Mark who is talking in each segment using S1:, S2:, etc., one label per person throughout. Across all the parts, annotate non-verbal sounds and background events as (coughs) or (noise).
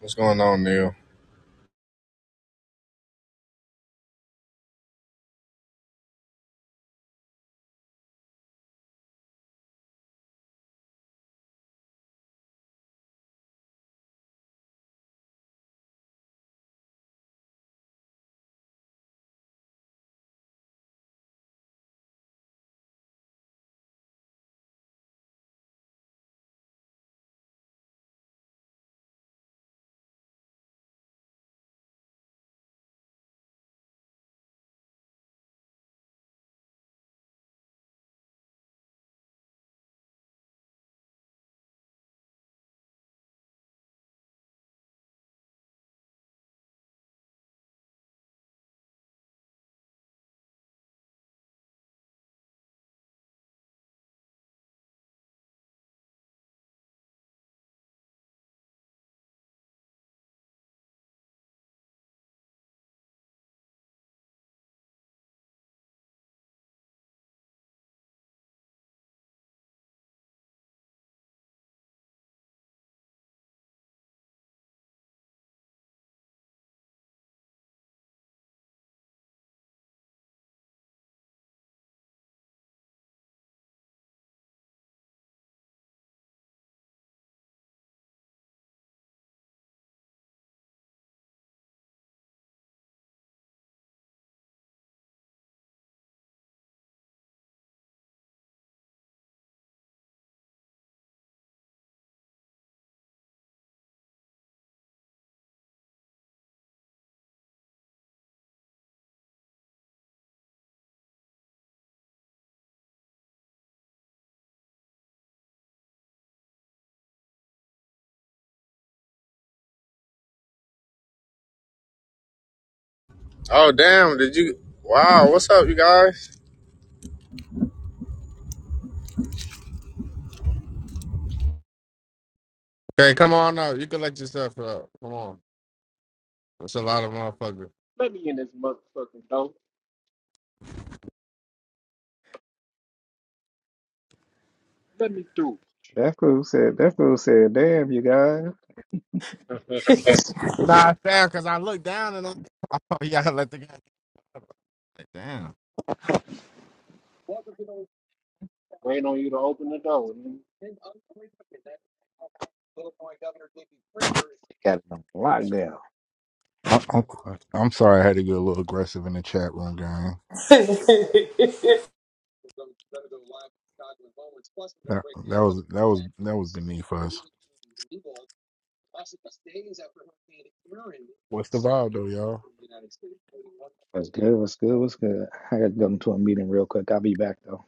S1: What's going on, Neil? Oh, damn. Did you? Wow. What's up, you guys? Okay, come on up. You can let yourself up. Come on. That's a lot of motherfuckers.
S2: Let me in this motherfucking door. Let me through.
S3: That fool said, that fool said, damn, you guys.
S2: (laughs)
S1: Nah, it's fair, because I looked down and I'm (laughs) oh, yeah, got let the guy. Like, damn.
S2: Waiting on you to open the door. nigga.
S3: Lockdown.
S4: I, I'm, I'm sorry I had to get a little aggressive in the chat room, gang.
S5: Right.
S4: That that was that was that was beneath us. What's the vibe though, y'all?
S3: What's good? What's good? What's good? I gotta go into a meeting real quick. I'll be back though.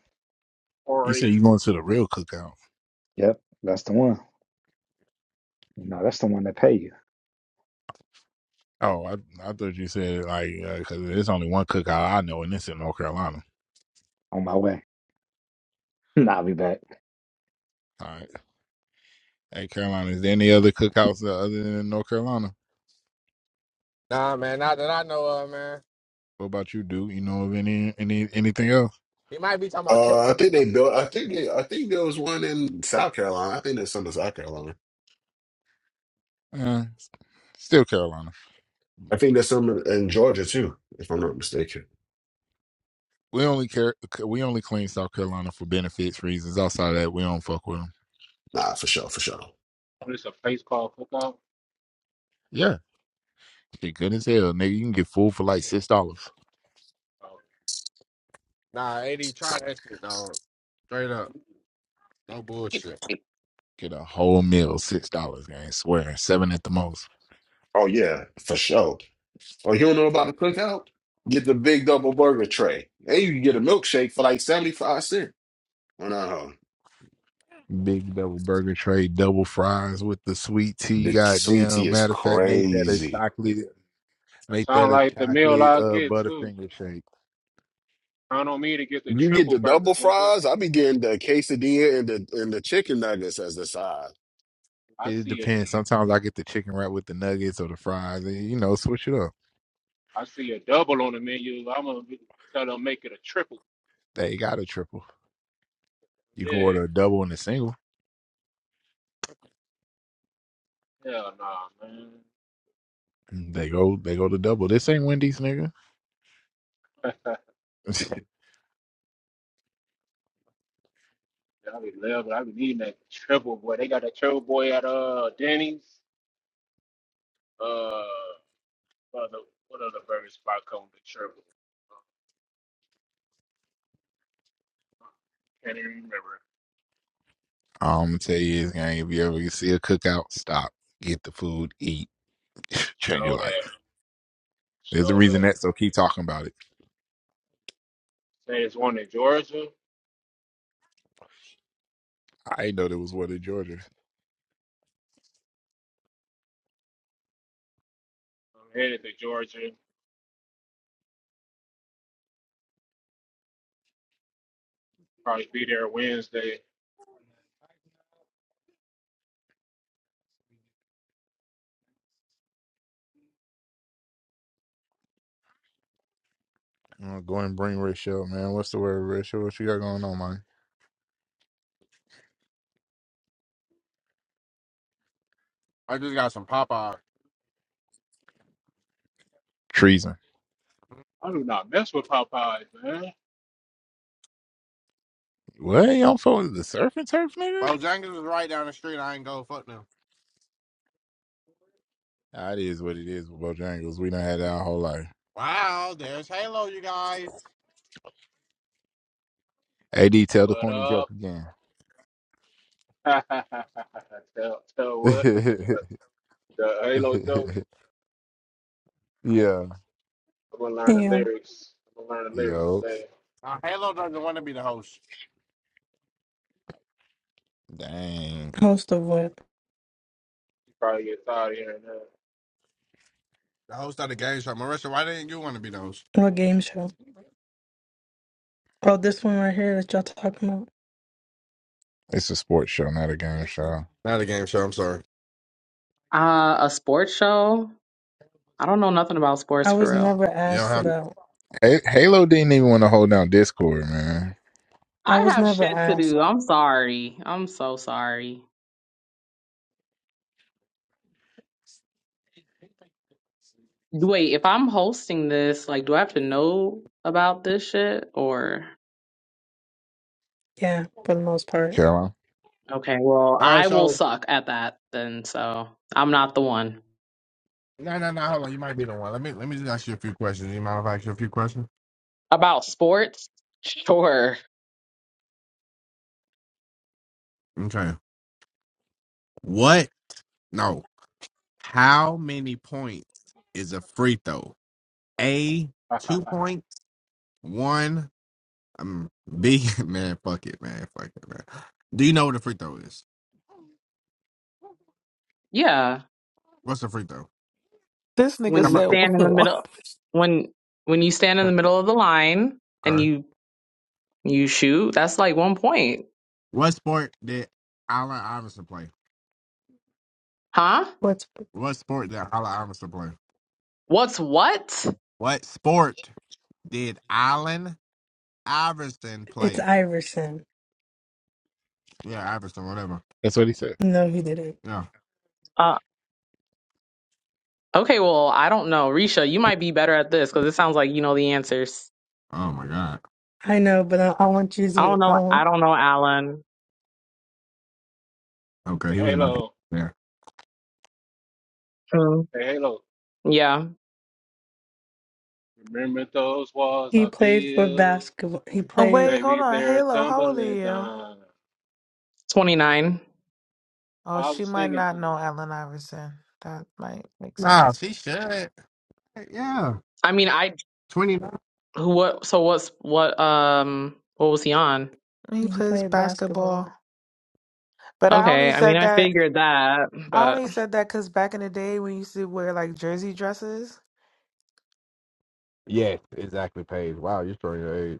S4: You
S2: Or
S4: said
S2: eight.
S4: you going to the real cookout?
S3: Yep, that's the one. You know, that's the one that pay you
S4: Oh, I I thought you said like because there's only one cookout I know, and it's in North Carolina.
S3: on my way. (laughs) I'll be back.
S4: All right, hey Carolina, is there any other cookouts uh, other than North Carolina?
S1: Nah, man. Not that I know of, man.
S4: What about you, dude? You know of any any anything else?
S1: He might be talking about
S6: Uh, I
S1: chips.
S6: think they built. I think they, I think there was one in South Carolina. I think there's some in South Carolina.
S4: Uh, still Carolina.
S6: I think there's some in Georgia too, if I'm not mistaken.
S4: We only care. We only claim South Carolina for benefits reasons. Outside of that, we don't fuck with them.
S6: Nah, for sure, for sure.
S2: When it's a place called cookout.
S4: Yeah. Shit good as hell, nigga. You can get food for like six dollars.
S2: Oh,
S1: Nah, AD, try that shit, dog. Straight up. No bullshit.
S4: Get a whole meal, six dollars. I ain't swearing, seven at the most.
S6: Oh yeah, for sure. Oh, you don't know about the cookout? Get the big double burger tray, and you can get a milkshake for like seventy five cents. Oh, no,
S4: Big double burger tray, double fries with the sweet tea.
S6: the sweet tea
S4: Goddamn,
S6: is
S4: matter of fact, make that a
S6: crazy.
S4: chocolate,
S2: that
S4: make that
S2: sound
S4: a
S2: like the meal
S4: chocolate
S2: I
S4: uh
S2: get too.
S4: butterfinger shake.
S2: Count on me to get the
S6: You get
S2: triple
S6: the double
S2: burger, nigga.
S6: fries. I be getting the quesadilla and the and the chicken nuggets as the side.
S2: I
S4: It
S2: see it.
S4: depends. Sometimes I get the chicken wrap with the nuggets or the fries, and you know, switch it up.
S2: I see a double on the menu. I'm gonna be, tell them make it a triple.
S4: They got a triple. You can
S2: Yeah.
S4: order a double and a single.
S2: Hell nah, man.
S4: They go, they go to double. This ain't Wendy's, nigga. (laughs)
S2: (laughs) I be loving. I be needing that triple boy. They got that triple boy at uh Denny's. Uh, what other, what other burger spot come with the triple? Can't even remember.
S4: All I'm gonna tell you is, gang, if you ever see a cookout, stop, get the food, eat, (laughs)
S2: But
S4: change
S2: showed
S4: your life.
S2: up.
S4: There's a
S2: Showed
S4: reason that,
S2: up.
S4: so keep talking about it.
S2: Say it's one in Georgia.
S4: I didn't know there was one in Georgia.
S2: I'm headed to Georgia. Probably be there Wednesday.
S4: I'm gonna go and bring Rachel, man. What's the word, Rachel? What you got going on, man?
S1: I just got some Popeye.
S4: Treason.
S2: I do not mess with Popeyes, man.
S4: What? You don't fuck with the surf and turf, nigga?
S1: Bojangles is right down the street. I ain't go. Fuck them.
S4: Nah, it is what it is with Bojangles. We done had that our whole life.
S1: Wow, there's Halo, you guys.
S4: AD, tell the
S2: What
S4: corny joke
S2: up?
S4: again.
S2: (laughs) tell, tell what? (laughs) The,
S4: (laughs)
S2: the Halo joke.
S4: yeah.
S2: I'm gonna learn the
S7: Yeah,
S2: lyrics. I'm gonna learn the lyrics
S4: Yo.
S2: today.
S1: Now, Halo doesn't want to be the host.
S4: Dang.
S7: host of what?
S2: You probably get tired of hearing
S1: The host of the game show. Marissa, why didn't you want to be the host?
S7: What game show? Oh, this one right here that y'all talking about.
S4: It's a sports show, not a game show.
S1: Not a game show. I'm sorry.
S8: Uh, a sports show? I don't know nothing about sports
S7: I
S8: for
S7: was
S8: real.
S7: never
S1: You don't
S7: asked
S1: have.
S7: about.
S4: Ha- Halo didn't even want to hold down Discord, man.
S7: I
S8: I
S7: was
S8: have
S7: never
S8: shit to do.
S7: asked.
S8: I'm sorry. I'm so sorry. Wait, if I'm hosting this, like, do I have to know about this shit? Or,
S7: Yeah, for the most part.
S4: Caroline,
S8: okay, well,
S1: All right.
S8: I will
S1: So
S8: suck at that then, so I'm not the one.
S1: no, no, no. Hold on. You might be the one. Let me let me just ask you a few questions. You mind if I ask you a few questions?
S8: About sports? Sure.
S1: Okay. What? No. How many points is a free throw? A
S2: that.
S1: two points. One. Um. B. (laughs) Man. Fuck it. Man. Fuck it. Man. Do you know what a free throw is?
S8: Yeah.
S1: What's a free throw?
S9: This nigga
S8: When
S1: Come
S8: you
S1: on.
S9: said
S8: stand
S9: (laughs)
S8: in the
S9: one.
S8: middle, when, when you stand in the middle of the line and
S1: Okay.
S8: you, you shoot, that's like one point.
S1: What sport did Allen Iverson play?
S8: Huh?
S7: What's
S1: What sport did Allen Iverson play?
S8: What's what?
S1: What sport did Allen Iverson
S7: it's
S1: play.
S7: Iverson?
S1: Yeah, Iverson, whatever.
S4: that's what he said.
S7: No, he didn't.
S1: Yeah.
S8: Okay, well, I don't know. Risha, you might be better at this because it sounds like you know the answers.
S1: Oh my God.
S7: I know, but I, I want you
S8: I don't
S7: to. I
S8: know. I
S7: want.
S8: don't know, Alan.
S2: (laughs)
S1: Okay,
S2: hey
S1: he was about to
S2: Halo.
S1: yeah.
S8: Hmm.
S2: Hey Halo.
S8: Yeah,
S2: Remember those walls
S7: He
S2: I
S7: played for
S2: built?
S7: basketball. He
S9: Oh,
S2: Well,
S7: played.
S9: wait, hold
S2: baby,
S9: on.
S2: they're
S9: Halo, how old are
S2: tumbling
S9: you?
S2: down.
S8: 29.
S9: Oh,
S2: I
S9: she
S2: was
S9: might
S2: singing to
S9: not know
S2: her.
S9: Allen Iverson. That might make
S1: Nah,
S9: sense.
S1: she should. Yeah.
S8: I mean, I
S1: Twenty nine.
S8: who what so what's what um what was he on?
S9: He
S7: He
S9: plays
S7: played
S9: basketball.
S7: basketball.
S9: But I
S8: Okay,
S9: only
S8: I mean,
S9: said
S8: I
S9: that
S8: figured that,
S9: I
S8: but
S9: only said that because back in the day when you used to wear like jersey dresses,
S1: Yes, exactly, Paige. Wow, you're showing your age.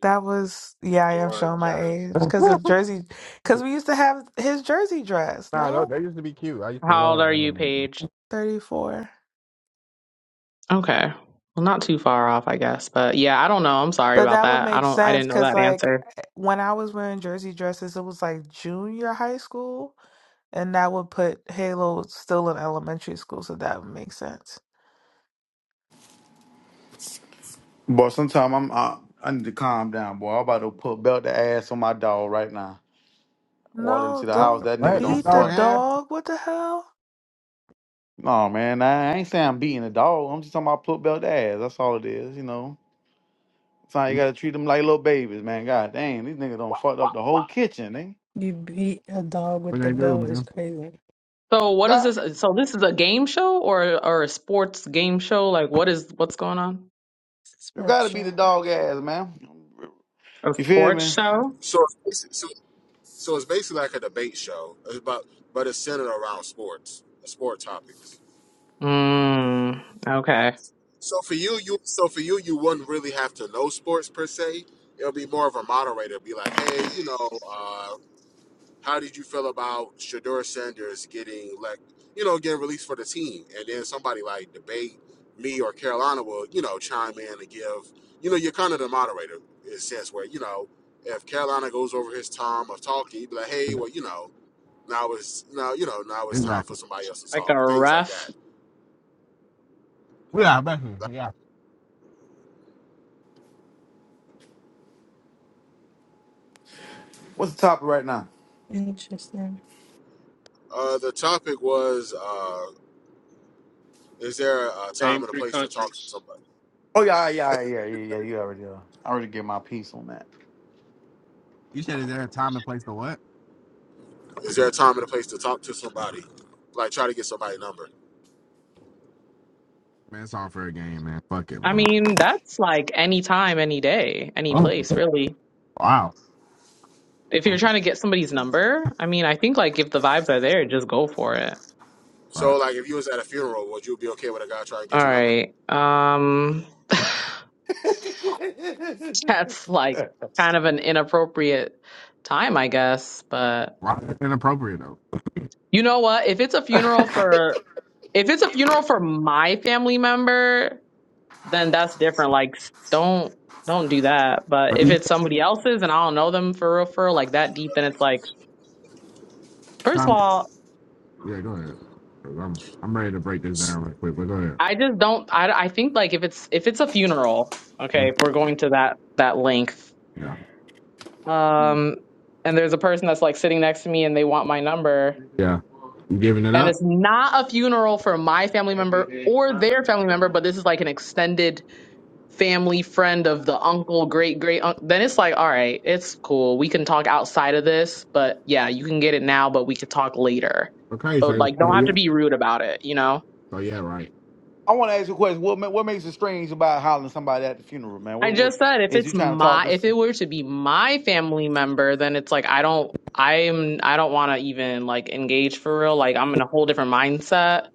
S9: that was
S2: the
S9: yeah, I am
S2: Jordan
S9: showing my
S2: jersey.
S9: age.
S1: (laughs)
S9: Cause the
S1: nah,
S9: jersey cause we used to have his jersey dress,
S1: no,
S9: no?
S1: they used to be cute. I used to
S8: how old
S1: love
S8: are
S1: women.
S8: you,
S1: And...
S8: Paige?
S9: Thirty four.
S8: Okay. Well, not too far off, I guess. But yeah, I don't know. I'm sorry
S9: But
S8: about
S9: that would
S8: that. I
S9: make
S8: don't I
S9: sense
S8: didn't know
S9: because
S8: that
S9: like
S8: answer.
S9: when I was wearing jersey dresses, it was like junior high school. And that would put Halo still in elementary school, so that would make sense.
S10: Boy, sometimes I'm I, I need to calm down, boy. I'm about to put belt the ass on my dog right now. Walk
S9: No,
S10: into the house,
S9: don't
S10: that nigga
S1: What? You
S10: don't
S9: beat the
S1: strong
S10: fuck.
S1: ass?
S9: dog. What the hell?
S10: No man, I I ain't saying I'm beating the dog. I'm just talking about put belt the ass. That's all it is, you know. Sometimes you gotta treat them like little babies, man. God damn, these niggas don't fuck up the whole kitchen, eh?
S7: You beat a dog with
S1: What they
S7: the
S1: do,
S7: belt is
S1: man?
S7: crazy.
S8: So, what is
S10: God,
S8: this? So, this is a game show or or a sports game show? Like what is what's going on?
S7: It's a
S10: you
S7: sports
S10: gotta be the
S7: show.
S10: dog ass, man.
S8: A
S10: You feel
S8: sports
S10: me?
S8: show?
S6: So, So it's basically like a debate show, about but it's centered around sports, sport topics.
S8: Mm, okay.
S6: So for you, you so for you, you wouldn't really have to know sports per se. It'll be more of a moderator, be like, hey, you know, uh, how did you feel about Shador Sanders getting like, you know, getting released for the team, and then somebody like debate me or Carolina will, you know, chime in and give, you know, you're kind of the moderator in a sense where you know. If Carolina goes over his time of talking, you'd be like, "Hey, well, you know, Now it's now you know now it's time for
S1: Exactly.
S6: somebody else to
S8: Like
S6: talk.
S8: a
S6: Things like
S8: ref.
S6: that.
S1: Yeah, I bet you. Yeah.
S10: What's the topic right now?
S7: Interesting.
S6: Uh, the topic was: uh, Is there a time
S2: Name
S6: and a
S2: three
S6: place to talk to
S2: countries.
S6: somebody?
S10: Oh yeah, yeah, yeah, yeah, yeah. yeah, You already, uh, I already get my piece on
S1: You said is there a time and place to what?
S6: Is there a time and a place to talk to somebody? Like try to get somebody's number.
S1: Man, it's all for a game, man. Fuck it,
S8: I
S1: man.
S8: mean, that's like any time, any day, any
S1: Oh,
S8: place, really.
S1: wow.
S8: If you're
S1: Okay.
S8: trying to get somebody's number, I mean, I think like if the vibes are there, just go for it.
S1: All right.
S6: So like if you was at a funeral, would you be okay with a guy trying to get
S8: All
S6: your number?
S8: right. Um, (laughs)
S10: that.
S8: that's like kind of an inappropriate time, I guess. But
S1: Wow, that's inappropriate
S8: you know what? If it's a funeral for, if it's a funeral for my family member, then that's different. Like s- don't don't do that. But if it's somebody else's and I don't know them for real for real, like that deep, then it's like first of
S1: though.
S8: all,
S1: Yeah, go ahead. 'Cause I'm I'm ready to break this down right quick, but go ahead.
S8: I just don't I I think like if it's if it's a funeral, okay,
S1: Mm,
S8: if we're going to that that length.
S1: Yeah.
S10: (laughs)
S8: Um and there's a person that's like sitting next to me and they want my number
S1: Yeah. You giving it
S8: and
S1: up?
S8: it's not a funeral for my family
S2: Baby,
S8: member
S2: they
S8: or their
S2: coming
S8: family member,
S2: down.
S8: but this is like an extended family friend of the uncle, great great uncle, then it's like, all right, it's cool. We can talk outside of this, but yeah, you can get it now, but we could talk later.
S1: Okay,
S8: But
S1: so
S8: like, don't
S1: so
S8: have to
S1: yeah.
S8: be rude about it, you know?
S1: So yeah, right.
S10: I want to ask you a question. What ma- what makes it strange about hollering somebody at the funeral, man?
S8: I
S10: What, what
S8: just said if
S10: is you
S8: it's
S10: trying to talk
S8: my if
S10: this?
S8: it were to be my family member, then it's like I don't I'm I don't want to even like engage for real. Like I'm in a whole different mindset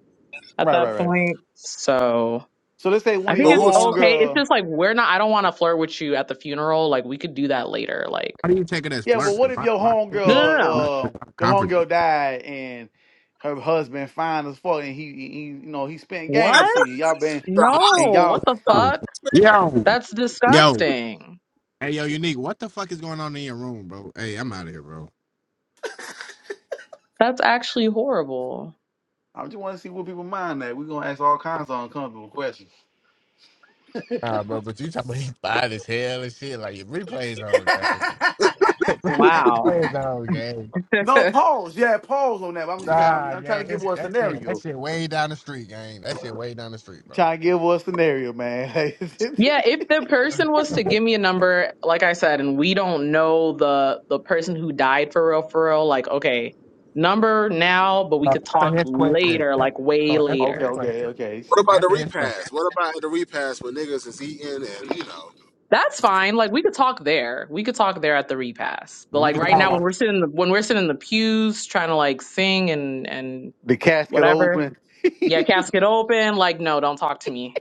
S8: at
S10: Right, right,
S8: that
S10: right.
S8: point. So
S10: So let's say
S8: I
S10: one of
S8: think
S6: But
S10: your
S6: we
S8: it's
S6: was talking
S8: okay. It's
S10: homegirl.
S8: just like we're not I don't want to flirt with you at the funeral. Like we could do that later. Like
S1: How do you take it as
S10: Yeah, well,
S1: flirting?
S10: what if
S1: Why,
S10: your
S1: why can't
S8: no,
S1: he
S8: no,
S1: get
S10: homegirl,
S8: no.
S1: enough
S10: uh,
S1: without a
S10: your
S1: conference?
S10: homegirl died and her husband fine as fuck, and he, he he, you know, he spent games to
S8: What?
S10: you. Y'all been and
S8: No, what
S10: y'all.
S8: the
S6: about
S8: fuck?
S1: Yo.
S8: That's
S1: Yo.
S8: disgusting.
S1: Hey yo, unique, what the fuck is going on in your room, bro? Hey, I'm out of here, bro.
S8: That's actually horrible.
S10: I just want to see what people mind that. We're gonna ask all kinds of uncomfortable questions.
S1: Nah, bro, but you talking about (laughs) he's fine as hell and shit. Like, your replays
S10: (laughs)
S1: on, gang. (laughs)
S8: Wow.
S1: replays on, gang.
S8: (laughs)
S10: No
S8: yeah,
S10: pause. Yeah, pause on that. but I'm just saying. I'm,
S1: Nah,
S10: I'm trying to
S1: gang,
S10: give
S1: it's,
S10: you a
S1: that, shit, that
S10: scenario.
S1: shit way down the street, gang. That shit way down the street, bro.
S10: Trying to give us a scenario, man.
S8: if the person was to give me a number, like I said, and we don't know the the person who died for real for real, like okay, number now, but we
S1: Uh,
S8: could
S1: Answer
S8: talk
S1: his question.
S8: later,
S1: Uh,
S8: like way
S1: Oh,
S10: (laughs)
S1: answer
S10: okay,
S1: his
S8: later.
S10: okay,
S1: question.
S10: okay.
S6: what
S10: She,
S6: about the
S1: Answer his question.
S6: repass? What about the repass when niggas is eating and you know?
S8: That's fine. Like we could talk there. We could talk there at the repass. But
S1: We
S8: like
S1: can
S8: right
S1: talk
S8: now when
S1: about
S8: we're sitting in the, when we're sitting in the pews trying to like sing and and
S10: the casket
S8: whatever,
S10: open.
S8: Yeah, casket open. Like, no, don't talk to me.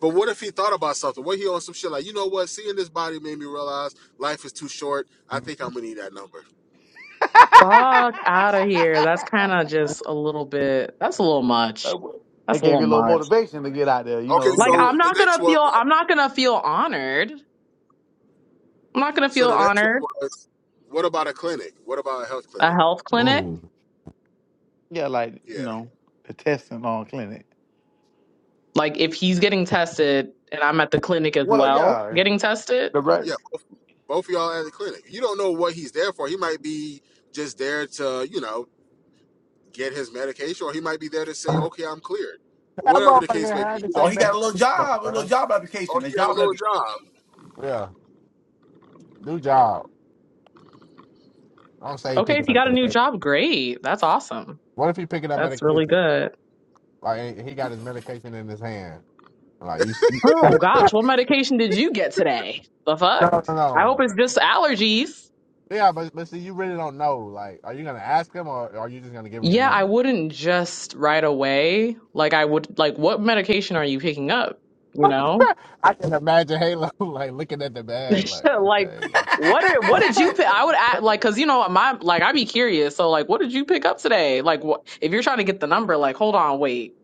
S6: But what if he thought about something? What he on some shit like you know what? Seeing this body made me realize life is too short. I think I'm gonna need that number.
S10: (laughs)
S8: Fuck out of here. That's kind of just a little bit, that's a little much. That's
S10: It
S8: a
S10: gave
S8: little
S10: you a little
S8: much.
S10: motivation to get out there, you
S6: Okay,
S10: know.
S8: Like,
S10: Mhm.
S6: so
S8: I'm
S6: the
S8: not going
S6: next
S8: to
S6: one
S8: feel, I'm not going to feel honored. I'm not going to
S6: So
S8: feel
S6: the next
S8: honored.
S6: one was, what about a clinic? What about a health
S8: A
S6: clinic?
S8: health clinic.
S1: Whoa.
S10: Yeah, like,
S6: Yeah,
S10: you know, the testing on clinic.
S8: Like, if he's getting tested and I'm at the clinic as
S10: Well,
S8: well
S10: yeah.
S8: getting tested,
S10: The right.
S6: yeah. Both of y'all at the clinic. You don't know what he's there for. He might be just there to, you know, get his medication, or he might be there to say,
S1: that
S6: okay, I'm cleared. Whatever the case
S1: motherfucker
S6: may
S1: had
S6: be.
S1: to
S6: You know,
S1: say
S10: Oh, he got
S1: medication
S10: a little
S1: though,
S10: job, a little
S1: bro.
S10: job
S6: oh,
S10: application, a
S6: he got a
S10: job
S6: little
S10: application.
S6: job.
S1: Yeah. Do job. Don't say he
S8: okay,
S1: picking
S8: if you
S1: up
S8: got a new
S1: medication.
S8: job, great. That's awesome.
S1: What if he picking up
S8: That's really
S1: medication?
S8: good.
S1: Like he got his medication in his hand. Like you No
S8: Oh gosh, what medication did you get today? The fuck?
S1: no
S8: I hope
S1: no.
S8: it's just allergies.
S1: Yeah, but but see you really don't know. Like, are you gonna ask him or are you just gonna give him your
S8: Yeah, I
S1: number?
S8: wouldn't just right away. Like I would like what medication are you picking up?
S1: (laughs)
S8: You know?
S1: I can imagine Halo (laughs) like looking at the
S8: (laughs)
S1: bag, like,
S8: like
S1: okay, like
S8: what are, what did you pick? I
S10: (laughs)
S8: would act like cuz you know my like I'd be curious. So like what did you pick up today? Like what if you're trying to get the number like hold on, wait.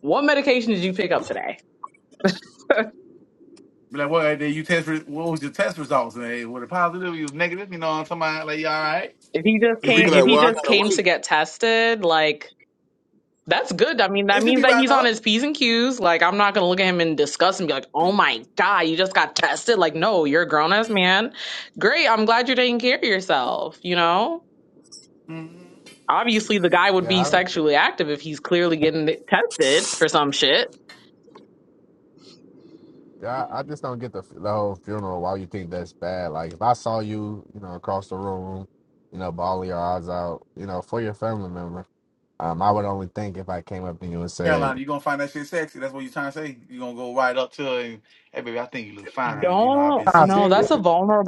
S8: What medication did you pick up today? (laughs)
S10: Be like, well, then you test. Re- what was your test results? And they were it positive? You was negative? You know, somebody like, you all right?
S8: if he just
S10: You
S6: He'd
S8: came
S6: be
S10: breathing
S8: if
S6: like,
S8: he
S6: well,
S10: good?
S6: I
S8: just
S6: gotta
S8: came
S6: wait.
S8: to get tested, like That's good. I mean, that
S10: It should
S8: means
S10: be
S8: that
S10: right
S8: he's on
S10: up.
S8: his P's and Q's. Like, I'm not gonna look at him in disgust and be like, oh my God, you just got tested. Like, no, you're a grown ass man. Great. I'm glad you're taking care of yourself. You know,
S10: Mm-hmm.
S8: obviously, the guy would be
S1: yeah,
S8: sexually active if he's clearly getting tested for some shit.
S1: Yeah,
S10: Mm-hmm.
S1: I, I just don't get the, f- the whole funeral. Why you think that's bad? Like, if I saw you, you know, across the room, you know, ball your eyes out, you know, for your family member, um, I would only think if I came up to you and said,
S10: Carolina, you're gonna find that shit sexy. That's what you're trying to say. You're gonna go right up to her and hey baby, I think you look fine. You know, I've
S8: Don't,
S10: been
S1: "Nah, see
S10: seeing
S8: no,
S1: again,
S10: you.
S8: that's a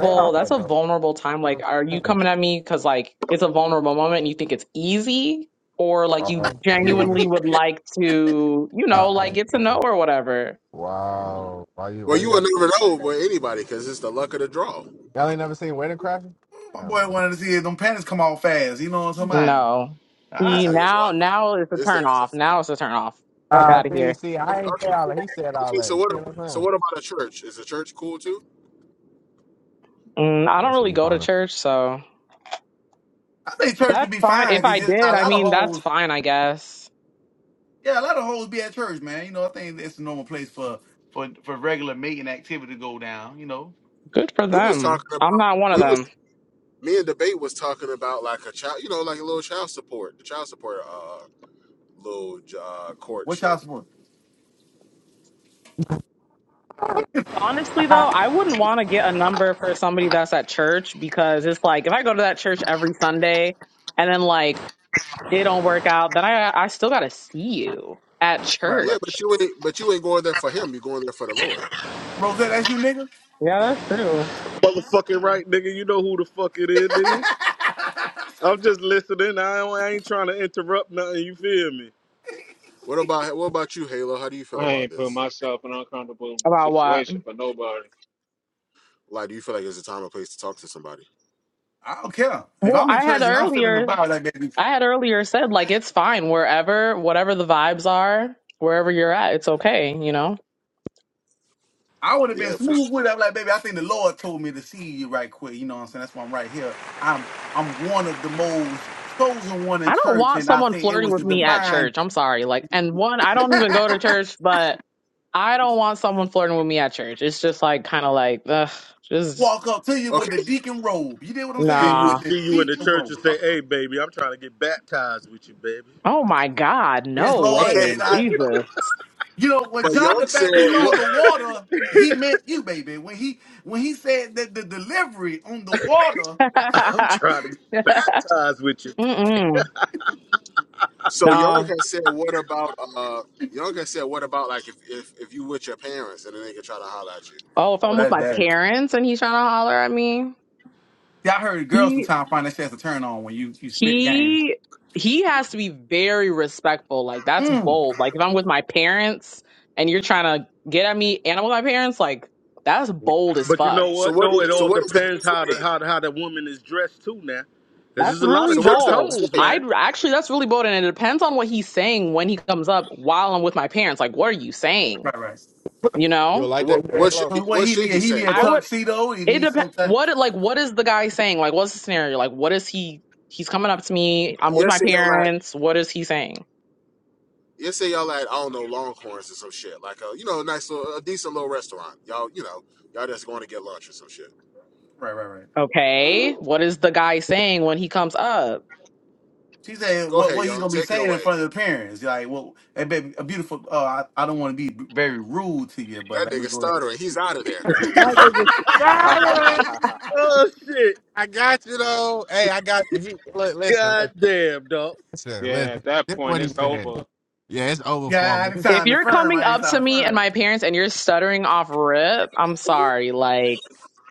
S1: say all
S8: that's
S1: that
S8: a
S1: though."
S8: vulnerable time.
S1: You know what
S8: Like,
S1: I'm
S8: are you
S1: saying?
S8: coming at me because, like, it's a vulnerable moment and you think it's easy? Or, like,
S1: Or,
S8: you
S1: "Why you want
S8: genuinely
S1: to?
S8: would like to, you know, like,
S1: Uh,
S8: get to know
S1: oh,
S8: or whatever.
S1: wow, why you?
S6: Well,
S1: Why you
S6: you will
S1: got?
S6: never know with anybody because it's the luck of the draw.
S1: Y'all ain't never seen Wedding Crashers?
S10: My
S1: Never
S10: boy
S1: mind.
S10: wanted to see if them panties come off fast, you know what I'm talking
S8: No.
S10: about?
S6: This
S8: See,
S10: I,
S6: nigga's
S8: now
S6: wild.
S8: now it's a
S6: This
S8: turn
S6: nigga's
S8: off.
S6: a,
S8: Now it's a turn off. Fuck
S1: Ah,
S8: out of
S1: see,
S8: here.
S1: see,
S6: okay,
S1: I ain't say
S6: okay.
S1: all that. He said all
S6: Okay,
S1: that.
S6: so
S1: You
S6: what?
S1: see what I'm
S6: So
S1: saying?
S6: what about a church? Is a church cool too?
S8: Mm, I
S1: Yeah,
S8: don't
S1: that's where
S8: really
S1: you
S8: go to
S1: find
S8: church, so
S10: I think church should
S8: that's
S10: be
S8: fine. If
S10: fine because
S8: I
S10: just
S8: did,
S10: a
S8: I
S10: lot of
S8: mean, that's
S10: hoes
S8: fine, I guess.
S10: yeah, a lot of hoes be at church, man. You know, I think it's a normal place for for for regular mating activity to go down, you know.
S8: Good for
S6: We was
S8: them.
S6: talking about.
S8: I'm not one of
S6: We was
S8: them.
S6: me and debate was talking about like a child, you know, like a little child support, the child support, uh, little uh, court
S10: What y'all
S6: shit.
S10: support?
S8: Honestly, though,
S1: him. (laughs)
S8: I wouldn't want to get a number for somebody that's at church because it's like if I go to that church every Sunday and then like it don't work out, then I I still gotta see you at
S10: Right,
S6: Yeah,
S10: right.
S8: church.
S6: but you ain't, but you ain't going there for him. You're going there for the Lord.
S10: Rosette, that's you nigga?
S8: Yeah, that's true.
S11: motherfucking right, nigga. You know who the fuck it is, nigga.
S10: (laughs)
S11: I'm just listening. I, don't, I ain't trying to interrupt nothing. You feel me?
S6: What about what about you, Halo? How do you feel
S2: I
S6: about
S2: ain't put
S6: this?
S2: myself in an uncomfortable
S8: About what?
S2: situation for nobody.
S6: Like, do you feel like it's a time and place to talk to somebody?
S10: I don't care. If
S8: Well,
S10: I'm in
S8: I had
S10: church and I'm feeling the
S8: earlier.
S10: vibe like that,
S8: I had earlier said like it's fine wherever, whatever the vibes are, wherever you're at, it's okay, you know.
S10: I would have been
S6: Yeah, for
S10: smooth with
S6: sure.
S10: it. I'm like, baby, I think the Lord told me to see you right quick. You know what I'm saying? That's why I'm right here. I'm I'm one of the most chosen one in
S8: I don't
S10: church,
S8: want
S10: and I
S8: someone
S10: think it
S8: flirting
S10: was
S8: with
S10: the
S8: me at
S10: divine
S8: church. I'm sorry. Like and one, I don't even go to
S10: (laughs)
S8: church, but I don't want someone flirting with me at church. It's just like kind of like ugh, just
S10: walk up to you with the
S6: Okay,
S10: deacon robe. You did what I'm
S11: See
S10: saying?
S11: you,
S8: nah.
S10: With the
S11: see you in the
S10: deacon
S11: church and
S10: robe.
S11: say, "Hey, baby, I'm trying to get baptized with you, baby.
S8: Oh my god,
S10: Yes,
S8: no
S10: Lord.
S6: okay,
S8: way.
S10: And I
S8: Jesus.
S10: you know, when
S6: but
S10: John
S6: Young
S10: the
S6: said
S10: Baptist
S11: (laughs)
S10: saw
S6: what?
S10: the water, he meant you, baby. When he when he said that the delivery on the water.
S11: I'm
S8: (laughs)
S11: trying to get baptized with you."
S8: Mm-mm.
S6: So Young
S8: No.
S6: has said what about uh? Young has said what about like if if, if you with your parents and then they can try to holler at you?
S8: Oh, if
S10: Oh,
S8: I'm with
S10: that's
S8: my
S10: that.
S8: parents and he's trying to holler at me.
S10: See, I heard girls sometimes find that shit as a turn on when you you spit game.
S8: he he has to be very respectful. Like that's
S10: Mm.
S8: bold. Like if I'm with my parents and you're trying to get at me and I'm with my parents, like that's bold as
S11: But you
S8: fuck.
S11: know
S6: So
S11: what?
S6: what?
S11: Though it
S6: Is, so
S11: all
S6: what is the
S11: depends
S6: best
S11: how the
S6: way?
S11: how the, how that woman is dressed too now, because
S8: That's
S11: there's a lot of
S8: really
S6: So what is
S11: church
S6: the
S8: bold.
S6: best
S11: hoes,
S6: way?
S11: man.
S8: I'd actually that's really bold and it depends on what he's saying when he comes up while I'm with my parents. Like what are you saying?
S10: Right, right.
S8: You
S1: You
S8: know?
S1: like
S6: What
S1: that?
S6: what should
S1: Hello.
S10: So
S6: he,
S10: what
S6: what
S10: he
S6: should he
S10: need? He need
S6: say?
S10: a
S8: I
S6: Well,
S8: would
S10: tuxedo. He
S8: it
S10: needs
S8: depends
S10: something.
S8: what like what is the guy saying? Like what's the scenario? Like what is he he's coming up to me,
S6: uh,
S8: I'm with my
S6: yesterday y'all at
S8: parents, what is he saying?
S6: yesterday y'all at I don't know Longhorns or some shit like a you know a nice little a decent little restaurant. Y'all you know y'all just going to get lunch or some shit.
S10: Right, right, right.
S8: Okay. What is the guy saying when he comes up?
S10: She said,
S6: Go
S10: "What
S6: ahead,
S10: what he
S6: young,
S10: gonna be
S6: take it
S10: saying in
S6: away.
S10: front of the parents? Like, well, hey, baby, a beautiful. Uh, I, I don't want to be very rude to you, but
S6: That
S10: let me
S6: nigga
S10: go ahead.
S6: stuttering, he's out of there.
S10: (laughs)
S1: (laughs) I think
S2: (laughs)
S1: it's-
S11: Oh shit!
S1: I got you though. Hey, I got you. He, look, listen,
S11: God damn, dog.
S1: listen,
S2: yeah,
S1: listen.
S2: at that
S1: This is what
S2: point
S1: he
S2: it's
S1: said.
S2: over.
S1: Yeah, it's over for him.
S10: yeah, I didn't
S8: If
S10: sound the
S8: you're
S10: firm.
S8: coming
S10: I didn't
S8: up
S10: sound
S8: to
S10: the
S8: me and
S10: firm.
S8: my parents and you're stuttering off rip, I'm sorry. Like,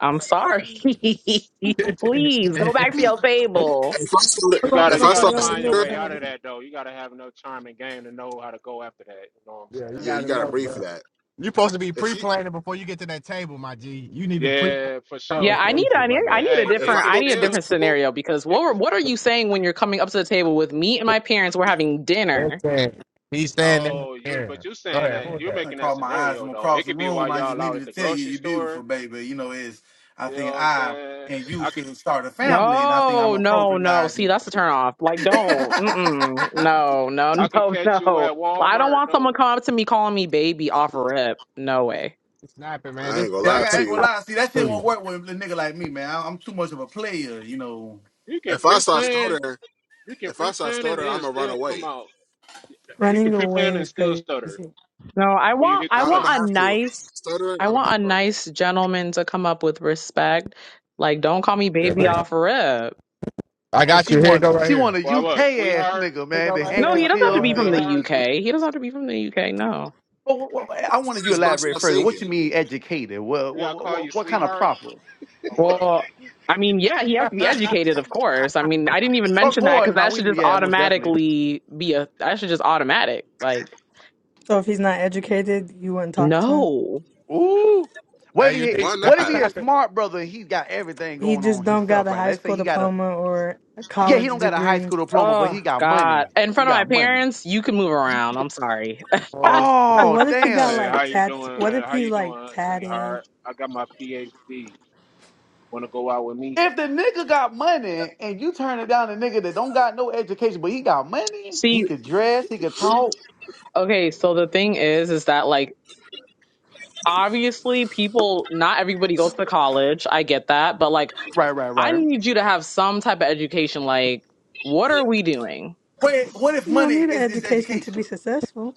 S8: I'm sorry. (laughs)
S1: but this-
S8: Please go back to
S1: (laughs)
S8: your table.
S6: If I start
S2: You gotta
S6: if
S2: you
S6: I
S1: Motherfucker
S2: gotta
S6: start
S1: don't
S2: find your
S1: look
S2: way
S6: stuttering,
S2: out of
S1: down.
S2: that though. You gotta have enough charm and game to know how to go after that. You know what I'm
S1: Yeah, you
S2: saying?
S6: yeah, you
S1: gotta
S6: gotta
S1: know,
S6: breathe for
S1: bro.
S6: that.
S1: you supposed to be
S6: If she
S1: pre-planning before you get to that table, my G. You need to pre
S2: Yeah, for
S8: Yeah,
S2: sure.
S8: I need I
S1: conversation,
S8: need
S1: my
S8: I
S2: But
S1: nigga.
S8: need a
S2: hey,
S6: if I
S2: it
S8: different
S2: can
S8: I
S6: go
S8: need a
S6: to the
S2: still
S8: different
S6: table,
S8: scenario because what
S2: it
S8: were-
S2: can
S8: what are you saying when you're coming up to the table with me and my parents? We're having dinner.
S1: Listen, he's standing
S2: No, you but
S1: here.
S2: you're
S1: Go
S2: saying
S1: ahead. Who
S2: that
S1: is
S2: you're
S1: that?
S10: I
S2: making that
S10: caught my eyes
S2: scenario
S10: from
S2: though.
S10: across
S2: It
S10: the
S2: could be while
S10: room. I just
S2: y'all out
S10: needed
S2: at
S10: to
S2: the
S10: tell you,
S2: grocery
S10: you're beautiful,
S2: store.
S10: baby. You know, is I
S2: You know
S10: think
S2: what I'm
S10: I
S2: saying?
S10: and you
S2: I could
S10: should start a family, and I think I'm
S8: No, no, no. See,
S10: appropriatizing.
S8: that's a turn off. Like, don't. Mm-mm.
S10: (laughs)
S8: No, no, (laughs)
S2: I can
S8: no,
S2: catch
S8: no.
S2: you at
S8: Well, I don't
S2: Walmart
S8: want someone
S2: though.
S8: coming up to me calling me baby off rip. No way.
S1: He's snapping, man.
S6: I
S1: This
S6: ain't
S1: is
S6: gonna
S10: Yeah, I,
S6: lie
S10: got, I
S6: to
S10: ain't gonna
S6: you.
S10: lie. See, that shit won't
S1: serious.
S10: work with a nigga like me, man. I, I'm too much of a player, you know.
S2: You can
S6: If I start
S2: pre-plan,
S6: stuttering,
S2: you can
S6: if I start
S2: pre-plan and
S6: stuttering, I'm
S2: it
S6: gonna run
S2: still come
S6: away.
S2: out. You can
S7: Running away
S2: pre-plan and
S7: is
S2: still
S7: crazy.
S2: stutter
S7: So
S8: No, I
S2: when you
S8: want
S2: hit the
S8: I
S6: I, I'm
S8: want
S6: gonna
S2: plate.
S8: a
S6: have to. If I start
S8: nice
S6: stuttering,
S8: I
S6: I'm gonna have
S8: want
S6: to
S8: a
S6: run away.
S8: nice gentleman to come up with respect. Like, don't call me
S1: yeah, I,
S8: baby
S1: got
S8: off rip.
S1: I
S10: Oh,
S1: got
S10: she
S1: you. Here, go
S10: want
S1: right
S10: she
S1: here.
S10: want a
S2: Or
S10: UK
S2: what,
S10: ass
S2: sweetheart?
S10: nigga,
S1: Here,
S10: man.
S1: go
S10: The
S1: right
S8: No, he
S1: here.
S8: doesn't have to
S10: handkerchief,
S1: Uh,
S8: be from
S1: hello.
S10: the. (laughs)
S8: the
S2: Sweetheart?
S8: UK. He doesn't have to be from the UK. No.
S10: Wha- wha- wha- I wanted you to
S6: Just bust
S10: elaborate
S6: out
S10: further. What
S6: singing.
S10: you mean educated? What
S2: Yeah, I
S10: what
S2: call you
S10: what, what kind of
S2: sweetheart
S10: proper?
S2: or what?
S8: Well, I mean, yeah, he has to be
S1: (laughs)
S8: educated, of course. I mean, I didn't even
S2: I'll
S10: Of
S8: mention that
S2: call
S10: course,
S8: because
S10: no,
S8: that should
S10: we
S8: just
S10: yeah, most definitely.
S8: automatically be a that should just automatic. Like,
S7: if he's not educated, you wouldn't talk to him.
S8: no.
S10: Ooh, what
S1: hey,
S10: if he
S1: unique.
S6: Why
S1: That's
S10: what
S1: the
S10: if
S6: not?
S10: he
S1: topic.
S10: a smart brother? and He got everything
S7: He
S10: going
S7: just
S10: on
S7: don't got
S10: himself,
S7: a
S10: right?
S7: high
S10: Let's say
S7: school
S10: he got a
S7: diploma or a
S10: yeah, he
S7: college
S10: don't got a high
S7: degree.
S10: school diploma, but
S8: Oh
S10: he got
S8: God.
S10: money.
S8: In
S10: He
S8: front of my
S10: got money.
S8: parents, you can move around. I'm sorry. (laughs)
S1: Oh, shit.
S7: So
S10: Oh
S7: what if he
S10: damn!
S7: got
S2: hey, how
S7: like
S2: you
S7: tat?
S2: doing?
S7: What
S2: Hey,
S7: if
S2: How
S7: he's
S2: you
S7: like
S2: doing,
S7: tatted?
S2: sweetheart? I got my PhD. Wanna go out with me?
S10: If the nigga got money and you turning down a nigga that don't got no education, but he got money, he
S8: See,
S10: could dress, he could talk.
S8: okay, so the thing is, is that like obviously people not everybody goes to college i get that but like
S10: Right, right,
S8: i
S10: right.
S8: need you to have some type of education like what are we doing
S10: Wait, what if
S7: You don't
S10: money
S7: need an
S10: is, is
S7: education to
S10: education?
S7: be successful.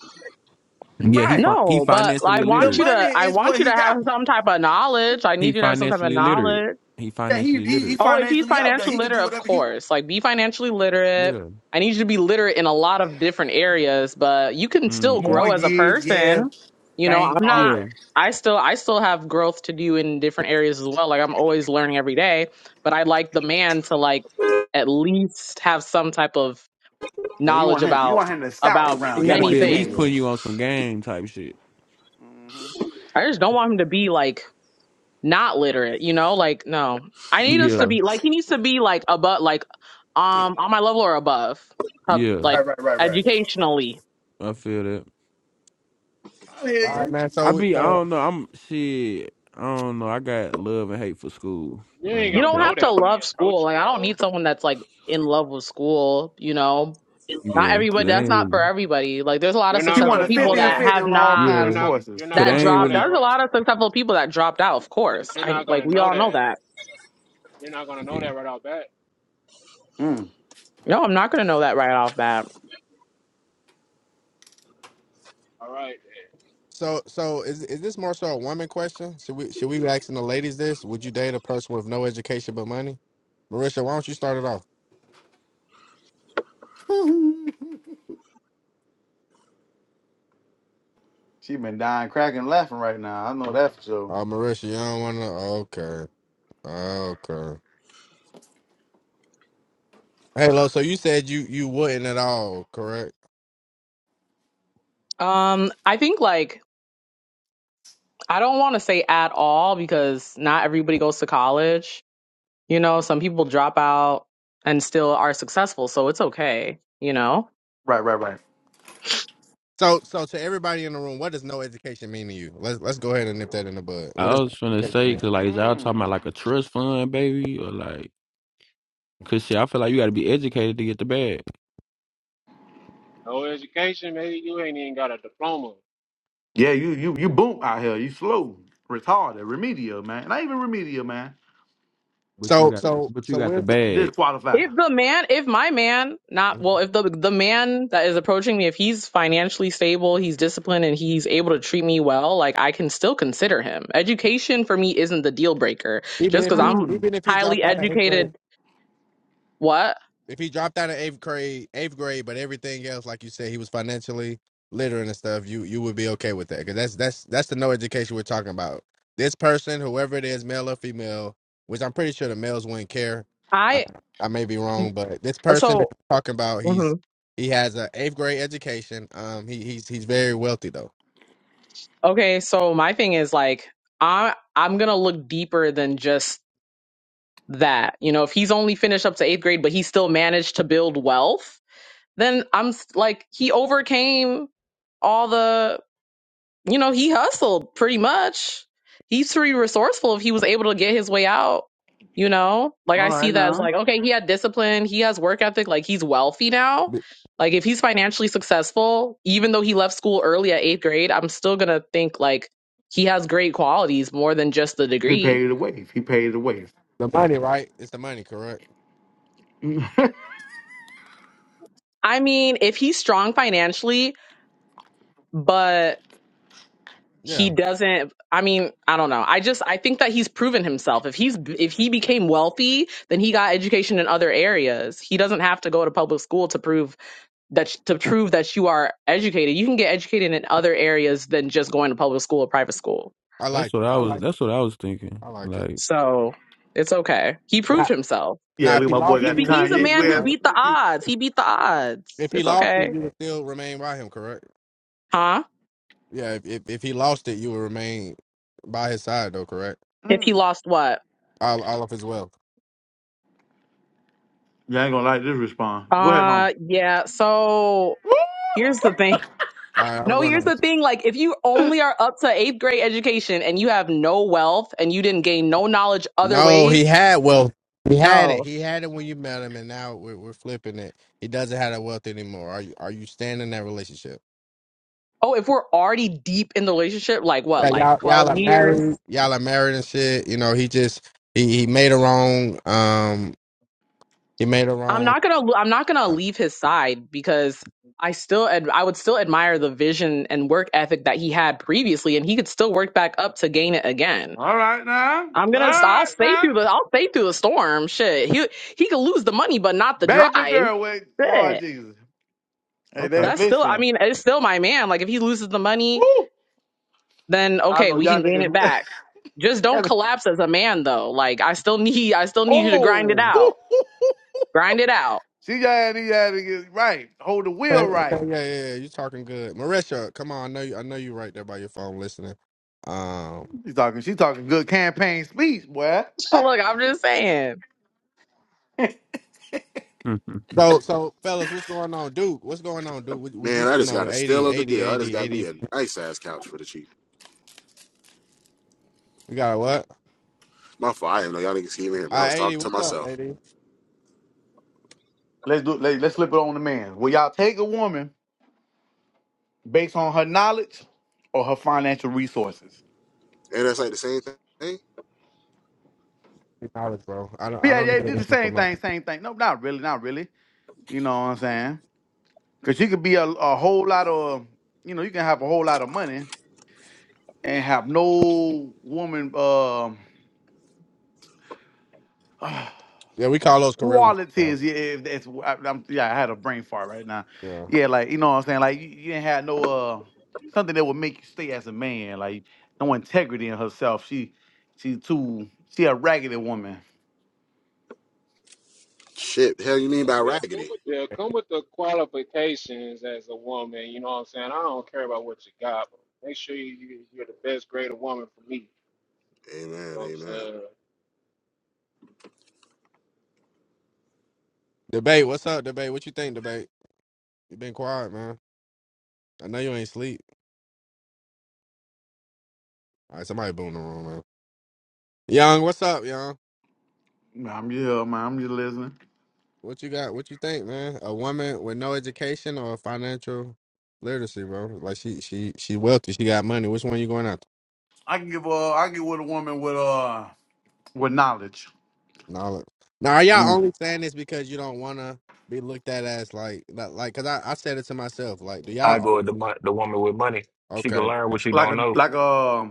S12: Yeah, he
S10: Right.
S12: fi- he
S8: no but i
S12: financially
S10: The
S8: want you
S12: literate.
S10: money
S8: to i
S10: is
S8: want
S10: what
S8: you to
S10: he
S8: have
S10: got.
S8: some type of knowledge i need
S12: He
S8: you to have some type of
S12: financially literate.
S8: knowledge
S12: He
S10: That he,
S12: financially
S10: he he
S12: literate.
S8: Oh, if he's
S10: financially up there.
S8: financially
S10: He could do
S8: literate, of
S10: whatever he wants.
S8: course. Like, be financially literate.
S12: Yeah.
S8: I need you to be literate in a lot of different areas, but you can still
S12: Mm-hmm.
S8: grow as a
S10: Mortgage, yeah,
S8: person. You know,
S10: bank,
S8: I'm
S10: all
S8: not.
S12: Yeah.
S10: that.
S8: I still, I still have growth to do in different areas as well. Like, I'm always learning every day. But I like the man to like at least have some type of
S10: Yeah, you
S8: knowledge
S10: want him. You
S8: about
S10: want him to scout
S8: about
S12: He
S10: around. You
S12: got to
S8: many
S10: want
S12: be at
S10: yeah,
S12: least
S8: things.
S10: yeah.
S12: putting you on some game type shit.
S10: hmm
S8: I just don't want him to be like not literate, you know? Like, no. I need us to
S10: Right,
S12: Yeah.
S8: be like he needs to be like above like um on my level or above. Uh,
S12: Yeah.
S8: Like
S10: right, right, right, right.
S8: educationally.
S12: I feel that.
S10: I hear
S1: All right,
S10: you.
S1: man.
S12: I
S1: So,
S12: be. I
S1: so,
S12: don't know. I'm shit. I don't know. I got love and hate for school.
S2: You
S12: I
S2: ain't
S8: You
S12: don't
S2: gonna
S8: don't
S12: care.
S2: know
S8: have to
S2: that when he
S8: love school.
S2: approach
S8: Like
S2: you
S8: I don't
S2: though.
S8: need someone that's like in love with school, you know. Not
S12: Yeah. Cause
S8: everybody
S12: I
S8: that's
S12: ain't
S2: You,
S8: not for
S12: really.
S8: everybody. Like there's a lot of
S2: you're
S10: She
S2: not
S8: successful
S2: gonna
S10: wanted
S8: people
S2: know
S10: fifty and
S8: that
S2: that.
S10: fifty
S8: have
S10: on all
S8: not
S10: kind
S2: You're
S10: of
S12: Yeah.
S2: not. You're
S10: sources.
S2: not
S12: Cause I
S8: that
S2: gonna
S12: ain't
S2: know
S8: dropped
S2: that,
S8: out.
S12: really.
S8: There's a
S2: right?
S8: lot of successful people that dropped out, of
S2: But
S8: course.
S2: you're
S8: I
S2: not
S8: like
S2: gonna
S8: we
S2: know
S8: all know
S2: that.
S8: that.
S2: You're not gonna know
S12: Yeah.
S2: that right off bat.
S10: Mm.
S8: No, I'm not gonna know that right off bat.
S2: All right. then.
S1: so, so, is is this more so a woman question? Should we should we be asking the ladies this? Would you date a person with no education but money? Marisha, why don't you start it off?
S10: (laughs) She been dying, cracking, laughing right now. I know that for sure.
S1: Oh, Marisha, you don't want to. Okay, okay. Hey, Lo. So you said you you wouldn't at all, correct?
S8: Um I think like I don't want to say at all because not everybody goes to college. You know, some people drop out and still are successful, so it's okay, you know.
S10: Right, right, right.
S1: So, so to everybody in the room, what does no education mean to you? Let's let's go ahead and nip that in the bud. What
S12: I
S1: does no
S12: was finna
S1: education
S12: say,
S1: mean?
S12: cause like is y'all talking
S10: Mm.
S12: about like a trust fund, baby, or like, cause shit, I feel like you got to be educated to get the bag,
S2: No education. Maybe you ain't even got a diploma.
S10: Yeah, you you you boom out here. You slow, retarded, remedial, man. Not even remedial, man.
S12: but you
S1: So,
S12: got,
S1: so,
S12: but you
S1: so
S12: got the
S1: we're
S12: bag.
S10: Disqualified.
S8: If the man, if my man, not well, if the the man that is approaching me, if he's financially stable, he's disciplined and he's able to treat me well, like I can still consider him. Education for me isn't the deal breaker.
S1: even
S8: Just
S1: if
S8: cuz
S1: he
S8: I'm
S10: Mm.
S1: even if he
S8: highly
S1: dropped out of eighth grade.
S8: educated, what?
S1: if he dropped out of eighth grade, eighth grade, but everything else, like you said, he was financially literate and stuff. You you would be okay with that because that's that's that's the no education we're talking about. This person, whoever it is, male or female, which I'm pretty sure the males wouldn't care. I,
S8: I
S1: I may be wrong, but this person that
S8: so
S1: you're talking about,
S8: mm-hmm.
S1: he's he has a eighth grade education. Um, he he's he's very wealthy though.
S8: Okay, so my thing is like I I'm gonna look deeper than just that. You know, if he's only finished up to eighth grade, but he still managed to build wealth, then I'm s- like he overcame all the you know, he hustled pretty much. He's pretty resourceful if he was able to get his way out. You know, like
S10: All
S8: I see
S10: right
S8: that as
S10: now.
S8: like, okay, he had discipline, he has work ethic, like he's wealthy now.
S1: The
S8: Like if he's financially successful, even though he left school early at eighth grade, I'm still gonna think like he has great qualities more than just the
S10: He
S8: degree.
S10: paid the wave. He paid the wave.
S1: the money, right? It's the money, correct?
S10: (laughs) yeah,
S8: I mean, if he's strong financially, but he
S1: Yeah,
S8: doesn't i mean i don't know i just i think that he's proven himself if he's if he became wealthy then he got education in other areas he doesn't have to go to public school to prove that to prove that you are educated you can get educated in other areas than just going to public school or private school
S1: I
S12: That's
S1: like
S12: what I
S1: I
S12: was.
S1: like
S12: That's what I was thinking.
S1: I like it.
S12: Like,
S8: so it's okay he proved
S1: Now,
S8: himself
S1: now
S10: look,
S1: if
S10: at
S1: he
S10: my boy
S1: lost
S8: he,
S1: it,
S10: got the
S1: you wouldn't
S8: he's a
S1: leave
S10: Kanye.
S8: man
S1: though,
S8: who
S10: West.
S1: right?
S8: beat the odds he beat the odds
S1: If he
S8: it's
S1: lost it,
S8: okay
S1: you would still remain by him, correct?
S8: huh
S1: Yeah, if if, if he lost it, you would remain by his side, though, correct?
S8: if he
S10: mm.
S8: lost what
S1: All, all of his wealth.
S10: yeah, I ain't gonna like this response. Go ahead, mom.
S8: uh yeah so here's the thing
S1: All right, I'm
S8: No,
S1: going
S8: here's
S1: to.
S8: the thing. Like, if you only are up to eighth grade education and you have no wealth and you didn't gain no knowledge other
S1: No,
S8: ways,
S1: he had wealth. He had it.
S8: no.
S1: He had it when you met him, and now we're, we're flipping it. He doesn't have that wealth anymore. Are you are you staying in that relationship?
S8: Oh, if we're already deep in the relationship, like what,
S1: Yeah,
S8: like
S1: y'all
S8: 12
S1: y'all are
S8: years?
S1: married. Y'all are married and shit. You know, he just he, he made a wrong. Um, he made a
S8: I'm
S1: wrong.
S8: not gonna, I'm not gonna leave his side because I still, ad- I would still admire the vision and work ethic that he had previously, and he could still work back up to gain it again.
S10: All right now.
S8: I'm
S10: All
S8: gonna, I'll
S10: right
S8: stay
S10: now.
S8: through the, I'll stay through the storm. Shit, he he could lose the money, but not the
S10: Baby
S8: drive.
S10: girl with
S8: Shit.
S10: Lord Jesus. Hey,
S1: Okay.
S10: they,
S8: That's still, I
S10: listen.
S8: mean, it's still my man. Like, if he loses the money,
S10: Woo!
S8: then
S10: I
S8: okay,
S10: know
S8: we
S10: y'all
S8: can gain it
S10: niggas. (laughs)
S8: back. Just don't
S10: Gotta-
S8: collapse as a man, though. Like, I still need, I still need you to grind it
S10: Oh,
S8: out.
S10: (laughs)
S8: Grind it out.
S10: she got to got to get it right. Hold the wheel
S1: Okay,
S10: right.
S1: okay, yeah, yeah, yeah. You talking good, Marisha? Come on, I know you. I know you right there by your phone listening. Um,
S10: She's talking. She's talking good campaign speech, boy.
S8: (laughs) Look, I'm just saying.
S12: (laughs)
S1: so, so fellas, what's going on, Duke? What's going on, Duke? Would, would
S6: Man,
S1: you
S6: I just
S1: know?
S6: got a steal
S1: 80,
S6: of the
S1: 80,
S6: deal. I just
S1: 80,
S6: got
S1: 80.
S6: me a nice ass couch for the cheap.
S1: We got a what?
S6: My fault. I didn't know y'all niggas can even I
S1: Uh,
S6: was
S1: 80.
S6: talking to
S1: What's up,
S6: myself.
S1: 80?
S10: Let's do. Let, let's flip it on the man. Will y'all take a woman based on her knowledge or her financial resources?
S6: And that's like the same thing.
S1: Knowledge, bro. I don't. I
S10: Yeah,
S1: don't need
S10: they did
S1: any
S10: the
S1: for
S10: same
S1: money.
S10: thing, same thing. No, not really, not really. You know what I'm saying? Because you could be a, a whole lot of, you know, you can have a whole lot of money and have no woman. Um, (sighs)
S1: Yeah, we call those career wins, bro.
S10: qualities. Yeah, if that's wh- I, am yeah, I had a brain fart right now.
S1: Yeah.
S10: Yeah, like you know what I'm saying. Like you, you didn't have no uh something that would make you stay as a man. Like no integrity in herself. She she too she a raggedy woman.
S6: Shit, the hell you mean by raggedy?
S2: Yeah, come with the qualifications as a woman. You know what I'm saying? I don't care about what you got, but make sure you, you- you're the best grade of woman for me. You
S6: Amen,
S2: know what
S6: amen.
S1: Debate. What's up, debate? What you think, debate? You been quiet, man. I know you ain't sleep. All right, somebody boom the room, man. Young, what's up, young?
S10: Nah, I'm just yeah, man. I'm just listening.
S1: What you got? What you think, man? A woman with no education or financial literacy, bro? Like she, she, she wealthy. She got money. Which one you going after?
S10: I can give uh I can give with a woman with uh with knowledge.
S1: Now, look. Now, are y'all
S10: Mm.
S1: only saying this because you don't want to be looked at as like, like, like? Cause I, I said it to myself. Like, do
S13: I
S1: y'all?
S13: go with the mon- the woman with money. She can
S1: Okay,
S13: learn what she
S10: Like
S13: don't
S10: a
S13: know.
S10: like a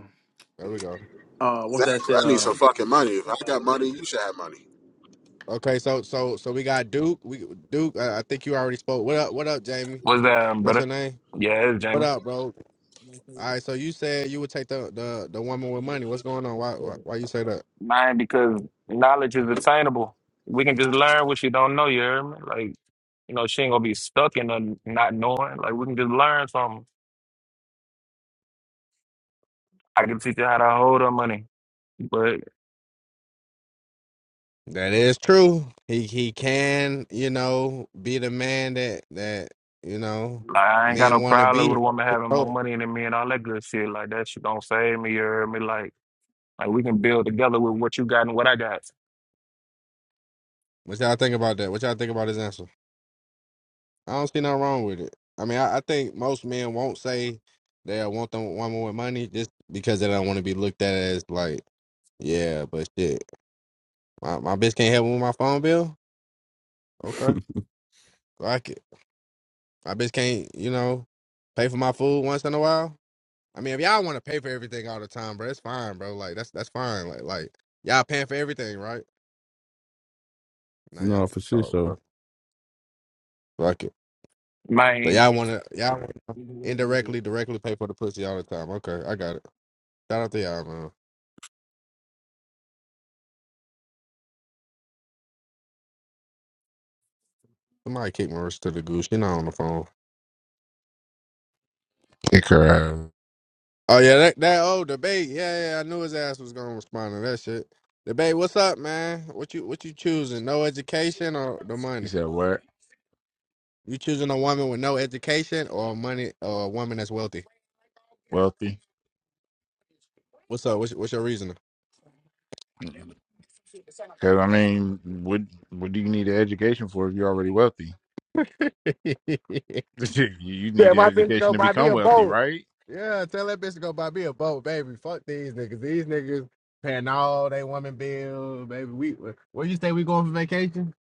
S1: there we go.
S10: uh what's that
S6: Exactly.
S10: shit?
S6: I need
S10: uh,
S6: some fucking money. If I got money, you should have money.
S1: Okay, so, so, so we got Duke. We Duke. Uh, I think you already spoke. What up? What up, Jamie?
S13: What's that, um,
S1: That's
S13: brother?
S1: your name.
S13: Yeah, it's
S1: What
S13: Jamie.
S1: up, bro? All right. So you said you would take the the the woman with money. What's going on? Why why, why you say that?
S13: Mine because knowledge is attainable. We can just learn what she don't know. You hear me? Like you know, she ain't gonna be stuck in the not knowing. Like we can just learn something. I can teach her how to hold her money, but
S1: That is true. He he can, you know, be the man that that you know
S13: like I ain't got
S1: men
S13: no
S1: want to
S13: problem with
S1: be.
S13: a woman having more
S1: Oh,
S13: money than me and all that good shit. Like that shit don't save me. You hear me? Like like we can build together with what you got and what I got.
S1: what y'all think about that? What y'all think about his answer? I don't see nothing wrong with it. I mean, I, I think most men won't say they want the woman with money just because they don't want to be looked at as like, yeah, but shit, my my bitch can't help me with my phone bill. Okay, like it. My bitch can't, you know, pay for my food once in a while. I mean, if y'all want to pay for everything all the time, bro, it's fine, bro. Like that's that's fine. Like like y'all paying for everything, right? Nah,
S12: no,
S1: y'all
S12: for sure.
S1: oh,
S12: So,
S1: bro. Fuck it. So
S13: Mine.
S1: y'all want to y'all wanna indirectly, directly pay for the pussy all the time. Okay, I got it. Shout out to y'all, man. Somebody kicked Marissa to the goose. She not on the phone.
S4: Kick her out.
S1: Oh yeah, that that old debate. Yeah, yeah, I knew his ass was gonna respond to that shit. Debate, what's up, man? What you what you choosing? No education or the
S4: He
S1: money?
S4: said what?
S1: You choosing a woman with no education or money or a woman that's wealthy?
S4: Wealthy?
S1: What's up? What's, what's your reasoning?
S4: Because I mean, what what do you need an education for if you're already wealthy? (laughs) you you
S1: Yeah,
S4: need an
S1: my (laughs) bitch to
S4: education
S1: go
S4: to
S1: buy me
S4: become
S1: a
S4: wealthy,
S1: boat.
S4: right?
S1: yeah, tell that bitch to go buy me a boat, baby. Fuck these niggas. These niggas paying all they woman bills, baby. We where you say we going for vacation?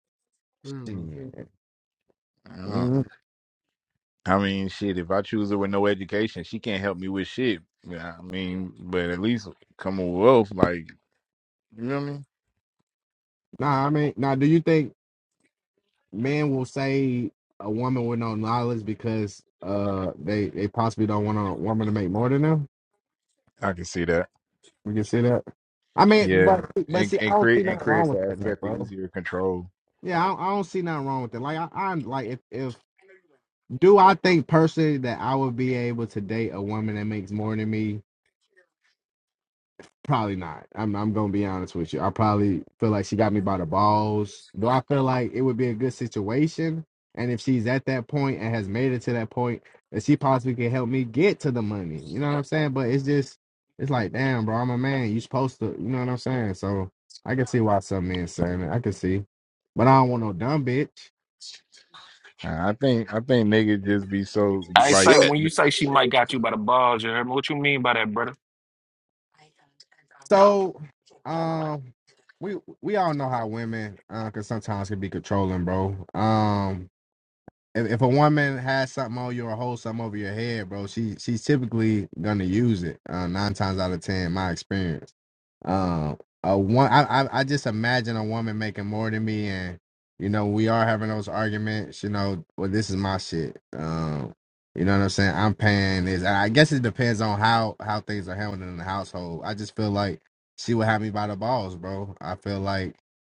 S1: (laughs)
S4: Mm.
S1: Shit.
S4: Uh,
S1: Mm,
S4: I mean, shit. If I choose her with no education, she can't help me with shit. Yeah, I mean, but at least come with wealth, like you know what I mean.
S1: Nah, I mean, nah. Do you think men will say a woman with no knowledge because uh they they possibly don't want a woman to make more than them?
S4: I can see that.
S1: We can see that. I mean,
S4: Yeah,
S1: but but
S4: and
S1: see, I
S4: and
S1: don't see
S4: create and
S1: nothing wrong
S4: creates an
S1: with that, man,
S4: aspect of
S1: bro.
S4: easier control.
S1: Yeah, I, don't- I don't see nothing wrong with that. Like I, I'm like if if Do I think personally that I would be able to date a woman that makes more than me? Probably not. I'm I'm gonna be honest with you. I probably feel like she got me by the balls. Do I feel like it would be a good situation? And if she's at that point and has made it to that point, that she possibly can help me get to the money. You know what I'm saying? But it's just it's like, damn, bro, I'm a man. You supposed to you know what I'm saying? So I can see why some men saying it. I can see. But I don't want no dumb bitch.
S4: I think I think niggas just be so
S13: I
S4: like
S13: say
S6: Shit.
S13: when you say she might got you by the balls, you heard me? What you mean by that, brother?
S1: So, um, we we all know how women, uh, can sometimes can be controlling, bro. Um, if, if a woman has something on you or holds something over your head, bro, she she's typically gonna use it. Uh, nine times out of ten, my experience. Um, a one, I, I, I just imagine a woman making more than me, and you know, we are having those arguments. You know, well, this is my shit. Um, you know what I'm saying? I'm paying this. I guess it depends on how how things are handled in the household. I just feel like she would have me by the balls, bro. I feel like,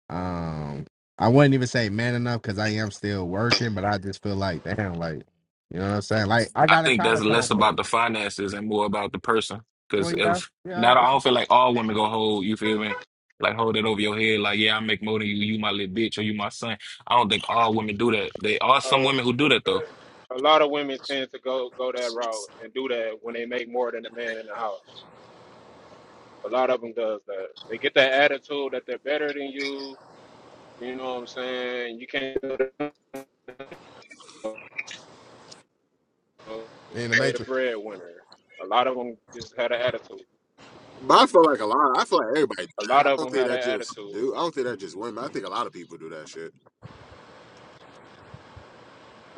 S1: um, I wouldn't even say man enough because I am still working, but I just feel like, damn, like, you know what I'm saying? Like, I
S13: I
S1: got a
S13: think that's
S1: college
S13: less
S1: homeboy.
S13: about the finances and more about the person.
S1: Well,
S13: Cause
S1: yeah,
S13: if
S1: yeah,
S13: not,
S1: it's
S13: I don't feel like all women go hold. You feel me? Like hold it over your head. Like yeah, I make more than you. You my little bitch or you my son. I don't think all women do that. They are
S2: I'm
S13: some women who do that
S2: saying?
S13: though.
S2: A, (clears throat) a lot of women tend to go go that route and do that when they make more than a man in the house. A lot of them does that. They get that attitude that they're better than you. You know what I'm saying? You can't do that because
S1: in the
S2: they the
S1: matrix.
S2: breadwinner. A lot of them just had an attitude.
S6: But I feel like a lot. I feel like everybody do
S2: A
S6: that.
S2: lot
S6: I
S2: of
S6: don't
S2: them
S6: think
S2: had
S6: that
S2: an
S6: just
S2: attitude.
S6: do. I don't think that just women. I think a lot of people do that shit.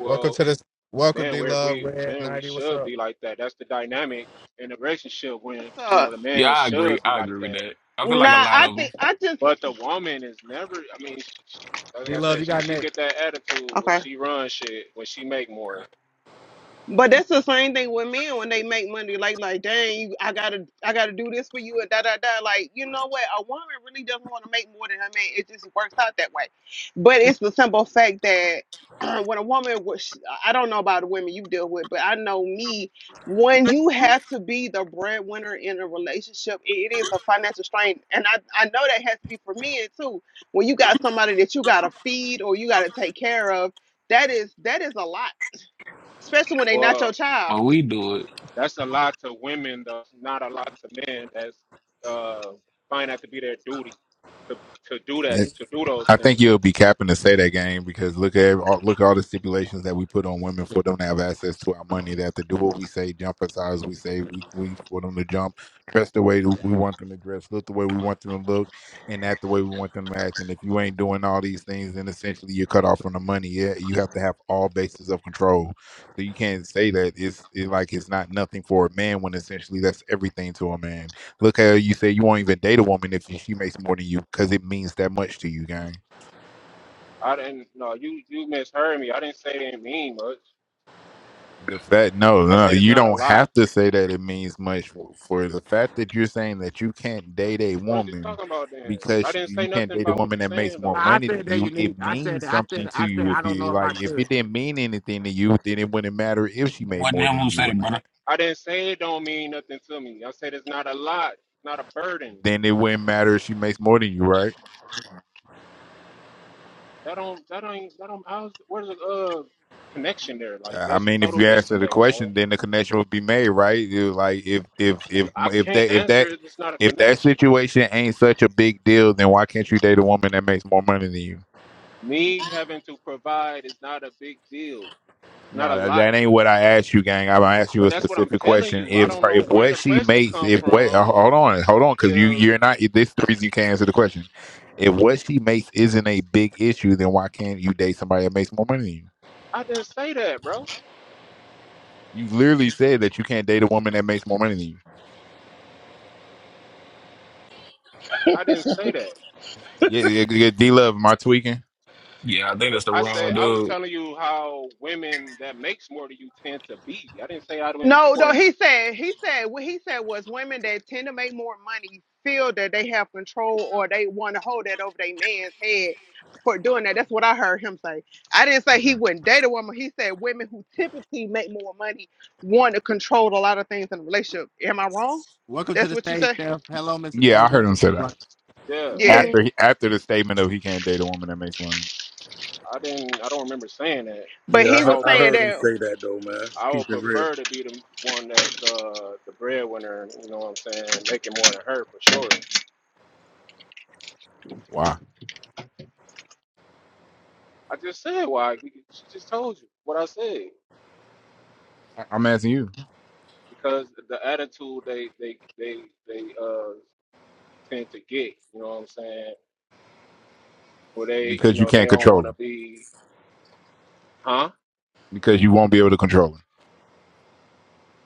S1: Welcome to this. Welcome,
S2: man,
S1: D
S2: where
S1: Love
S2: we
S1: Red
S2: man, we
S1: ninety. What's
S2: should
S1: up,
S2: be like that. That's the dynamic in a relationship when you know
S14: So,
S2: the
S13: Yeah,
S2: man
S13: I agree.
S2: should be
S13: I
S2: like
S13: agree with
S2: that.
S13: that. I feel like a
S14: nah,
S13: lot
S14: I
S13: of them,
S14: think I just
S2: But the woman is never. I mean, she, she,
S1: D
S2: like I
S1: Love? You
S2: said, she
S1: got
S2: she
S1: next.
S2: get that attitude when
S14: Okay.
S2: she run shit when she make more.
S14: But that's the same thing with men when they make money. Like, like, dang, you, I gotta, I gotta do this for you, and da da da. Like, you know what? A woman really doesn't want to make more than her man. It just works out that way. But it's the simple fact that (clears throat) when a woman, was, I don't know about the women you deal with, but I know me. When you have to be the breadwinner in a relationship, it it is a financial strain, and I, I know that has to be for men too. When you got somebody that you gotta feed or you gotta take care of, that is that is a lot especially when they not
S2: Well.
S14: your child.
S13: but we do it.
S2: That's a lot to women, That's not a lot to men that's uh, find that to be their duty to, to do that, to do those
S4: I think
S2: things.
S4: you'll be capping to say that game because look at every- all, look at all the stipulations that we put on women for them to have access to our money. They have to do what we say, jump as high as we say we, we for them to jump, dress the way that we want them to dress, look the way we want them to look, and act the way we want them to act. And if you ain't doing all these things, then essentially you're cut off from the money. Yeah, you have to have all bases of control. So you can't say that it's it like it's not nothing for a man when essentially that's everything to a man. Look how you say you won't even date a woman if she makes more than you because it means that much to you, gang.
S2: I didn't, no, you, you misheard me. I didn't say it didn't mean much.
S4: The fact, no,
S2: I
S4: no, no,
S2: said it's
S4: you
S2: not a
S4: don't
S2: lot.
S4: have to say that it means much for, for the fact that you're saying that you can't date a
S2: What is you
S4: woman
S2: talking about then?
S4: because
S2: I
S4: she,
S2: didn't
S4: you
S2: say
S4: can't
S2: nothing
S4: date a
S2: about what
S4: woman
S2: you're
S4: that makes
S2: saying,
S4: more
S2: though.
S1: I I
S4: money than
S1: said that
S4: you.
S1: unique.
S4: It
S1: I said
S4: means
S1: that. I
S4: something
S1: said.
S4: to
S1: I said.
S4: you.
S1: I
S4: If
S1: don't know
S4: you
S1: if I
S4: like, if
S1: could.
S4: it didn't mean anything to you, then it wouldn't matter if she made
S13: Wasn't
S4: more
S13: him
S4: than
S13: who
S4: you
S13: said
S4: or
S13: it, brother?
S4: not.
S2: I didn't say it don't mean nothing to me. I said it's not a lot, not a burden.
S4: Then it wouldn't matter if she makes more than you, right?
S2: That don't, that don't, that don't, how's, where's the uh, connection there? Like,
S4: I
S2: there's
S4: mean,
S2: a
S4: if
S2: total
S4: you answer the
S2: disconnect, bro.
S4: question, then the connection would be made, right? It was like if if if
S2: I I
S4: if
S2: can't
S4: that if
S2: answer
S4: that
S2: it. It's not a
S4: if that
S2: connection.
S4: situation ain't such a big deal, then why can't you date a woman that makes more money than you?
S2: Me having to provide is not a big deal. It's not a
S4: No, that,
S2: lot
S4: that
S2: to
S4: ain't what
S2: me.
S4: I asked you, gang. I'm gonna ask you
S2: But
S4: a
S2: that's what I'm
S4: specific
S2: telling
S4: question.
S2: you. I
S4: If
S2: don't
S4: her,
S2: know
S4: if
S2: where
S4: what
S2: the
S4: she
S2: question
S4: makes,
S2: come
S4: if what uh,
S2: from.
S4: hold on, hold on, because you
S2: If
S4: you're not. This is the reason you can't answer the question. If what she makes isn't a big issue, then why can't you date somebody that makes more money than you?
S2: I didn't say that, bro.
S4: You literally said that you can't date a woman that makes more money than you.
S2: I didn't say that.
S4: Yeah, yeah, yeah D Love, am I tweaking?
S13: Yeah, I think that's the
S2: I said
S13: wrong
S2: I was
S13: dude.
S2: telling you how women that makes more than you tend to be. I didn't say I didn't. I
S14: No, no,
S2: wasn't-
S14: he said he said what he said was women that tend to make more money feel that they have control or they want to hold that over their man's head for doing that. That's what I heard him say. I didn't say
S4: Okay.
S14: he wouldn't date a woman. He said women who typically make more money want to control a lot of things in a relationship. Am I wrong?
S1: Welcome to
S14: That's
S1: the
S14: what you
S1: stage,
S14: say?
S1: Steph. Hello, Miss.
S4: Yeah, I heard
S1: Hello,
S4: him
S1: Miss.
S4: say that
S1: Black.
S2: Yeah,
S14: Yeah.
S4: after
S15: Hey,
S4: he, after the statement of he can't date a woman that makes money.
S2: I didn't. I don't remember saying that.
S14: But
S11: Yeah, I
S14: he
S2: I
S14: was
S11: heard
S2: would
S11: I
S14: saying
S11: heard
S2: pref-
S11: him
S14: that
S11: say that though, man.
S2: I
S11: Keep
S2: would
S11: it real.
S2: prefer to be the one that's uh, the breadwinner. You know what I'm saying? Making more than her for sure.
S4: Why?
S2: I just said why. We- She just told you what I said
S4: I, I'm asking you
S2: because the attitude they they they they uh tend to get. You know what I'm saying? Where they you
S4: because you
S2: know they
S4: can't
S2: don't
S4: control
S2: want to
S4: her
S2: be, huh?
S4: because you won't be able to control her.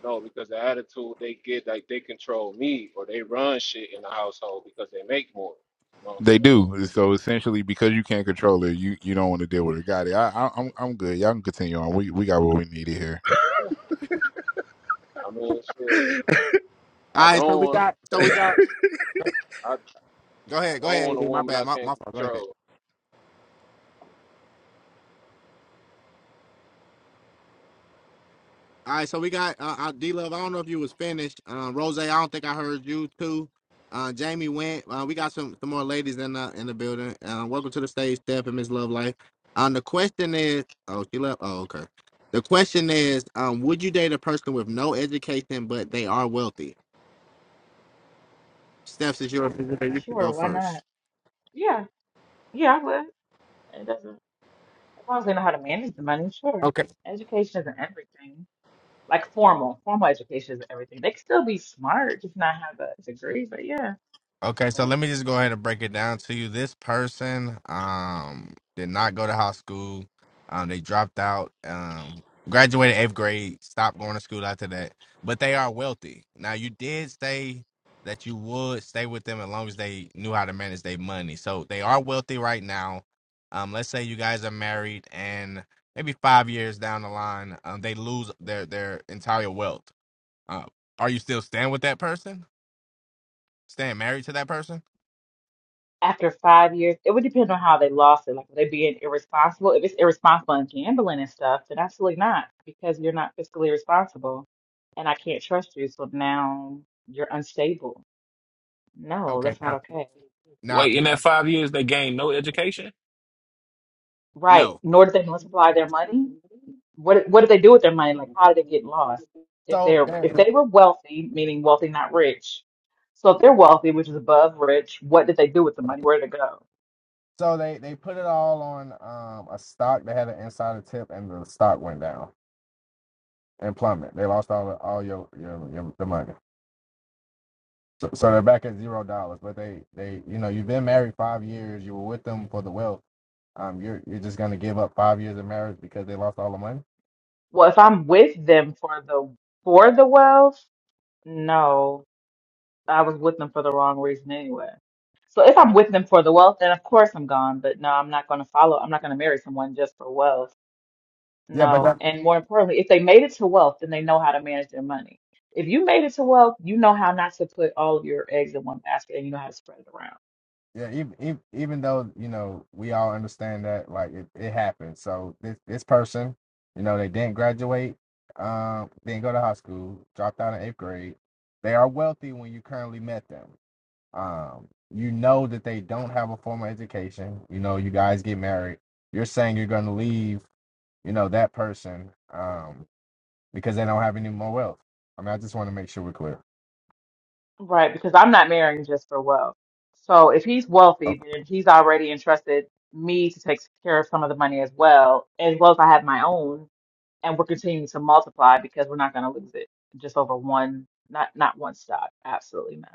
S2: No, because the attitude they get like they control me or they run shit in the household because they make more. You know what I'm
S4: They
S2: saying?
S4: do. So essentially, because you can't control it, you, you don't want to deal with it. Got it. I, I, I'm I'm good. Y'all can continue on. We we got what we needed here.
S2: Huh. I mean, shit. I
S1: All right. So
S2: don't
S1: we
S2: want
S1: got. So we got.
S2: I, I
S1: Go ahead. Go
S2: don't
S1: ahead,
S2: want a
S1: AD. My
S2: woman
S1: bad.
S2: I
S1: My my
S2: can't
S1: fault. Go ahead.
S2: control.
S1: All right, so we got uh, uh, D Love. I don't know if you was finished. Uh, Rose, I don't think I heard you too. Uh, Jamie went. Uh, we got some, some more ladies in the in the building. Uh, welcome to the stage, Steph and Miss Love Life. Um, the question is, oh, she left. Oh, okay. The question is, um, would you date a person with no education but they are wealthy? Steph, since you're a visitor, you can
S15: sure,
S1: go
S15: why not?
S1: first.
S15: Yeah, yeah, I would. It doesn't, as long as they know how to manage the money, sure. Education isn't everything. Like formal, formal education isn't everything. They can still be smart, just not have a degree, but yeah.
S1: Okay, so let me just go ahead and break it down to you. This person um did not go to high school. Um they dropped out, um graduated 8th grade, stopped going to school after that. But they are wealthy. Now you did say that you would stay with them as long as they knew how to manage their money. So they are wealthy right now. Um let's say you guys are married and maybe 5 years down the line, um they lose their their entire wealth. Uh, are you still staying with that person? Staying married to that person?
S15: After five years, it would depend on how they lost it. Like, were they being irresponsible? If it's irresponsible and gambling and stuff, then absolutely not, because you're not fiscally responsible and I can't trust you, so now you're unstable. No, that's
S1: Okay.
S15: not okay.
S1: No,
S13: Wait, in that five years they gained no education?
S15: Right.
S1: no.
S15: Nor did they multiply their money. what what do they do with their money? Like, how did it get lost? If
S1: So
S15: they're
S1: they
S15: if they were wealthy, meaning wealthy, not rich. So if they're wealthy, which is above rich, what did they do with the money? Where did it go?
S1: so they they put it all on um a stock. They had an insider tip, and the stock went down and plummeted. They lost all all your, your your the money. So, so they're back at zero dollars. But they they you know you've been married five years. You were with them for the wealth. Um, you're you're just gonna give up five years of marriage because they lost all the money.
S15: Well, if I'm with them for the for the wealth, no, I was with them for the wrong reason anyway. So if I'm with them for the wealth, then of course I'm gone. But no, I'm not going to follow. I'm not going to marry someone just for wealth
S1: Yeah, but
S15: No,
S1: that,
S15: and more importantly, if they made it to wealth, then they know how to manage their money. If you made it to wealth, you know how not to put all of your eggs in one basket and you know how to spread it around.
S1: Yeah, even, even even though you know we all understand that like it, it happened. So this this person, you know, they didn't graduate, um, didn't go to high school, dropped out in eighth grade. They are wealthy when you currently met them. Um, you know that they don't have a formal education. You know, you guys get married. You're saying you're going to leave, you know, that person, um, because they don't have any more wealth. I mean, I just want to make sure we're clear.
S15: Right, because I'm not marrying just for wealth. So if he's wealthy, then he's already entrusted me to take care of some of the money as well, as well as I have my own, and we're continuing to multiply because we're not going to lose it just over one, not not one stock. Absolutely not.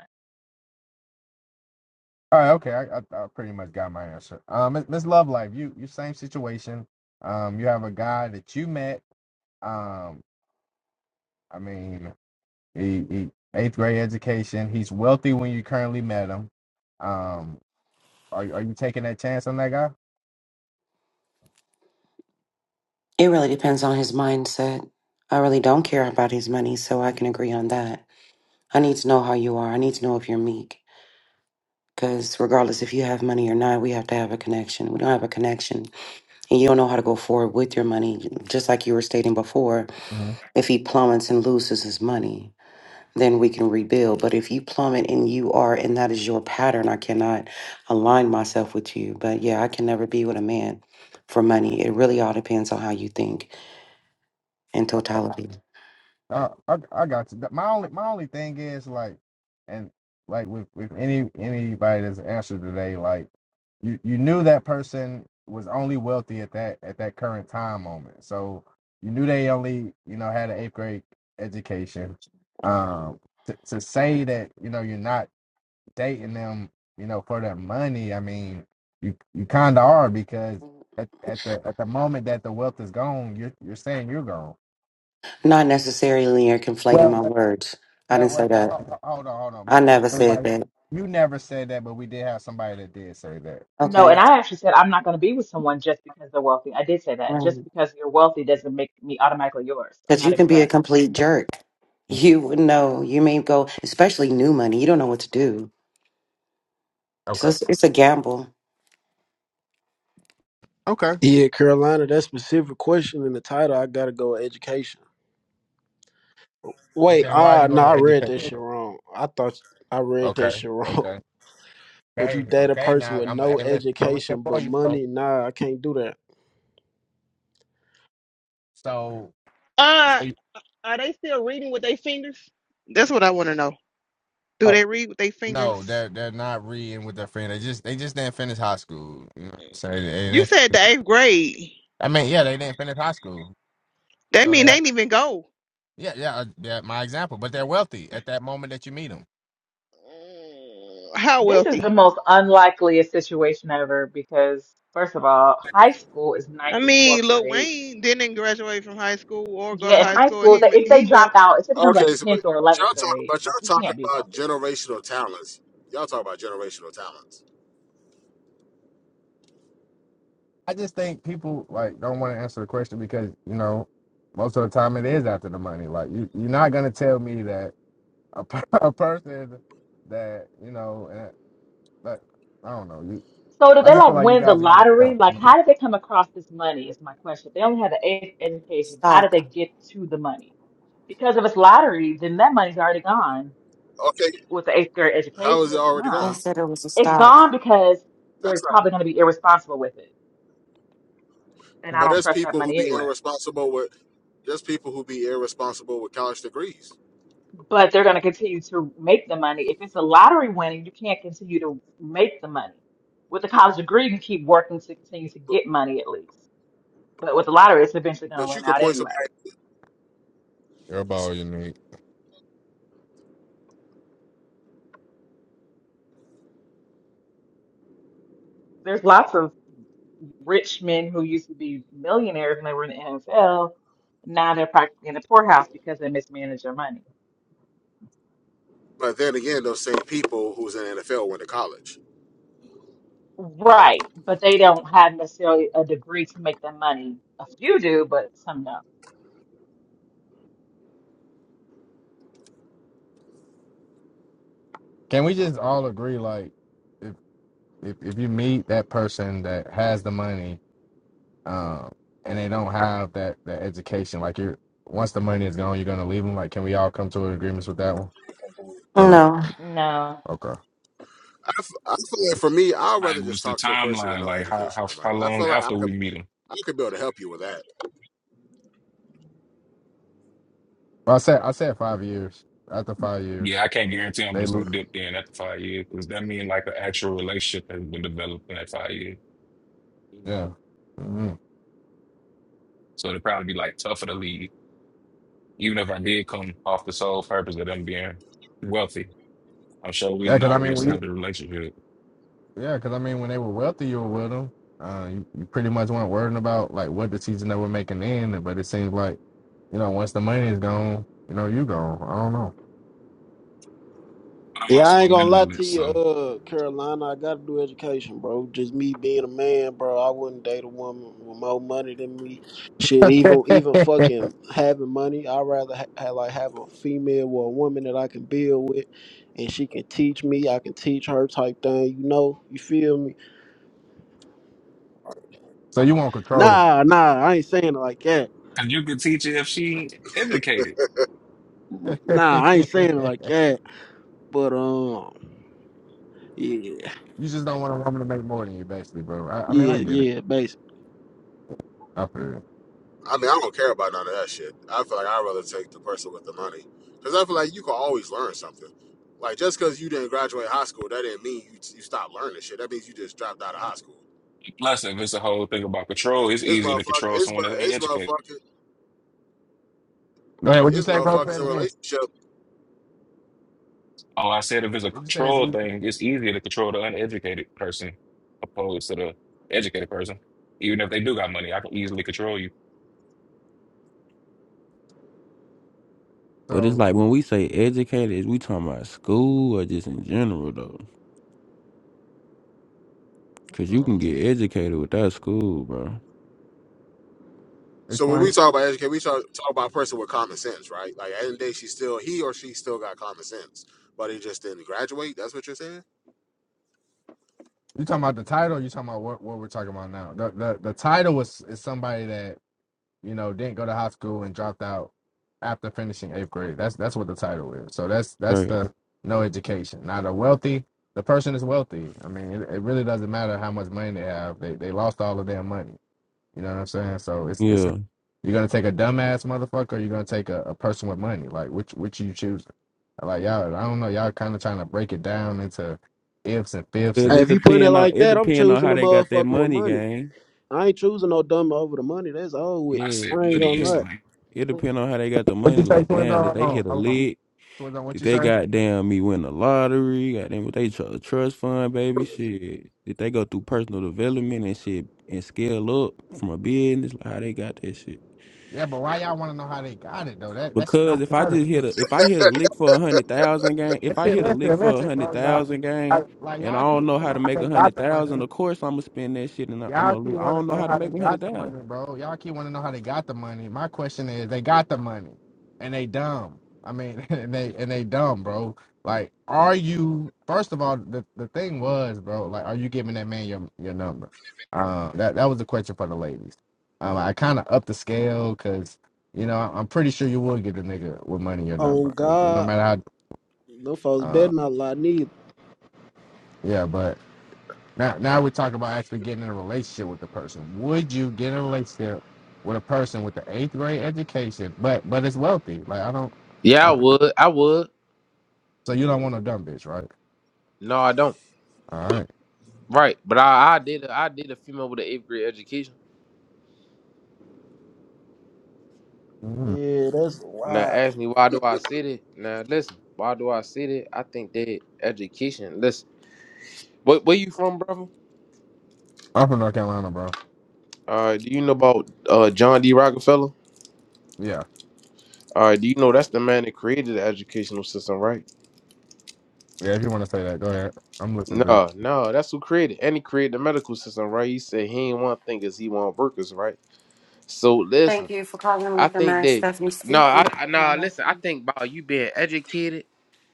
S1: All right, okay, I, I, I pretty much got my answer. Um, Miss Miss Love Life, you you same situation. Um, you have a guy that you met. Um, I mean, he, he eighth grade education. He's wealthy when you currently met him. Um, are are you taking that chance on that guy?
S16: It really depends on his mindset. I really don't care about his money, so I can agree on that. I need to know how you are. I need to know if you're meek. Because regardless if you have money or not, we have to have a connection. We don't have a connection, and you don't know how to go forward with your money. Just like you were stating before, if he plummets and loses his money, then we can rebuild. But if you plummet and you are, and that is your pattern, I cannot align myself with you. But yeah, I can never be with a man for money. It really all depends on how you think in totality.
S1: Uh, I I got you. My only my only thing is like, and like with with any anybody that's answered today, like you you knew that person was only wealthy at that at that current time moment. So you knew they only you know had an eighth grade education. Um, to, to say that you know you're not dating them, you know, for their money. I mean, you you kind of are because at, at the at the moment that the wealth is gone, you're you're saying you're gone.
S16: Not necessarily you're conflating
S1: Well.
S16: my words. I
S1: Well,
S16: didn't say
S1: well, now,
S16: that.
S1: hold, hold on, hold on,
S16: I
S1: Miss Miss.
S16: never said
S1: Everybody,
S16: that.
S1: you never said that, but we did have somebody that did say that. Uh,
S15: No, and
S16: Okay.
S15: I actually said I'm not going to be with someone just because they're wealthy. I did say that. Just
S16: Because
S15: because you're wealthy doesn't make me automatically yours. I'm not
S16: you can be a
S15: impressed.
S16: complete jerk. You wouldn't know. You may go, especially new money. You don't know what to do. So
S1: Okay.
S16: it's, it's a gamble.
S1: Okay.
S17: Yeah, Carolina, that specific question in the title, I gotta go with education. Wait,
S1: Okay. And why are you
S17: ah, no,
S1: going
S17: I
S1: to
S17: read
S1: educate?
S17: that
S1: me?
S17: shit wrong. I thought I read that
S1: Okay.
S17: shit wrong.
S1: Okay.
S17: (laughs) Would you
S1: Okay.
S17: date a
S1: Okay.
S17: person
S1: Now
S17: with
S1: I'm
S17: no
S1: hey, listen, i read it
S17: education
S1: for
S17: but
S1: you. So,
S17: money? Nah, I can't do that.
S1: so, so
S14: uh
S1: you,
S14: are they still reading with their fingers? That's what I want to know. Do
S1: oh,
S14: they read with their
S1: no,
S14: fingers?
S1: they're they're not reading with their friend. They just they just didn't finish high school. You know what I'm saying? They
S14: You
S1: didn't,
S14: said the eighth grade.
S1: I mean, yeah, they didn't finish high school.
S14: That
S1: So they
S14: mean they
S1: have,
S14: didn't even go.
S1: yeah, yeah, uh, yeah. My example, but they're wealthy at that moment that you meet them.
S14: Mm, How
S15: This is the
S14: wealthy?
S15: most unlikeliest situation ever because, first of all, high school is
S14: I
S15: ninth through 12th
S14: mean, Lil
S15: grade.
S14: Wayne didn't graduate from high school or go to
S15: Yeah, in
S14: high
S15: high
S14: school.
S15: school,
S14: He
S15: they,
S14: ma-
S15: if they
S14: he
S15: drop
S14: wealthy.
S15: out, it's typically
S6: Okay,
S15: like
S6: so but
S15: 10th or 11th
S6: y'all talk,
S15: grade.
S6: but
S15: Like,
S6: y'all
S15: you
S6: talking
S15: can't be
S6: about
S15: wealthy.
S6: generational talents. Y'all talk about generational talents.
S1: I just think people like don't want to answer the question because you know most of the time it is after the money. Like you, you're not gonna tell me that a, per- (laughs) a person that you know, and, like I don't know. You,
S15: So, did
S1: I
S15: they
S1: just feel
S15: like
S1: like you
S15: win the
S1: guys are
S15: lottery? Like,
S1: gonna.
S15: how did they come across this money? Is my question. They only had the eighth education. How did
S16: Stock.
S15: they get to the money? Because if it's lottery, then that money's already gone
S6: Okay,
S15: with the eighth grade
S6: how
S15: education,
S6: is it already
S16: I
S15: no.
S6: going?
S16: said it was a
S15: It's
S16: stock.
S15: gone because they're
S6: That's not.
S15: probably going to be irresponsible with it. And I
S6: But
S1: (laughs)
S15: don't
S6: there's
S15: trust that
S6: people who
S15: money
S6: be
S15: anyway.
S6: irresponsible with there's people who be irresponsible with college degrees.
S15: But they're going to continue to make the money. If it's a lottery winning, you can't continue to make the money. With a college degree, you can keep working to continue to
S6: But
S15: get money at least. But with the lottery, it's eventually going to
S6: but you
S15: run
S6: could
S15: out
S6: point
S15: anyway.
S6: somebody.
S1: Everybody unique.
S15: There's lots of rich men who used to be millionaires when they were in the NFL. Now they're practically in the poorhouse because they mismanage their money.
S6: But then again, those same people who's in the NFL went to college.
S15: Right, but they don't have necessarily a degree to make them money. A few do, but some don't.
S1: Can we just all agree like if if if you meet that person that has the money um, and they don't have that that education. Like you're once the money is gone, you're gonna leave them. Like, can we all come to an agreement with that one? Or no?
S16: No.
S15: No.
S1: Okay.
S6: I, f- I feel like for me, I'd
S13: Like,
S6: rather just
S13: what's the
S6: talk to a person with
S13: timeline?
S6: no
S13: Like, how
S6: education
S13: how
S6: and
S13: how
S6: money. I
S13: long
S6: feel like
S13: after
S6: I
S13: we
S6: could
S13: meet him?
S6: I could be able to help you with that.
S1: Well, I said I said five years. After five years,
S13: Yeah, I can't guarantee I'm
S1: they
S13: just
S1: lose.
S13: gonna dip in after five years. Does that mean like an actual relationship has been developed in that five years?
S1: Yeah. hmm
S13: So it'd probably be like tougher to leave, even if I did come off the sole purpose of them being wealthy. I'm sure we
S1: Yeah,
S13: didn't
S1: because I
S13: already
S1: mean, when you,
S13: establish a relationship.
S1: yeah, because I mean, when they were wealthy, you were with them. Uh, you, you pretty much weren't worrying about like what the season they were making in. But it seems like you know once the money is gone, you know you gone.
S13: But I'm
S17: Yeah,
S13: also
S17: I
S13: a
S17: ain't gonna lie to
S13: minimalist,
S17: you,
S13: so
S17: uh, Carolina. I gotta do education, bro. Just me being a man, bro. I wouldn't date a woman with more money than me. Shit,
S1: I
S17: even
S1: don't
S17: even
S1: know.
S17: fucking having money, I'd rather ha- ha- like have a female or a woman that I can build with, and she can teach me. I can teach her type thing. You know, you feel me?
S1: (laughs) so you want control.
S17: Nah, nah. I ain't saying it like that.
S13: and you could teach her if she educated.
S17: Nah, I ain't saying it
S1: (laughs)
S17: like that. But um, yeah,
S1: You just don't want a woman to make more than you, basically, bro. I, I mean, I
S17: yeah,
S1: get it.
S17: yeah. Basically,
S1: I feel it.
S6: I mean, I don't care about none of that shit. I feel like I'd rather take the person with the money because I feel like you can always learn something. Like just because you didn't graduate high school, that didn't mean you you stopped learning shit. That means you just dropped out of high school.
S13: Plus, if it's a whole thing about control, it's
S6: It's
S13: easier to
S6: motherfucker.
S13: control
S6: It's,
S13: someone
S6: mo-
S13: that ain't
S6: it's
S13: educated.
S6: motherfuckers.
S1: Go ahead. What'd you
S6: is
S1: say, bro? Say
S6: motherfuckers
S1: it
S6: in
S1: again.
S6: relationship.
S13: Oh, I said if it's a
S1: What'd you say is
S13: control
S1: evil?
S13: thing, it's easier to control the uneducated person opposed to the educated person. Even if they do got money, I can easily control you.
S12: but it's
S1: So,
S12: like when we say educated, is we talking about school or just in general though? Because you
S1: uh,
S12: can get educated without school, bro.
S6: So when we
S1: explain.
S6: talk about educate, we talk, talk about a person with common sense, right? Like at the end of the day, she still he or she still got common sense, but he just didn't graduate. That's what you're saying.
S1: You talking about the title? Or you talking about what, what we're talking about now? The the, the title was is somebody that you know didn't go to high school and dropped out after finishing eighth grade. That's that's what the title is. So that's that's
S12: Right.
S1: the no education. Now the wealthy, the person is wealthy. I mean, it, it really doesn't matter how much money they have. They they lost all of their money. You know what I'm saying? So it's it's
S12: Yeah.
S1: you're gonna take a dumbass motherfucker, or you're gonna take a, a person with money. Like which which you choose? Like y'all, I don't know. Y'all kind of trying to break it down into ifs and fifths
S12: Cause
S17: Hey,
S1: and
S12: it
S17: if you put it
S12: depend on
S17: like
S12: it
S17: that, I'm
S12: depend on
S17: choosing
S12: how
S17: a
S12: they got that
S17: motherfucker with
S12: money,
S17: money.
S12: gang.
S17: I ain't choosing no dumb over the money. That's all with.
S13: I said
S12: Yeah.
S17: I ain't
S12: It
S13: money
S17: gonna
S12: depend.
S17: lie.
S13: instantly.
S12: It
S2: (laughs)
S12: depend on how they got the
S1: what
S12: money.
S1: you say,
S12: Like,
S1: twins?
S12: damn,
S1: On,
S12: did
S1: hold
S12: they
S1: on,
S12: hit a
S1: hold on,
S12: lick?
S1: twins on. What
S12: Did
S1: you
S12: they
S1: say?
S12: goddamn me win the lottery? Goddamn, what they tr- trust fund, baby? Shit. Did they go through personal development and shit and scale up from a business? Like how they got that shit?
S1: Yeah, but why y'all want to know how they got it though? That that shit,
S12: Because
S1: I'm
S12: if I
S1: tired of
S12: just
S1: it.
S12: hit a if I hit a lick for a hundred thousand game, if
S1: That
S12: I
S1: shit,
S12: hit a lick
S1: listen,
S12: for a
S1: listen,
S12: hundred
S1: bro, y'all.
S12: thousand
S1: I,
S12: game,
S1: like
S12: and I
S1: y'all keep
S12: don't
S1: wanting
S12: know
S1: to
S12: how to
S1: know how
S12: make
S1: they
S12: a
S1: got
S12: hundred
S1: the money.
S12: thousand, of course I'm gonna spend that shit and I'm
S1: Y'all
S12: gonna
S1: keep
S12: lose. I
S1: want
S12: don't
S1: to
S12: know
S1: know
S12: how to
S1: how they
S12: make a
S1: got
S12: hundred
S1: the
S12: thousand.
S1: money, bro. Y'all keep want to know how they got the money. My question is, they got the money, and they dumb. I mean, (laughs) and they and they dumb, bro. Like, are you? First of all, the, the thing was, bro. Like, are you giving that man your your number? Uh, that that was the question for the ladies. Um, I kind of upped the scale because you know I'm pretty sure you would give the nigga with money your
S17: On
S1: number, uh, no
S17: God,
S1: matter
S17: them folks
S1: how. Uh,
S17: better not lie neither.
S1: yeah, but Now, now we're talking about actually getting in a relationship with the person. Would you get in a relationship with a person with the eighth grade education, but but it's wealthy? Like I don't.
S18: Yeah, I
S1: I,
S18: would. I would.
S1: so you don't want a dumb bitch, right?
S18: No, I don't.
S1: All right.
S18: Right, but I, I did. A, I did a female with an eighth grade education.
S1: Mhm.
S17: Yeah, that's
S18: Now
S17: wild.
S18: ask me why do I sit it? Now listen, why do I sit it? I think that education. Listen, where, where you from, brother?
S1: I'm from North Carolina, bro.
S18: Uh, do you know about uh, John D. Rockefeller?
S1: Yeah,
S18: All right, do you know that's the man that created the educational system, right?
S1: yeah. If you want to say that, go ahead. I'm listening to you,
S18: No, no, that's who created, and he created the medical system, right? He said he ain't want thinkers, he want workers, right? So
S16: Thank
S18: listen,
S16: you for calling
S18: I
S16: Mr.
S18: think
S16: Max.
S18: that
S16: Stephanie
S18: no,
S16: speaking.
S18: I, I
S16: May I
S18: no,
S16: help
S18: listen, I
S16: you?
S18: think about you being educated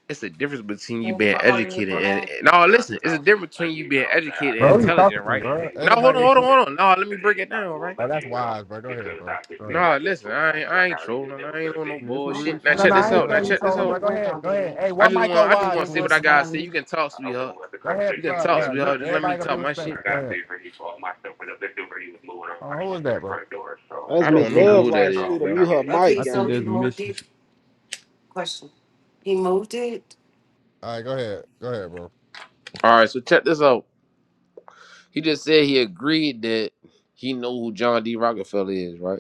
S18: it's a difference between you
S16: Thank you
S18: being
S16: for calling
S18: educated
S16: Mr.
S18: and,
S16: Max.
S18: and no, listen, it's a difference between you being educated and
S1: bro. Who you talking
S18: intelligent,
S1: to,
S18: right?
S1: bro?
S18: Now hold on,
S1: Anybody?
S18: hold on,
S1: interested?
S18: hold on. No, let me break it down, right?
S1: Oh, that's wise, bro. Go ahead, bro. Go ahead.
S18: No, listen, I ain't I ain't trolling, I ain't on no
S12: Yeah, It's some
S16: Oh my
S12: real
S18: bullshit. Now
S1: No, no,
S12: shit
S18: check
S1: no,
S12: though.
S16: God.
S18: this
S12: On
S1: I ain't
S18: out. Now
S16: I
S1: saying
S12: God,
S1: you
S18: check
S16: was, I've
S18: this
S1: told her,
S16: been
S1: bro.
S18: out.
S16: at
S1: Go
S16: work
S1: ahead,
S16: all
S1: go ahead.
S16: day.
S1: Hey,
S18: I
S1: one
S18: just
S1: mic on
S18: want I just
S16: And
S1: wise,
S18: want to
S16: it
S18: see
S1: please.
S18: what
S16: was,
S18: I
S1: Come on.
S18: gotta say.
S16: um,
S18: You can talk,
S16: I don't know
S18: sweetheart.
S16: what the
S1: Go ahead,
S18: You can
S16: conversation
S1: bro,
S16: we
S18: talk,
S1: bro.
S16: just done
S1: You
S18: sweetheart. Just let
S16: had,
S1: everybody
S18: me
S1: gonna
S16: but
S1: be
S18: talk my
S16: when
S1: respectful.
S16: I
S18: shit.
S1: Go
S16: got
S1: ahead.
S16: there, he called myself in the victim where he was moving on
S1: Hold
S16: my
S1: on, who is
S16: shit to the
S1: that, bro?
S16: front door. So,
S17: That's
S16: just,
S18: I
S12: I
S17: Miss
S18: don't
S16: you
S18: know
S12: think
S16: know,
S17: Love
S12: that's
S18: who that
S17: like
S16: as
S17: she need
S18: is,
S17: to
S16: always,
S18: bro.
S17: mute
S16: I
S17: her
S16: didn't.
S17: mic,
S16: okay,
S12: I think
S16: so
S17: gang.
S16: he
S12: that's
S16: moved it,
S12: missions.
S16: question. He moved it
S1: All right, go ahead. Go ahead, bro.
S18: All right, so check this out. He just said he agreed that he know who John D. Rockefeller is, right?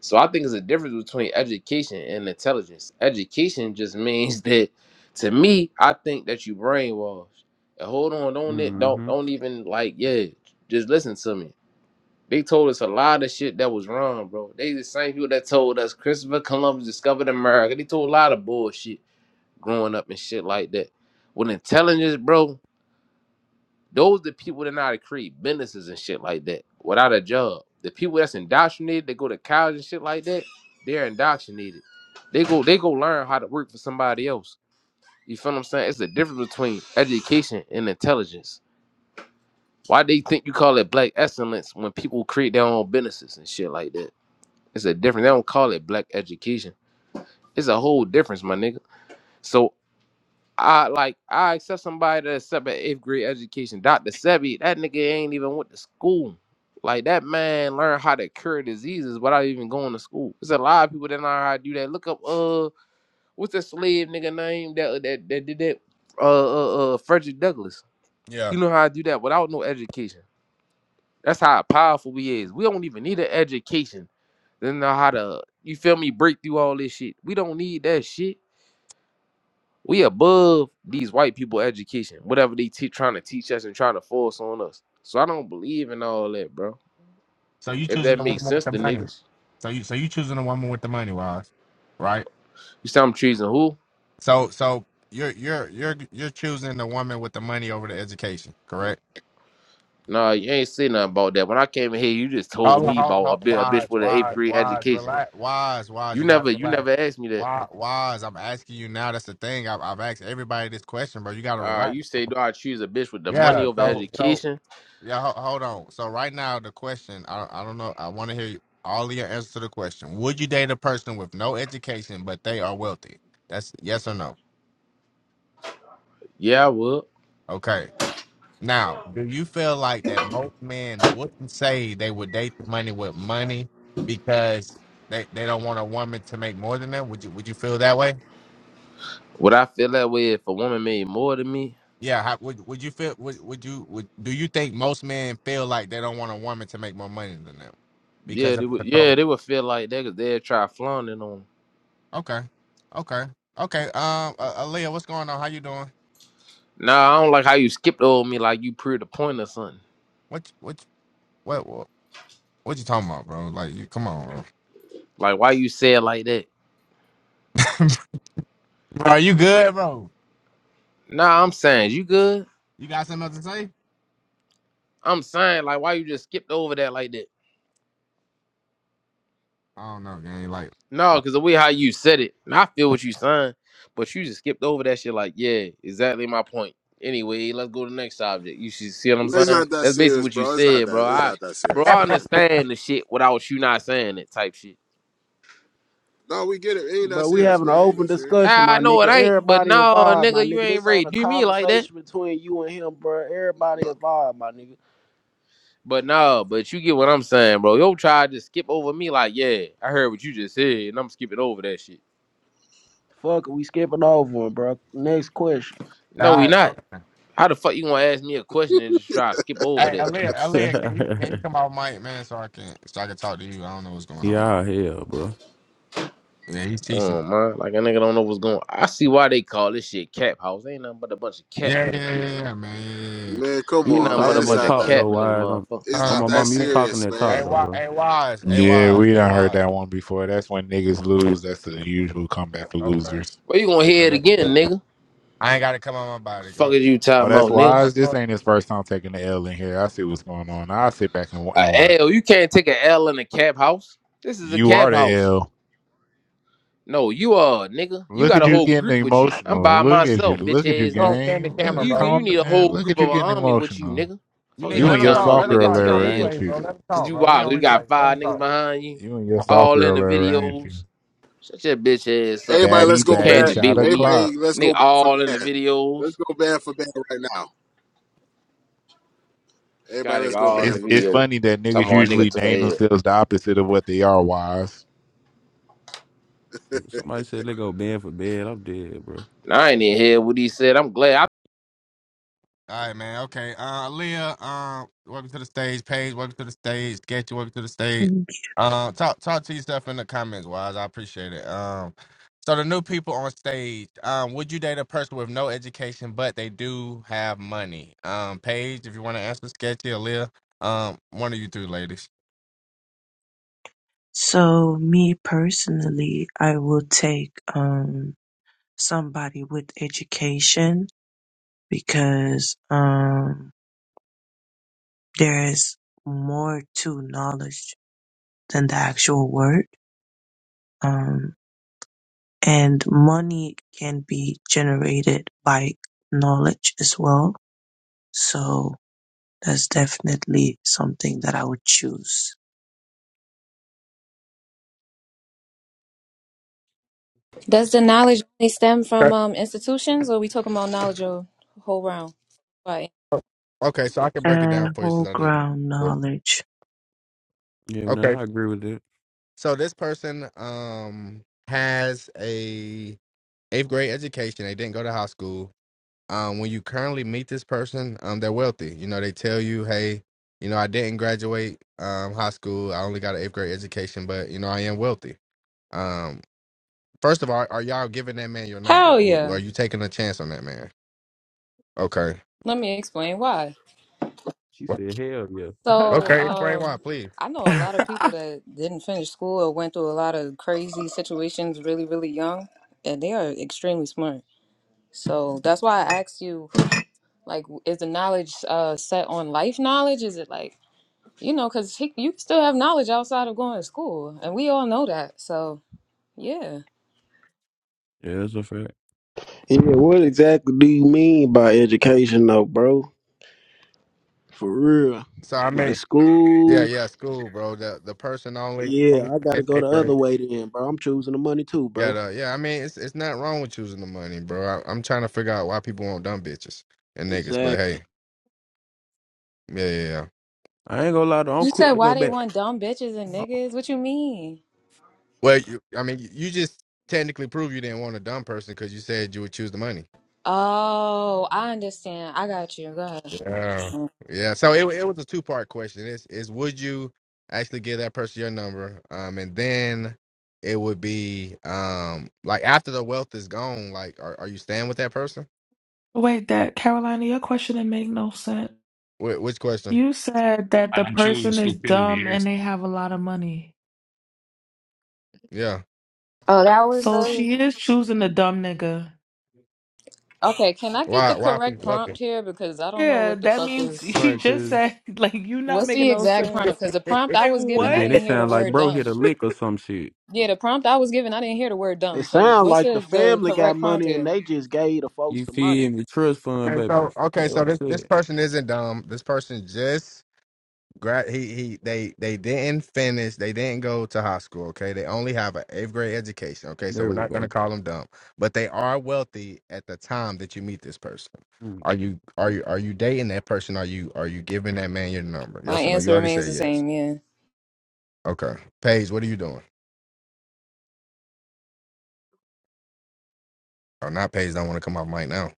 S18: So I think it's a difference between education and intelligence. Education just (laughs) means that to me, I think that you brainwashed. And hold on, don't it don't
S12: Mm-hmm.
S18: don't even like, yeah, just listen to me. They told us a lot of shit that was wrong, bro. They the same people that told us Christopher Columbus discovered America. They told a lot of bullshit growing up and shit like that. With intelligence, bro. Those the people that know how to create businesses and shit like that without a job. The people that's indoctrinated, they go to college and shit like that, they're indoctrinated. They go they go learn how to work for somebody else. You feel what I'm saying? It's the difference between education and intelligence. Why they think you call it black excellence when people create their own businesses and shit like that? It's a difference. They don't call it black education. It's a whole difference, my nigga. So I like I accept somebody that accept an eighth grade education. Dr. Sebi, that nigga ain't even went to school. Like that man learned how to cure diseases without even going to school. There's a lot of people that know how to do that. Look up uh what's that slave nigga name that that that did that? Uh uh uh Frederick Douglass.
S1: Yeah.
S18: He know how to do that without no education. That's how powerful we is. We don't even need an education. They know how to you feel me break through all this shit. We don't need that shit. We above these white people education, whatever they te- trying to teach us and trying to force on us. So I don't believe in all that, bro.
S1: So you
S18: If
S1: choosing
S18: that
S1: the woman
S18: makes
S1: with
S18: sense
S1: the
S18: to
S1: money.
S18: niggas.
S1: So you so you choosing the woman with the money, Wise, right?
S18: You say I'm treason who?
S1: So so you're you're you're you're choosing the woman with the money over the education, correct?
S18: Nah, you ain't say nothing about that. When I came in here, you just told
S1: Hold on,
S18: me
S1: hold on,
S18: about a,
S1: hold on.
S18: bi- a
S1: Wise,
S18: bitch with an eighth
S1: wise,
S18: grade
S1: wise,
S18: education.
S1: relax, wise, wise.
S18: You
S1: You gotta
S18: never, you
S1: relax.
S18: never asked me that.
S1: Wise, wise. I'm asking you now. That's the thing. I've, I've asked everybody this question, bro. You gotta
S18: Uh,
S1: relax.
S18: you say, do I choose a bitch with the money
S1: Yeah.
S18: over
S1: So so
S18: education?
S1: Yeah, ho- hold on. So right now, the question I I don't know. I want to hear you, all of your answers to the question. Would you date a person with no education but they are wealthy? That's yes or no.
S18: Yeah, I would.
S1: Okay. Now, do you feel like that most men wouldn't say they would date the money with money because they, they don't want a woman to make more than them? Would you Would you feel that way?
S18: Would I feel that way if a woman made more than me?
S1: Yeah. How, would Would you feel? Would Would you Would Do you think most men feel like they don't want a woman to make more money than them
S18: Yeah,
S1: because of
S18: they would.
S1: control?
S18: Yeah, they would feel like that because they'd try flaunting on 'em.
S1: Okay. Okay. Okay. Um, uh, Aaliyah, what's going on? How you doing?
S18: Nah, I don't like how you skipped over me like you proved a point or something.
S1: What? What? What? What, what you talking about, bro? Like, you, come on,
S18: Like why you say it like that?
S1: bro. (laughs) bro, you good, bro?
S18: Nah, I'm saying you good.
S1: You got something else to say?
S18: I'm saying like why you just skipped over that like that?
S1: I don't know, gang. Like,
S18: No,
S1: like-
S18: because the way how you said it, and I feel what you saying, but you just skipped over that shit. Like yeah, exactly my point. Anyway, let's go to the next subject. You should see what I'm
S6: It's
S18: saying.
S6: not that
S18: That's basically
S6: serious,
S18: what you
S6: bro. It's not
S18: said, bro.
S6: that. It's
S18: I
S6: not that
S18: bro,
S6: serious,
S18: I
S6: man.
S18: understand the shit without you not saying it type shit.
S6: No, we get it. It ain't that
S17: But we
S6: serious,
S17: having an
S6: man. It ain't
S17: open
S6: that serious.
S17: discussion,
S18: Ah, I
S17: my
S18: know
S17: nigga.
S18: it ain't, but
S17: Everybody
S18: no,
S17: involved, my
S18: nigga, you
S17: nigga.
S18: ain't
S17: This
S18: ready.
S17: ain't
S18: to
S17: a
S18: Do me like that.
S17: conversation between you and him, bro. Everybody
S6: No,
S17: involved, my nigga.
S18: But no, but you get what I'm saying, bro. Yo try to skip over me like, yeah, I heard what you just said, and I'm skipping over that shit.
S17: Fuck, it, we skipping over him, bro. Next question.
S1: all
S18: No, we
S1: right,
S18: not.
S1: okay.
S18: How the fuck you gonna ask me a question and just try to skip over
S1: Hey,
S18: that?
S1: Aaliyah, Aaliyah, can you can
S12: (laughs)
S1: you come off mic, man, so I can so I can talk to you? I don't know what's going on.
S12: yeah, hell, bro.
S1: Yeah, he's teaching.
S18: Oh man, like a nigga don't know what's going. on. I see why they call this shit cap house. Ain't nothing but a bunch of cap
S1: Yeah,
S18: in
S1: yeah,
S18: this
S1: yeah,
S18: bitch.
S1: yeah yeah, man. Yeah, yeah.
S6: man, come
S12: You
S18: Ain't
S12: was
S6: on,
S18: nothing but a
S6: man.
S12: talking
S6: It's
S18: bunch
S12: that
S6: not
S18: of
S12: talk
S6: that.
S18: cap
S12: though,
S18: in this
S12: wise. I'm,
S18: motherfucker.
S1: yeah.
S6: It's
S12: I'm
S1: Uh,
S6: not
S12: my
S6: that
S1: hey,
S12: mom. You was
S1: hey,
S12: talking
S6: serious,
S12: that
S1: hey,
S12: talk
S6: man.
S12: though,
S1: wise,
S12: bro.
S1: hey, wise, hey,
S4: Yeah,
S1: wise,
S4: we
S1: hey,
S4: done heard
S1: wise.
S4: that one before. That's when niggas lose. That's the usual comeback for
S1: Okay,
S4: losers.
S18: Well, you gonna
S1: okay.
S18: hear it again,
S1: That's,
S18: nigga?
S1: I ain't got to come on my body.
S18: Fuck
S1: Go.
S18: is you
S4: Oh,
S18: talking
S4: that's
S18: about, nigga?
S4: wise.
S1: Yeah.
S4: This ain't his first time taking the L in here. I see what's going on. I'll sit back and, wa- and
S18: A L.
S4: watch.
S18: You can't take an L in a cap house. This is a
S4: You
S18: cap
S4: are the
S18: house.
S4: L.
S18: No, you are nigga. You
S4: Look
S18: got
S4: at
S18: a
S4: you
S18: whole
S4: getting
S18: group with you. I'm
S4: emotional.
S18: by
S4: Look at you.
S18: myself, bitch
S4: Look at you,
S18: ass
S1: You don't
S18: nigga.
S1: stand the
S4: gang.
S1: camera,
S4: Look,
S18: You
S1: bro.
S18: you
S4: calm,
S18: need a
S4: eh,
S18: whole
S4: look
S18: group
S4: at you
S18: of an
S4: getting
S18: army with you,
S4: emotional.
S18: nigga.
S1: You
S18: Fuck
S1: need
S18: is
S4: You
S18: you
S4: and
S1: let him
S4: your
S18: talking
S1: talk.
S18: about,
S4: soft
S1: Let him
S18: nigga?
S4: girl
S1: talk.
S18: Took
S1: He on
S4: era,
S18: a L
S4: ain't
S1: replays,
S4: you?
S1: bro. Let him
S18: cause
S1: talk,
S18: you
S1: bro. He
S18: wild.
S1: on
S18: You
S1: replays.
S18: got
S1: Let him
S18: five niggas
S1: talk.
S18: behind you,
S4: You and your soft
S18: all in
S4: girl
S18: the
S4: era, ain't you?
S18: videos. Shut your bitch ass up,
S6: Everybody,
S18: nigga.
S4: Batty,
S6: let's go
S18: You
S4: batty,
S18: can't
S6: bad.
S4: shot
S18: debate with me,
S4: o'clock.
S6: Everybody, let's
S18: nigga.
S6: go band for
S18: All in the
S6: band. Let's
S18: videos.
S6: go band for band right now.
S18: Got
S6: Everybody, let's
S18: nigga
S6: go
S18: all in the
S6: band
S4: It's
S6: for
S4: it's
S6: band.
S18: video.
S4: funny that
S18: Talking
S4: niggas
S18: about a nigga
S4: usually
S18: took
S4: name
S18: a L.
S4: themselves the opposite of what they are. Wise.
S12: Somebody said they go bed for bed. I'm dead, bro.
S18: And I ain't even hear what he said. I'm glad.
S1: All right, man. Okay. Uh, Leah, um, welcome to the stage. Paige, welcome to the stage. Sketchy, welcome to the stage. Um, talk talk to yourself in the comments, wise. I appreciate it. Um, so the new people on stage, um, would you date a person with no education but they do have money? Um, Paige, if you want to answer Sketchy or Leah, um, one of you two ladies.
S19: So me personally, I will take um somebody with education because um there is more to knowledge than the actual word. Um and money can be generated by knowledge as well. So that's definitely something that I would choose.
S20: Does the knowledge only stem from
S1: Okay,
S20: um institutions, or we talking about knowledge of whole round? Why?
S1: Okay, so I can break it down
S19: Uh
S1: for you
S19: whole
S1: since I did. it
S19: ground
S1: before.
S19: knowledge.
S12: Yeah, well, then
S1: Okay.
S12: I agree with that.
S1: So this person um has a eighth grade education. They didn't go to high school. Um, when you currently meet this person, um, they're wealthy. You know, they tell you, hey, you know, I didn't graduate um high school. I only got an eighth grade education, but you know, I am wealthy. Um, first of all, are y'all giving that man your number?
S20: Hell
S1: Or
S20: yeah!
S1: are you taking a chance on that man? Okay.
S20: Let me explain why.
S12: She
S1: Wha-
S12: said, hell yeah.
S20: So,
S1: Okay,
S12: (laughs) yeah,
S1: explain why,
S20: um,
S1: please.
S20: I know a lot of people that didn't finish school or went through a lot of crazy situations really, really young, and they are extremely smart. So that's why I asked you, like, is the knowledge uh set on life knowledge? Is it like you know, because you can still have knowledge outside of going to school, and we all know that. So yeah.
S12: that's a fact.
S17: Yeah, what exactly do you mean by education, though, bro? For real,
S1: So I
S17: like
S1: mean,
S17: school.
S1: yeah, yeah, school, bro. The the person only
S17: Yeah,
S1: only
S17: I gotta
S1: finished
S17: go the
S1: eighth grade.
S17: other way then, bro. I'm choosing the money too,
S1: Yeah,
S17: bro.
S1: though. yeah. I mean, it's it's not wrong with choosing the money, bro. I, I'm trying to figure out why people want dumb bitches and niggas. But
S17: Exactly.
S1: hey, yeah, yeah. yeah.
S12: I ain't gonna lie though. I'm
S20: You
S12: quick
S20: said
S12: to go
S20: why they
S12: back.
S20: want dumb bitches and
S12: Oh,
S20: niggas? What you mean?
S1: Well, you, I mean, you you just technically prove you didn't want a dumb person because you said you would choose the money.
S20: Oh, I understand. I got you. Go ahead.
S1: Yeah, yeah. So it it was a two part question. Is is would you actually give that person your number? Um, and then it would be um like after the wealth is gone, like are are you staying with that person?
S9: Wait, that Carolina, your question didn't make no sense.
S1: Wh- which question?
S9: You said that the
S13: And I'm choosing
S9: person is
S13: stupidity
S9: dumb
S13: here.
S9: and they have a lot of money.
S1: Yeah.
S20: Oh, that was
S9: So
S20: the
S9: she is choosing the dumb nigga.
S20: okay. Can I get
S1: Why
S20: the
S1: why
S20: correct
S1: people wealthy?
S20: prompt here because I don't know
S9: Yeah,
S20: what the
S9: that
S20: fuck
S9: means
S20: is.
S9: she
S12: right,
S9: just
S12: cause,
S9: said, (laughs) like, you not
S20: What's
S9: making
S20: the
S9: no
S20: exact prompt?
S9: sense.
S20: Because the prompt I
S9: Like,
S20: was
S12: cause
S20: given, I
S9: what?
S12: then it
S20: didn't hear the
S12: sound like
S20: word
S12: bro
S20: dumb.
S12: hit a lick or some shit.
S20: Yeah, the prompt I was given, I didn't hear the word
S17: It
S20: dumb. So
S17: sound
S20: what's
S17: like the
S20: the the
S17: family got
S20: correct prompt
S17: money and
S20: here?
S17: they just gave the folks
S12: You
S17: the money.
S12: feel me? Trust fund,
S1: Okay,
S12: baby.
S1: so okay,
S12: That's
S1: so
S12: what I
S1: this this
S12: said.
S1: person isn't dumb. This person just grad. He he. They they didn't finish. They didn't go to high school. Okay, they only have an eighth grade education. Okay, so
S12: There
S1: we're
S12: we
S1: not
S12: go.
S1: gonna call them dumb, but they are wealthy at the time that you meet this person.
S12: Mm.
S1: Are you are you are you dating that person? Are you are you giving that man your number?
S20: My
S1: Yes or no? You
S20: answer
S1: already
S20: remains
S1: said
S20: the
S1: yes.
S20: same. Yeah,
S1: Okay, Paige, what are you doing? Oh, not Paige. Don't want to come off mic now.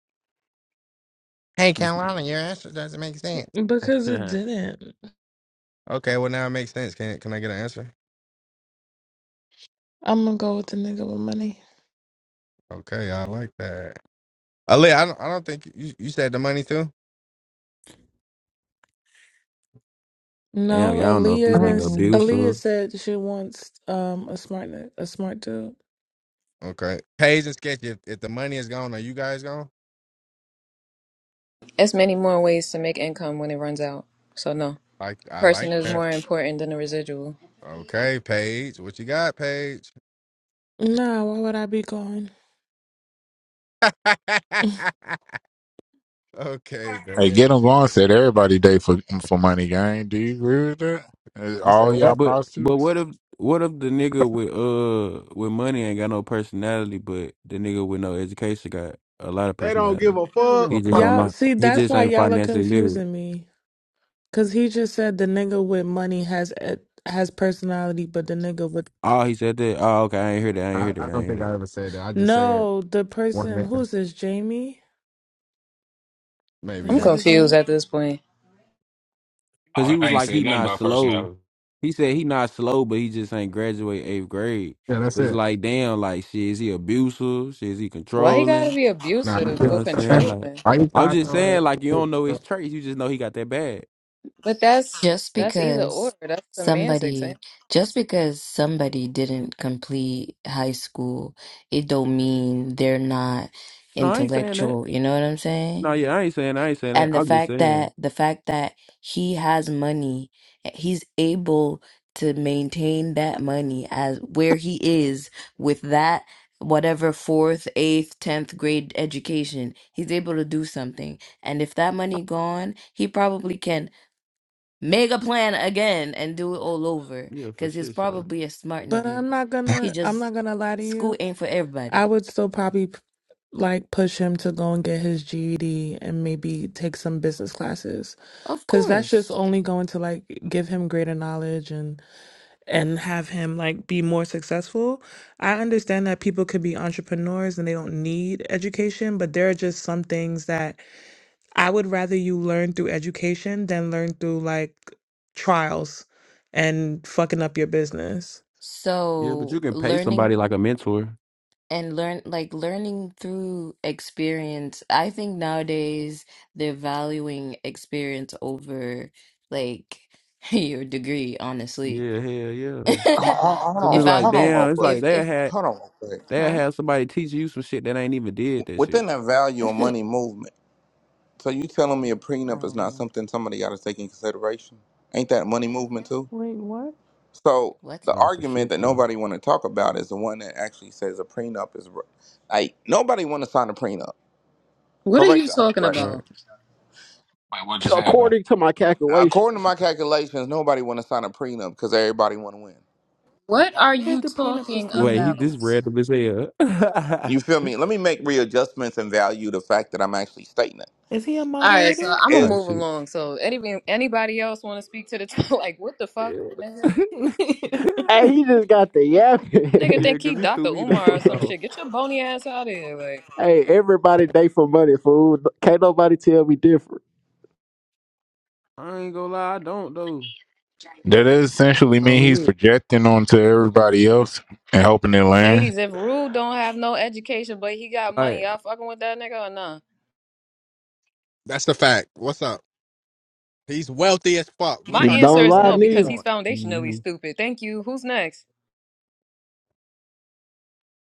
S1: Hey, Carolina, your answer doesn't make sense.
S9: Because it
S12: (laughs)
S9: didn't.
S1: Okay, well now it makes sense. Can can I get an answer?
S9: I'm gonna go with the nigga with money.
S1: Okay, I like that. Ali, I don't, I don't think you, you said the money too.
S12: Damn,
S9: No,
S12: y'all don't know if this
S9: Aaliyah didn't.
S12: nigga
S9: s-
S19: um.
S12: abusive.
S9: Aaliyah said she wants um a smart a smart dude.
S1: Okay, Paige and Sketch. If, if the money is gone, are you guys gone?
S20: it's many more ways to make income when it runs out. So no,
S1: Like I like
S20: person is
S1: that.
S20: more important than the residual.
S1: Okay, Paige, what you got, Paige?
S9: No, why would I be going?
S1: (laughs) okay,
S4: Hey,
S1: man.
S4: get them gone. Said everybody day for for money, gang. Do you agree with that? Is
S1: You said
S4: All y'all
S1: what?
S12: But but
S4: prostitutes.
S12: what if what if the nigga with uh with money ain't got no personality, but the nigga with no education got a lot of
S17: They don't give
S12: personality.
S17: a
S1: I don't give
S17: fuck.
S1: a
S12: He just
S1: fuck.
S12: don't
S9: Y'all
S12: know.
S9: see,
S12: He
S9: that's
S12: just
S9: why
S12: ain't
S9: y'all are
S12: financially literate.
S9: confusing me. Cause he just said the nigga with money has a- has personality, but the nigga with
S12: Oh, he said that. Oh, okay. I ain't hear that. I ain't
S1: I,
S12: hear
S1: I
S12: that. I ain't
S1: don't
S12: hear
S1: think I
S12: that.
S1: ever said that. I just said
S9: no, the
S1: one
S9: person
S1: nigga.
S9: who's this Jamie? Is
S1: Maybe
S20: I'm
S1: yeah.
S9: that his
S20: confused
S9: name?
S20: at this point.
S12: Cause
S13: Oh,
S12: he was
S13: I ain't
S12: like
S13: said
S12: he
S13: nothing
S12: not
S13: about
S12: slow.
S13: personality.
S12: He said he not slow, but he just ain't graduate eighth grade.
S1: Yeah, that's
S12: But it's
S1: it.
S12: like damn, like shit. Is he abusive? Shit, is he
S20: Why he gotta
S12: controlling?
S20: be
S1: Nah.
S12: You
S20: abusive
S12: know what
S20: or
S12: I'm saying? Like
S20: controlling?
S1: Are you
S12: I'm
S1: talking
S12: just
S1: about?
S12: saying, like you don't
S1: it?
S12: know his traits. You just know he got that bad.
S20: But that's
S21: just
S20: that's
S12: No,
S20: either or.
S21: because
S20: That's semantics, ain't
S21: somebody
S20: it?
S21: just because somebody didn't complete high school it don't mean they're not
S12: I ain't saying that.
S21: intellectual you know what i'm saying
S12: No, yeah, I ain't saying I ain't saying that.
S21: and the
S12: I'm just
S21: fact that
S12: saying,
S21: the fact that he has money eh, he's able to maintain that money as where he is with that whatever fourth eighth tenth grade education he's able to do something and if that money gone he probably can Make a plan again and do it all over.
S12: yeah, for
S21: Cause he's
S12: sure, sure.
S21: probably a smart
S9: But
S21: nigga.
S9: I'm not
S21: He
S9: gonna. I'm
S21: just
S9: not gonna lie to
S21: school
S9: you.
S21: ain't for
S9: I
S21: everybody.
S9: would still probably like push him to go and get his GED and maybe take some business classes
S21: Of
S9: cuz that's just
S21: course.
S9: only going to like give him greater knowledge and and have him like be more successful. I understand that people could be entrepreneurs and they don't need education, but there are just some things that I would rather you learn through education than learn through like trials and fucking up your business.
S12: Yeah, but
S21: So
S12: you can pay
S21: learning
S12: somebody like a mentor.
S21: and learn like learning through experience. I think nowadays they're valuing experience over like (laughs) your degree, honestly.
S12: Yeah, hell yeah.
S21: (laughs)
S22: Hold hold
S12: Cause
S21: if
S22: on,
S12: it's like,
S21: I've
S22: hold on,
S21: been
S22: real
S12: damn, it's
S22: quick.
S12: like
S21: if
S12: they
S21: if
S12: had
S22: Hold on, real quick.
S12: they
S21: huh?
S12: had somebody teach you some shit that ain't even did that
S22: Within
S12: shit.
S22: that
S21: (laughs)
S22: value of
S21: I
S22: money movement, so you telling me a prenup is
S21: don't
S22: not
S21: know.
S22: something somebody got to take in consideration? Ain't that money movement too?
S9: Wait, what?
S22: So
S21: What?
S22: the
S12: Nah, for sure,
S22: argument that
S12: sure.
S22: nobody want to talk about is the one that actually says a prenup is r- like nobody want to sign a prenup.
S20: What are
S22: Correct
S20: you
S22: or
S20: talking
S22: incorrect?
S12: Right.
S20: about?
S13: Like what just happened?
S17: According to my
S22: According to
S17: calculations.
S22: my calculations, nobody want to sign a prenup because everybody want to win.
S20: What are
S9: Where did
S20: you
S9: the prenup just
S20: talking
S9: come in
S12: Wait, he
S9: at?
S20: about?
S12: this
S20: All
S12: random as hell. (laughs)
S22: You feel me? Let me make readjustments and value the fact that I'm actually stating it.
S9: Is he a
S20: right, so
S9: moderator?
S20: I'm gonna
S22: It's,
S12: Type
S20: move
S12: shit.
S20: along. So anybody anybody else want to speak to the (laughs) like? What the
S12: yeah,
S20: fuck, nigga?
S9: (laughs)
S12: (laughs)
S17: Hey, he just got the
S20: Nigga
S17: yapping.
S12: Yeah,
S20: think he
S12: cause he threw
S20: Dr.
S12: me the
S20: Umar or
S12: fuck
S20: some
S17: (laughs)
S12: off.
S20: shit. Get your bony ass out of here, like.
S17: hey, everybody day for money, fool. Can't nobody tell me different.
S12: I ain't gonna lie, I don't though.
S4: That does essentially
S12: I
S4: mean
S12: don't
S4: he's
S12: hear.
S4: projecting onto everybody else and hoping they land.
S20: Ladies, if Rue don't have no education but he got money,
S12: Like,
S20: y'all fucking with that nigga or nah?
S1: That's the fact. What's up? He's wealthy as fuck. We
S20: My
S1: talk
S20: answer
S17: Don't
S1: about
S20: is
S17: lie
S20: no
S1: whatever you
S17: neither.
S20: because he's
S1: want.
S12: mm-hmm.
S20: foundationally stupid. Thank you. Who's next?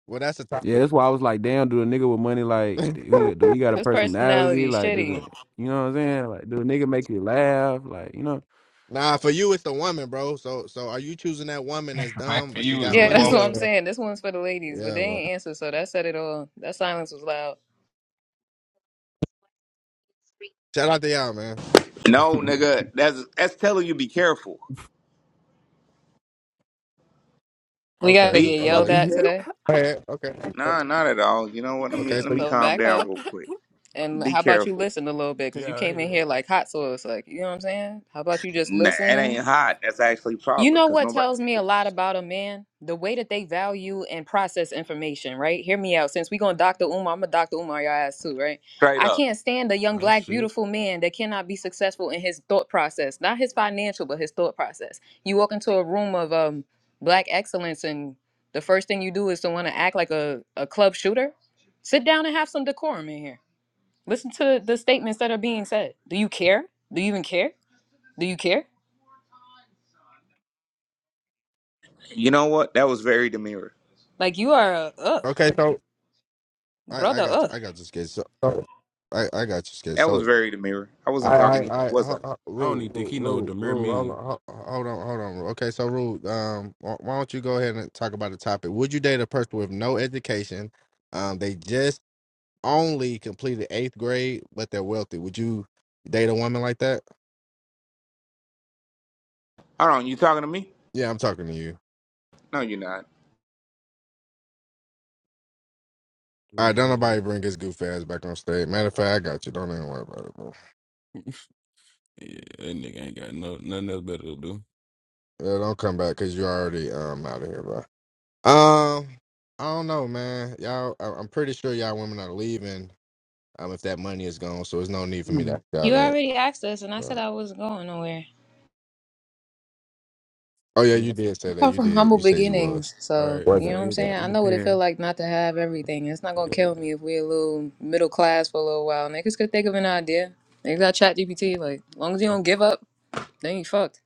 S1: Well, that's the
S12: Yeah,
S1: topic.
S12: that's why I was like, damn, do a nigga with money like do
S1: (laughs)
S12: he do he got a
S20: This
S12: personality?
S20: personality is
S12: Like, do the
S20: shitty.
S12: you know what I'm saying? Like, do a nigga make you laugh? Like, you know,
S1: Nah, for you it's the woman, bro. So so are you choosing that woman that's
S13: (laughs) Back
S1: dumb
S13: for
S1: but she
S13: you as
S1: got
S13: a
S20: Yeah, (laughs) that's
S13: woman,
S1: money
S20: what
S1: or
S20: I'm
S1: the-
S20: saying. This one's for the ladies, but
S1: yeah,
S20: they
S1: bro.
S20: ain't answer, so that said it all. That silence was loud.
S1: Shout out to y'all, man.
S22: no, nigga, that's that's telling you be careful.
S20: We
S12: (laughs)
S1: Okay,
S20: gotta
S12: oh
S22: Be
S20: get yelled
S1: okay.
S22: fucking
S20: at
S12: shit. (laughs)
S22: careful.
S20: today.
S1: Go ahead. Okay.
S22: Nah, not at all. You know what? Let me
S1: Okay,
S12: Yeah,
S22: let
S1: so
S22: me
S1: you
S20: So
S22: calm
S20: back
S22: down
S20: up.
S22: real quick.
S20: And
S22: Be
S20: how about you
S22: careful.
S20: listen a little bit? Because you
S12: yeah,
S20: came in
S12: hell.
S20: here like hot sauce. Like, you know what I'm saying? How about you just
S22: Nah, it
S20: listen?
S22: ain't hot. That's actually
S20: You
S22: proper
S20: know
S22: because
S20: what
S22: nobody
S20: tells
S22: paid
S20: me a lot
S22: attention.
S20: about a man? The way that they value and process information, right? Hear me out. Since we going Dr. Umar, I'm a Dr. Umar your ass too, right?
S22: Straight
S20: I
S22: up.
S20: can't stand a young
S12: Oh
S20: black
S12: shit.
S20: beautiful man that cannot be successful in his thought process. Not his financial, but his thought process. You walk into a room of um black excellence and the first thing you do is to want to act like a, a club shooter. Sit down and have some decorum in here. Listen to the statements that are being said. Do you care? Do you even care? Do you care?
S22: You know what? That was very demure.
S20: Like you are a ugh,
S1: okay, so I, I
S20: brother.
S1: got
S20: Ugh.
S1: you. I got you, skid. So, so I, I got you, skid.
S22: That was
S1: So
S22: very demure. I
S1: I
S22: wasn't
S1: I
S22: talking to you,
S1: I
S22: was I?
S1: ho, ho,
S12: I don't
S1: rule
S12: even think
S1: rule
S12: he know what
S1: rule
S12: Demir
S1: rule. Hold
S12: mean.
S1: on, ho- hold on, hold on. Rule. Okay, so rule. Um, why why don't you go ahead and talk about the topic? Would you date a person with no education? Um, they just only completed eighth grade, but they're wealthy, would you date a woman like that?
S22: Hold on, you talking to me?
S1: Yeah, I'm talking to you.
S22: No, you're not.
S1: All right,
S12: Ooh,
S1: don't
S12: hell.
S1: nobody bring his goof ass back on stage. Matter of fact, I got you. Don't even worry about it, bro.
S12: Yeah, that nigga ain't got no nothing else better to do.
S1: Yeah, don't come back because you already um out of here, bro. Um, I don't know, man. Y'all, I- I'm pretty sure y'all women are leaving. Um, if that money is gone, so there's no need for me to
S12: Mm.
S1: ask y'all
S20: You
S1: that.
S20: already asked us, and I said
S1: But,
S20: I wasn't going nowhere.
S1: oh yeah, you
S12: Yes.
S1: did
S20: I
S1: say that.
S20: come
S1: You
S20: from
S1: did.
S20: humble
S1: You said you was
S20: beginnings,
S12: All
S20: so
S12: right. I
S20: you
S12: feel
S1: wasn't.
S20: know
S12: like
S20: what I'm
S12: it,
S1: Yeah.
S20: saying. I
S12: it
S20: know what it feel
S12: depends.
S20: like not to have everything. It's not gonna kill me if we a little middle class for a little while. Niggas could think of an idea. Niggas got chat GPT. Like, as long as you don't give up, then you fucked.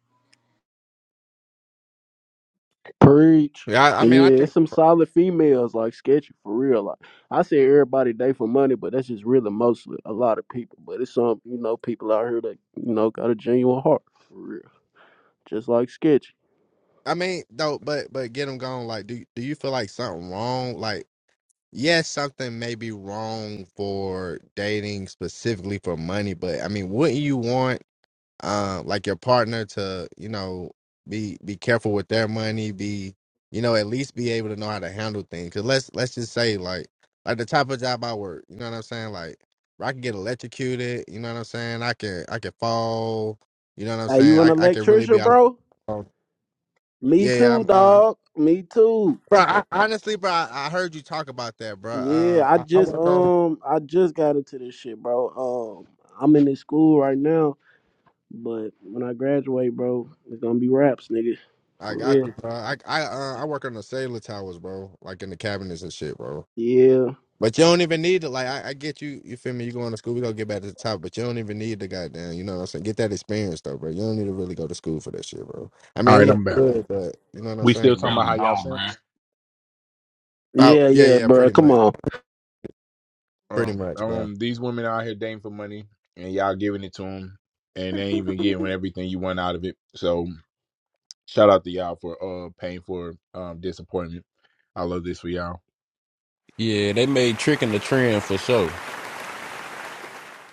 S17: Preach.
S1: Yeah. I, I mean, I
S17: Yeah, it's
S1: think.
S17: some solid females like sketchy for real. Like I say everybody day for money, but that's just really mostly a lot of people. But it's some, you know, people out here that, you know, got a genuine heart for real. Just like sketchy.
S1: I mean, though, but but get them gone. Like, do do you feel like something wrong? Like. yes, something may be wrong for dating specifically for money, but I mean, wouldn't you want uh, like your partner to, you know, be be careful with their money, be you know, at least be able to know how to handle things. Cause let's let's just say like like the type of job I work, you know what I'm saying? Like where I can get electrocuted, you know what I'm saying? I can I can fall, you know what I'm
S17: Hey,
S1: saying?
S17: you an
S1: I, I can really be
S17: electrician,
S1: out of
S17: bro?
S1: Oh,
S17: Me
S1: yeah, yeah,
S17: too,
S1: I'm, uh,
S17: dog. Me too.
S1: bro. I, honestly, bro, I, I heard you talk about that, bro. Uh,
S17: Yeah, I
S1: I, I
S17: just
S1: work on
S17: um I just got into this shit, bro. Um I'm in this school right now But when I graduate, bro, it's gonna be raps, nigga.
S1: I
S17: For
S1: got
S17: real.
S1: you, bro. I I uh, I work on the cellular towers, bro. Like in the cabinets and shit, bro.
S17: Yeah.
S1: But you don't even need to. Like I, I get you. You feel me? You going to school? We gonna get back to the top. But you don't even need to goddamn. You know what I'm saying? Get that experience though, bro. You don't need to really go to school for that shit, bro. I
S4: All
S1: mean, it
S4: right,
S17: Hell
S1: look
S4: I'm back.
S17: Yeah.
S1: good, but you know what I'm
S4: We
S1: saying,
S4: still
S13: you
S4: talking
S1: bro.
S4: about
S13: really
S4: how y'all
S13: don't,
S4: simps.
S13: bruh.
S1: Oh
S17: Yeah,
S1: yeah,
S17: yeah,
S1: yeah,
S17: bro.
S1: pretty
S17: Come
S1: much,
S17: on.
S1: pretty
S4: Um,
S1: much, bro.
S4: um, these women out here dating for money, and y'all giving it to them, and they ain't even getting everything you want out of it. So Shout out to y'all for uh paying for um disappointment. I love this for y'all.
S12: Yeah, they made tricking the trend for sure.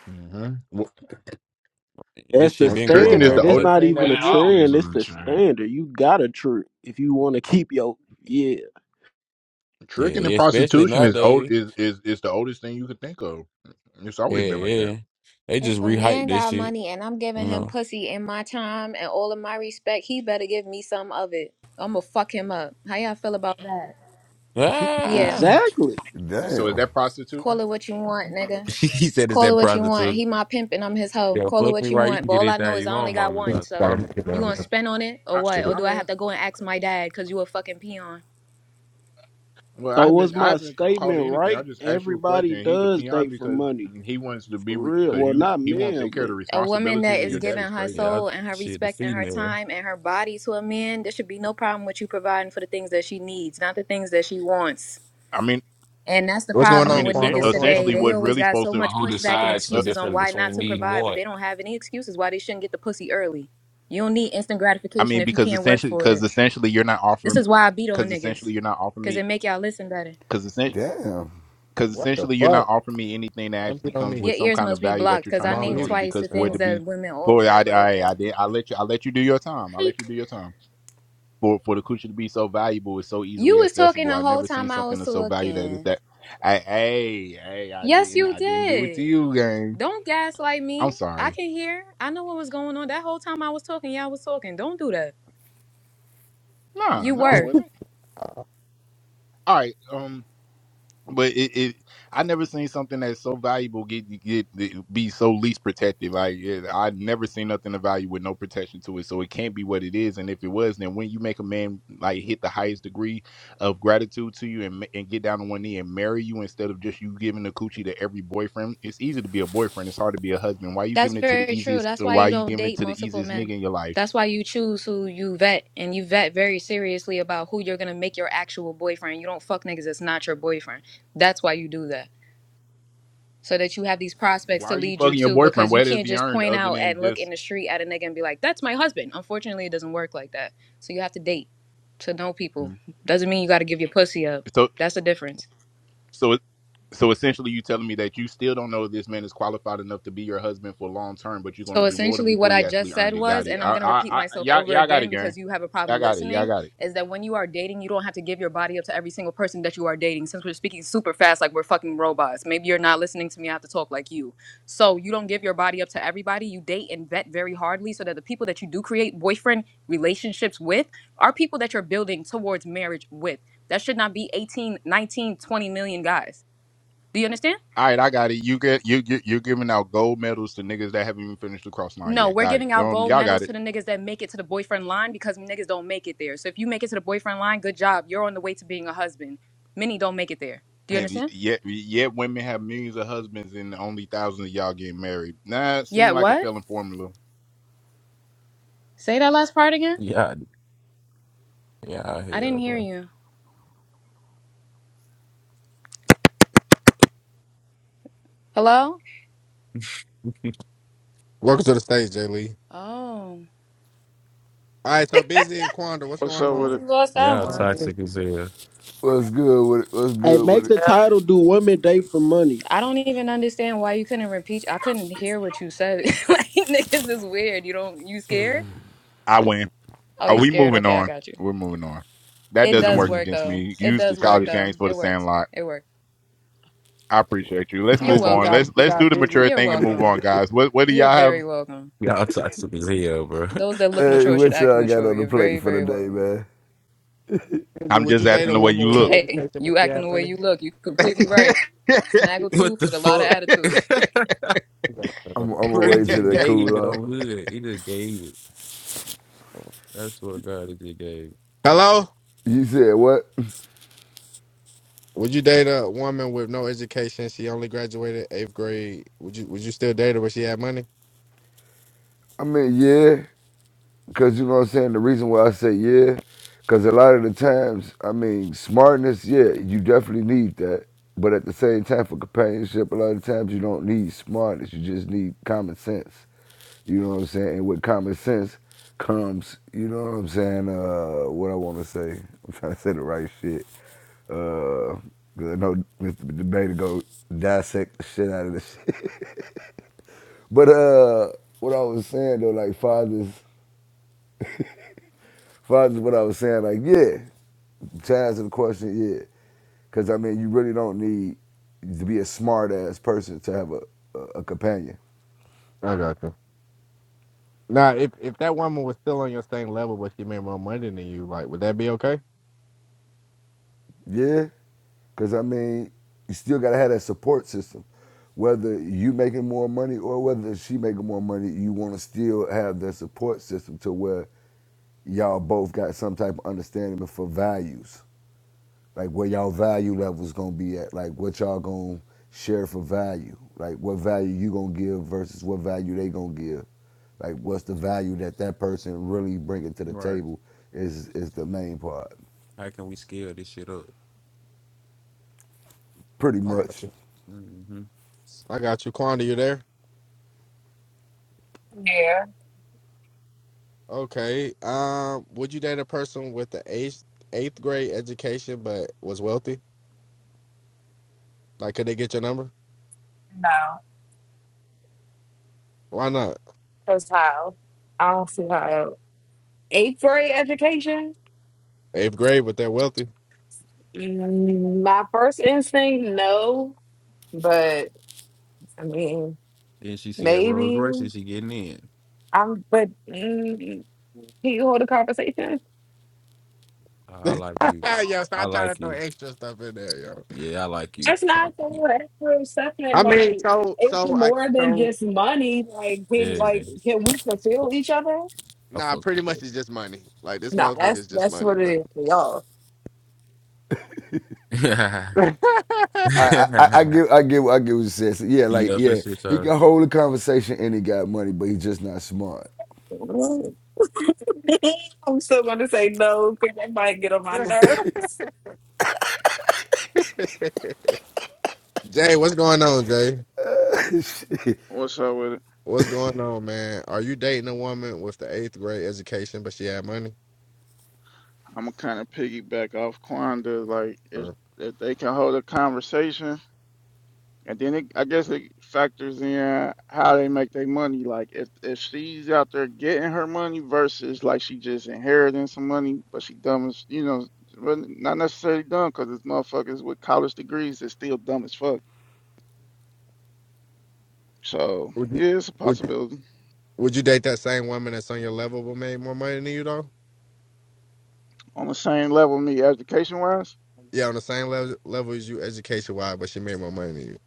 S4: hmm
S12: This
S17: That's the
S12: shit been
S4: tricking
S12: going
S4: is
S12: on,
S4: the
S17: standard.
S12: but
S17: It's
S12: they
S4: oldest
S17: not
S4: thing
S13: Man,
S4: that
S17: even a
S13: it
S4: existed.
S13: always
S17: trend.
S13: was
S17: It's
S13: a
S17: the
S13: trend.
S17: standard. You gotta trip if you wanna keep your yeah.
S4: Tricking and
S12: yeah, especially
S4: prostitution is
S12: nowadays.
S4: old is is is the oldest thing you could think of. It's
S12: Yeah,
S4: always been like that.
S12: yeah. They
S20: If
S12: just
S20: a
S12: rehyped
S20: man
S12: this
S20: got
S12: shit,
S20: money and I'm
S12: you
S20: giving him
S12: know.
S20: pussy and my time and all of my respect, he better give me some of it. I'ma fuck him up. How y'all feel about that? Yeah,
S12: Ah!
S17: Exactly.
S4: So is
S23: Damn.
S4: that prostituting?
S20: call it what you want, nigga.
S12: (laughs) he said it's
S20: Call it
S12: that
S20: what you want.
S12: prostitute.
S20: He my pimp and I'm his hoe.
S12: Yeah,
S20: Call it
S12: fuck me
S20: what you
S12: right. You
S20: want.
S12: can
S20: But
S12: get
S20: all I know
S12: anything
S20: is
S12: you
S20: I only
S12: want,
S20: got
S12: mama.
S1: (laughs)
S20: one.
S12: I
S1: Gotta
S20: So
S12: promise you.
S1: get
S20: you
S1: down
S20: gonna
S1: there.
S20: spend on it or
S4: I
S20: what? Or
S1: Shit.
S4: I
S20: do I have
S4: mean
S20: to go and ask my dad because you a fucking peon?
S4: Well, I
S17: So was
S4: haven't I
S17: my
S4: haven't called
S17: statement
S4: you anything. I
S17: right?
S4: just asked you a
S17: Everybody
S4: question. He's a
S17: does
S4: peon
S17: date for
S4: because
S17: money.
S4: he wants to
S17: For
S4: be
S17: real.
S4: because
S17: Well
S4: you
S17: not
S4: he won't
S17: men,
S4: take care of
S17: but
S4: the
S20: A woman that
S4: responsibilities of
S20: is
S4: your
S12: He's-
S4: dad.
S20: giving
S4: Is
S20: her
S4: crazy.
S12: yeah, I,
S20: soul and her
S12: shit, the
S20: respect and her
S12: female.
S20: time and her body to a man, there should be no problem with you providing for the things that she needs, not the things that she wants.
S4: I mean,
S20: And that's the
S1: What's
S4: I
S1: going
S20: problem
S4: mean,
S1: on,
S20: with
S4: essen-
S1: Quando?
S20: niggas
S1: What's going on,
S20: today.
S4: essentially,
S20: They
S1: baby?
S4: what's
S20: always
S4: really
S20: got
S4: supposed
S20: so
S4: to.
S13: But
S20: much
S13: who
S20: pushback and
S13: decides the
S4: Uh,
S20: excuses on
S13: difference
S20: why not
S13: between
S20: to
S13: need and
S20: provide, but
S13: want?
S20: they don't have any excuses why they shouldn't get the pussy early. You don't need instant
S4: I
S20: gratification
S4: mean,
S20: if you
S4: because
S20: can't work
S4: essentially,
S20: for
S4: because
S20: it.
S4: essentially, you're not
S20: This
S4: offering.
S20: is why I beat on
S4: Because essentially,
S20: niggas,
S4: you're not offering
S20: cause it
S4: me.
S20: make y'all listen better.
S4: Because essentially.
S23: Damn.
S4: Because
S1: What the
S4: essentially, you're
S1: fuck?
S4: not offering me anything that
S1: Don't be
S4: actually
S1: on
S4: comes
S1: me.
S4: with
S20: Your
S4: some
S20: ears
S4: kind of
S20: must be
S4: value that
S20: blocked,
S4: you're
S20: cause
S4: trying
S1: I'm
S20: I
S4: to
S1: on
S4: put
S20: named
S4: on
S1: mute.
S4: it.
S20: twice
S4: Because
S20: the
S1: Never
S4: for it
S20: things
S4: to
S1: mind.
S4: be,
S20: that women
S4: for
S20: offer.
S4: I,
S20: But
S4: I, I
S20: okay,
S4: did, I let you, I let you do your time. I let
S20: Like,
S4: you do your time. for for the coochie to be so valuable it's so
S20: you
S4: easily
S20: was talking
S4: accessible.
S20: the
S4: I've
S20: whole
S4: never seen
S20: time I
S4: something
S20: was
S4: that's so valuable that is
S20: talking.
S4: that. I, hey, hey, I
S20: Yes,
S4: didn't,
S20: you
S4: I didn't do it to
S20: did.
S4: you, gang.
S20: Don't gaslight
S4: I'm
S20: me. I
S4: sorry.
S20: can hear. I know what was going on that whole time I was talking. Y'all was talking. Don't do that.
S4: Nah,
S20: You
S4: no, I
S20: were.
S4: wasn't. All right, um. But it, it I never seen something that's so valuable get get be so least protected. Like yeah, I never seen nothing of value with no protection to it. So it can't be what it is. And if it was, then when you make a man like hit the highest degree of gratitude to you and ma- and get down on one knee and marry you instead of just you giving the coochie to every boyfriend, it's easy to be a boyfriend. It's hard to be a husband. Why you
S20: That's
S4: giving it to the
S20: very true.
S4: easiest?
S20: That's
S4: uh,
S20: why
S4: Why
S20: you
S4: you
S20: don't
S4: giving it
S20: date
S4: to the
S20: multiple
S4: easiest nigga
S20: men.
S4: in your life?
S20: That's why you choose who you vet and you vet very seriously about who you're going to make your actual boyfriend. You don't fuck niggas that's not your boyfriend. That's why you do that. So that you have these prospects
S4: Why
S20: to
S4: are you
S20: lead you
S4: fucking your
S20: to
S4: boyfriend?
S20: because you
S4: What is
S20: can't
S4: he
S20: just
S4: earned
S20: point
S4: other
S20: out
S4: than
S20: and look
S4: just
S20: in the street at a nigga and be like, "That's my husband." Unfortunately, it doesn't work like that. So you have to date to know people.
S4: Mhm.
S20: Doesn't mean you got to give your pussy up.
S4: So
S20: That's the difference.
S4: so so essentially, you telling me that you still don't know if this man is qualified enough to be your husband for long term, but you're going to
S20: So
S4: reward him
S20: essentially,
S4: before
S20: what I
S4: he actually
S20: just said
S4: earned it. Got
S20: was,
S4: it.
S20: and I'm
S4: I,
S20: going to repeat
S4: I, I
S20: myself
S4: y'all,
S20: over
S4: y'all got it,
S20: again
S4: gang.
S20: because you have a
S4: Y'all
S20: problem
S4: got it. Y'all
S20: listening,
S4: got it.
S20: is that when you are dating, you don't have to give your body up to every single person that you are dating. Since we're speaking super fast, like we're fucking robots, maybe you're not listening to me. I have to talk like you. So you don't give your body up to everybody. You date and vet very hardly so that the people that you do create boyfriend relationships with are people that you're building towards marriage with. That should not be 18, 19, 20 million guys. Do you understand?
S4: All right, I got it. You get you you you're giving out gold medals to niggas that haven't even finished the cross line
S20: No,
S4: yet.
S20: we're
S4: Got it.
S20: giving out
S4: Um,
S20: gold
S4: y'all got
S20: medals
S4: it.
S20: to the niggas that make it to the boyfriend line because niggas don't make it there. So if you make it to the boyfriend line, good job. You're on the way to being a husband. Many don't make it there. Do you
S4: Hey, y-
S20: understand?
S4: Yet, yet women have millions of husbands and only thousands of y'all getting married. Nah, it
S20: Yeah,
S4: seemed like a
S20: what?
S4: failing formula.
S20: Say that last part again.
S12: Yeah, yeah,
S20: I didn't
S12: hell,
S20: hear
S12: bro.
S20: you. Hello?
S12: (laughs)
S1: Welcome to the stage, Jay Lee.
S20: Oh,
S1: All right, so busy and Quandra, what's
S24: What's
S1: going
S24: up
S20: I
S24: with
S20: guess
S24: it?
S1: on?
S20: you lost that
S12: Y'all
S1: Uh,
S20: one.
S1: Busy.
S12: toxic as hell.
S23: What's good with it? What's
S17: Hey,
S23: good with
S17: make
S23: it?
S17: the
S25: Yep.
S17: title do women date for money.
S20: I don't even understand why you couldn't repeat. I couldn't hear what you said. (laughs) like niggas is weird. You don't you scared?
S4: I win.
S20: Oh,
S4: Are
S20: you
S4: we
S20: scared.
S4: moving
S20: Okay, I
S4: on?
S20: got you.
S4: We're moving on. That
S20: It
S4: doesn't
S20: does
S4: work
S20: work
S4: against
S20: though.
S4: me.
S20: It
S4: Use the
S20: does work
S4: childish
S20: though.
S4: games for the
S20: It works.
S4: sandlot.
S20: It works.
S4: I appreciate you. Let's
S1: all
S20: You're
S1: right,
S4: move
S1: so we
S4: on.
S1: got
S4: Let's
S20: welcome.
S1: we
S4: let's
S1: got
S4: do the
S1: busy and
S4: mature
S20: You're
S4: thing and
S1: Quanda.
S4: move
S20: welcome.
S4: on, guys. What what do
S20: You're
S4: y'all have?
S20: very welcome.
S12: Y'all toxic as hell, bro.
S20: Those that look
S23: Hey,
S20: mature should
S23: what
S20: act
S23: y'all got
S20: mature.
S23: on the
S20: You're
S23: plate
S20: very,
S23: for the
S20: very
S23: day,
S20: welcome. (laughs)
S23: man?
S1: Busy,
S4: I'm
S1: would you
S4: just
S1: date
S4: acting
S1: a
S4: the way
S1: woman
S4: you
S1: with no
S4: look.
S20: Hey,
S1: education but
S20: you
S1: she
S20: acting the
S1: had
S20: way
S1: money?
S20: you look. You're completely right.
S12: (laughs) what
S20: Snaggletooth
S12: the
S20: with a lot of
S12: fuck?
S4: (laughs)
S20: attitude.
S12: (laughs)
S23: I'm I'm
S12: bro, he
S23: away to
S12: just
S23: the
S12: gave it
S23: cooler.
S12: on hood. He just gave it. I swear to God, he just gave it.
S1: Hello.
S23: You said what?
S1: Would you date a woman with no education? She only graduated eighth grade. Would you Would you still date her, but she had money?
S23: I mean, yeah. Because you know what I'm saying? The reason why I say yeah, because a lot of the times, I mean, smartness, yeah, you definitely need that. But at the same time, for companionship, a lot of times you don't need smartness. You just need common sense. You know what I'm saying? And with common sense comes, you know what I'm saying? Uh, what I want to say. (laughs) I'm trying to say the right shit. Uh, 'cause I know Mr. Debate go dissect the shit out of this shit. (laughs) But uh, what I was saying though, like fathers. Father, what I was saying, like, yeah, to answer the question, yeah. Because, I mean, you really don't need to be a smart ass person to have a, a, a companion.
S1: I got you. Now, if if that woman was still on your same level, but she made more money than you, like, would that be okay?
S23: Yeah. Because, I mean, you still got to have that support system. Whether you making more money or whether she making more money, you want to still have that support system to where y'all both got some type of understanding for values. like where y'all value levels gonna be at, like what y'all gonna share for value, like what value you gonna give versus what value they gonna give, like what's the value that that person really bringing to the
S12: Right.
S23: table is is the main part,
S12: How can we scale this shit up?
S23: pretty
S1: I got
S23: much.
S1: you.
S12: Mm-hmm.
S1: I got you, Quandra, You there?
S25: Yeah,
S1: Okay. Um, would you date a person with the eighth eighth grade education but was wealthy? Like, could they get your number?
S25: no.
S1: Why not?
S25: Because how? I don't see how. Eighth grade education?
S1: Eighth grade, but they're wealthy.
S25: Mm, My first instinct, no. But I mean,
S12: Then she see that Rolls
S25: maybe.
S12: Royce and she getting in.
S25: I'm, but mm, can you hold a conversation?
S12: Oh, I like you.
S1: (laughs) yo,
S12: I
S1: stop trying to
S12: like
S1: throw
S12: you.
S1: extra stuff in there, yo.
S12: Yeah, I like you.
S25: That's not
S12: Like you.
S25: the actual
S1: I
S25: assessment.
S1: mean,
S25: Like,
S1: so,
S25: it's
S1: so, I,
S25: more than
S1: so,
S25: just money. Like, can,
S12: Yeah,
S25: like, can we fulfill each other?
S12: I
S1: nah,
S12: fuck
S1: pretty
S12: with
S1: much it's just money. Like, this
S25: No,
S1: motherfucker
S25: that's
S1: is just
S25: that's
S1: money,
S25: what it
S1: bro.
S25: is for
S12: that.
S1: (laughs)
S23: I I, I
S12: (laughs)
S23: give I give I give what you said. So, yeah, like
S12: yeah, for
S23: yeah,
S12: sure.
S23: he
S12: sir.
S23: can hold a conversation and he got money, but he's just not smart.
S25: y'all. (laughs) I'm still gonna say no because that might get on my nerves.
S1: Jay, what's going on, Jay?
S24: What's up with it?
S1: What's going on, man? Are you dating a woman with the eighth grade education, but she had money?
S24: I'm gonna kind of piggyback off Quanda. Like, if
S1: Or
S24: if they can hold a conversation, and then it, I guess it factors in how they make their money. Like, if if she's out there getting her money versus like she just inheriting some money, but she dumb as you know, really not necessarily dumb because it's motherfuckers with college degrees that's still dumb as fuck. So
S1: would you,
S24: yeah, it's a
S1: would you,
S24: possibility.
S1: would you date that same woman that's on your level but made more money than you, though?
S24: On the same level, with me education wise.
S1: Yeah, on the same level level as you, education wise, but she made more money than you.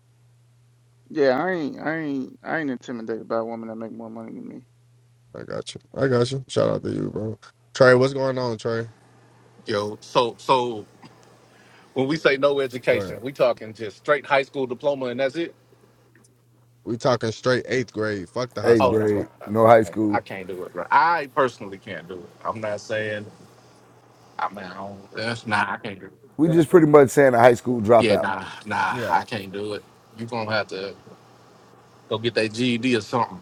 S24: Yeah, I ain't, I ain't, I ain't intimidated by women that make more money than me.
S1: I got you. I got you. Shout out to you, bro. Trey, what's going on, Trey?
S26: Yo, so so when we say no
S1: Right.
S26: education, we talking just straight high school diploma and that's it?
S1: We talking straight eighth grade. Fuck the high
S23: Eighth
S26: Oh
S1: school.
S26: no, no,
S1: Fuck.
S23: grade,
S26: no,
S23: no high
S26: no,
S23: school.
S26: I can't do it. Bro. I personally can't do it. I'm not saying I mean I don't, that's nah, I can't do
S23: We just pretty
S26: it.
S23: much saying a high school
S26: Yeah,
S23: dropout,
S26: nah, nah,
S1: Yeah.
S26: I can't do it. You gonna have to go get that GED or something.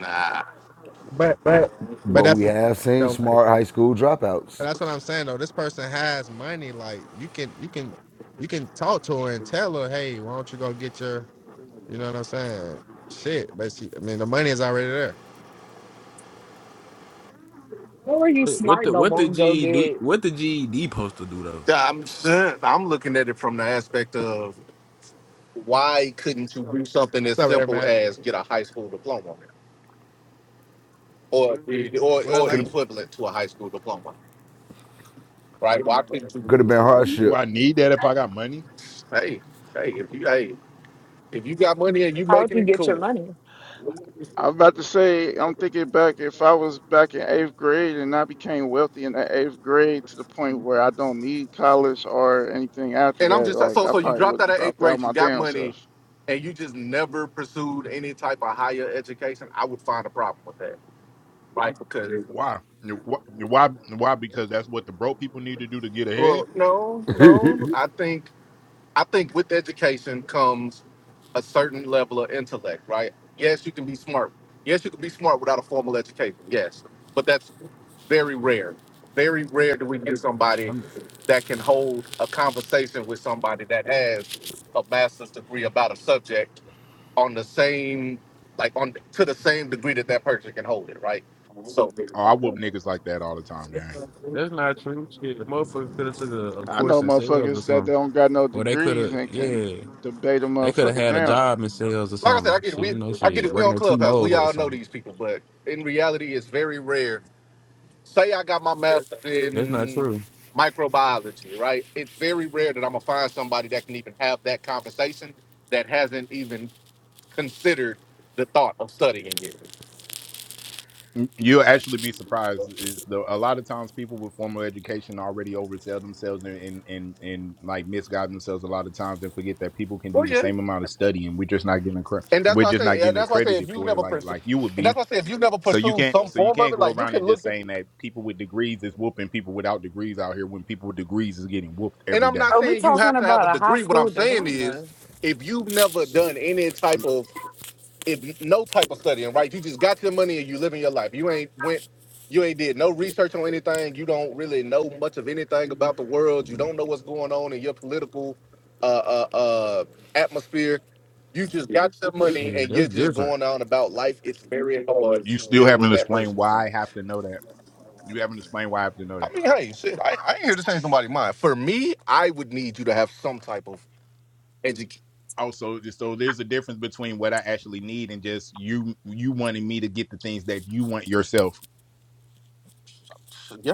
S26: Nah,
S1: But but but
S23: but
S1: that's
S23: we have seen
S1: so like
S23: smart high school
S1: but
S23: dropouts.
S1: that's what I'm saying though. This person has money. Like you can you can you can talk to her and tell her, hey, why don't you go get your you know what I'm saying? Shit. But she I mean the money is already there.
S25: Where were you
S12: What, what
S25: smart
S12: the
S25: no
S12: what the
S25: long ago,
S12: G do?
S25: did?
S12: What the GED supposed to do though?
S26: Yeah, I'm saying- I'm looking at it from the aspect of why couldn't you do something as
S1: What's up, Air
S26: simple
S1: Mac?
S26: as get a high school diploma or or
S1: Well
S26: or
S1: like
S23: Could
S26: equivalent to a high school diploma? right? Why couldn't
S23: Could have been
S26: you?
S4: do
S23: hardship.
S4: I need that if I got money?
S26: Hey, hey, if you hey, if you got money and you
S25: How'd
S26: making
S25: you
S26: it
S25: get your
S26: cool.
S25: money?
S24: I was about to say, I'm thinking back if I was back in eighth grade and I became wealthy in the eighth grade to the point where I don't need college or anything after
S26: And I'm
S24: that,
S26: just
S24: like
S26: so
S24: I
S26: so you
S24: probably would
S26: dropped
S24: have
S26: out of eighth
S24: dropped out
S26: grade,
S24: my
S26: you got
S24: damn
S26: money,
S24: self.
S26: and you just never pursued any type of higher education. I would find a problem with that, right? Because
S4: Why? Wh- Why? Why? Because that's what the broke people need to do to get ahead.
S26: well, no, no, I think I think with education comes a certain level of intellect, right? Yes, you can be smart. Yes, you can be smart without a formal education. Yes, but that's Very rare. Very rare do we get somebody
S12: I'm,
S26: that can hold a conversation with somebody that has a master's degree about a subject on the same, like on to the same degree that that person can hold it, right? So, like
S4: Oh, I whoop niggas like that all the time, gang.
S12: that's not true. Shit, motherfuckers could have took a, a
S24: I
S12: course
S24: know
S12: in sales or
S24: motherfuckers that
S12: something,
S24: don't got no
S12: or they could
S24: degrees
S12: have.
S24: and can
S12: Yeah,
S24: debate a
S12: they could have
S24: motherfucker
S12: had a
S24: down.
S12: job in sales or
S26: I said, I
S12: something.
S26: get it.
S12: Shit,
S26: We
S12: you know,
S26: I get
S12: shit,
S26: it. We
S12: working
S26: on
S12: at
S26: Clubhouse. We
S12: T-Mobile or
S26: all know
S12: something.
S26: these people, but in reality, it's very rare. Say I got my master
S12: That's not
S26: in
S12: true.
S26: microbiology, right? It's very rare that I'm gonna find somebody that can even have that conversation that hasn't even considered the thought of studying it.
S4: Mm, You'll actually be surprised. Is the a lot of times people with formal education already oversell themselves and and and, and like misguide themselves a lot of times and forget that people can
S26: Well,
S4: do the
S26: yeah,
S4: same amount of study and we're just not getting accre-
S26: and that's
S4: we're
S26: why I
S4: just not
S26: say, yeah,
S4: getting
S26: that's why I say,
S4: accredited
S26: if you've
S4: for it
S26: never
S4: like
S26: pursued,
S4: like you would
S26: and that's
S4: be.
S26: why I say, if you've never
S4: So you
S26: pursued
S4: can't
S26: some
S4: so you
S26: form of
S4: can't
S26: it,
S4: go
S26: like you
S4: around
S26: can
S4: and just
S26: look at,
S4: saying that people with degrees is whooping people without degrees out here when people with degrees is getting whooped
S26: and
S4: every
S26: I'm
S4: day.
S26: not
S25: Are we
S26: saying you
S25: talking
S26: have to have a
S25: about a high
S26: degree. What I'm
S25: school
S26: saying is,
S25: diploma?
S26: if you've never done any type
S4: Mm,
S26: of if no type of studying, right? You just got your money and you living your life. You ain't went, you ain't did no research on anything. You don't really know much of anything about the world. You
S4: mm,
S26: don't know what's going on in your political uh, uh, uh, atmosphere. You just got your money
S12: Shit,
S26: and you're
S12: that's
S26: just
S12: different.
S26: going on about life. It's very hard
S4: You
S26: to
S4: still
S26: deal with
S4: haven't
S26: that
S4: explained
S26: person.
S4: why I have to know that. You haven't explained why I have to know
S26: I
S4: that.
S26: mean, hey, shit, I, I ain't here to change nobody's mind. For me, I would need you to have some type of education.
S4: also so there's a difference between what I actually need and just you you wanting me to get the things that you want yourself.
S26: Yeah,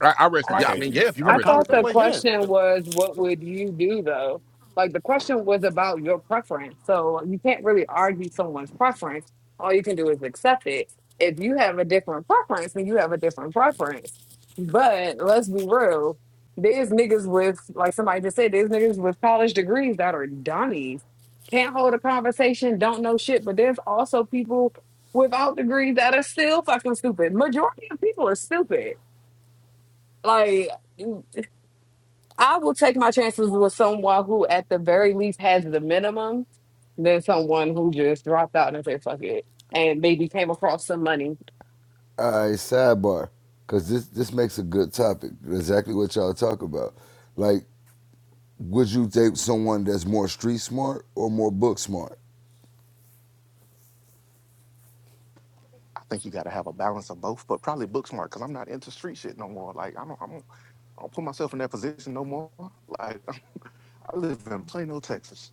S4: I, I rest my
S26: yeah. I
S4: case.
S26: mean,
S25: Um,
S26: yeah. If you
S4: I
S25: I
S26: want to
S4: rest
S26: call
S4: my
S26: it
S25: thought
S26: that
S25: the
S4: case.
S26: way, yeah.
S25: question was, what would you do though? Like the question was about your preference. So you can't really argue someone's preference. All you can do is accept it. If you have a different preference, then you have a different preference. But let's be real. There's niggas with, like somebody just said, there's niggas with college degrees that are dummies. Can't hold a conversation, don't know shit. But there's also people without degrees that are still fucking stupid. Majority of people are stupid. Like, I will take my chances with someone who, at the very least, has the minimum than someone who just dropped out and said, fuck it, and maybe came across some money.
S23: All right, sidebar, because this this makes a good topic. Exactly what y'all talk about. Like, would you date someone that's more street smart or more book smart?
S26: I think you got to have a balance of both, but probably book smart because I'm not into street shit no more. Like I don't, I don't, I don't put myself in that position no more. Like (laughs) I live in Plano, Texas.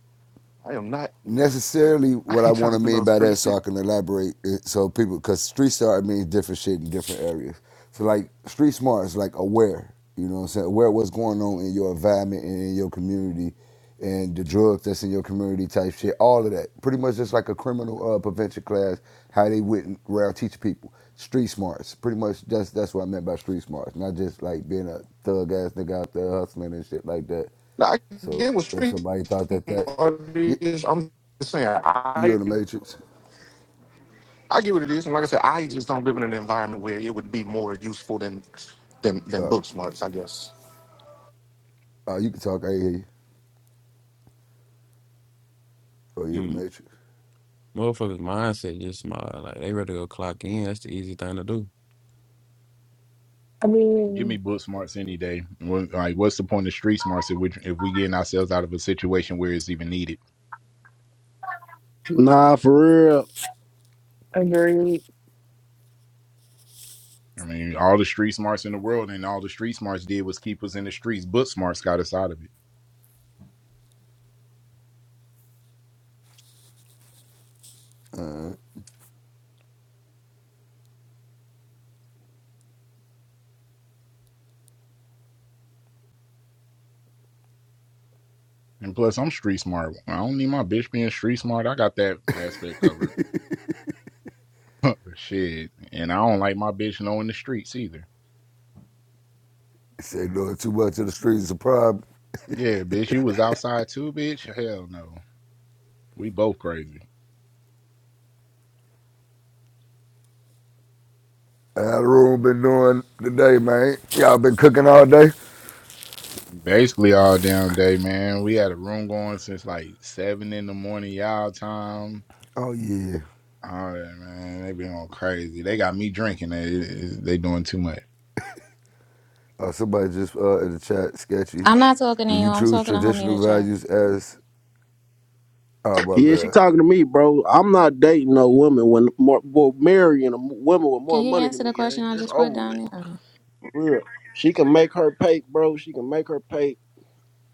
S26: I am not. (laughs)
S23: necessarily
S26: I
S23: what I
S26: ain't
S23: want
S26: trying
S23: to
S26: to do
S23: mean
S26: no
S23: by that,
S26: street
S23: so
S26: shit.
S23: I can elaborate. So people, because street smart means different shit in different areas. So like street smart is like aware. You know what I'm saying? Aware of what's going on in your environment and in your community, and the drugs that's in your community type shit. All of that, pretty much just like a criminal uh, prevention class, how they went around teach people street smarts. Pretty much that's that's what I meant by street smarts, not just like being a thug ass nigga out there hustling and shit like that.
S26: Now, I
S23: So
S26: get what
S23: if
S26: street
S23: somebody thought that that,
S26: art is. I'm just saying
S23: you're
S26: I
S23: in the Matrix.
S26: I get what it is, and like I said, I just don't live in an environment where it would be more useful than than than
S23: Uh,
S26: book smarts. I guess.
S23: uh, you can talk. I ain't hear you. Oh, you're in the Matrix.
S12: Motherfuckers' mindset just my like they ready to go clock in. That's the easy thing to do.
S25: I
S4: Give me
S25: mean,
S4: book smarts any day. What- Like, what's the point of street smarts if we if we getting ourselves out of a situation where it's even needed?
S17: Nah, for real.
S25: agreed.
S4: I mean, all the street smarts in the world and all the street smarts did was keep us in the streets. Book smarts got us out of it. And plus, I'm street smart. I don't need my bitch being street smart. I got that aspect covered. (laughs) Shit, and I don't like my bitch knowing the streets either.
S23: He said doing too much of the streets is a problem."
S4: Yeah, bitch, you was outside too, bitch. Hell no, we both crazy.
S23: How the room been doing today, man? Y'all been cooking all day?
S4: Basically all damn day, man. We had a room going since like seven in the morning, y'all time.
S23: Oh yeah.
S4: All right, man, they been going crazy. They got me drinking. They, they doing too much.
S23: Uh, somebody just uh, in the chat, sketchy.
S20: I'm not talking to
S23: Do
S20: you.
S23: you
S20: I'm
S23: choose
S20: talking to homie in the
S23: traditional
S20: chat.
S23: values as? Oh my
S17: Yeah, she
S23: bad.
S17: talking to me, bro. I'm not dating no woman when more, well, marrying a m- woman with
S20: Can
S17: more
S20: you
S17: money
S20: answer
S17: than me,
S20: the question
S17: gang.
S20: I
S17: It's
S20: just put
S17: over with.
S20: down there?
S17: For Real. She can make her pay, bro. She can make her pay.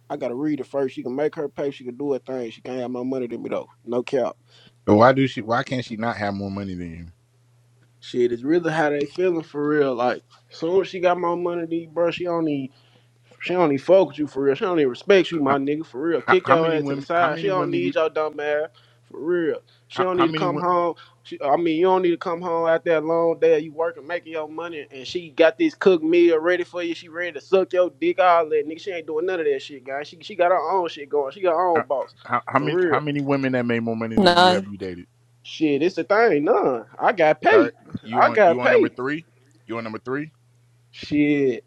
S17: I gotta read it first. She can make her pay. She can do her thing. She can't have my money than me though. No cap.
S4: But Why do she? Why can't she not have more money than you?
S17: Shit, it's really how they feeling for real. Like, soon as she got my money, than you, bro, she only. She don't even fuck with you for real. She don't even respect you,
S4: How,
S17: my nigga, for real.
S4: how,
S17: Kick
S4: how
S17: your
S4: many
S17: ass to the
S4: women? How
S17: side. She
S4: many
S17: don't
S4: women you?
S17: need your dumb ass, for real. She
S4: How,
S17: don't
S4: how
S17: need to
S4: many?
S17: come
S4: wo-
S17: home. She, I mean, you don't need to come home after that long day. You working, making your money, and she got this cooked meal ready for you. She ready to suck your dick, all that. Nigga, she ain't doing none of that shit, guys. She, she got her own shit going. She got her
S4: Uh,
S17: own boss,
S4: how, how
S17: for
S4: many? How
S17: real.
S4: many women that made more money than you have
S20: None.
S4: you dated?
S17: Shit, it's the thing. None. I got paid.
S4: Third, you
S17: I
S4: on you
S17: got
S4: on number
S17: paid.
S4: three? You on number three?
S17: Shit.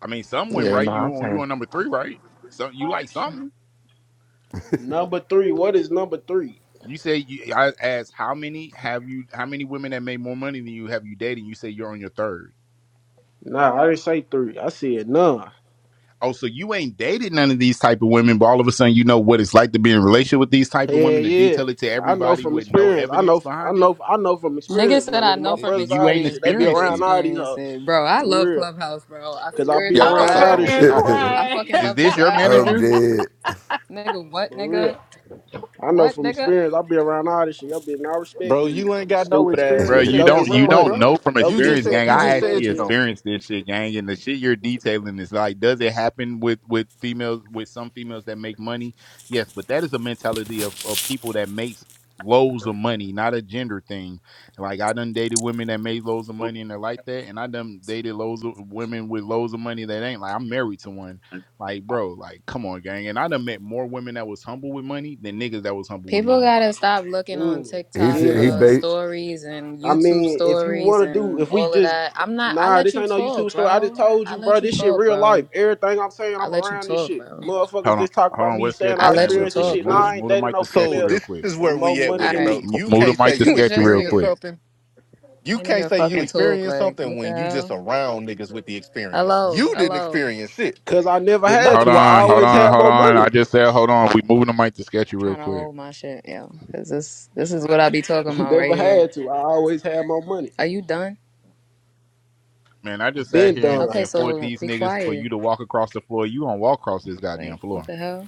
S4: I mean, some went
S26: Yeah. no-
S4: right. You on you on number three, right? So you like something?
S17: Number three. What is number three?
S4: You say you, I asked how many have you? How many women that made more money than you have you dated? You say you're on your third.
S17: Nah, I didn't say three. I said none.
S4: Oh, so you ain't dated none of these type of women, but all of a sudden you know what it's like to be in a relationship with these type of
S17: Yeah,
S4: women to
S17: yeah.
S4: detail it to
S17: I know
S4: everybody
S17: from
S4: with no
S17: experience. I
S4: evidence
S17: know. I
S4: behind it.
S17: know. I know from
S20: Nigga
S17: experience, my
S20: said I
S17: nigga. My
S20: know from
S17: brothers,
S4: You
S17: all
S4: ain't
S17: this
S20: experience,
S17: shit. They
S20: but
S17: be
S20: never
S4: experienced
S17: around
S4: it.
S17: all these
S20: experienced
S17: hoes,
S20: it. Bro, I
S17: for
S20: love
S17: real.
S20: Clubhouse, bro. I
S17: Cause I
S20: swear
S17: be
S26: Yeah. I
S20: to
S26: was about to
S25: I'm
S17: around
S26: say I
S20: God.
S17: all this
S26: don't
S25: fucking
S26: see
S17: shit,
S26: how that works.
S20: I
S25: crying. (laughs)
S20: fucking
S4: Is
S20: love
S4: this
S20: this
S4: your
S20: app,
S23: I'm
S20: yo.
S4: manager?
S23: dead.
S20: Nigga, what,
S17: for real.
S20: nigga?
S17: I know
S20: What,
S17: from
S20: nigga?
S17: experience. I be around all this shit. Yo, bitch, I respect
S26: Bro,
S17: you,
S26: you ain't got no
S17: stupid ass
S4: Bro,
S17: nigga.
S26: experience
S4: you
S26: in
S17: Go
S26: that
S17: get
S4: don't
S17: some
S4: you
S26: realm,
S4: don't
S17: money.
S26: bro.
S4: know from
S17: Yo,
S26: You
S17: bitch,
S26: just
S4: experience,
S26: said
S4: gang.
S17: making
S26: you
S4: I
S17: more
S26: just
S17: money
S4: actually
S26: said
S17: than
S26: you don't.
S17: you.
S4: experienced this shit, gang, and the shit you're detailing is like, does it happen with with females with some females that make money? Yes, but that is a mentality of, of people that makes loads of money, not a gender thing. Like I done dated women that made loads of money and they're like that, and I done dated loads of women with loads of money that ain't like I'm married to one. Like, bro, like come on, gang. And I done met more women that was humble with money than niggas that was humble with
S20: People
S4: money.
S20: gotta stop looking on
S17: Mm,
S23: He
S20: TikTok
S23: said he
S17: yeah.
S20: uh,
S23: bait.
S20: stories and
S17: I
S20: YouTube
S17: mean, if you
S20: stories
S17: want to do,
S20: and
S17: if we
S20: all of
S17: just,
S20: that. I'm not. I
S17: nah,
S20: let
S17: this
S20: you
S17: ain't no YouTube
S20: talk,
S17: story. I just
S20: bro.
S17: told
S20: I
S17: you,
S20: let
S17: bro,
S20: you
S17: this shit
S20: talk,
S17: real life.
S20: bro.
S17: Everything I'm saying,
S20: I
S17: I'm
S20: let you
S17: around this
S20: talk,
S17: shit.
S20: bro.
S17: Motherfuckers
S4: Hold on,
S17: just talk
S4: hold
S17: about
S4: on.
S17: me
S4: What
S17: saying
S4: sketch you
S20: I
S17: I
S4: saying
S20: let you
S4: real
S17: experienced this
S4: quick?
S20: talk,
S17: shit. Nah,
S4: Move the
S20: bro.
S17: I ain't
S4: move the
S17: dating
S4: mic
S17: no
S4: to sketchy
S26: So
S17: female
S4: real
S26: this
S4: quick.
S26: is
S17: with
S26: where
S17: more
S26: we at
S17: money
S26: with
S20: All
S26: it,
S17: than
S20: right,
S26: bro.
S17: me.
S4: Mo-
S26: You
S4: Move the
S26: can't say
S4: mic
S20: (laughs)
S4: to
S26: you
S4: sketchy
S20: just
S4: real
S20: forget
S26: experience
S4: quick.
S20: it.
S26: something. You
S20: Can't
S26: can't
S20: even
S26: say you
S20: fucking talk.
S26: experience
S20: Like
S26: something
S20: what the
S26: when you just
S20: hell?
S26: around niggas with the experience.
S20: Hello,
S26: You didn't
S20: hello.
S26: experience it.
S17: Cause I never
S26: The
S17: had
S26: mother
S4: Hold
S17: to. I
S26: niggas
S4: on, hold
S17: always
S26: did.
S4: on,
S17: had
S4: hold
S17: more
S4: on. I
S17: money.
S4: just said hold on. We moving the mic to sketchy real
S20: Trying to
S4: quick.
S20: hold my shit, yo. Cause this this is what I be talking
S17: (laughs)
S20: about right
S17: never
S20: here.
S17: had to. I always had more money.
S20: Are you done?
S4: Man, I just sat
S17: Been
S4: here and,
S20: Okay,
S17: done.
S4: and fought
S20: so
S4: these
S20: be
S4: niggas for
S20: quiet.
S4: you to walk across the floor. You gonna walk across this goddamn
S20: Like what
S4: floor?
S20: the hell?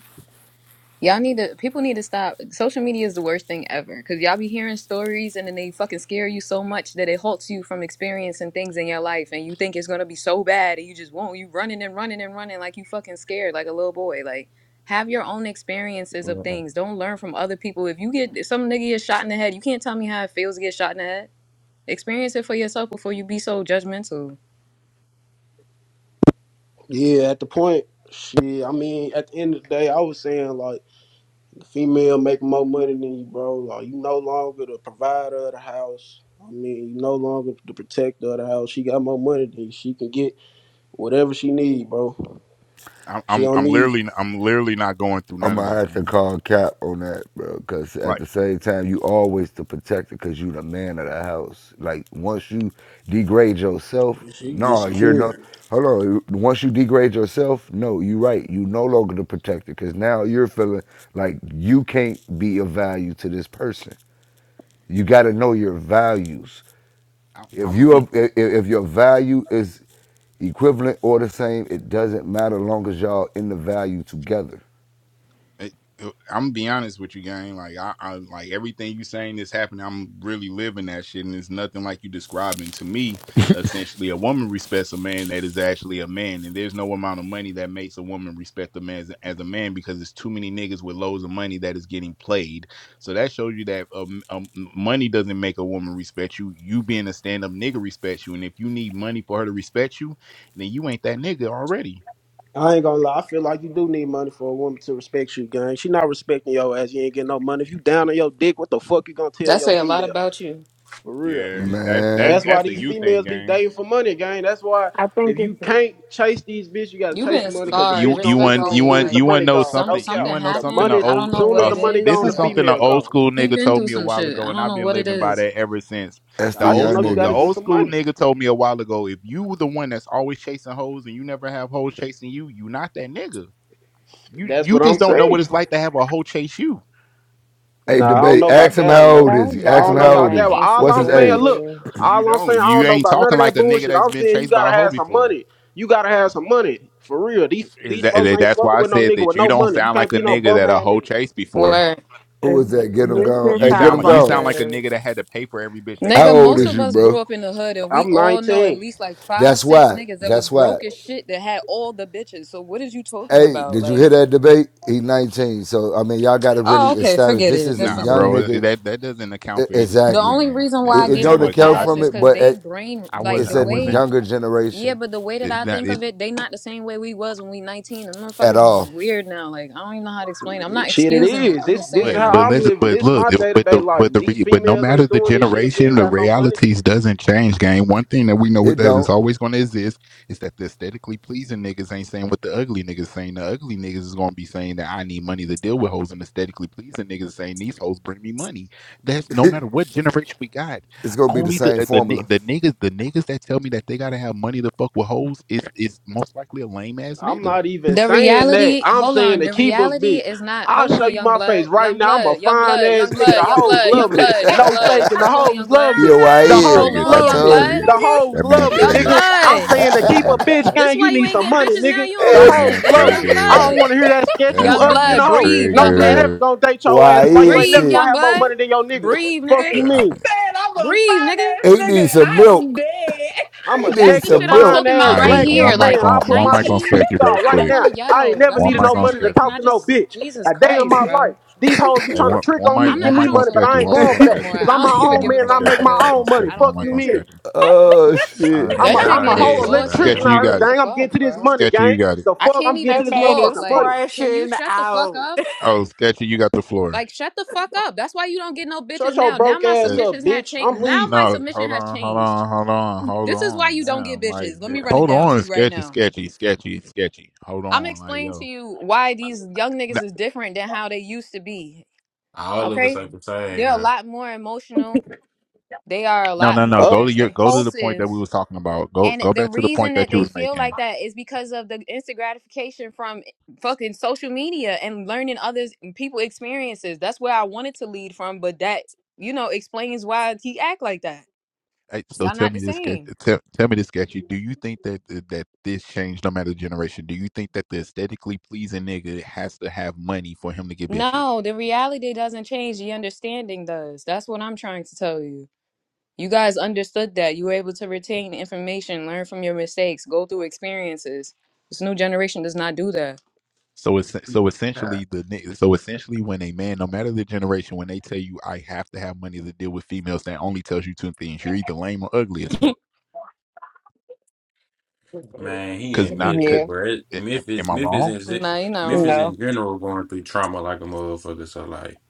S20: Y'all need to people need to stop. Social media is the worst thing ever because y'all be hearing stories and then they fucking scare you so much that it halts you from experiencing things in your life and you think it's gonna be so bad and you just won't. You running and running and running like you fucking scared like a little boy. Like have your own experiences of
S12: Yeah,
S20: things. Don't learn from other people. If you get if some nigga get shot in the head, you can't tell me how it feels to get shot in the head. Experience it for yourself before you be so judgmental.
S17: Yeah, at the point, shit. I mean, at the end of the day, I was saying like. female make more money than you, bro. Like you no longer the provider of the house. I mean, you no longer the protector of the house. She got more money than you. She can get whatever she need, bro.
S4: I'm
S17: She
S4: I'm
S17: don't
S4: I'm
S17: need you.
S4: literally I'm literally not going through
S23: I'm
S4: none of
S23: gonna
S4: that,
S23: have to
S4: man.
S23: call Cap on that, bro. Cause at
S4: Like
S23: the same time, you always the protector, cause you the man of the house. Like once you degrade yourself,
S17: She can get
S23: nah, you're no.
S17: security.
S23: Hold on. Once you degrade yourself, no, you're right. You no longer the protector, cause now you're feeling like you can't be of value to this person. You gotta know your values.
S4: I,
S23: If
S4: I'm gonna
S23: you
S4: be
S23: are- if if your value is equivalent or the same, it doesn't matter long as y'all in the value together.
S4: it- it- I'm gonna be honest with you, gang. Like I, I like everything you saying is happening. I'm really living that shit, and it's nothing like you describing. To me, essentially, a woman respects a man that is actually a man, and there's no amount of money that makes a woman respect a man as, as a man because it's too many niggas with loads of money that is getting played. So that shows you that um, um, money doesn't make a woman respect you. You being a stand up nigga respects you, and if you need money for her to respect you, then you ain't that nigga already.
S17: I ain't gonna lie. I feel like you do need money for a woman to respect you, gang. She not respecting your ass. You ain't getting no money. If you down on your dick, what the fuck you gonna tell
S20: That
S17: your
S20: say a lot
S17: female?
S20: about you.
S17: For real.
S4: Yeah, that that's
S23: Man.
S17: That's why
S4: that's a
S17: these
S4: you thing,
S17: females be
S4: gang.
S17: dating for money, gang. That's why
S25: I
S17: if
S25: think it's,
S17: you can't chase these bitch, you gotta
S20: You've
S17: chase
S20: been
S17: the money because the
S20: scarred,
S4: you
S17: bitch
S4: you
S17: gonna be
S4: want
S17: gone
S4: you
S20: respectfully.
S17: soon
S4: want
S17: as the
S4: you
S20: Like
S4: want to
S17: money
S4: know
S17: gone.
S20: some
S17: No
S4: something you
S20: something
S17: cap.
S4: want to know
S17: The
S4: something a
S20: happened.
S17: money,
S20: I
S4: old
S20: don't
S4: uh,
S20: know
S17: soon
S20: what
S17: as
S4: uh,
S20: it
S17: the money
S4: this
S20: is,
S17: gone,
S4: is
S17: the
S20: but
S4: something an
S17: female
S4: old
S17: gone.
S4: school
S20: he
S4: nigga
S20: been
S4: told
S20: through
S4: me a
S20: some
S4: while
S20: shit.
S4: ago
S20: I
S4: and
S20: don't
S4: I've
S20: know
S4: been
S20: what it
S4: living by
S20: is.
S4: that ever since
S23: That's
S4: the
S23: the
S17: I just
S4: old
S23: young
S17: know you
S4: school the
S17: gotta
S23: niggas.
S17: get
S4: old
S17: some
S4: school
S17: money.
S4: nigga told me a while ago if you were the one that's always chasing hoes and you never have hoes chasing you you not that nigga you
S17: That's
S4: you
S17: what I'm
S4: just don't know what
S17: saying.
S4: it's like to have a hoe chase you
S23: Hey,
S17: Nah, I don't
S23: debate.
S17: know about
S23: Ask him
S17: that
S23: how
S17: one though.
S23: old is
S25: that's
S23: he.
S17: I
S23: Ask him
S17: don't
S25: gotta
S17: know
S23: how
S25: be
S23: old
S17: about
S25: an
S17: that
S23: is
S17: one.
S23: he.
S17: All
S23: What's
S17: I'm
S23: his
S17: saying,
S23: age?
S17: look,
S25: insecurity.
S4: you
S17: all I'm
S4: don't
S17: saying, I
S4: you
S17: don't know
S4: ain't
S17: about none
S4: talking
S17: of
S4: like
S17: that
S4: a nigga
S17: bullshit.
S4: that's
S17: I'm
S4: been
S17: saying you
S4: chased by a
S17: gotta
S4: hoe
S17: have some
S4: before
S17: money. You gotta have some money for real. These
S4: is
S17: these folks
S4: that
S17: ain't
S4: that's
S17: fucking
S4: why I
S17: with no
S4: said
S17: nigga
S4: that
S17: with
S4: you
S17: no
S4: don't
S17: money. You
S4: sound
S17: can't
S4: like a
S17: be no
S4: nigga
S17: bum
S4: that a
S17: ass
S4: hoe
S17: nigga.
S4: chased before
S20: Where
S23: Who is that? Get
S25: It,
S17: For
S23: him
S17: real.
S25: this
S23: gone.
S25: shit
S4: You
S23: Hey, get
S4: sound
S23: him
S25: sounds
S4: like you
S25: like
S4: sound
S23: gone.
S4: like a
S25: a.
S4: nigga that had to pay for every bitch that
S23: How
S4: came
S20: nigga,
S4: his
S23: old
S20: most
S23: is
S4: way.
S20: of
S23: you,
S20: us grew
S23: bro?
S20: up in the hood, and we
S17: I'm
S20: all know at
S17: 19.
S20: least like five,
S23: That's
S20: six
S23: why.
S20: niggas that was
S23: That's why.
S20: broke as shit that had all the bitches. So what is you talking
S23: Hey,
S20: about?
S23: did you
S20: Like,
S23: hear that debate? He 19. So I mean, y'all got to really
S20: oh, okay,
S23: establish
S20: forget
S23: this
S20: it.
S23: is a
S20: Just
S4: Nah,
S20: forget
S23: young
S20: it.
S4: bro,
S23: nigga.
S4: that that doesn't
S23: E-
S4: account for
S20: The
S4: anything.
S23: exactly.
S20: only
S4: Man.
S20: reason
S4: That
S20: why
S23: It,
S20: I
S4: doesn't
S23: it
S20: gave
S4: account
S23: don't
S20: him
S4: for
S20: a
S4: it because
S23: account
S4: I,
S20: pass
S23: from
S20: is
S23: it,
S4: I
S20: because
S23: but
S20: they
S23: it,
S20: brain
S4: I
S20: like
S4: was
S23: it's
S20: the
S4: I
S23: a
S20: way
S4: wasn't.
S23: younger
S20: Yeah,
S23: generation
S20: but the way that
S4: it,
S20: I
S4: that
S20: think
S4: it.
S20: of it, they not the same way we was when we nineteen. The
S23: at
S20: motherfuckers is
S23: all.
S20: weird now. Like I don't even know how to explain. It. I'm not
S17: Shit, it
S20: excusing it.
S17: is.
S20: I'm
S17: This
S20: just
S17: this is
S4: But
S20: saying
S4: but
S17: how
S20: like
S17: I'm
S4: let's
S17: living.
S4: but
S17: This is
S4: look
S17: my
S4: if-
S17: day to
S4: but
S17: day
S4: the
S17: life.
S4: but the
S17: These
S4: re, but no
S17: females
S4: matter
S17: ain't
S4: the
S17: doing this shit if you
S4: generation
S17: ain't
S4: the
S17: got no money.
S4: realities doesn't change game one thing that we know is
S23: It
S4: that it's
S23: don't.
S4: always going to exist is that the aesthetically pleasing niggas ain't saying what the ugly niggas saying the ugly niggas is going to be saying that I need money to deal with hoes and aesthetically pleasing niggas is saying these hoes bring me money that's no matter what generation we got
S23: It's gonna be the
S4: only the
S23: same
S4: uh, the ni-
S23: formula.
S4: the niggas the niggas that tell me that they gotta have money to fuck with hoes is is most likely a lame ass
S17: I'm
S4: nigga
S17: not even
S20: the
S17: saying that.
S20: reality.
S17: I'm
S20: Hold
S17: saying
S20: on.
S17: to
S20: The
S17: keep a
S20: reality
S17: bitch.
S20: is not.
S17: I'll
S20: Hold
S17: show
S20: on,
S17: you
S20: young
S17: my face
S20: blood,
S17: right
S20: young
S17: now. I'm a
S20: blood, young
S17: fine
S20: blood,
S17: ass
S20: young
S17: nigga. The
S20: blood, young
S17: hoes
S20: blood, young
S17: love me.
S20: blood, young
S25: (laughs)
S17: No
S20: blood.
S17: faking. The
S20: Hold on,
S17: hoes
S20: young
S17: love
S20: blood.
S23: Yeah,
S17: me.
S23: why
S17: The
S4: he
S23: is?
S20: Hold
S17: hoes
S4: triggered
S20: on,
S4: that
S23: I
S17: love
S20: young
S4: man
S17: me.
S23: told you.
S20: blood,
S4: triggered
S17: The
S25: This
S4: that
S17: hoes
S4: man
S17: love me,
S20: young
S4: triggered
S17: nigga. I'm
S4: that
S20: blood.
S4: man
S17: saying to keep a
S4: triggered.
S17: bitch
S20: This
S17: gang, you
S20: why you
S17: need
S20: ain't
S17: some
S20: getting
S17: money,
S20: bitches now.
S17: nigga.
S20: You don't
S17: The
S4: That
S20: listen,
S4: man
S17: hoes
S20: gang.
S17: love me.
S20: Young
S17: I don't
S4: triggered.
S20: blood,
S17: want to hear that sketch.
S25: nigga
S4: That
S17: You
S20: young
S4: man
S17: ugly than
S4: is
S17: a
S20: blood.
S17: hoe.
S20: Breathe,
S17: No
S20: young
S17: man
S20: blood.
S17: ever
S4: triggered.
S17: gonna date your ass.
S23: Why
S17: That's why you
S23: is
S17: ain't
S20: Breathe,
S17: never
S23: shit?
S17: gonna
S20: young
S17: have more
S20: blood.
S17: money than your nigga.
S20: Breathe,
S17: Fuck
S20: nigga.
S17: you
S25: He
S4: I,
S17: mean?
S25: said I'm a
S20: Breathe,
S25: fine
S20: nigga.
S25: ass
S23: He
S25: nigga.
S23: needs some
S25: I am
S23: milk.
S25: dead.
S17: I'm
S23: He
S17: a
S20: That's
S23: needs
S20: the
S17: sexy,
S20: shit
S23: some
S20: I'm
S23: milk.
S17: fine
S20: talking
S17: ass
S20: about right
S4: I
S17: black
S4: one
S20: here.
S17: young
S4: mic
S20: Like
S17: man. I'll
S4: on
S17: put
S4: one
S17: my
S4: mic
S17: sh-
S4: on
S20: 19,
S4: sketchy real
S17: PTR
S20: I
S17: right
S20: don't
S4: quick.
S20: want to
S17: now. I ain't
S20: yell.
S17: never
S20: That's
S4: One
S20: what
S17: needed
S20: I'm
S4: mic
S17: no
S4: on
S20: saying.
S17: money to
S20: Like,
S4: sketchy.
S20: can
S17: talk
S20: I
S17: to no
S20: just
S17: bitch
S20: Jesus
S17: a day in
S20: Christ,
S17: my life.
S20: bro?
S17: These hoes be
S4: Hey,
S17: trying to
S4: one
S17: trick
S4: one
S17: on me,
S4: mic
S20: I'm not
S17: give
S4: one
S20: I
S17: me
S4: mic
S20: don't
S4: on
S17: money,
S20: even
S17: but
S20: want to
S4: sketchy.
S17: I ain't
S4: One
S20: talk to
S4: mic
S17: going
S4: on
S20: him
S17: for
S20: no
S17: that.
S20: more.
S4: sketchy.
S17: Cause I'm
S20: I don't (laughs)
S17: my
S20: even
S4: One
S17: own
S20: give
S4: mic
S20: a
S17: man
S4: on
S17: and I
S20: fuck.
S17: make
S20: I'm
S4: sketchy.
S17: my
S4: One
S20: good.
S4: mic on
S17: own money.
S20: I
S4: sketchy.
S20: don't
S4: One
S17: Fuck
S4: mic
S17: you
S4: on
S20: care.
S17: mean.
S25: (laughs)
S4: sketchy.
S23: Oh
S4: All
S23: shit.
S4: right,
S12: yeah,
S17: I'm
S20: That
S17: a
S4: look,
S20: shit
S17: I'm
S4: I'm
S12: y'all
S17: a
S20: get
S4: gonna-
S17: whole
S12: here,
S20: exhausting.
S17: electrician
S4: sketchy,
S12: man.
S17: out
S4: you
S20: Like,
S17: here,
S4: got
S20: what
S4: it.
S20: the
S17: gang. I'm
S20: fuck,
S17: getting to this
S20: bro?
S17: money,
S4: Sketchy, you
S17: gang.
S4: got it.
S17: The
S20: I
S17: fuck
S20: can't
S17: I'm getting
S20: even
S17: to
S25: that
S17: this
S25: man
S20: talk.
S25: is
S17: motherfucking
S20: Like,
S17: money.
S20: can you
S25: crashing
S20: shut the fuck
S25: out.
S20: up?
S4: Oh, sketchy, you got the floor.
S20: Like, shut the fuck up. That's why you don't get no bitches
S17: Shut your
S20: now. Now
S17: broke
S20: my
S17: ass
S4: Uh,
S17: up,
S20: submissions have
S17: bitch.
S20: changed.
S17: I'm
S20: Now
S17: leaving.
S20: my
S4: no,
S20: submission
S4: hold
S20: has
S4: on, hold
S20: changed.
S4: on, hold on, hold
S20: This is why
S4: on.
S20: you don't get
S4: Damn, like,
S20: bitches. Let me
S4: th-
S20: run it
S4: hold
S20: down to
S4: on,
S20: you right
S4: sketchy,
S20: now.
S4: sketchy, sketchy, sketchy. Hold
S20: I'm gonna
S4: on, like,
S20: explain to
S4: yo.
S20: you why these young
S4: Nah,
S20: niggas is different than how they used to be.
S12: All of us
S20: Okay?
S12: ain't the same,
S20: They're a
S12: man.
S20: lot more emotional. They are a
S4: No,
S20: lot
S4: no, no.
S17: Uh,
S4: Go to
S20: more
S4: your go to the point that
S20: impulsive.
S4: we was talking about. Go
S20: And
S4: go
S20: the
S4: back to the point
S20: reason
S4: that
S20: that
S4: you
S20: they
S4: was
S20: feel
S4: making.
S20: like that is because of the instant gratification from fucking social media and learning others people experiences. That's where I wanted to lead from, but that, you know, explains why he act like that.
S4: Hey, so
S20: Y'all
S4: tell
S20: not
S4: me
S20: the
S4: this, Kat-
S20: same.
S4: tell, tell me this, Sketchy. Do you think that that this changed no matter the generation? Do you think that the aesthetically pleasing nigga has to have money for him to get bitches?
S20: No, the reality doesn't change, the understanding does. That's what I'm trying to tell you. You guys understood that. You were able to retain information, learn from your mistakes, go through experiences. This new generation does not do that.
S4: So it's so essentially the ni- so essentially when a man, no matter the generation, when they tell you I have to have money to deal with females, that only tells you two things: you're either lame or ugly as fuck.
S12: Man, he
S4: Cause
S12: in
S4: not,
S12: Memphis,
S4: cause
S25: Yeah,
S12: bro. It-
S4: a- am, am
S12: Memphis,
S4: I
S12: Memphis,
S4: wrong?
S12: in zi-
S20: Nah, you're not wrong.
S12: Memphis
S25: no.
S12: in general going through trauma like a motherfucker. So like,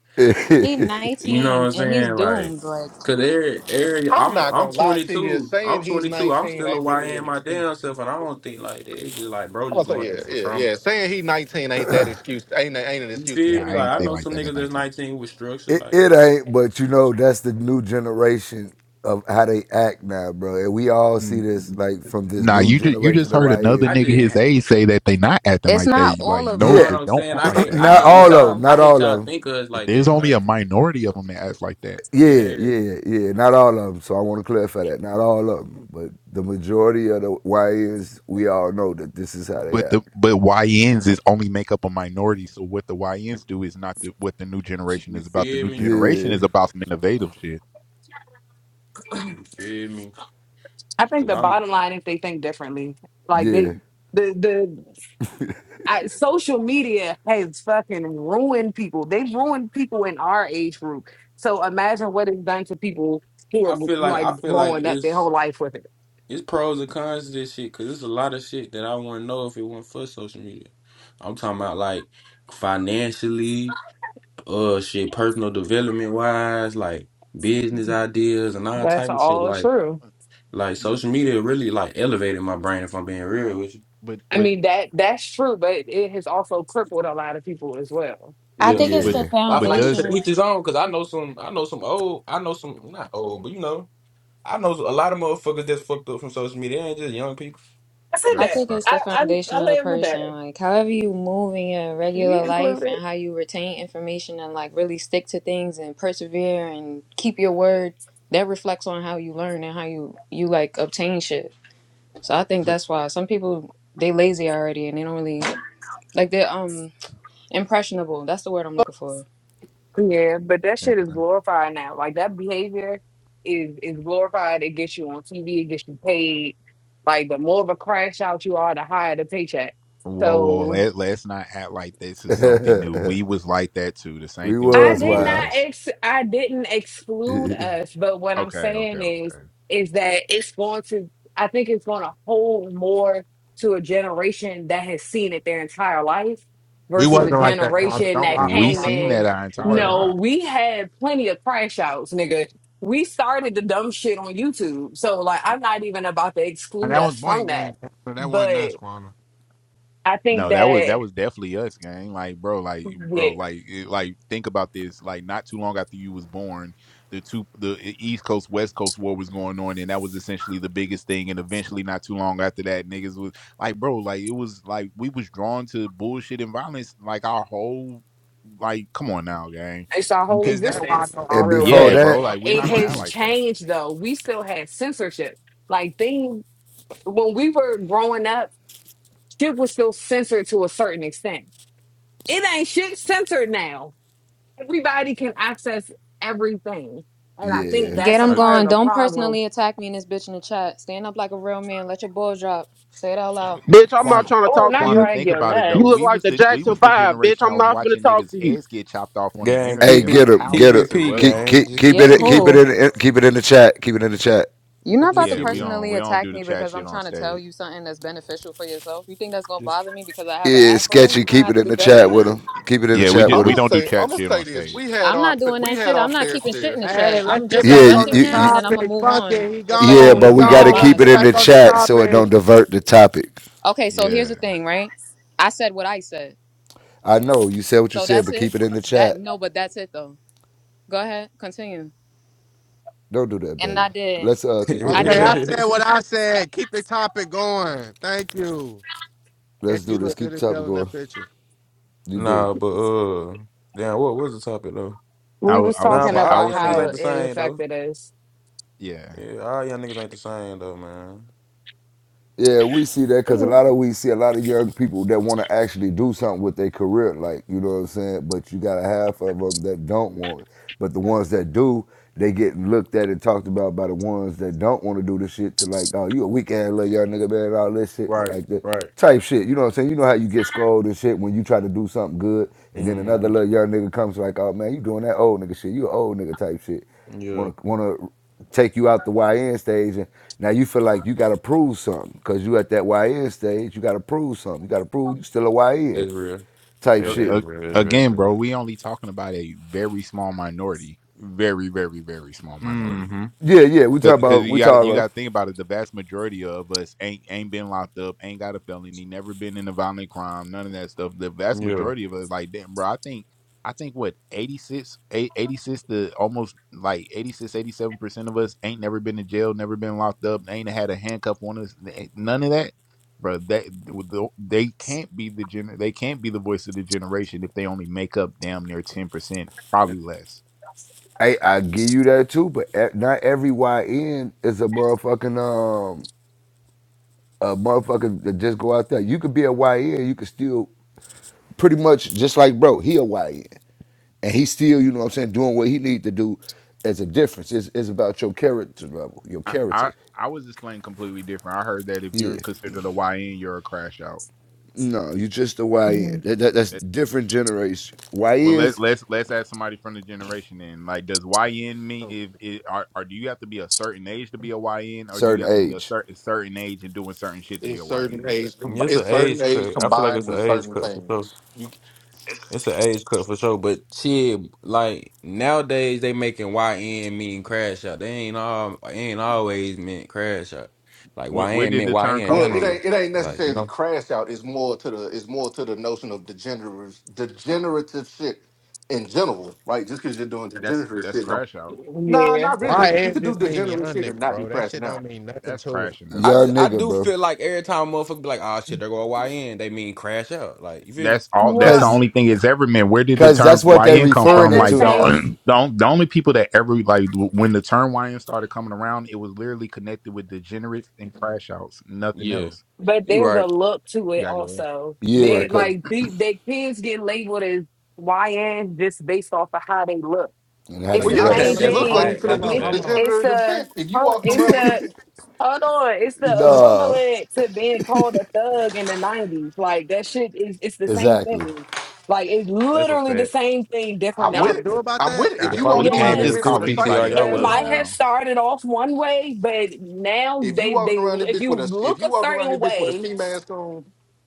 S20: He
S12: you know what
S20: 19
S12: I'm
S20: and he's
S12: saying? Like,
S20: doomed. Like
S12: cause every, every,
S26: I'm
S12: I'm
S26: not
S12: I'm
S26: gonna lie to you.
S12: 22.
S26: Saying
S12: I'm
S26: he's
S12: 22. I'm
S26: 19
S12: still a
S26: ain't really
S12: YN
S26: an
S12: my
S26: excuse.
S12: damn self, and I don't think like that. It's just like bro,
S26: I'm
S12: just
S26: gonna
S12: going
S26: say
S12: through
S26: yeah,
S12: some
S26: yeah,
S12: trauma.
S26: yeah. Saying he 19 ain't that excuse. Ain't ain't an
S12: You
S26: excuse to
S12: feel
S26: be
S4: Yeah,
S26: a
S12: me?
S4: I
S12: Like
S4: ain't
S12: I
S4: think
S12: know
S4: like
S26: dumbass.
S12: some
S4: that at
S12: niggas that's
S4: nighttime.
S12: 19 with structure,
S23: It,
S12: like.
S23: it ain't, but you know, that's the new generation of how they act now, bro. And we all see
S4: Mm,
S23: this
S4: mm.
S23: like from this
S4: Nah,
S23: new
S4: you just you just
S23: generation of
S4: heard another
S23: YS.
S12: I
S4: nigga
S12: just,
S4: his
S12: ha-
S4: age say that they not acting
S20: it's
S4: like
S20: not
S4: they
S20: all
S4: like
S20: of
S12: you
S4: no,
S12: know
S23: Yeah.
S12: what
S4: they
S20: them.
S12: I'm
S4: don't
S12: saying?
S4: act
S12: I
S4: like
S23: (clears throat)
S12: hate,
S4: that.
S20: It's
S12: I
S23: not
S20: not
S4: Man.
S12: hate
S20: all
S12: that
S23: all
S20: of
S23: of
S12: y'all.
S23: them.
S20: them.
S12: I
S23: Not
S12: hate
S23: all of
S12: y'all
S23: them.
S12: think of us like
S4: There's
S12: that.
S4: only
S12: Like,
S4: a minority of them that acts like that.
S23: Yeah,
S12: yeah,
S23: yeah, yeah. Not all of them. So I want to clarify that. Not all of them. But the majority of the YNs, we all know that this is how they
S4: but
S23: act.
S4: the but YNs is only make up a minority. So what the YNs do is not the, what the new generation
S12: you
S4: is about. The
S12: feel
S4: new
S12: me?
S4: generation
S23: Yeah,
S4: is about some innovative shit.
S12: You feel me?
S25: I think
S12: Cause
S25: the
S12: I'm,
S25: bottom line is they think differently. Like
S23: yeah,
S25: they the the I, social media has fucking ruined people. They've ruined people in our age group. So imagine what it's done to people who
S12: I
S25: are
S12: feel like, I
S25: like
S12: feel like
S25: growing up their
S12: it's,
S25: whole life with it.
S12: it's pros and cons to this shit. Cause it's a lot of shit that I wouldn't know if it wasn't for social media. I'm talking about like financially, uh, shit, personal development wise, like business ideas and all
S25: That's
S12: type of shit.
S25: all
S12: Like,
S25: true.
S12: like
S4: But
S12: social media really like elevated my brain. If I'm being real with you.
S4: but
S25: I
S4: but
S25: mean that that's true, but it has also crippled a lot of people as well.
S20: I
S4: but
S12: Yeah.
S20: think it's
S4: but,
S20: the
S23: yeah.
S12: I feel
S4: but
S12: like it's
S4: does
S12: to
S20: foundation.
S12: each his own because I know some, I know some old, I know some not old, but you know, I know a lot of motherfuckers that's fucked up from social media. They ain't just young people.
S25: I said
S20: I
S4: that's a
S25: that.
S20: think
S4: fact.
S20: it's the
S25: I I,
S20: foundation
S25: I
S20: of the
S25: live with that.
S20: person. Like however you move in your
S25: We
S20: regular life
S25: included.
S20: and how you retain information and like really stick to things and persevere and keep your word. That reflects on how you learn and how you you like obtain shit. So I think
S4: But
S20: that's why some people they lazy already and they don't really like they're um impressionable. That's the word I'm looking for.
S25: Yeah, but that
S4: yeah.
S25: shit is glorified now. Like that behavior is is glorified. It gets you on TV. It gets you paid. Like the more of a crash out you are, the higher the paycheck.
S4: whoa whoa
S25: So
S4: let, let's not act like this is something new. We was like that too. The same
S23: We
S4: thing was
S25: I
S4: going
S23: was
S4: on
S25: did
S4: with
S25: not
S23: wild.
S4: us.
S25: ex I didn't exclude us, but what I'm
S4: Okay okay
S25: saying is
S4: okay.
S25: is that it's going to I think it's going to hold more to a generation that has seen it their entire life
S1: we
S25: versus a
S1: wasn't like that, Kwan.
S25: generation
S1: Don't
S25: that
S1: lie don't
S4: We
S25: came
S1: lie to
S4: seen
S1: him.
S4: that
S25: in.
S4: our
S1: It
S4: entire
S1: wasn't
S4: lives.
S25: No, we had plenty of crash outs, nigga. We started the dumb shit on YouTube. So like I'm not even about to
S1: and
S25: exclude
S1: that was
S25: us from
S1: point
S25: that.
S1: game. So that wasn't
S25: But
S1: us,
S25: I think
S4: No, that was
S25: that
S4: that was definitely us, gang. Like, bro, like, bro,
S25: yeah.
S4: like, it, like, think about this. Like, not too long after you was born, the two, the eh, East Coast West Coast war was going on, and that was essentially the biggest thing. And eventually, not too long after that, niggas was like, bro, like, it was like we was drawn to bullshit and violence. Like, our whole, like, come on now, gang.
S25: it's our
S4: You
S25: whole
S4: can,
S1: Is that why I
S25: existence
S1: know
S25: for
S1: all
S23: And
S1: the
S25: real.
S1: words
S23: before
S25: But
S4: yeah,
S1: that he done
S4: bro.
S23: that,
S1: up?
S4: Like, we're
S25: it
S4: not gonna act
S25: has
S4: like that.
S25: changed though. We still had censorship. Like thing when we were growing up, shit was still censored to a certain extent. It ain't shit censored now. Everybody can access everything. And I think
S23: Yeah.
S20: Get
S25: that's a
S20: them
S4: Uh,
S25: part of
S20: going.
S25: the
S20: Don't
S25: problem.
S20: personally attack me and this bitch in the chat. Stand up like a real man. Let your balls drop. Say it out loud.
S17: bitch, I'm
S4: Quan
S17: not trying to
S25: Oh,
S17: talk to
S25: not
S4: Quanta,
S17: you.
S25: drag
S4: think
S25: your
S4: about it
S17: You
S4: though.
S17: look
S4: We
S25: nuts.
S17: like
S4: was
S17: the
S4: the we
S17: Jackson
S4: was the
S17: Five, bitch.
S4: generation that
S17: I'm
S4: was
S17: not finna
S4: watching
S17: talk to
S4: niggas
S17: you.
S4: heads get chopped off on the
S12: Gang,
S23: Hey,
S12: keep
S4: internet.
S12: it,
S4: Like
S23: get him,
S4: how
S12: keep
S23: get him.
S12: it
S4: censored
S12: p,
S4: was
S23: Keep
S4: it?
S12: gang.
S23: keep
S12: Just
S23: keep
S12: keep
S20: Get
S12: it
S23: it keep
S12: p.
S23: it
S20: who?
S23: in in- keep it in the chat. Keep it in the chat.
S20: You're
S12: Yeah,
S20: not
S12: Just
S20: about to
S4: Yeah,
S12: keep
S4: we
S12: it.
S4: don't
S20: personally
S4: we don't
S20: attack
S4: do the
S20: me
S4: chat
S20: because
S4: shit
S20: I'm
S4: on
S20: trying to tell
S4: stage.
S20: you something that's beneficial for yourself. You think that's gonna
S12: Just.
S20: bother me because I have an
S23: Yeah,
S20: afro?
S23: sketchy.
S20: You're gonna
S23: Keep
S20: have
S23: it
S20: to
S23: in
S20: do
S23: the
S20: better
S23: chat
S20: than
S23: with
S20: that.
S23: him. Keep it in the
S4: Yeah, we
S23: chat
S4: just
S26: I'm
S23: with
S4: we
S23: him.
S26: gonna
S4: don't do
S26: say I'm
S4: chat
S26: gonna
S4: shit
S26: say
S4: on
S26: this. We
S4: stage.
S26: had
S20: I'm
S26: our
S20: not doing
S26: we
S20: that
S26: had
S20: shit.
S26: our
S20: I'm not
S26: fair
S20: keeping shit
S26: share
S20: in the
S1: Hey,
S20: chat.
S1: let's
S20: I'm
S1: get
S20: just
S23: Yeah,
S1: back
S23: you,
S1: on
S20: addressing
S1: the
S23: you,
S20: him
S23: you
S20: and then I'm gonna
S1: topic.
S20: move
S1: Fuck
S20: on
S1: it. He
S23: yeah,
S4: Yeah,
S1: gone. He
S23: but
S20: respectfully. You're
S23: we got
S20: not a
S23: to
S1: gone. Let's
S23: keep
S20: mod,
S23: it
S1: get
S20: so.
S23: in the
S1: back on the
S23: chat so it
S1: topic.
S23: don't divert the topic.
S20: Okay, so here's
S4: yeah.
S20: the thing, right? I said what I said.
S23: I know you said what you
S20: So
S23: said,
S20: that's
S23: but
S20: it.
S23: keep it in the
S20: That
S23: chat.
S20: no, but that's it though. Go ahead, continue.
S23: Don't do that,
S20: And
S23: baby.
S20: I did.
S23: Let's uh keep on in
S20: I
S23: the
S1: Okay,
S20: did
S1: I
S23: chat.
S20: that.
S1: said what I
S12: Keep.
S1: said. Keep the topic going. Thank you. Yes,
S23: Let's do
S1: you
S23: this.
S1: look good
S23: Keep
S1: as
S23: the topic
S1: hell in
S23: going.
S1: that picture.
S12: (laughs)
S23: You do.
S12: nah, but uh, damn, what was the topic though?
S4: I
S25: We
S4: wa-
S25: was
S4: I was
S12: Nah,
S25: talking
S12: but
S4: saying I
S12: all
S25: about
S4: was
S12: young niggas
S25: how
S12: ain't
S4: saying
S12: the
S25: it
S12: same though.
S25: affected us.
S4: yeah.
S12: Yeah, all young niggas ain't the same though, man.
S23: Yeah, we see that because a lot of we see a lot of young people that want to actually do something with their career, like you know what I'm saying. But you got a half of them that don't want it. But the ones that do, they get looked at and talked about by the ones that don't want to do the shit to like, oh, you a weak ass little young nigga, man, and all this shit
S12: Right,
S23: like that
S12: right.
S23: type shit. You know what I'm saying? You know how you get scolded and shit when you try to do something good, and then another
S12: Mm-hmm.
S23: little young nigga comes like, oh man, you doing that old nigga shit? You an old nigga type shit
S12: Yeah,
S23: want to want to take you out the YN stage, and now you feel like you got to prove something because you at that YN stage. You got to prove something. You got to prove you still a YN
S12: that's real.
S23: type
S12: Yeah,
S4: Uh,
S12: that's
S23: shit.
S4: uh,
S12: real. That's
S4: again,
S12: real.
S4: bro, we only talking about a very small minority, very very very small minority.
S12: Mm-hmm.
S23: Yeah, yeah. We talk
S4: Because
S23: about
S4: you
S23: we
S4: got to
S23: talk
S4: you
S23: about.
S4: got to think about it. The vast majority of us ain't ain't been locked up, ain't got a felony, never been in a violent crime, none of that stuff. The vast
S12: Yeah.
S4: majority of us, like damn, bro, I think I think what 86, eight- eighty-six to almost like 86, 87 percent of us ain't never been in jail, never been locked up, ain't had a handcuff on us, ain't none of that, bro. That they can't be the gener, they can't be the voice of the generation if they only make up damn near ten percent, probably less.
S23: I I give you that too, but e- not every YN is a motherfucking um a motherfucker that just go out there. You could be a YN, you could still pretty much just like bro. He a YN, and he still you know what I'm saying doing what he need to do. As a difference, it's, it's about your character level, your
S4: I, I
S23: character.
S4: I was explained completely different. I heard that if you're
S23: Yeah.
S4: considered a YN, you're a crash out.
S23: No, you just a YN.
S25: Mhm.
S23: That, that, that's
S4: It-
S23: different generation.
S4: w- Well, let,
S23: YN's
S4: let's let's ask somebody from the generation in. Like, does YN mean
S1: So
S4: if it, or, or do you have to be a certain age to be a YN, or do you
S23: certain
S4: have to be a
S23: age.
S4: certain certain age and doing certain shit to be a
S26: It's certain
S4: YN?
S26: age. com-
S12: It's an
S26: It's certain
S12: age
S26: age
S12: cut. I feel like
S26: combined
S12: it's an
S26: with
S12: age
S26: certain
S12: cut for sure.
S26: things. You
S12: It's an age cut for sure. But shit, like nowadays they making YN mean crash out. They ain't all it ain't always meant crash out. Like
S4: Where, where
S12: YN
S4: did
S12: meant
S4: the term
S12: YN,
S4: come
S26: well,
S12: young
S26: it
S4: from?
S12: nigga.
S26: ain't it ain't
S12: Like you
S26: necessarily
S12: know,
S26: crash out. It's more to the it's more to the notion of degenerative degenerative shit in general, right? Just because you're doing
S4: That's
S26: degenerative
S4: that's
S26: shit, don't.
S4: crash out.
S26: Nah,
S25: Yeah.
S26: not
S1: why
S26: really. You
S1: is
S26: could do
S1: this mean young
S26: degenerate shit and
S1: nigga,
S26: not be
S1: bro? That shit
S26: crashing
S1: don't
S26: out.
S1: mean nothing
S4: That's
S1: to it.
S4: crashing out.
S12: I
S23: Young
S12: just I
S23: nigga,
S12: do
S23: bro.
S12: feel like every time a motherfucker be like, oh shit, they're going YN, they mean crash out. Like you feel me?
S4: that's all that's the
S25: Well,
S23: Cause,
S4: only thing it's ever meant where did the
S23: cause that's
S4: term
S23: what they
S4: yn come
S25: at
S23: referring
S4: from
S23: it
S25: the
S4: like
S23: to
S4: the,
S25: same
S23: now.
S4: (clears throat) the, the only people that ever like w- when the term yn started coming around it was literally connected with degenerates and crash outs nothing
S12: Yeah,
S4: else
S25: But
S12: you
S25: there's
S12: right.
S25: a look to
S4: You
S25: it
S4: gotta go there.
S25: also.
S12: You
S23: Yeah,
S25: They
S12: right,
S23: cause
S12: cause
S25: like the their kids get labeled as YN just based off of how they look.
S23: and how
S1: So
S25: It's
S23: they
S26: Well,
S25: the
S26: yeah,
S12: (laughs)
S1: y'all
S26: because if
S25: same
S1: telling
S26: you
S23: dress.
S1: me
S12: that's a
S26: look like
S1: all
S25: thing.
S26: you're
S12: fact.
S26: finna
S1: hold
S12: That's a
S26: do
S1: on,
S25: It's
S26: some
S12: fact.
S1: hold on.
S25: it's
S26: degenerative
S25: a
S26: shit, if you
S25: hold-
S26: walking
S25: it's
S26: around with them,
S25: a hold on. It's the
S23: No,
S25: equivalent to being called a thug in the nineties. Like that shit is it's the same
S23: exactly.
S25: thing. Like it's
S12: That's a
S25: literally the
S12: fact.
S25: same thing,
S1: Are
S25: different
S26: I'm
S1: y'all
S26: with it.
S25: names.
S1: sure about
S26: I'm
S1: that?
S26: with it.
S12: Like
S26: If
S12: if
S26: you
S12: I would
S4: we
S12: have
S26: walking around
S12: came
S4: didn't
S26: that
S12: in
S4: just
S12: with
S26: bitch
S25: Yes
S12: this
S26: with
S4: call
S26: a
S4: anybody
S12: PTR,
S26: sightseeing
S4: a
S12: y'all
S25: it
S12: would
S26: mask
S4: thug
S12: have.
S25: might
S26: on,
S25: have
S4: now
S25: started off one way, but now
S26: if you
S25: they
S26: walking
S25: they
S26: around that
S25: if
S26: bitch
S25: you
S26: with a if
S25: look
S26: you
S25: a
S26: walking around
S25: certain
S26: that bitch with a
S25: way
S26: ski mask on,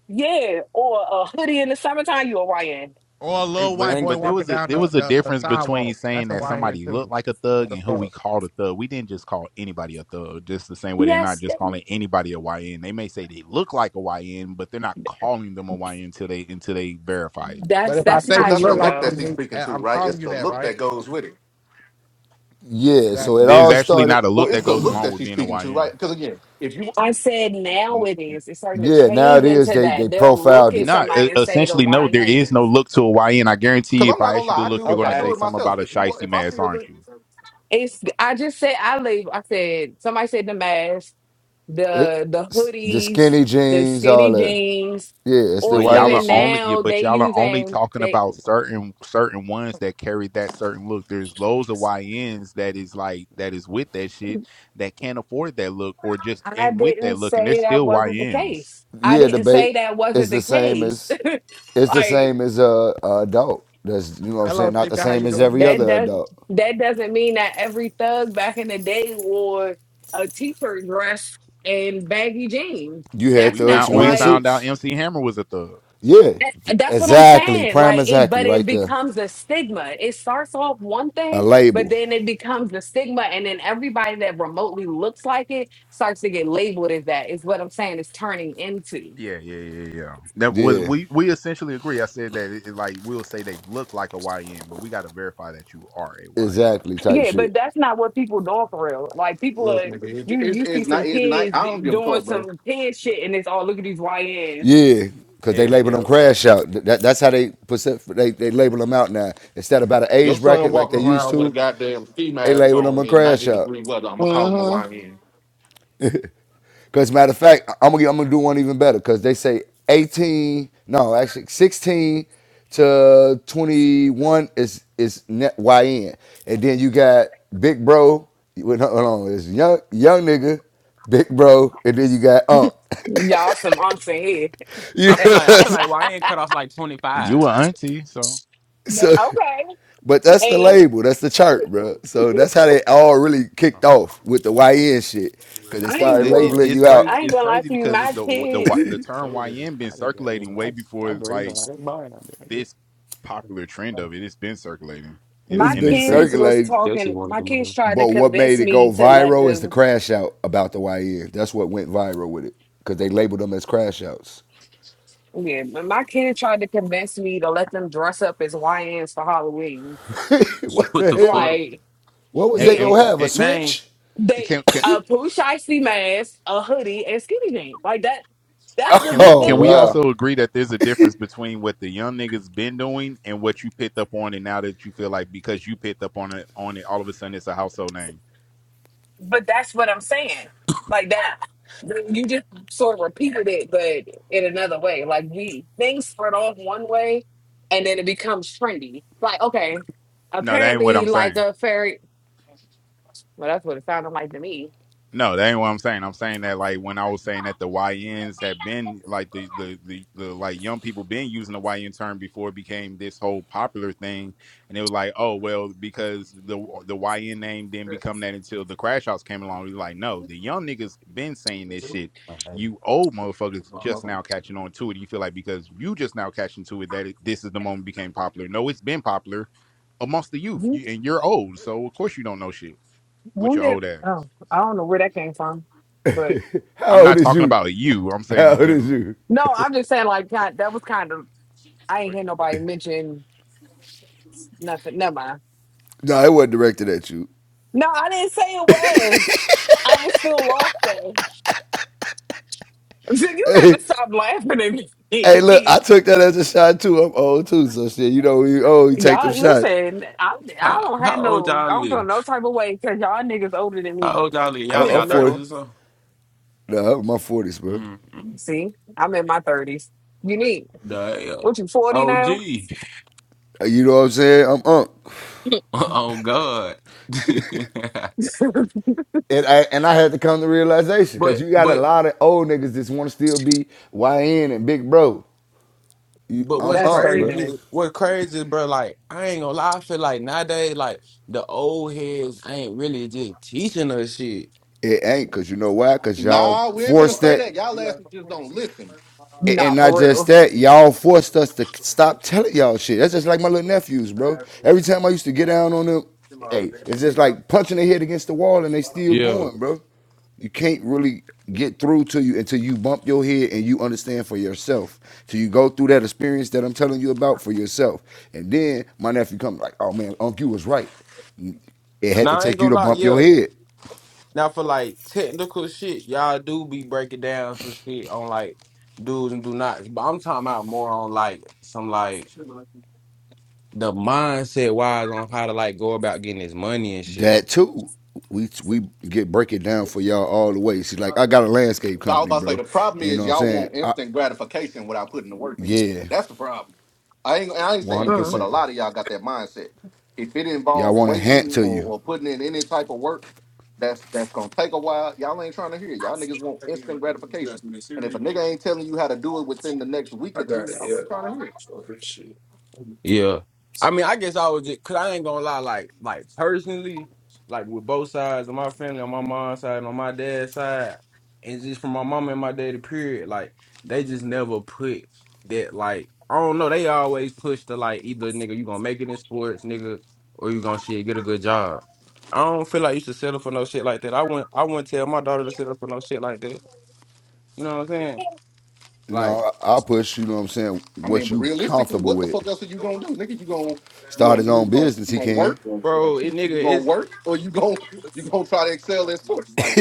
S25: yeah, or a hoodie in the summertime, you Orion.
S1: Or a
S4: Hey,
S1: little
S4: but
S12: I
S1: white
S12: ain't.
S1: boy
S4: but there
S1: walking
S4: was a
S1: down
S4: there
S1: the,
S4: was a
S1: the, the
S4: difference between
S1: sidewalk.
S4: saying
S1: That's a
S4: that
S1: YN
S4: somebody looked
S1: too.
S4: like a
S1: What
S4: thug
S1: the
S4: and who we
S1: fuck?
S4: called a thug. We didn't just call anybody a thug. Just the same way they're not
S25: Yes,
S4: just calling anybody a YN. They may say they look like a YN, but they're not calling them a YN until they until they verify it.
S1: But
S25: that's
S1: if I
S25: that's
S1: say
S26: But
S1: you
S25: not
S26: that's the
S1: look
S25: true
S26: look
S1: like me,
S25: though.
S26: that she's
S1: Nick,
S26: speaking
S1: and
S26: to,
S1: I'm
S26: right? It's
S1: calling you
S26: the
S1: that,
S26: look
S1: right?
S26: that goes with it.
S23: Yeah, so
S1: Exactly.
S23: it
S4: There's
S23: all
S4: actually
S23: started.
S4: not a
S26: Well,
S4: look
S26: it's
S4: that
S26: the
S4: goes
S26: look
S4: along
S26: that
S4: with
S26: she's
S4: being a
S26: speaking to, right?
S4: YN.
S26: Because again, if you,
S25: I
S26: because
S25: said now it is. It's starting to
S23: Yeah, now
S25: change
S23: it is.
S25: into
S23: They they
S25: that. They'll look
S23: profiled it.
S25: at
S4: Not
S25: somebody
S4: e-
S25: and say the
S4: essentially, no. There is no
S25: Orions.
S4: look to a YN. I guarantee,
S26: I'm
S4: if
S26: not
S4: I
S26: gonna
S4: ask you to
S26: lie, I
S4: look,
S26: do
S4: you're
S26: it.
S4: going
S26: I
S4: to
S25: Okay.
S26: do
S4: say
S26: it
S4: something
S26: myself.
S4: about a
S26: If you, wa-
S4: shiesty
S26: if I see
S4: mask,
S26: a
S4: aren't
S26: look,
S4: you?
S25: It's I just said I leave. I said somebody said the mask,
S23: it
S25: the the
S23: the
S25: hoodies,
S23: skinny
S25: the
S23: jeans, all
S25: skinny
S23: that.
S25: jeans,
S23: Yeah, it's the
S25: or
S4: But y'all
S23: YN
S4: are
S25: even
S23: shit.
S4: only, yeah,
S25: now
S4: but
S25: they
S4: y'all are only
S25: using
S4: talking
S25: they
S4: about certain certain ones that carry that certain look. There's loads of YNs that is like that is with that shit that can't afford that look or just
S25: I
S4: ain't with that
S25: didn't
S4: look, and they're
S25: say that
S4: still
S25: wasn't the
S4: YNs.
S25: case. I
S23: yeah,
S25: didn't
S23: debate
S25: say that
S23: is
S25: wasn't the
S23: the same
S25: case.
S23: as
S25: (laughs)
S23: it's the
S25: like
S23: same as a, a adult. That's you know what I'm saying.
S1: Hello,
S23: Not the
S1: Sika. How
S23: same
S1: you
S23: as
S1: doing,
S23: every
S25: That
S1: Sika?
S23: other
S25: does
S23: adult.
S25: that doesn't mean that every thug back in the day wore a t-shirt dress and baggy jeans.
S23: You had
S25: That's
S4: We
S23: thugs
S4: found
S25: not
S4: we
S23: wearing
S25: like
S4: found out
S23: suits.
S4: MC Hammer was a thug.
S23: Yeah, th-
S25: that, that's what I'm
S23: exactly.
S25: saying.
S23: Prime
S25: Like it,
S23: exactly
S25: but it
S23: right there.
S25: becomes a stigma. It starts off one
S23: A
S25: thing, but
S23: label.
S25: then it becomes a stigma, and then everybody that remotely looks like it starts to get labeled as that. Is what I'm saying. It's turning into.
S4: Yeah, yeah, yeah, yeah. yeah. That was
S23: Yeah,
S4: we we essentially agree. I said that it, it, like we'll say they look like a YN, but we got to verify that you are a YN.
S23: exactly. Type
S25: Yeah, but
S23: shit.
S25: that's not what people doing for real. Like people
S26: look,
S25: are
S26: nigga, it-
S25: you
S26: it's
S25: you see some kids
S26: some
S25: doing
S26: fuck, bro.
S25: some kid shit and it's all look at these YNs.
S23: Yeah, cause they
S12: Hell
S23: label them
S12: yeah.
S23: crash out. Th- That, that's how they percent. They they label them out now instead of about an
S26: Your
S23: age
S26: son
S23: bracket like
S26: walking
S23: they used
S26: around with a
S23: to.
S26: goddamn ski
S23: They
S26: mask
S23: label them
S26: on
S23: a
S26: in
S23: crash
S26: 90
S23: out.
S26: degree weather. I'm gonna
S25: Mm.
S26: call him a YN.
S23: Because matter of fact, I'm gonna I'm gonna do one even better. Because they say 18, no, actually 16 to 21 is is net YN, and then you got Big Bro. Wait, no, hold on, it's young young nigga, Big Bro, and then you got Unk.
S25: Y'all some unks in
S23: (laughs) you know,
S12: I
S25: here.
S12: feel
S25: (laughs)
S23: what
S12: like I
S23: I'm
S12: feel
S23: saying?
S12: like YN cut off like twenty
S4: You
S12: five.
S4: a auntie, so
S25: But,
S23: so.
S25: okay.
S23: But that's the
S25: And
S23: label, that's the chart, bro. So that's how they all really kicked off with the YN shit, because they
S25: I
S4: well.
S23: started
S25: ain't
S4: It, it
S25: go
S23: labeling
S4: it's
S23: you out.
S4: crazy.
S25: I ain't
S4: It's
S25: gonna lie
S4: crazy
S25: to you,
S4: because the
S25: my
S4: the the,
S25: kids
S4: the term
S12: So did-
S4: YN been
S12: I didn't got
S4: circulating
S12: him. I
S4: way
S12: just,
S4: before
S12: I'm raising
S4: like
S12: my own mind out
S4: this popular trend
S12: there.
S4: of it. It's been circulating in
S25: my
S23: It's
S4: in the
S23: been
S25: kids
S4: streets,
S25: was
S23: circulating.
S12: Chelsea
S25: talking
S12: wanted
S25: my
S12: them
S25: kids
S12: all.
S25: tried to
S23: But what made
S25: convince
S23: it go
S25: me to let
S23: viral is the
S25: them
S23: crash out about the YN. That's what went viral with it because they labeled them as crash outs.
S25: yeah, but my kids tried to convince me to let them dress up as YNs for Halloween.
S23: (laughs) what
S12: What
S23: the
S12: the
S23: hell?
S12: fuck,
S25: Like,
S23: What was
S4: and
S23: they
S25: yeah.
S4: and
S23: gonna have? A
S12: man?
S23: switch?
S25: They
S4: it.
S25: a pooch icy mask, a hoodie, and skinny jeans. Like that. That's the
S4: Can
S25: get the
S23: Oh
S4: can we
S25: look.
S23: wow!
S4: also agree that there's a difference between what the young niggas been doing and what you picked up on, and now that you feel like because you picked up on it on it, all of a sudden it's a household name?
S25: But that's what I'm saying. Like that. You just sort of repeated it, but in another way. Like we things start off one way, and then it becomes trendy. Like okay,
S4: No, that ain't what
S25: apparently,
S4: I'm
S25: like
S4: saying.
S25: a fairy. Well, that's what it sounded like to me.
S4: No, that ain't what I'm saying. I'm saying that like when I was saying that the YNs have been like the the the, the like young people been using the YN term before it became this whole popular thing, and it was like, oh well, because the the YN name didn't become that until the Crash House came along. We like, no, the young niggas been saying this shit. You old motherfuckers just now catching on to it. You feel like because you just now catching to it that it, this is the moment it became popular. No, it's been popular amongst the youth,
S25: You
S4: you, and you're old, so of course you don't know shit with your
S25: wonder.
S4: old ass.
S25: Oh, I don't know where that came from, but
S23: (laughs)
S4: I'm
S23: How old
S4: not
S23: is
S4: talking
S23: you?
S4: about you. I'm saying
S23: How
S4: in
S23: old is
S4: general.
S23: you?
S25: no, I'm just saying. Like God, that was kind of. I ain't hear nobody mention nothing. Never mind.
S23: No, it wasn't directed at you. (laughs)
S25: No, I didn't say it was. I was still lost though. So (laughs) You got
S23: Hey,
S25: to stop laughing at
S23: hey, look,
S25: me.
S23: I took that as a shot too. I'm old too, so shit. You know, when you old,
S25: (laughs)
S23: you take them
S25: y'all,
S23: shots.
S25: listen, I, I
S12: How,
S25: don't have
S12: how old
S25: no,
S12: y'all
S25: I don't feel
S12: live?
S25: no type of way because y'all niggas older than
S12: How
S25: me.
S12: old y'all live?
S23: I'm,
S12: Y'all
S25: I'm
S12: in
S25: in the
S23: I'm
S12: y'all
S23: forty.
S12: thirties
S25: middle.
S12: or something?
S23: No, I'm in my forties, bro.
S12: Mm-hmm.
S25: See, I'm in my 30s. You need,
S12: Damn.
S25: what you, 40 now?
S12: OG.
S23: You know what I'm saying? I'm unk.
S12: (laughs) oh God. (laughs)
S23: And I, and I had to come to realization because
S12: but
S23: you got a
S12: but
S23: lot of old niggas that want to still be YN and big bro. You,
S12: But
S23: I'm
S12: what's
S25: That's
S23: up, bro.
S25: crazy.
S12: crazy, what crazy, bro, like, I ain't gonna lie, I feel like nowadays, like, the old heads ain't really just teaching us shit.
S23: It ain't because you know why? Because y'all
S26: Nah, we ain't finna
S23: forced
S26: say
S23: that.
S26: that. Y'all asses just don't listen.
S23: And
S25: Nah,
S23: not just
S25: for
S23: that, y'all forced us to stop telling y'all shit. That's just like my little nephews, bro. Every time I used to get down on them, hey, it's just like punching their head against the wall and they still
S12: Yeah.
S23: going, bro. You can't really get through to you until you bump your head and you understand for yourself. Till you go through that experience that I'm telling you about for yourself. And then my nephew comes like, oh man, Unc, you was right. It had to
S12: Now, I ain't
S23: take you
S12: gonna
S23: to
S12: lie,
S23: bump your
S12: yeah.
S23: head.
S12: Now, for, like, technical shit, y'all do be breaking down some shit on, like, do's and do nots. But I'm talking about more on, like, some, like, the mindset wise on how to, like, go about getting this money and shit.
S23: That too. We we get break it down for y'all all the way. She's
S12: I
S23: like, I got a landscape
S26: I was
S23: company,
S26: about to say
S23: bro.
S26: the problem
S23: And you know
S26: is
S23: what I'm
S26: y'all
S23: saying?
S26: want
S23: I,
S26: instant gratification without putting the work in there.
S23: yeah,
S26: That's the problem. I ain't I ain't saying you,
S25: real.
S26: but a
S23: 100%.
S26: lot of y'all got that mindset. If it
S23: Y'all
S26: involves
S23: want to hand
S26: waiting
S23: to you.
S26: or, or putting in any type of work, that's that's gonna take a while. Y'all ain't trying to hear. it. Y'all niggas want instant gratification. And if a nigga ain't telling you how to do it within the next week or two,
S12: got it.
S26: y'all
S12: Yeah.
S26: ain't trying to hear. it.
S12: Sure, shit. Yeah. I mean, I guess I was just, cause I ain't gonna lie, like, like personally, like with both sides of my family, on my mom's side, and on my dad's side, and just from my mom and my daddy, period, like, they just never put that, like, I don't know, they always push the, like, either nigga, you gonna make it in sports, nigga, or you gonna shit, get a good job. I don't feel like you should settle for no shit like that. I wouldn't, I wouldn't tell my daughter to settle for no shit like that. You know what I'm saying?
S23: You know, I, will push, you know what I'm saying,
S26: I mean,
S23: what
S26: but
S23: you
S12: Like,
S26: realistically,
S23: comfortable
S26: what the
S23: with.
S26: fuck else are you gonna do, nigga? You gonna you
S23: Start
S26: gonna
S23: his
S26: you
S23: own
S26: either gonna
S23: business,
S26: you
S23: he
S26: gonna work?
S23: can.
S26: (laughs)
S12: Bro, it nigga,
S26: You gonna
S12: it's
S26: work, or you gonna you gonna try to excel at sports?
S23: (laughs)
S26: Like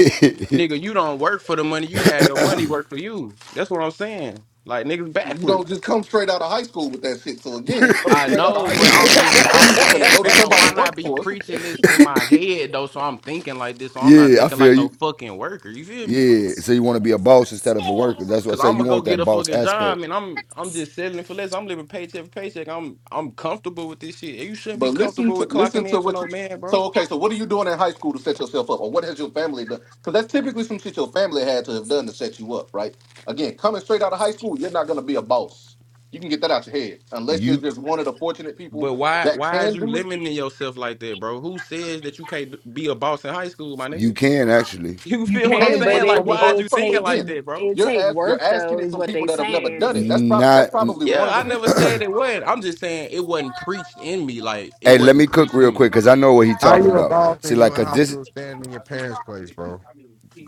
S12: nigga, you don't work for the money. You had your money work for you. That's what I'm saying. Like niggas
S26: You
S12: backward.
S26: don't just come straight out of high school with that shit. So again, coming
S12: I
S26: straight out of
S12: know,
S26: high
S25: Mm.
S12: but
S26: school,
S12: I'm just I'm
S26: you either finna
S12: saying,
S26: go
S25: (laughs)
S26: to
S12: fam,
S26: somebody
S12: why
S26: at
S12: not be
S26: workforce,
S12: preaching this in my head though? So I'm thinking like this, so I'm not
S23: yeah, I
S12: thinking
S23: feel
S12: like no
S23: you.
S12: fucking worker. You feel me?
S23: Yeah, so you want to be a boss instead of a worker. That's what I
S12: Cause
S23: say.
S12: I'm
S23: You
S12: gonna go
S23: want
S12: get
S23: that
S12: a
S23: boss
S12: fucking job,
S23: aspect.
S12: and I'm I'm just settling for less. I'm living paycheck for paycheck. I'm I'm comfortable with this shit. You shouldn't
S26: but
S12: be
S26: listen
S12: comfortable
S26: to
S12: with
S26: listen
S12: clocking in
S26: to
S12: for
S26: what
S12: no
S26: you.
S12: man,
S26: So
S12: bro.
S26: okay, so what are you doing in high school to set yourself up, or what has your family done? Because that's typically some shit your family had to have done to set you up, right? Again, coming straight out of high school, you're not gonna be a boss. You can get that out your head, unless you're
S23: You
S26: just one of the fortunate people
S12: But why
S26: that
S12: why is
S26: can
S12: you
S26: do it.
S12: limiting yourself like that, bro? Who says that you can't be a boss in high school, my
S23: you
S12: nigga? (laughs)
S23: can actually
S12: You
S25: You
S26: You
S12: feel what I'm
S25: can,
S26: can, but
S25: but
S12: saying?
S26: it's
S25: it
S26: gonna
S12: Like,
S26: be
S12: why is
S26: hard as
S12: you
S25: it
S26: fuck. But
S12: thinking
S25: takes
S12: like
S26: again,
S12: that, bro?
S25: it
S26: you're
S25: take
S26: ask,
S25: work
S26: you're asking
S25: though,
S26: it
S25: is
S26: from
S25: what
S26: people
S25: they
S26: that have never
S25: saying.
S26: done it. That's prob-
S23: not.
S26: that's probably
S23: Hey,
S26: one
S12: Yeah,
S26: of
S12: I
S26: the
S12: never
S26: issues.
S12: said it was I'm just saying it wasn't preached in me. Like, it
S23: let me
S12: wasn't
S23: cook
S12: preached
S23: real
S12: in
S23: quick
S12: me.
S23: because I know what he's
S1: How
S23: talking
S1: you a
S23: about. See,
S1: and you
S23: like,
S1: in
S23: cause
S1: high
S23: this
S1: school standing in your parents' place, bro?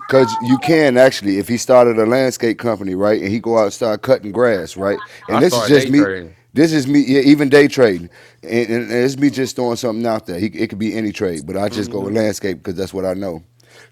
S23: Cause you can actually, if he started a landscape company, right, and he go out and start cutting grass, right, and
S12: I
S23: this is
S12: started
S23: just
S12: day
S23: me,
S12: trading.
S23: this is me, yeah, even day trading, and, and, and it's me just throwing something out there. He, it could be any trade, but I just go
S12: Hmm.
S23: with landscape because that's what I know.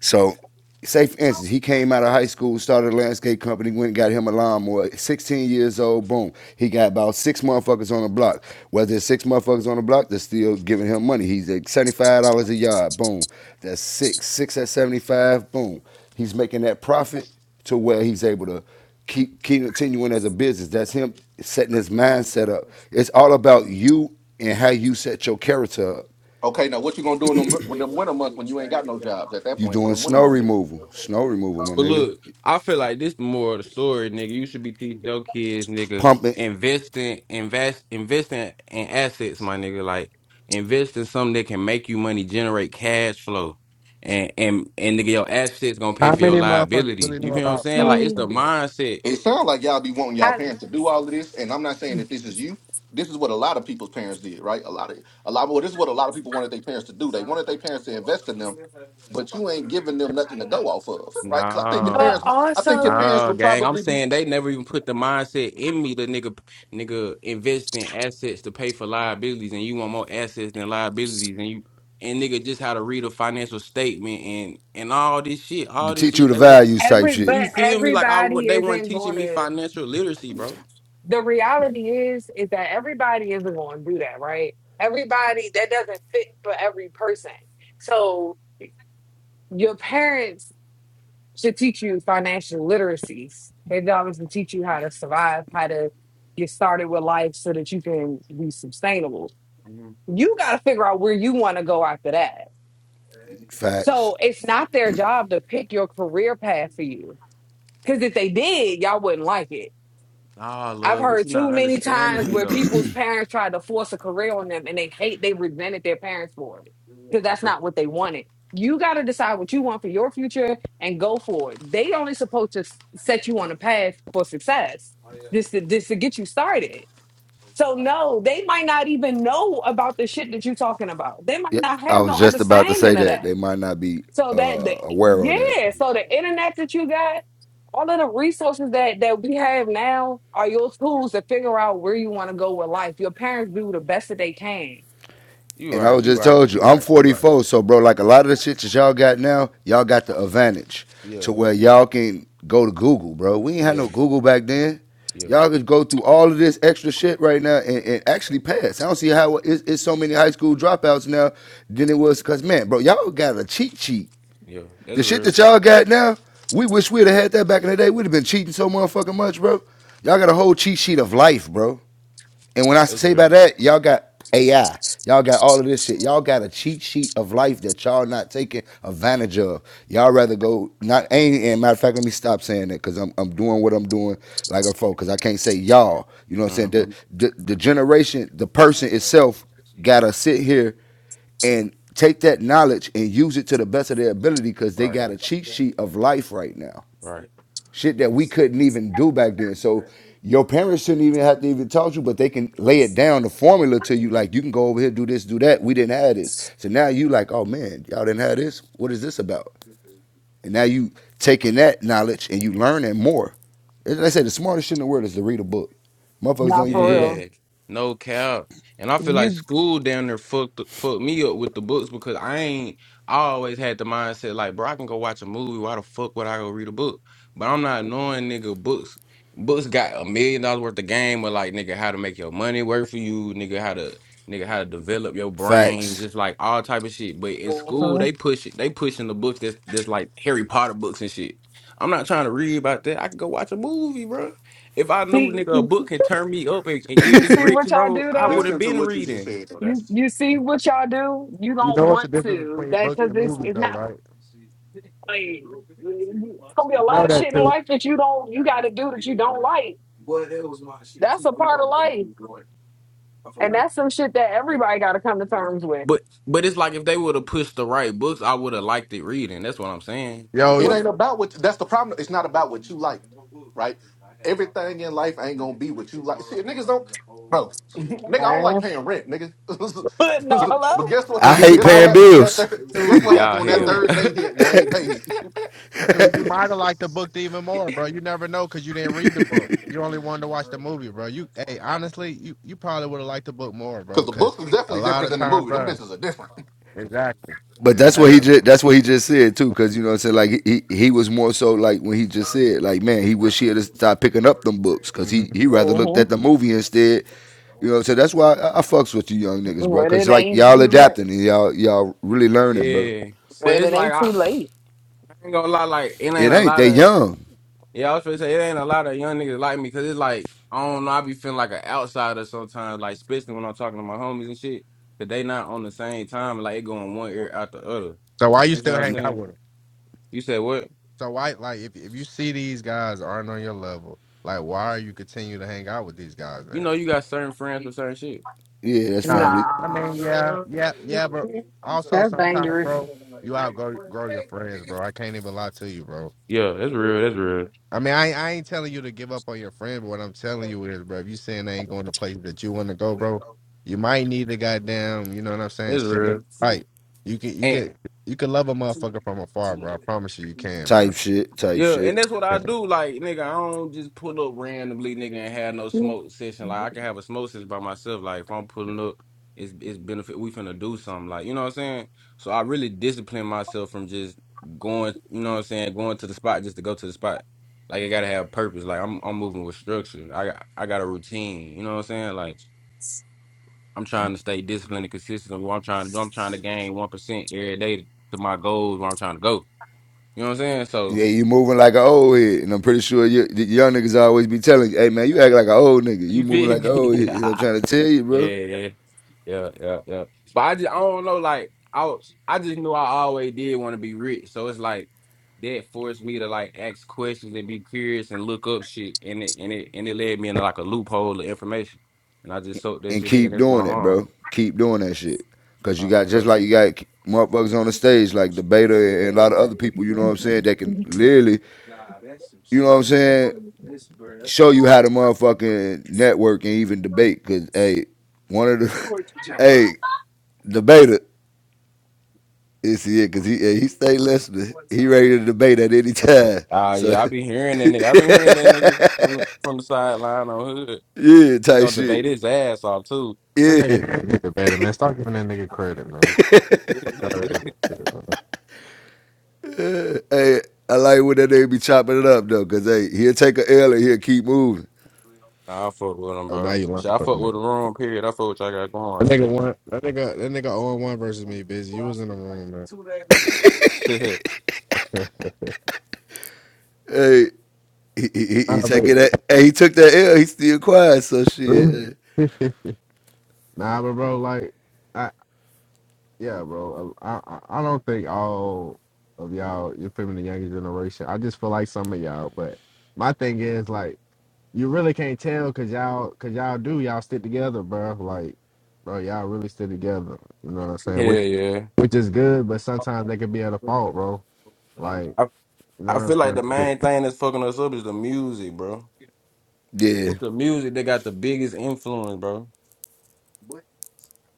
S23: So, say for instance, he came out of high school, started a landscape company, went and got him a lawnmower. Sixteen years old, boom, he got about six motherfuckers on the block. Whether it's six motherfuckers on the block, they're still giving him money. He's at seventy five dollars a yard, boom. That's six, six at seventy five, boom He's making that profit to where he's able to keep, keep continuing as a business. That's him setting his mindset up. It's all about you and how you set your character up.
S26: Okay, now what you gonna do in them, with them winter months when you ain't got no jobs at that
S23: You
S26: point? When
S23: doing
S26: the winter
S23: snow
S26: months, hit?
S23: removal, snow removal, my
S12: But
S23: nigga.
S12: look, I feel like this the moral of the story, nigga. You should be teaching your kids, nigga,
S23: Pumping
S12: investing, invest, investing in assets, my nigga. Like invest in something that can make you money, generate cash flow, and and and nigga, your assets gonna pay
S1: How
S12: for your
S1: many motherfuckers
S12: liabilities.
S1: really know
S12: You feel what I'm
S1: about
S12: saying? Like
S1: stocks,
S12: it's
S1: though,
S12: the
S25: Mm.
S1: bro?
S12: mindset.
S26: it sounds like y'all be wanting y'all parents to do all of this, and I'm not saying that this is you. This is what a lot of people's parents did, right? A lot of a lot. Well, this is what a lot of people wanted their parents to do. They wanted their parents to invest in them, but you ain't giving them nothing to go off of, right? Because I think your
S25: But
S12: No,
S26: parents, I think your
S25: also
S26: parents
S12: no,
S26: would
S12: gang. I'm
S26: probably be
S12: saying they never even put the mindset in me to nigga, nigga invest in assets to pay for liabilities, and you want more assets than liabilities, and you and nigga just how to read a financial statement and and all this shit,
S23: to
S12: all this
S23: teach you
S12: shit.
S23: the
S12: They would,
S23: values type
S25: every
S23: shit.
S12: you
S25: but
S12: feel me? Like I would,
S25: everybody
S12: they weren't
S25: isn't
S12: teaching me
S25: gonna
S12: financial literacy, bro.
S25: the reality is is that everybody isn't gonna do that, right? Everybody that doesn't fit for every person. So your parents should teach you financial literacy. They obviously teach you how to survive, how to get started with life so that you can be sustainable.
S12: Mhm.
S25: You gotta figure out where you wanna go after that.
S23: Facts.
S25: So it's not their job to pick your career path for you Because if they did, y'all wouldn't like it.
S12: Nah,
S25: I've
S12: love, but
S25: heard
S12: you're not
S25: too many
S12: understanding
S25: times
S12: me
S25: where
S12: though.
S25: people's parents tried to force a career on them and they hate, they resented their parents for it because that's
S12: But
S25: not what they wanted. You got to decide what you want for your future and go for it. They only supposed to s- set you on a path for success, just to, just to get you started. So no, they might not even know about the shit that you're talking about. They might
S23: Yeah,
S25: not
S23: I
S25: have
S23: was
S25: no
S23: just about to say
S25: understanding of
S23: that.
S25: that.
S23: They might not be
S25: So that the
S23: uh, aware of that.
S25: yeah, so the internet that you got, all of the resources that that we have now are your tools to figure out where you want to go with life. Your parents do the best that they can.
S12: you
S23: And I
S12: right,
S23: was
S12: you
S23: just
S12: right,
S23: told you,
S12: you
S23: I'm
S12: right, you right.
S23: 44, so bro, like a lot of the shit that y'all got now, y'all got the advantage
S12: Yeah,
S23: to where y'all can go to Google, bro. We ain't had
S12: yeah,
S23: no Google back then.
S12: yeah,
S23: Y'all could go through all of this extra shit right now and, and actually pass. I don't see how it's, it's so many high school dropouts now than it was. Cause man, bro, y'all got a cheat sheet.
S12: yeah. That's
S23: The shit
S12: real.
S23: that y'all got now, we wish we'd have had that back in the day. We'd have been cheating so motherfucking much, bro. Y'all got a whole cheat sheet of life, bro. And when I
S12: That's
S23: say
S12: real.
S23: by that, y'all got AI. Y'all got all of this shit. Y'all got a cheat sheet of life that y'all not taking advantage of. Y'all rather go not ain't and matter of fact, let me stop saying that because I'm I'm doing what I'm doing like a folk because I can't say y'all. You know what I'm saying? The,
S12: Mm-hmm.
S23: the the generation, the person itself gotta sit here and take that knowledge and use it to the best of their ability because they
S12: Right,
S23: got a cheat sheet of life right now
S12: right.
S23: shit that we couldn't even do back then. So your parents shouldn't even have to even talk to you, but they can lay it down the formula to you. Like you can go over here, do this, do that. We didn't have this, so now you like, oh man, y'all didn't have this. What is this about? And now you taking that knowledge and you learning more. As I say the smartest shit in the world is to read a book. Motherfuckers don't
S25: Not
S23: even
S25: for
S23: do that.
S12: Yeah,
S25: real.
S12: no cap. And I feel like
S25: You
S12: school down there fucked fucked me up with the books because I ain't. I always had the mindset like, bro, I can go watch a movie. Why the fuck would I go read a book? But I'm not knowing, nigga. Books, books got a million dollars worth of game with like, nigga, how to make your money work for you, nigga, how to, nigga, how to develop your brain,
S23: Facts.
S12: just like all type of shit. But in school,
S25: Mhm.
S12: they push it. They pushing the books that's that's like Harry Potter books and shit. I'm not trying to read about that. I can go watch a movie, bro. If I knew
S25: see,
S12: nigga a book could turn me up and, and get
S25: you
S12: me
S25: see
S12: rich,
S25: what y'all
S12: bro,
S25: do
S12: I would
S25: though.
S12: have
S26: listen to
S12: been
S26: what you just
S12: reading.
S26: said. though.
S25: You
S26: That's
S25: you see what y'all do. You
S1: You
S25: don't
S1: know what's the
S25: want
S1: difference
S25: to
S1: between
S25: that
S1: books
S25: because
S1: and
S25: it's
S1: movies,
S25: it's
S1: though,
S25: not
S1: right?
S25: fun. It's gonna be a
S1: You
S25: lot
S1: know
S25: of
S1: that
S25: shit in
S1: too.
S25: life that you don't you got to do that you don't like. That's a part of life, and that's some shit that everybody got to come to terms with.
S12: But but it's like if they would have pushed the right books, I would have liked it reading. That's what I'm saying.
S26: It
S1: Yo,
S25: What's
S26: ain't about what that's the problem. It's not about what you like, right? Everything in life ain't gonna be what you like. See, niggas don't bro, (laughs) nigga, I don't like
S25: man?
S26: paying rent, nigga.
S25: (laughs)
S26: (laughs)
S25: no,
S26: but
S25: hello.
S26: guess what?
S23: I
S1: Nigga, you
S23: hate
S26: Guess
S1: might
S26: what
S23: paying
S1: have
S26: happened when that
S23: bills.
S26: third guess
S1: two,
S26: what happened
S12: Y'all
S26: when that
S1: two,
S12: hell. (laughs)
S26: third day hit and I ain't paid? (laughs)
S1: two. You might have liked the book even more, bro. You never know because you didn't read the book. You only wanted to watch the movie, bro. You, hey, honestly, you you probably would have liked the book more, bro.
S26: Because the
S1: Because
S26: book is
S1: a
S26: definitely
S1: lot
S26: different
S1: of
S26: than the
S1: times,
S26: movie. Them
S1: bro.
S26: bitches are different.
S1: Exactly,
S23: But that's what he
S12: yeah.
S1: exactly.
S23: just that's what he just said too, because you know what I'm saying. Like he he was more so like when he just said like man he wish he had stopped picking up them books because
S1: hmm
S23: he he rather looked
S25: mm-hmm.
S23: at the movie instead. You know what I'm saying. That's why I, I fucks with you young niggas, bro.
S25: But
S23: Because
S25: it
S23: like
S25: ain't
S23: y'all
S25: too late.
S23: adapting and y'all y'all really learning, bro.
S12: Yeah.
S25: But
S12: But it's
S25: it
S12: like
S25: ain't
S12: I,
S25: too late.
S12: I ain't gonna lie, like it ain't
S23: It
S12: a
S23: ain't
S12: lot
S23: they
S12: of
S23: young.
S12: yeah, I was gonna say it ain't a lot of young niggas like me because it's like I don't know, I be feeling like an outsider sometimes, like especially when I'm talking to my homies and shit. Cause they not on the same time, like it going one ear out the other.
S1: So why you
S12: You know
S1: still
S12: what I'm
S1: hang out
S12: saying?
S1: with them?
S12: You said what?
S1: So why, like, if if you see these guys aren't on your level, like, why are you continue to hang out with these guys
S12: you
S1: then?
S12: know, you got certain friends with certain shit.
S23: Yeah, that's
S1: Nah, no.
S23: family
S1: I
S25: Nah,
S1: mean, yeah, yeah, yeah, but also
S25: that's
S1: sometimes,
S25: dangerous.
S1: bro, you outgrow grow your friends, bro. I can't even lie to you, bro
S12: Yeah, that's real. That's real.
S1: I mean, I, I ain't telling you to give up on your friend, but what I'm telling you is, bro, if you saying they ain't going to places that you want to go, bro, you might need the goddamn, you know what I'm saying?
S12: That's
S1: Shit,
S12: real.
S1: right? You can, you
S12: And
S1: can, you can love a motherfucker from afar, bro. I promise you, you can, bro.
S23: type shit type
S12: yeah, and
S23: shit.
S12: that's what I do. Like, nigga, I don't just pull up randomly, nigga, and have no smoke session. Like, I can have a smoke session by myself. Like, if I'm pulling up, it's it's benefit. We finna do something. Like, you know what I'm saying? So I really discipline myself from just going. You know what I'm saying? Going to the spot just to go to the spot. Like, I gotta have purpose. Like, I'm I'm moving with structure. I got I got a routine. You know what I'm saying? Like. I'm trying to stay disciplined and consistent. What I'm trying to do, I'm trying to gain one percent every day to my goals. Where I'm trying to go. You know what I'm saying? So
S23: Yeah, you moving like an old head, and I'm pretty sure you, the young niggas always be telling you, "Hey man, you act like an old nigga. You
S12: you
S23: moving
S12: feel
S23: like an
S12: me? (laughs)
S23: old head." You know what I'm
S12: yeah,
S23: trying to tell you, bro.
S12: yeah, yeah, yeah, yeah. But I just I don't know. Like I was- I just knew I always did want to be rich. So it's like that forced me to like ask questions and be curious and look up shit. And it and it and it led me into like a loophole of information. And I just soaked that
S23: and
S12: shit in.
S23: keep
S12: That's what
S23: doing
S12: I'm
S23: it,
S12: on.
S23: bro. Keep doing that shit. Cause you
S12: Uh,
S23: got just
S12: so
S23: like you got motherfuckers on the stage like the beta and a lot of other people, you know what I'm
S25: But
S23: saying, that can literally, you know what I'm saying, show you how to motherfucking network and even debate. Cause hey, one of the (laughs) hey, the beta is yeah, cause he hey, he stay listening. He ready to debate at any time.
S12: Ah,
S23: So
S12: yeah, I be hearing that nigga. I been hearing that nigga from the, from the sideline on hood.
S23: (laughs) yeah,
S12: He
S23: type
S12: gonna debate
S23: shit.
S12: his ass off too.
S1: That
S23: Yeah.
S1: nigga ain't debated, man. Stop giving that nigga credit, man.
S12: (laughs)
S1: Fuck outta here with that shit, man.
S23: Hey, I like when that nigga be chopping it up though, cause hey, he'll take a L and he'll keep moving.
S12: nah, I fuck with him,
S1: Oh, now
S12: bro.
S1: you lying
S12: Shit, I
S1: for the
S12: fuck with
S1: nigga.
S12: the room. Period. I fuck with y'all got going.
S1: That nigga one, that nigga, that nigga 0 1 versus me, bitch. You was in the room,
S12: Shit.
S1: man.
S23: Hey, he, he,
S1: (laughs) nah,
S23: he
S1: but,
S23: taking that. Hey, he took that L. He still quiet. So shit. uh,
S1: (laughs) nah, but bro, like. I, yeah, bro. I, I I don't think all of y'all, you're from the younger generation. I just feel like some of y'all, but my thing is like you really can't tell cause y'all cause y'all do y'all stick together, bro. Like, bro, y'all really stick together. You know what I'm saying?
S12: Yeah,
S1: Which
S12: yeah.
S1: which is good, but sometimes they can be at a fault, bro. Like,
S12: I
S1: you know
S12: I feel
S1: what
S12: like
S1: I'm
S12: the
S1: saying?
S12: main thing that's fucking us up is the music, bro.
S23: Yeah.
S12: It's the music that got the biggest influence, bro.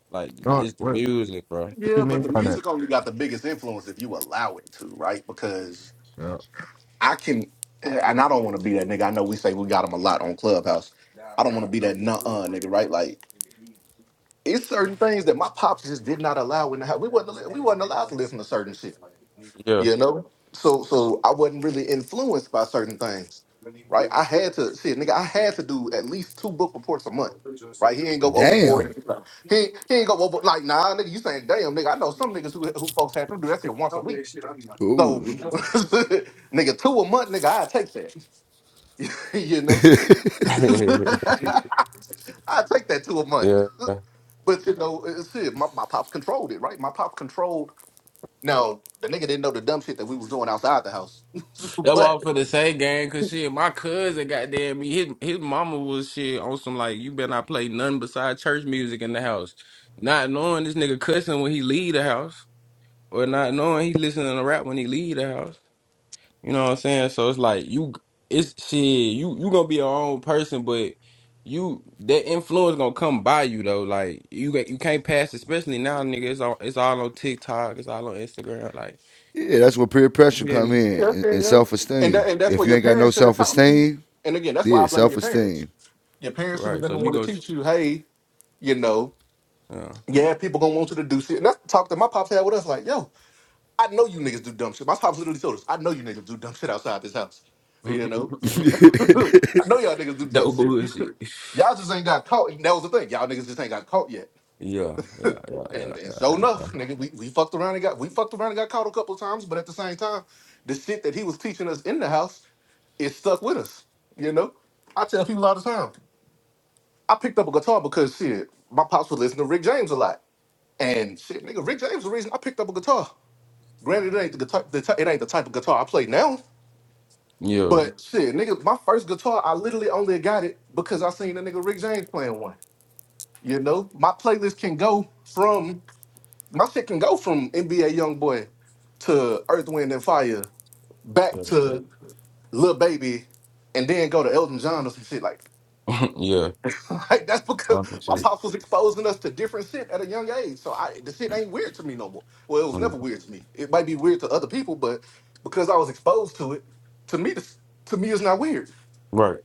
S12: Like
S1: No,
S12: it's
S1: what,
S12: the
S1: what
S12: music, bro.
S1: you
S26: Yeah,
S1: mean
S26: but the
S1: by that?
S26: music only got the biggest influence if you allow it to, right? Because
S1: Yeah.
S26: I can and I don't wanna be that nigga. I know we say we got them a lot on Clubhouse. I don't wanna be that nuh uh nigga, right? Like it's certain things that my pops just did not allow in the house. We wasn't al- we wasn't allowed to listen to certain shit,
S12: Yeah.
S26: you know. So so I wasn't really influenced by certain things, right? I had to shit, nigga. I had to do at least two book reports a month, right? He ain't go
S23: Damn.
S26: overboard. He he ain't go over like nah, nigga. You saying damn, nigga? I know some niggas who who folks have to do that shit once a week. So (laughs)
S23: Ooh.
S26: nigga, two a month, nigga. I take that, (laughs) you know.
S12: (laughs)
S26: (laughs) I take that two a month.
S12: yeah.
S26: But you know, it's it. My, my pops controlled it, right? My pops controlled. Now the nigga didn't know the dumb shit that we was doing outside the house, (laughs)
S12: That
S26: but
S12: was for the same game, cause shit, my cousin goddamn me, his his mama was shit on some like you better not play nothing beside church music in the house. Not knowing this nigga cussing when he leave the house, or not knowing he listening to rap when he leave the house. You know what I'm saying? So it's like you, it's shit. You you gonna be your own person, but you that influence gonna come by you though. Like you got- you can't pass, especially now, nigga. It's all it's all on TikTok. It's all on Instagram. Like
S23: Yeah, that's where peer
S12: you
S23: pressure
S12: feel
S23: come
S12: me?
S23: in
S26: yeah,
S23: and,
S26: yeah,
S23: and
S26: yeah.
S23: self
S26: and
S23: esteem.
S26: that, and that's
S23: If
S26: what
S23: you
S26: your
S23: ain't got no
S26: parents should have
S23: self
S26: taught you.
S23: esteem,
S26: And again, that's why
S23: yeah,
S26: I blame
S23: self
S26: your parents.
S23: esteem.
S26: Your parents should have
S12: Right.
S26: been
S12: So
S26: the
S12: you
S26: one to
S12: go.
S26: teach you, hey, you know,
S12: Yeah.
S26: yeah, people gonna want you to do shit. And that's the talk that my pops had with us, like, yo, I know you niggas do dumb shit. My pops literally told us, I know you niggas do dumb shit outside this house. You
S12: (laughs)
S26: know,
S23: (laughs)
S26: (laughs)
S23: see,
S26: I know y'all niggas do dumb
S12: no
S26: shit.
S12: bullshit.
S26: Y'all just ain't got caught. And that was the thing. Y'all niggas just ain't got caught yet
S12: Yeah, yeah, yeah, yeah,
S26: And and
S12: yeah,
S26: so enough, nigga, we, we fucked around and got we fucked around and got caught a couple of times, but at the same time, the shit that he was teaching us in the house is stuck with us. You know? I tell people all the time. I picked up a guitar because shit, my pops would listen to Rick James a lot. And shit, nigga, Rick James is the reason I picked up a guitar. Granted, it ain't the guitar, the ty- it ain't the type of guitar I play now.
S12: yeah.
S26: But shit, nigga, my first guitar, I literally only got it because I seen the nigga Rick James playing one. You know, my playlist can go from My shit can go from NBA YoungBoy to Earth, Wind and Fire, back
S12: Yeah, yeah.
S26: to Lil Baby, and then go to Elton John or some shit like. (laughs)
S12: (laughs) yeah.
S26: Like that's because
S12: I'm for
S26: my
S12: sure.
S26: pops was exposing us to different shit at a young age. So I the shit ain't weird to me no more. Well, it was
S12: Mm.
S26: never weird to me. It might be weird to other people, but because I was exposed to it, to me, this- to me, it's not weird.
S12: Right.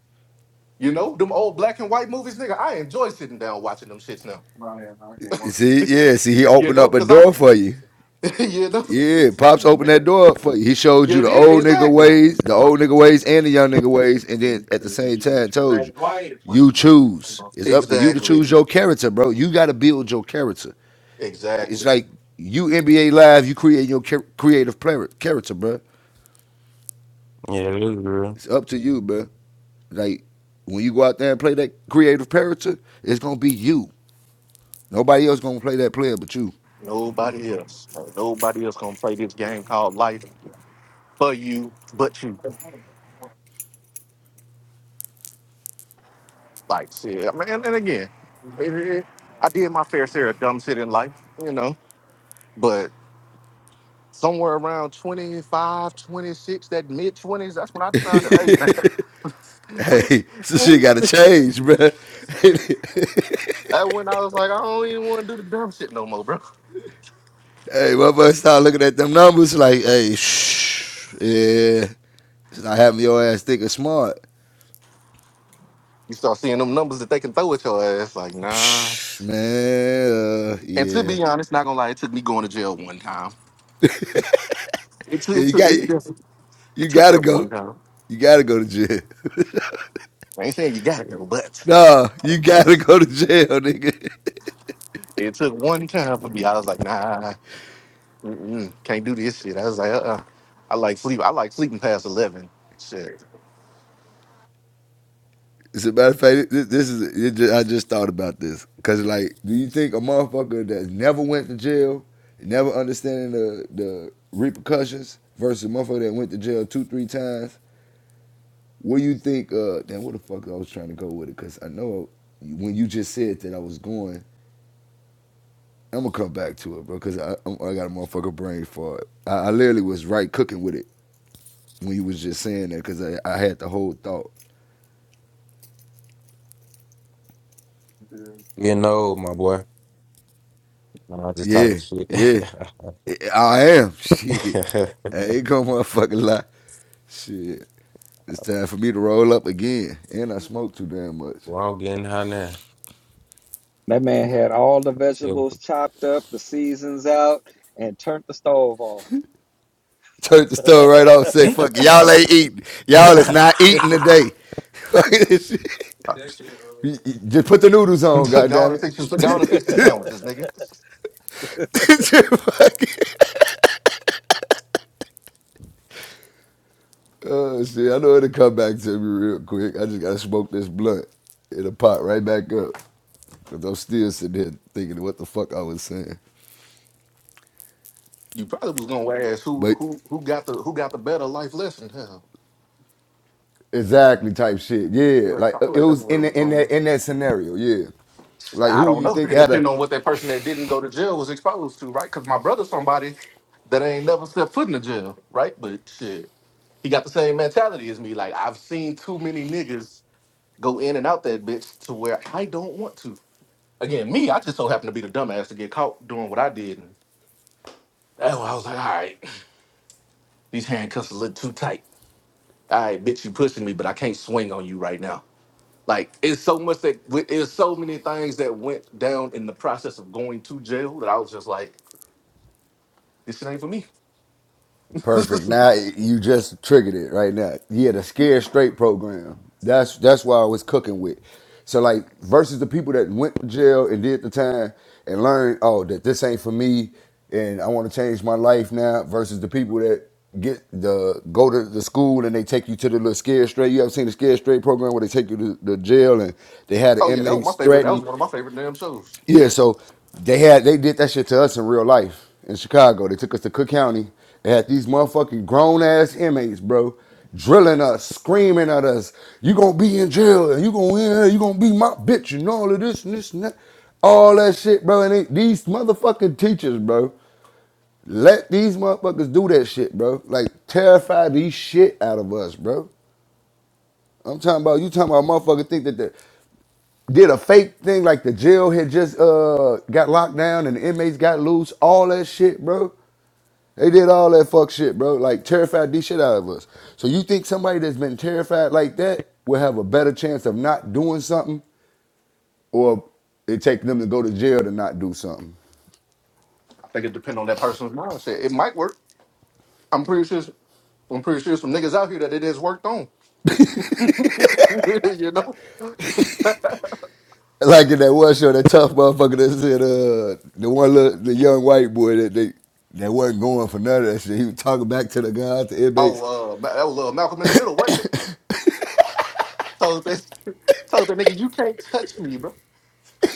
S26: You know, them old black and white movies, nigga. I enjoy sitting down watching them shits now.
S23: yeah, see, he
S26: You
S23: opened
S26: know,
S23: up a
S26: cause I,
S23: door for you.
S26: (laughs) you know,
S23: Yeah, pops opened that door up for you. He showed
S26: yeah,
S23: you
S26: it
S23: the
S26: is-
S23: old nigga
S26: exactly,
S23: ways, the old nigga ways, and the young nigga ways, and then at the same time told you, you choose. It's up to you to
S26: exactly,
S23: choose your character, bro. You got to build your character. It's
S26: exactly.
S23: like you NBA live, you create your creative character, bro.
S12: Yeah, it is real.
S23: It's up to you, bro. Like when you go out there and play that creative character, it's gonna be you. Nobody else gonna play that player but you. (laughs)
S26: Nobody else. Nobody else gonna play this game called life for you, but you. Like, see, I mean, and, and again, it- it- I did my fair share of dumb shit in life, you know, but somewhere around 25, 26, that mid 20s, that's when I decided, hey, man,
S23: Hey,
S26: (laughs)
S23: this
S26: I
S23: shit
S26: ain't
S23: gotta
S26: really.
S23: change, bro. (laughs) hey,
S26: That's when I was like, I don't even want to do the dumb shit no more, bro.
S23: my boy start looking at them numbers like, hey, shh, yeah. It's not having your ass thick and smart.
S26: You start seeing them numbers that they can throw at your ass, like, nah.
S23: Psh, man, uh,
S26: And to
S23: yeah.
S26: be honest, not gonna lie, it took me going to jail one time. It took,
S23: yeah.
S26: it
S23: You
S26: took,
S23: got
S26: it, just-
S23: you
S26: it took
S23: gotta
S26: that
S23: go.
S26: one time.
S23: You gotta go to jail. (laughs)
S26: I ain't saying you got to, but
S23: No, you gotta go to jail, nigga.
S26: it took one time for me. I was like, nah, mm-mm, can't do this shit. I was like, uh, uh I like sleep. I like sleeping past eleven. Shit,
S23: (laughs) As a matter of fact, this, this is it ju- I just thought about this because, like, do you think a motherfucker that never went to jail, never understanding the the repercussions, versus a motherfucker that went to jail two, three times? What do you think? Uh, damn, what the fuck I was trying to go with it? Because I know when you just said that I was going, I'm gonna come back to it, bro. Because I i I got a motherfucker brain for it. I, I literally was right cooking with it when you was just saying that because I, I had the whole thought.
S12: Getting old, my boy. Nah, i just talking
S23: Yeah,
S12: shit.
S23: yeah. I am. (laughs)
S12: (laughs)
S23: Shit. I ain't gonna motherfucking lie. Shit. It's time for me to roll up again. And I smoke too damn much.
S12: well, I'm getting high now. Still.
S23: Turn the stove right off and say, fuck it.
S12: (laughs)
S23: Y'all ain't eating. Y'all is not eating today. (laughs) Fuck this shit.
S26: oh,
S12: Jackson,
S26: shit.
S23: You-
S12: uh,
S23: you- Just put the noodles on,
S26: (laughs) go on and
S23: goddammit.
S26: fix some, go on and fix some sandwiches, nigga.
S23: (laughs) Just fuck it. oh shit. I know it'll come back to me real quick. I just gotta smoke this blunt. It'll pop right back up. Cause I'm still sitting here thinking what the fuck I was saying.
S26: You probably was gonna ask who
S23: But
S26: who who got the who got the better life lesson. Hell,
S23: Exactly, type shit.
S26: I
S23: Yeah,
S26: feel like I
S23: like uh,
S26: feel
S23: it
S26: like that's
S23: was
S26: where it
S23: in
S26: was
S23: the, in
S26: going.
S23: that in that scenario. Yeah, like
S26: I
S23: who
S26: don't
S23: you
S26: know.
S23: think
S26: It
S23: had a
S26: depends on what that person that didn't go to jail was exposed to, right? Because my brother's somebody that ain't never set foot in the jail, right? But shit. He got the same mentality as me. Like I've seen too many niggas go in and out that bitch to where I don't want to. Again, me, I just so happened to be the dumbass to get caught doing what I did. And that's why I was like, all right, (clears throat) these handcuffs a little too tight. All right, bitch, you pushing me, but I can't swing on you right now. Like it's so much that it's so many things that went down in the process of going to jail that I was just like, this shit ain't for me. (laughs)
S23: perfect? Now
S26: oh
S23: y- you just triggered it right now. Yeah, the scared straight program. That's that's why I was cooking with. So like versus the people that went to jail and did the time and learned, oh, that this ain't for me, and I want to change my life now. Versus the people that get the go to the school and they take you to the little scared straight. You ever seen the scared straight program where they take you to the jail and they had the
S26: yeah, that was my
S23: inmates
S26: favorite. That
S23: threaten
S26: was
S23: you?
S26: one of my favorite damn shows.
S23: Yeah,
S26: Yeah,
S23: so they had they did that shit to us in real life in Chicago. They took us to Cook County. They had these motherfucking grown ass inmates, bro, drilling us, screaming at us, you gonna be in jail and you gonna yeah, you gonna be my bitch and all of this and this and that. All that shit, bro. And they, these motherfucking teachers, bro, let these motherfuckers do that shit, bro. Like terrify these shit out of us, bro. I'm talking about you talking about motherfucker think that that did a fake thing like the jail had just uh got locked down and the inmates got loose, all that shit, bro. They did all that fuck shit, bro. Like terrified the shit out of us. So you think somebody that's been terrified like that will have a better chance of not doing something, or it take them to go to jail to not do something?
S26: I think it depends on that person's mindset. It might work. I'm pretty sure I'm pretty sure some niggas out here that it has worked on. (laughs) you know?
S23: Like in that one show, that tough motherfucker that said, uh, the one little, the young white boy that they that wasn't going for none of that shit. He was talking back to the guys, the inmates.
S26: Oh, uh, Ma- that was uh, Malcolm in the Middle, wasn't it? Told that, (laughs) told that nigga, you can't touch me, bro.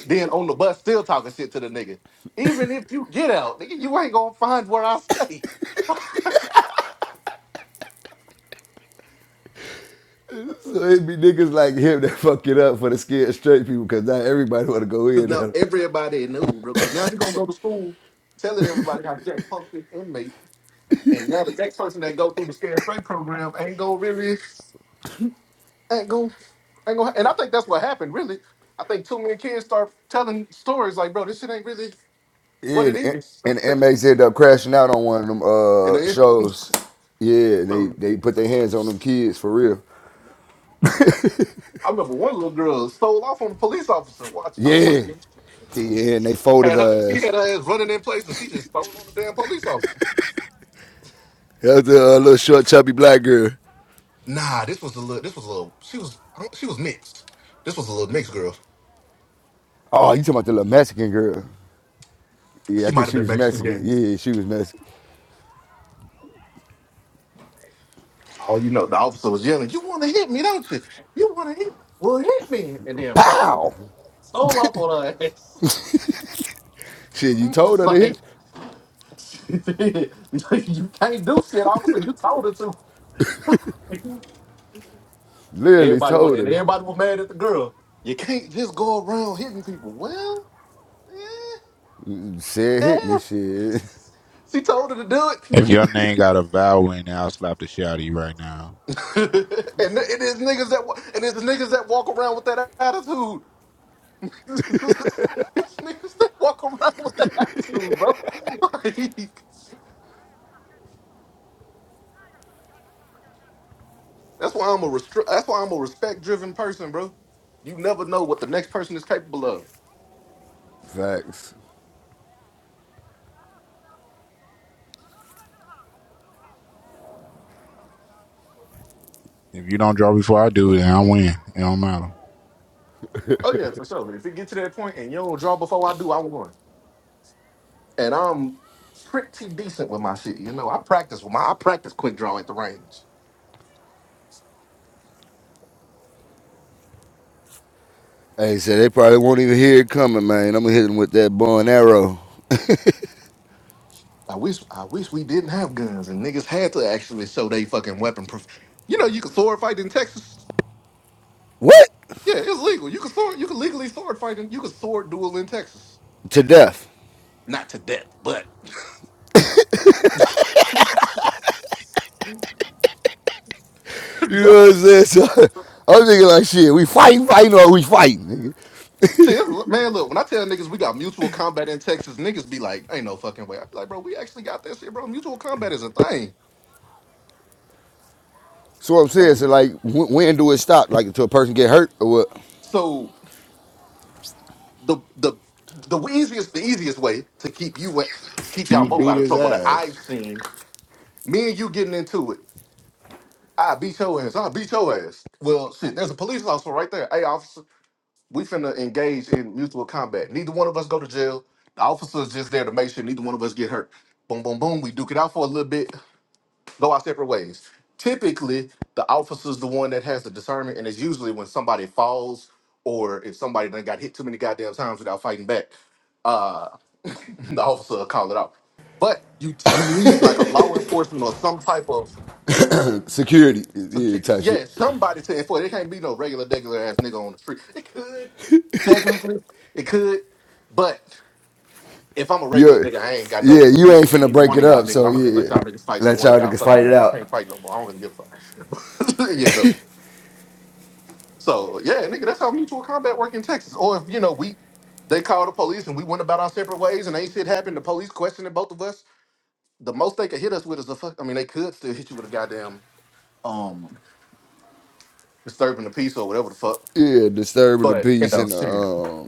S26: Then on the bus, still talking shit to the nigga. Even if you get out, nigga, you ain't gonna find where I stay.
S23: So it be niggas like him that (laughs) fuck it up for the scared straight people because now everybody want to go
S26: Cause
S23: in
S26: now
S23: there.
S26: everybody knew, bro. Cause now he gonna go to school telling everybody how Jack punked this inmate. And now the next person that go through the scared straight program ain't gonna really. ain't going ain't gonna, and I think that's what happened. Really, I think too many kids start telling stories like, "Bro, this shit ain't really what
S23: Yeah,
S26: it
S23: and,
S26: is."
S23: the
S26: (laughs)
S23: inmates end up crashing out on one of them
S26: and
S23: uh,
S26: then, (laughs)
S23: shows. Yeah, they,
S26: so,
S23: they put their hands on them kids for real.
S26: I remember one little girl stole off on a police officer. Watch, I wa-
S23: Yeah. Yeah, and they folded
S26: had her,
S23: her
S26: she had
S23: ass.
S26: her ass running in place, and she just stole on the damn police officer.
S23: That was the uh, little short, chubby black girl.
S26: Nah, this was a little. This was a little. She was. I don't- She was mixed. This was a little mixed girl.
S23: Oh, you talking about the little Mexican girl? Yeah,
S26: She
S23: I
S26: might
S23: think
S26: have
S23: she
S26: been
S23: was
S26: Mexican. Yeah.
S23: Mexican. Yeah, she was Mexican.
S26: Oh, you know, the officer was yelling, "You want to hit me, don't you? You want to hit? Well, hit me!" And then boom,
S23: Pow!
S26: stole off on her ass.
S23: Shit, you told
S26: Just
S23: her to
S26: like,
S23: hit?
S26: (laughs) like, you can't do shit. Obviously, you told her to.
S23: Literally
S26: Everybody went,
S23: told her.
S26: and
S23: to-
S26: everybody was mad at the girl. You can't just go around hitting people. Well,
S23: Mm, Said
S26: eh,
S23: hit me,
S26: eh.
S23: shit.
S26: she told her to do it.
S4: If Mm. your
S26: (laughs)
S4: name got a vowel in it, I'll slap the shit out of you right now.
S26: and th- it is niggas that wa- and it's niggas that walk around with that attitude. (laughs) it's niggas that walk around with that attitude, bro. (laughs) Like, that's why I'm a restri- That's why I'm a respect driven person, bro. You never know what the next person is capable of.
S23: Facts.
S4: If you don't draw before I do, then I win. It don't matter.
S26: Oh yeah, for sure. If it get to that point and you don't draw before I do, I'm going. And I'm pretty decent with my shit. You know, I practice with my I practice quick draw at the range.
S23: Hey, so they probably won't even hear it coming, man. I'm gonna hit them with that bow and arrow.
S26: I wish I wish we didn't have guns and niggas had to actually show they fucking weapon proof. You know, you can sword fight in Texas.
S23: What?
S26: Yeah, it's legal. You can sword you can legally sword fight and you can sword duel in Texas.
S23: To death.
S26: Not to death, but (laughs)
S23: You know what I'm saying? So (laughs) I'm thinking like, shit, we fighting, fighting, or we fighting? nigga?
S26: See, it's- man, look, when I tell niggas we got mutual combat in Texas, niggas be like, ain't no fucking way. I be like, bro, we actually got that shit, bro. Mutual combat is a thing.
S23: So what I'm saying,
S26: Like
S23: so
S26: it's-
S23: like, when, when do it stop? Like, until a person get hurt or
S26: so. the the the easiest the easiest way to keep you to keep y'all
S6: You
S26: both
S6: beat
S26: out of
S6: his
S26: trouble that I've
S6: ass.
S26: seen me and you getting into it. I beat your ass. I beat your ass. Well, shit. There's a police officer right there. Hey, officer, we finna engage in mutual combat. Neither one of us go to jail. The officer's just there to make sure neither one of us get hurt. Boom, boom, boom. We duke it out for a little bit go our separate ways. Typically, the officer's the one that has the discernment, and it's usually when somebody falls or if somebody done got hit too many goddamn times without fighting back, uh, (laughs) the officer will call it out. But you you need like a law enforcement or some type of
S23: what? Security, yeah,
S26: security.
S23: type shit.
S26: Yeah, somebody to enforce. It can't be no regular, regular ass nigga on the street. It could technically, it could, but if I'm a regular
S23: Yeah,
S26: nigga, I ain't got
S23: yeah,
S26: no
S23: you ain't
S26: allegiance to
S23: finna
S26: either
S23: break
S26: one
S23: it
S26: of y'all
S23: up,
S26: niggas.
S23: so
S26: I'm gonna just let
S23: yeah,
S26: y'all niggas fight till
S23: let
S26: one of
S23: y'all
S26: y'all
S23: niggas fight it
S26: fucking
S23: out.
S26: can't fight no more. I don't really give a fuck. (laughs) you know. So yeah, nigga, that's how mutual combat work in Texas. Or if you know we they called the police and we went about our separate ways and ain't shit happened. The police questioning both of us. The most they could hit us with is a fuck. I mean, they could still hit you with a goddamn um disturbing the peace or whatever the fuck.
S23: Yeah, disturbing the
S26: But you
S23: peace
S26: know,
S23: and the
S26: shit.
S23: um,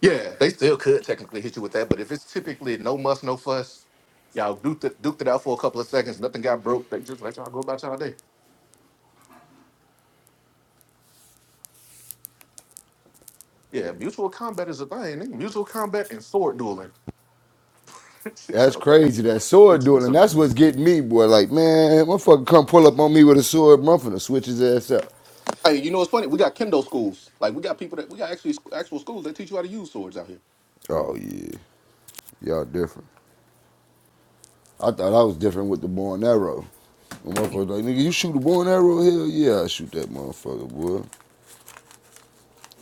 S26: Yeah, they still could technically hit you with that, but if it's typically no muss, no fuss, y'all duked it, duked it out for a couple of seconds, nothing got broke, they just let y'all go about y'all day. Yeah, mutual combat is a thing. nigga. Mutual combat and sword dueling. (laughs)
S23: That's
S26: so,
S23: crazy. That sword
S26: it's not
S23: duel,
S26: so
S23: and that's
S26: bad.
S23: what's getting me, boy. Like, man, motherfucker, come pull up on me with a sword, I'm finna switch his ass up.
S26: hey, you know what's funny? We got kendo schools. Like we got people that we got actually actual schools that teach you how to use swords out here.
S23: Oh yeah, y'all different. I thought I was different with the bow and arrow. The motherfucker like, nigga, you shoot a bow and arrow? Hell yeah, I shoot that motherfucker, boy.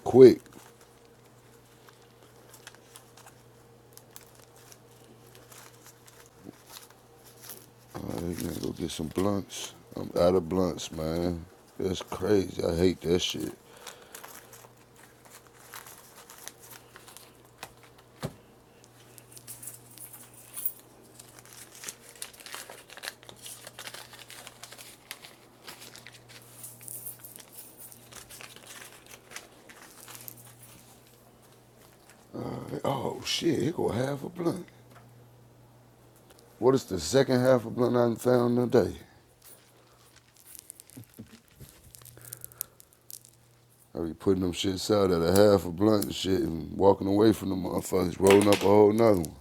S23: Quick. All right, gonna go get some blunts. I'm out of blunts, man. That's crazy. I hate that shit. Like, oh shit, here go half a blunt. What is the second half of blunt I found today? I be putting them shits out at a half a blunt and shit and walking away from the motherfuckers, rolling up a whole nother one.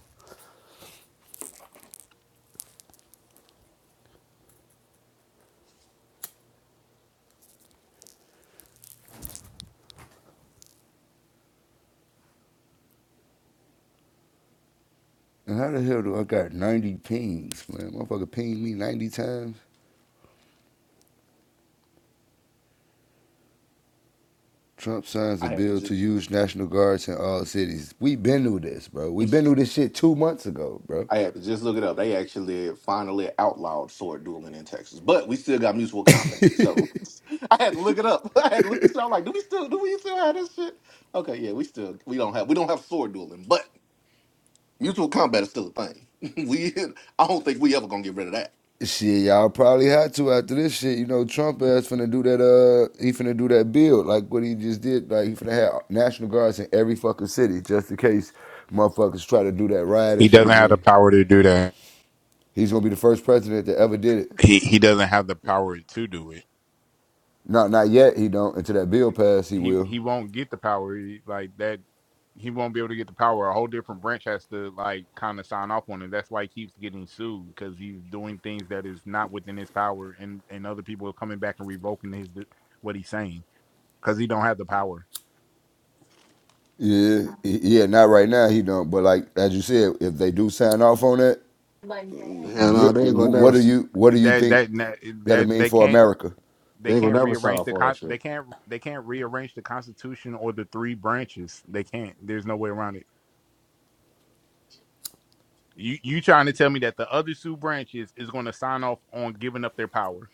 S23: And how the hell do I got 90 pings, man? Motherfucker pinged me 90 times. Trump signs a
S26: I have to
S23: bill
S26: just
S23: to use National Guards in all cities. We been through this, bro. We been through this shit two months ago, bro.
S26: I had to just look it up. They actually finally outlawed sword dueling in Texas, but we still got mutual combat. So (laughs) I had to look it up. (laughs) I had to look this up. I'm like, do we still do we still have this shit? Okay, yeah, we still we don't have we don't have sword dueling, but mutual combat is still a thing. (laughs) we I don't think we ever gonna get rid of that.
S23: Shit, y'all probably had to after this shit. You know, Trump ass finna do that, uh, he finna do that bill, like what he just did. Like, he finna have National Guards in every fucking city just in case motherfuckers try to do that riot
S4: He
S23: and shit
S4: doesn't have the
S23: again.
S4: power to do that.
S23: He's gonna be the first president that ever did it.
S4: He he doesn't have the power to do it.
S23: Not not yet. He don't until that bill pass. He
S4: He
S23: will.
S4: he won't get the power He- like that. He won't be able to get the power. A whole different branch has to like kind of sign off on it. That's why he keeps getting sued because he's doing things that is not within his power, and and other people are coming back and revoking his what he's saying because he don't have the power.
S23: Yeah, yeah. Not right now. He don't. But like as you said, if they do sign off on that,
S6: And
S23: you
S6: uh, they ain't gonna
S23: what
S6: never
S23: do you what do you
S4: that
S23: think
S4: that
S23: that'll
S4: that
S23: mean
S4: they
S23: for
S4: can't
S23: America?
S4: they
S6: they ain't gonna
S4: can't
S6: never sign
S4: rearrange
S6: off
S4: the
S6: on that
S4: con- they
S6: shit.
S4: can't they can't rearrange the constitution or the three branches. They can't. There's no way around it. You you trying to tell me that the other two branches is going to sign off on giving up their power?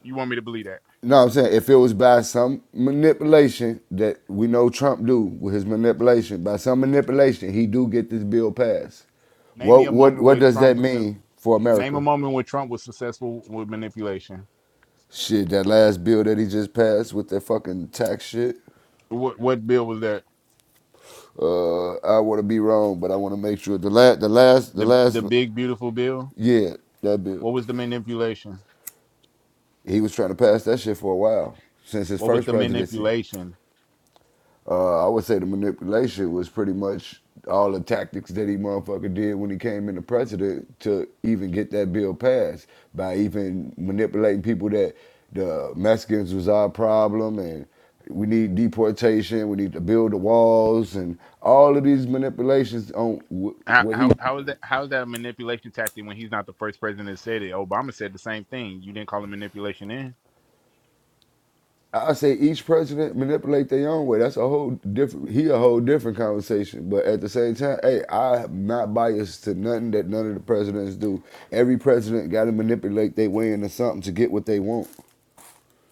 S4: You want me to believe that?
S23: No, I'm saying if it was by some manipulation that we know Trump do with his manipulation, by some manipulation he do get this bill passed.
S4: Name me
S23: What
S4: a
S23: what
S4: moment
S23: what
S4: where
S23: does that
S4: Trump uh,
S23: mean for
S4: name a
S23: America?
S4: moment where Trump was successful with manipulation.
S23: Shit, that last bill that he just passed with that fucking tax shit.
S4: What what bill was that?
S23: Uh, I want to be wrong, but I want to make sure the last, the last, the
S4: The the
S23: last,
S4: big beautiful bill.
S23: yeah, that bill.
S4: What was the manipulation?
S23: He was trying to pass that shit for a while since his
S4: What was
S23: first
S4: the
S23: presidency.
S4: manipulation?
S23: Uh, I would say the manipulation was pretty much all the tactics that he motherfucker did when he came into president to even get that bill passed by even manipulating people that the Mexicans was our problem and we need deportation. We need to build the walls and all of these manipulations on
S4: How
S23: what
S4: how
S23: he
S4: how is that how is that a manipulation tactic when he's not the first president that said it? Obama said the same thing. You didn't call it manipulation in.
S23: I say each president manipulate their own way. That's a whole different. He a whole different conversation. But at the same time, hey, I'm not biased to nothing that none of the presidents do. Every president got to manipulate their way into something to get what they want.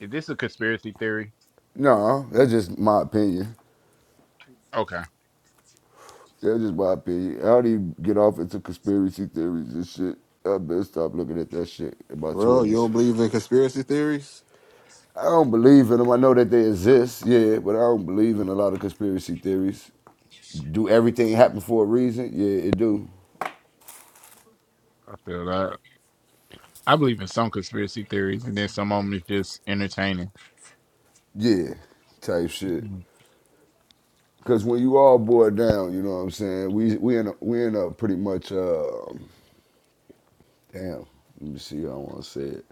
S4: Is this a conspiracy theory?
S23: No, that's just my opinion.
S4: Okay.
S23: That's just my opinion. I don't even get off into conspiracy theories and shit. I better stop looking at that shit in my
S6: Bro, you
S23: twenties.
S6: don't believe in conspiracy theories?
S23: I don't believe in them. I know that they exist, yeah, but I don't believe in a lot of conspiracy theories. Do everything happen for a reason? Yeah, it do.
S4: I feel that. I believe in some conspiracy theories and then some of them is just entertaining.
S23: Yeah, type shit.
S4: Mm.
S23: Cause when you all boil down, you know what I'm saying. We we in a, we in a pretty much uh, damn. Let me see. how I want to say it.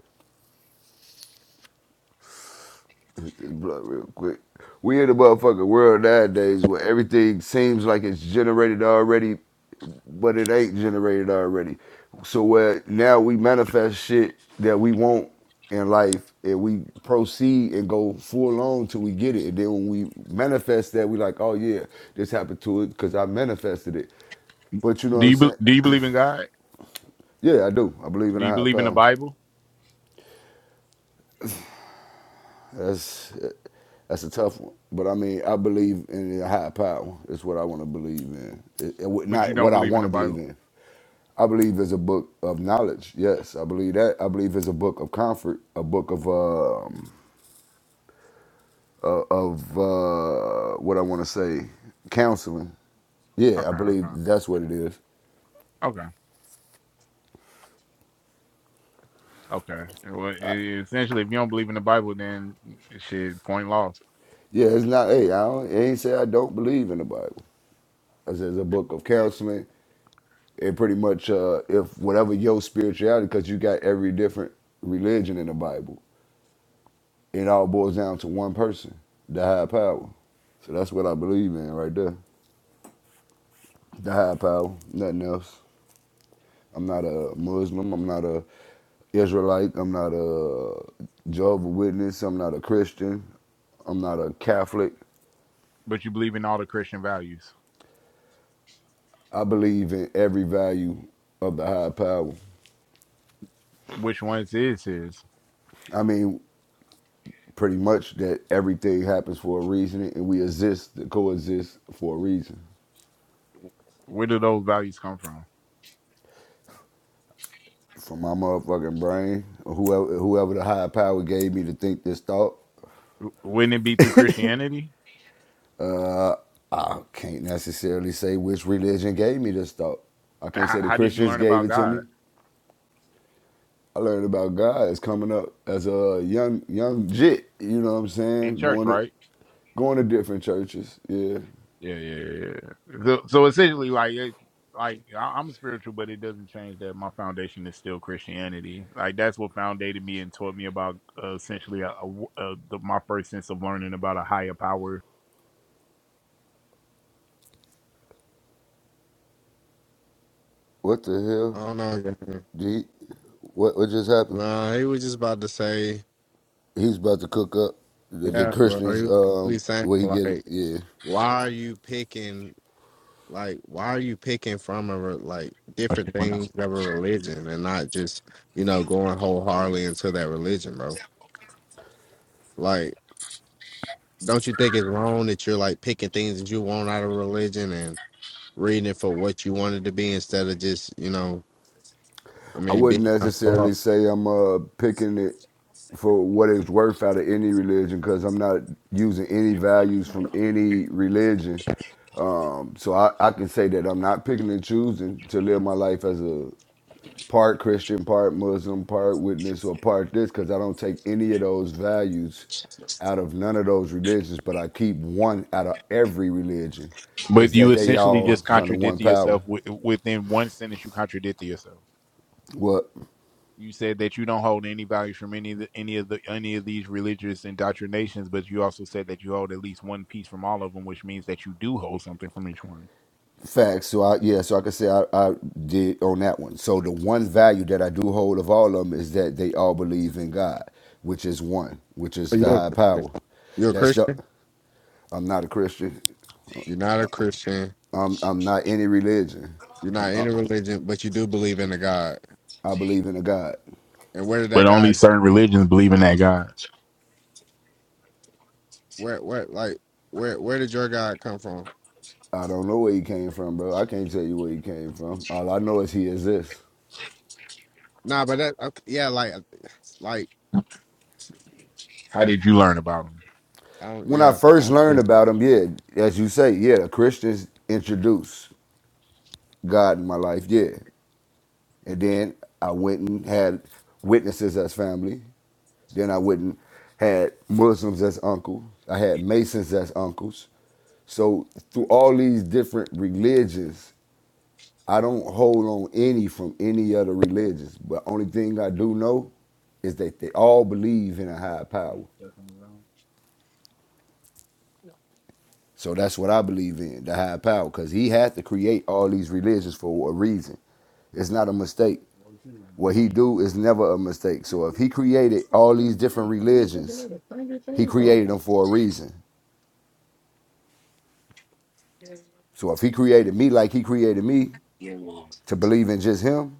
S23: Blood real quick. We in the motherfucking world nowadays where everything seems like it's generated already, but it ain't generated already. So where now we manifest shit that we want in life and we proceed and go full on till we get it. And then when we manifest that, we like, oh yeah, this happened to it because I manifested it. But you know what
S4: Do
S23: I'm
S4: you be,
S23: saying?
S4: do you believe in God?
S23: Yeah, I do. I believe in
S4: Do
S23: a
S4: you
S23: higher
S4: believe in the
S23: power.
S4: Bible?
S23: That's that's a tough one. But I mean, I believe in a higher power. It's what I want to believe in. It, it,
S4: But you
S23: not
S4: don't
S23: what I
S4: believe in
S23: want
S4: the
S23: to believe
S4: Bible?
S23: in. I believe it's a book of knowledge. Yes, I believe that. I believe it's a book of comfort, a book of um, uh, of uh, what I want to say, counseling. Yeah, I
S4: Okay, okay.
S23: believe that's what it is.
S4: Okay. Okay. Well, e- essentially if you don't believe in the Bible then shit, point lost.
S23: Yeah, it's not. Hey, I, don't, I ain't say I don't believe in the Bible. I said it's a book of counseling. it pretty much uh if whatever your spirituality because you got every different religion in the bible it all boils down to one person the higher power so that's what i believe in right there the higher power nothing else i'm not a muslim i'm not a israelite i'm not a jehovah witness i'm not a christian i'm not a catholic
S4: But you believe in all the Christian values.
S23: i believe in every value of the higher power
S4: which ones is his?
S23: i mean pretty much that everything happens for a reason and we exist to coexist for a reason.
S4: Where do those values come from?
S23: From my motherfucking brain, or whoever whoever the higher power gave me to think this thought,
S4: W- Wouldn't it be through Christianity?
S23: uh, I can't necessarily say which religion gave me this thought. I can't
S4: How,
S23: say the
S4: how did you
S23: Christians
S4: learn
S23: gave
S4: about
S23: it to
S4: God
S23: me. I learned about God as coming up as a young young jit. You know what I'm
S4: in
S23: saying?
S4: church?
S23: Going to
S4: Right?
S23: going to different churches. Yeah.
S4: Yeah, yeah, yeah. yeah. So, so essentially, like, it, like I- I'm spiritual, but it doesn't change that my foundation is still Christianity. Like that's what foundated me and taught me about uh, essentially a, a w- a- the, my first sense of learning about a higher power.
S23: What the
S1: I
S23: hell?
S1: don't know. gang.
S23: Did what what just happened?
S1: Nah, he was just about to say,
S23: He's about to cook up the, the
S1: Yeah, bro.
S23: Christmas.
S1: He was really
S23: Um,
S1: saying
S23: where he get it?
S1: like
S23: yeah.
S1: why are you picking? Like, why are you picking from a re- like different things of a religion and not just you know going wholeheartedly into that religion, bro? Like, don't you think it's wrong that you're like picking things that you want out of religion and reading it for what you want it to be instead of just you know, I
S23: I
S1: mean,
S23: wouldn't
S1: being a whole-
S23: necessarily say I'm uh, picking it for what it's worth out of any religion because I'm not using any values from any religion. Um, so I, I can say that I'm not picking and choosing to live my life as a part Christian, part Muslim, part witness, or part this because I don't take any of those values out of none of those religions, but I keep one out of every religion.
S4: But
S23: Is
S4: you
S23: that they
S4: essentially
S23: all
S4: just
S23: is under one
S4: contradicted
S23: power?
S4: yourself with, within one sentence. You contradicted yourself.
S23: What?
S4: You said that you don't hold any values from any of the, any of the any of these religious indoctrinations, but you also said that you hold at least one piece from all of them, which means that you do hold something from each one.
S23: Facts. So I yeah, so I can say I, I did on that one. So the one value that I do hold of all of them is that they all believe in God, which is one, which is the
S1: you're
S23: high power.
S1: you're a
S23: That's the
S1: Christian,
S23: I'm not a Christian.
S1: you're not a Christian,
S23: I'm I'm not any religion.
S1: you're
S23: I'm,
S1: not
S23: I,
S1: in a religion, but you do believe in a God.
S23: I believe in a God.
S1: And where did
S4: But
S1: that
S4: only
S1: God?
S4: certain religions believe in that God.
S1: Where where like where where did your God come from?
S23: I don't know where he came from, bro. I can't tell you where he came from. All I know is he exists.
S1: Nah, but that okay, yeah, like like.
S4: How did you learn about them?
S1: I don't,
S23: When I
S1: yeah,
S23: first
S1: I,
S23: learned about him, yeah, as you say, yeah, the Christians introduced God in my life, yeah. And then I went and had witnesses as family. Then I went and had Muslims as uncles. I had Masons as uncles. So through all these different religions, I don't hold on any from any other religions. But only thing I do know is that they all believe in a higher power. So that's what I believe in, the higher power, because he had to create all these religions for a reason. It's not a mistake. What he do is never a mistake. So if he created all these different religions, he created them for a reason. So if he created me like he created me to believe in just him,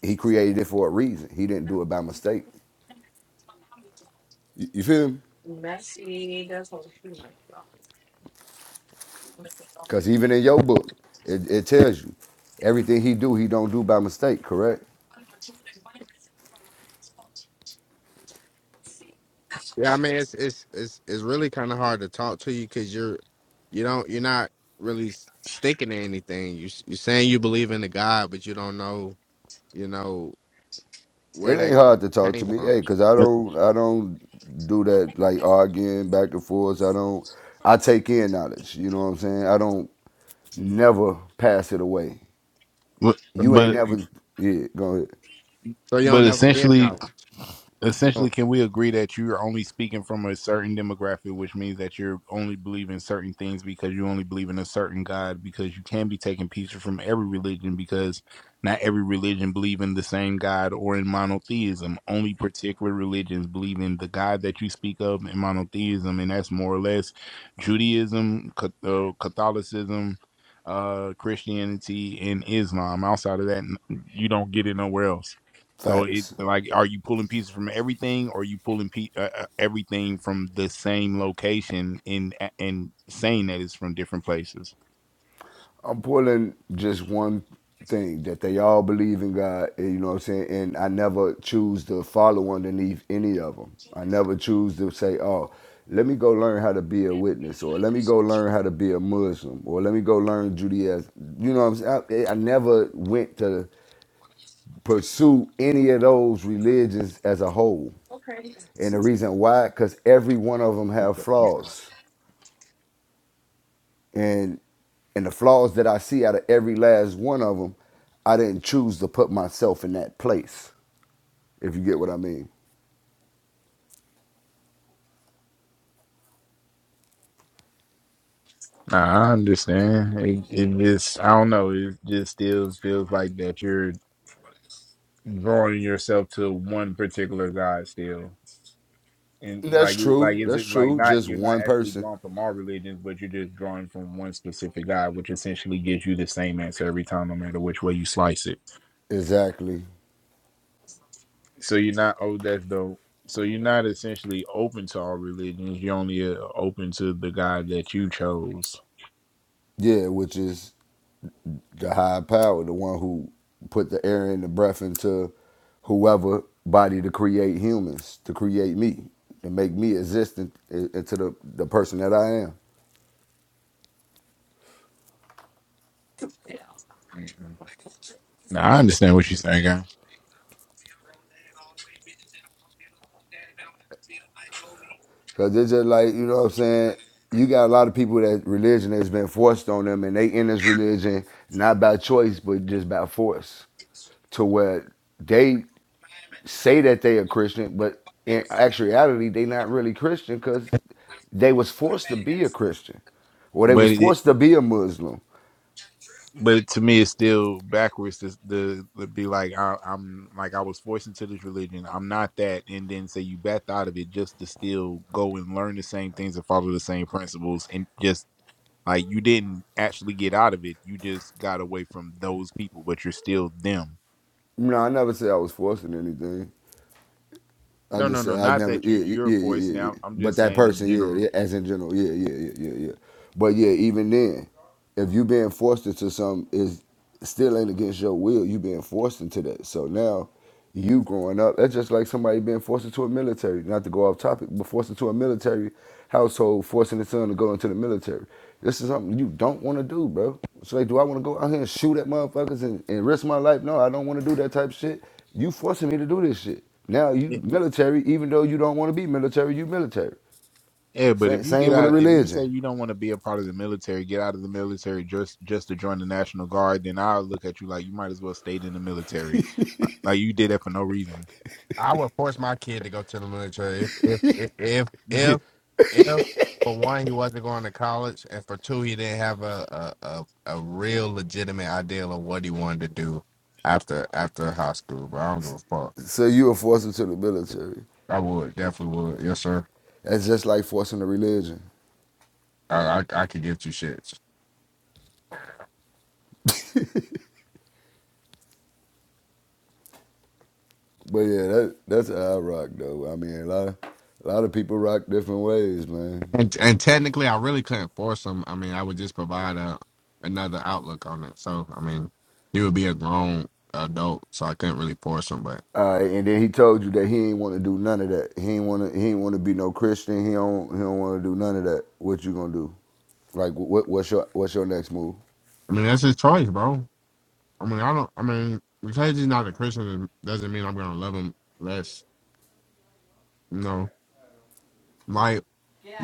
S23: he created it for a reason. He didn't do it by mistake. You, you feel me? Because even in your book, it, it tells you everything he do, he don't do by mistake, correct?
S1: yeah. I mean, it's it's it's it's really kind of hard to talk to you because you're you don't you're not really s- sticking to anything. You s- you're saying you believe in the God, but you don't know you know where
S23: It ain't
S1: that
S23: hard to talk to
S1: came
S23: me,
S1: from.
S23: hey, cause I don't I don't do that like arguing back and forth. I don't I take in knowledge. You know what I'm saying? I don't never pass it away. You ain't
S4: But
S23: never yeah, go ahead.
S1: So you
S4: but
S1: don't never give
S4: essentially,
S1: no. You don't.
S4: Essentially, can we agree that you're only speaking from a certain demographic, which means that you're only believing certain things because you only believe in a certain God, because you can be taking pieces from every religion because not every religion believe in the same God or in monotheism. Only particular religions believe in the God that you speak of in monotheism, and that's more or less Judaism, Ca- uh, Catholicism, uh, Christianity, and Islam. Outside of that, n- you don't get it nowhere else. So it
S23: Facts.
S4: like, are you pulling pieces from everything, or are you pulling pe- uh, uh, everything from the same location and and saying that it's from different places?
S23: I'm pulling just one thing that they all believe in God, you know what I'm saying? And I never choose to follow underneath any of them. I never choose to say, oh, let me go learn how to be a witness, or let me go learn how to be a Muslim, or let me go learn Judaism. You know what I'm saying? I, I never went to pursue any of those religions as a whole. And the reason why, because every one of them have flaws. and and the flaws that I see out of every last one of them, I didn't choose to put myself in that place. If you get what I mean.
S4: Nah, I understand. It, it just, I don't know. It just still feels like that you're drawing yourself to one particular god still, and
S23: That's
S4: like, like
S23: true.
S4: is
S23: That's
S4: it like
S23: true.
S4: not?
S23: Just
S4: You're not
S23: one
S4: actually
S23: person.
S4: drawn from all religions, but you're just drawing from one specific god, which essentially gives you the same answer every time, no matter which way you slice it.
S23: Exactly.
S4: So you're not oh that's dope. So you're not essentially open to all religions. You're only uh, open to the God that you chose.
S23: Yeah, which is the high power, the one who put the air and the breath into whoever body to create humans, to create me, to make me existent eh, into the, the person that I am.
S4: Now I understand what you're saying, guy.
S23: Cause it's just like, you know what I'm saying? You got a lot of people that religion has been forced on them and they in this religion, not by choice, but just by force. To where they say that they are Christian, but in actuality, they not really Christian because they was forced to be a Christian. Or they
S4: But
S23: was
S4: it,
S23: forced to be a Muslim.
S4: but to me it's still backwards to, to, to be like I, i'm like i was forced into this religion i'm not that and then say you backed out of it just to still go and learn the same things and follow the same principles and just like you didn't actually get out of it you just got away from those people but you're still them
S23: No, I never said I was forcing anything. I
S4: no no
S23: just
S4: no
S23: I
S4: not
S23: never
S4: that
S23: yeah
S4: you're
S23: yeah
S4: you're
S23: yeah yeah
S4: forced
S23: yeah. yeah.
S4: now i'm
S23: But
S4: just
S23: that
S4: saying in
S23: person
S4: general
S23: yeah, yeah as in general yeah yeah yeah yeah yeah. But yeah, even then, if you being forced into some is still ain't against your will, you being forced into that. So now you growing up, that's just like somebody being forced into a military. Not to go off topic, but forced into a military household, forcing the son to go into the military. This is something you don't want to do, bro. It's like, do I want to go out here and shoot at motherfuckers and, and risk my life? No, I don't want to do that type of shit. You forcing me to do this shit. Now you military, even though you don't want to be military, you military.
S4: Yeah, but
S23: Same,
S4: if you get
S23: same with a
S4: out, if you say
S23: religion.
S4: you don't want to be a part of the military, get out of the military just just to join the National Guard, then I'll look at you like you might as well stayed in the military, like, like you did that for no reason.
S1: I would force my kid to go to the military if if if if if, if for one he wasn't going to college, and for two he didn't have a a a, a real legitimate ideal of what he wanted to do after after high school. But I don't give a fuck.
S23: So you are forcing to the military.
S1: I would definitely would. Yes, sir.
S23: That's just like forcing a religion.
S1: I I, I could give two shits.
S23: But yeah, that that's how I rock though. I mean, a lot of a lot of people rock different ways, man.
S1: And and technically, I really couldn't force him. I mean, I would just provide a another outlook on it. So I mean, he would be a grown adult, so I couldn't really force him. But
S23: All right, and then he told you that he ain't want to do none of that. He ain't want to. He ain't want to be no Christian. He don't. He don't want to do none of that. What you gonna do? Like, what? What's your What's your next move?
S1: I mean, that's his choice, bro. I mean, I don't. I mean, because he's not a Christian doesn't mean I'm gonna love him less. You know, like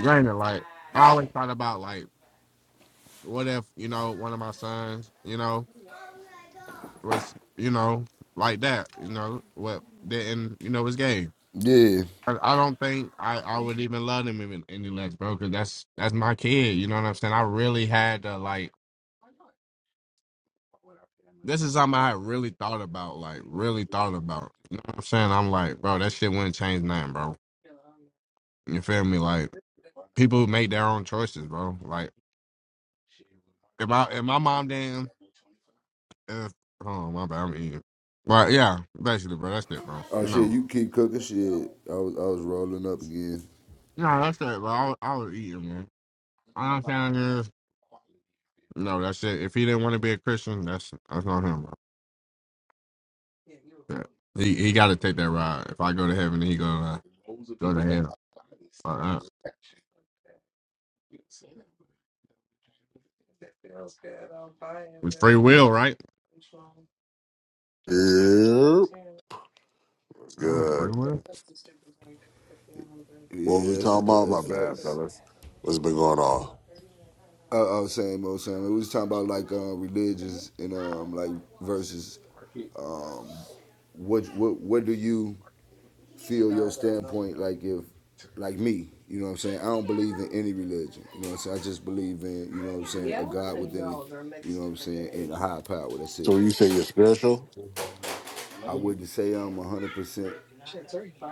S1: granted, like I always thought about like, what if you know one of my sons, you know. was, you know, like that, you know, what didn't, you know, was gay?
S23: Yeah.
S1: I, I don't think I, I would even love him even any less, bro, because that's that's my kid. You know what I'm saying? I really had to like this is something I had really thought about, like really thought about. You know what I'm saying? I'm like, bro, that shit wouldn't change nothing, bro. You feel me? Like people make their own choices, bro. Like if I if my mom damn if oh my bad, I'm eating. But yeah, basically, bro, that's it, bro.
S23: Oh shit,
S1: No.
S23: you keep cooking shit. I was I was rolling up again.
S1: No, that's it, bro. I, was- I was eating, man. All I'm saying is,
S4: (laughs)
S1: no, that's it. If he didn't want to be a Christian, that's that's on him, bro. Yeah. He he got to take that ride. If I go to heaven, he go to
S4: Rows of
S1: go to
S4: people ever
S1: hell.
S4: got bodies
S1: Uh,
S4: still for
S1: uh,
S4: action. You know, what I'm saying that, but that was just
S1: it's free will, right?
S6: Yep.
S1: Uh, free
S6: Good.
S1: will.
S6: What
S23: Yeah,
S6: we
S23: that's
S6: talking about?
S23: that's
S6: My bad,
S23: facts.
S6: fellas. What's been going on?
S23: I, I was saying, Mo saying we was talking about like um, religions and um like
S4: the
S23: versus
S4: market,
S23: what what what do
S4: the
S23: you
S4: market is going to
S23: feel your standpoint like if
S4: return.
S23: like me, you know what I'm saying? I don't believe in any religion. You know what I'm saying? I just believe in, you know what I'm saying, a God within it, you know what I'm saying, and a higher power. That's it.
S6: So when you say you're
S4: It's
S6: spiritual,
S4: still on the market.
S23: I
S4: Imagine
S23: wouldn't say I'm 100%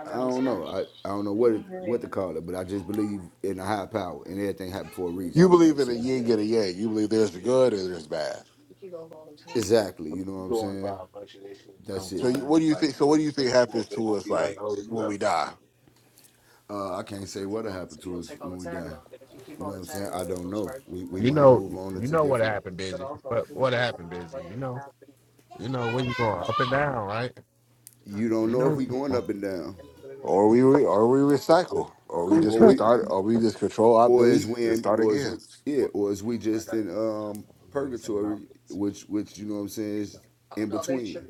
S23: I don't know. I, I don't know what it, what to call it, but I just believe in a higher power and everything happened for a
S6: you
S23: reason, you know what
S6: believe
S23: I'm
S6: in a
S23: saying?
S6: yin and a yang. You believe there's the good and there's bad.
S23: Exactly, you know
S4: you
S23: what I'm
S4: go and buy
S23: saying?
S4: a bunch of that shit and come
S23: That's
S6: So
S23: it.
S6: you,
S4: find
S6: what do you
S4: like
S6: think? So what
S4: what
S6: do you
S4: they
S6: think
S4: won't
S6: happens
S4: they
S6: to
S4: won't
S6: us
S4: be like,
S6: like
S4: oh, you
S6: when
S4: got
S6: we
S4: fun.
S6: die?
S4: You
S23: Uh, I can't say what'll happen to us when we die. You know what I'm saying? I don't know. We we
S1: You
S23: might
S1: know,
S23: move on
S1: you
S23: into
S1: know what
S23: different
S1: happened, busy. But what happened, busy? You know, you know where you going up and down, right?
S23: you don't
S1: You
S23: know if
S1: know.
S23: we going up and down.
S6: Or we re, or we
S4: got that good
S6: recycle,
S4: for my
S6: or we just
S4: clothing.
S23: Or we
S6: restart, or we just control alt
S23: or is
S6: delete
S23: we
S6: and
S23: in
S6: start
S23: or is
S6: again.
S23: we, yeah,
S4: Well,
S23: or is
S4: I mean,
S23: we
S4: when I
S23: just
S4: got
S23: in
S4: uh,
S23: um
S4: um, the same
S23: purgatory,
S4: outfit
S23: which
S4: essentially.
S23: which
S4: um,
S23: you know what I'm saying is
S4: uh,
S23: in between.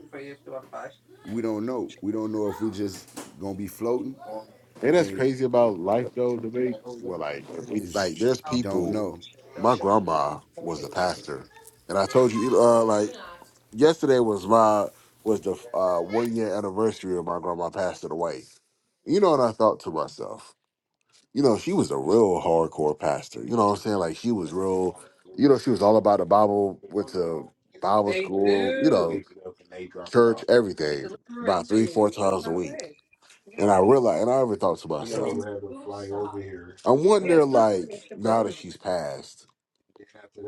S23: We don't know. We don't know if we just gonna be
S4: Even
S23: floating
S6: And that's
S23: and
S6: crazy
S4: you know,
S6: about
S4: they
S6: life
S4: look
S6: though. To
S4: and
S6: Debate.
S4: like, oh, they're
S6: Well,
S4: buying
S6: like if
S4: clothing
S6: we
S4: and
S23: is
S4: shit.
S6: like, there's
S23: don't
S6: people.
S23: know.
S6: My grandma was a pastor, and I told you, uh, like yesterday was my was the uh, one year anniversary of my grandma passing away. You know, and I thought to myself, you know, she was a real hardcore pastor. You know what I'm
S4: They
S6: saying? Like she was
S4: have
S6: real.
S4: long delivery
S6: You know, she
S4: system,
S6: was all
S4: like,
S6: about the Bible.
S4: put it
S6: Went
S4: on the
S6: to
S4: road, get some,
S6: Bible school. You know,
S4: pick it up, and they drop it
S6: church,
S4: off.
S6: everything, about three, four times a week. And I realized, and I ever thought to
S4: You know,
S6: myself,
S4: have to fly over
S6: I wonder, like, now that she's passed,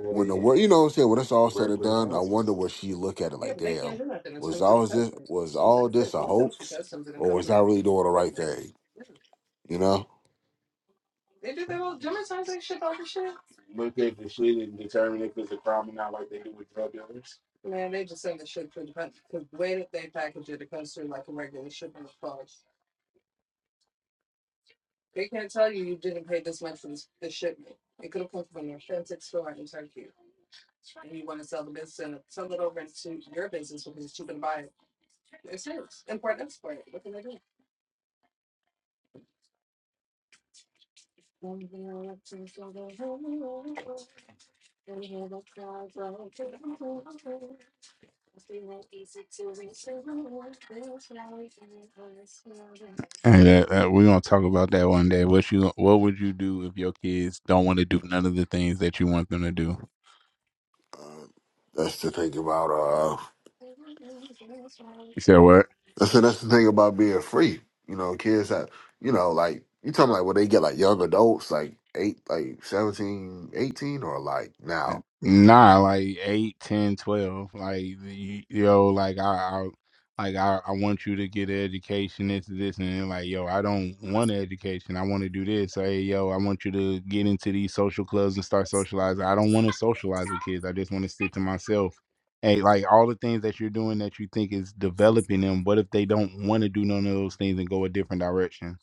S6: when the world, you know what I'm saying, when it's all said and
S4: the
S6: done, I
S4: mail
S6: wonder
S4: system.
S6: what she look at it like, damn, was all this, was all this a hoax, or was I really doing the right thing? You know,
S4: Look at the shit and determine if it's a crime or not, like they do with drug dealers. Hey, that, that, we're gonna talk about that one day. What you, what would you do if your kids don't want to do none of the things that you want them to do?
S6: uh, that's the thing about, uh,
S4: You said what?
S6: that's the, that's the thing about being free. You know, kids that, you know, like, you talking like when they get like young adults, like eight, like 17, 18, or like now
S4: Nah, like eight, ten, twelve. Like you, yo, like I, I like I, I want you to get an education, this, this, and then, like yo, I don't want an education. I want to do this. Hey, yo, I want you to get into these social clubs and start socializing. I don't want to socialize with kids. I just want to sit to myself. Hey, like all the things that you're doing that you think is developing them. What if they don't want to do none of those things and go a different direction?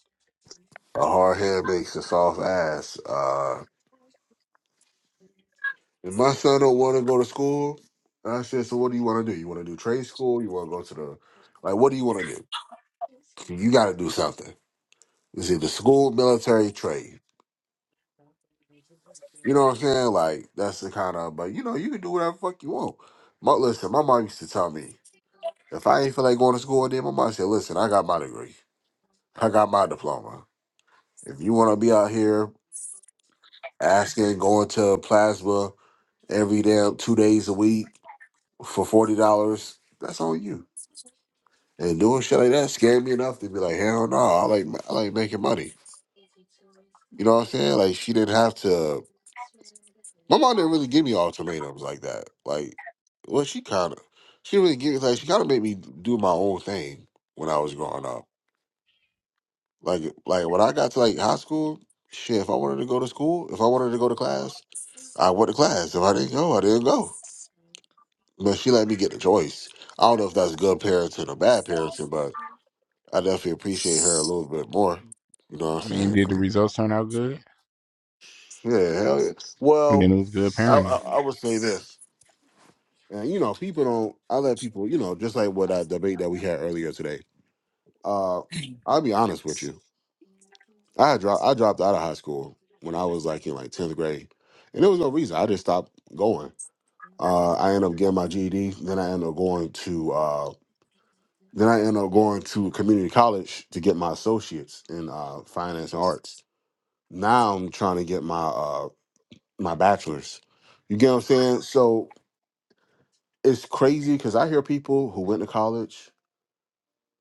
S6: A hard head makes a soft ass. Uh, if my son don't want to go to school, and I said, so what do you want to do? You want to do trade school? You want to go to the like? What do you want to do? You got to do something. It's either school, military, trade. You know what I'm saying? Like that's the kind of. But you know, you can do whatever the fuck you want. My, listen, my mom used to tell me if I ain't feel like going to school, then my mom said, listen, I got my degree, I got my diploma. If you want to be out here asking, going to plasma every damn two days a week for forty dollars, that's on you. And doing shit like that scared me enough to be like, hell no, I like I like making money. You know what I'm saying? Like she didn't have to. My mom didn't really give me ultimatums like that. Like, well, she kind of, she really gave like she kind of made me do my own thing when I was growing up. Like, like when I got to like high school, shit. If I wanted to go to school, if I wanted to go to class, I went to class. If I didn't go, I didn't go. But she let me get the choice. I don't know if that's good parenting or bad parenting, but I definitely appreciate her a little bit more. You know
S4: I
S6: what I'm
S4: mean,
S6: saying?
S4: did the
S6: 'Cause-
S4: results turn out good?
S6: Yeah, hell yeah. Well,
S4: then it was good
S6: I,
S4: parenting.
S6: I, I would say this, and you know, people don't. I let people, you know, just like what that debate that we had earlier today. Uh, I'll be honest with you. I had dropped. I dropped out of high school when I was like in like tenth grade, and there was no reason. I just stopped going. Uh, I ended up getting my GED. Then I ended up going to. Uh, then I ended up going to community college to get my associates in uh, finance and arts now I'm trying to get my uh my bachelor's. You get what I'm saying? So it's crazy because I hear people who went to college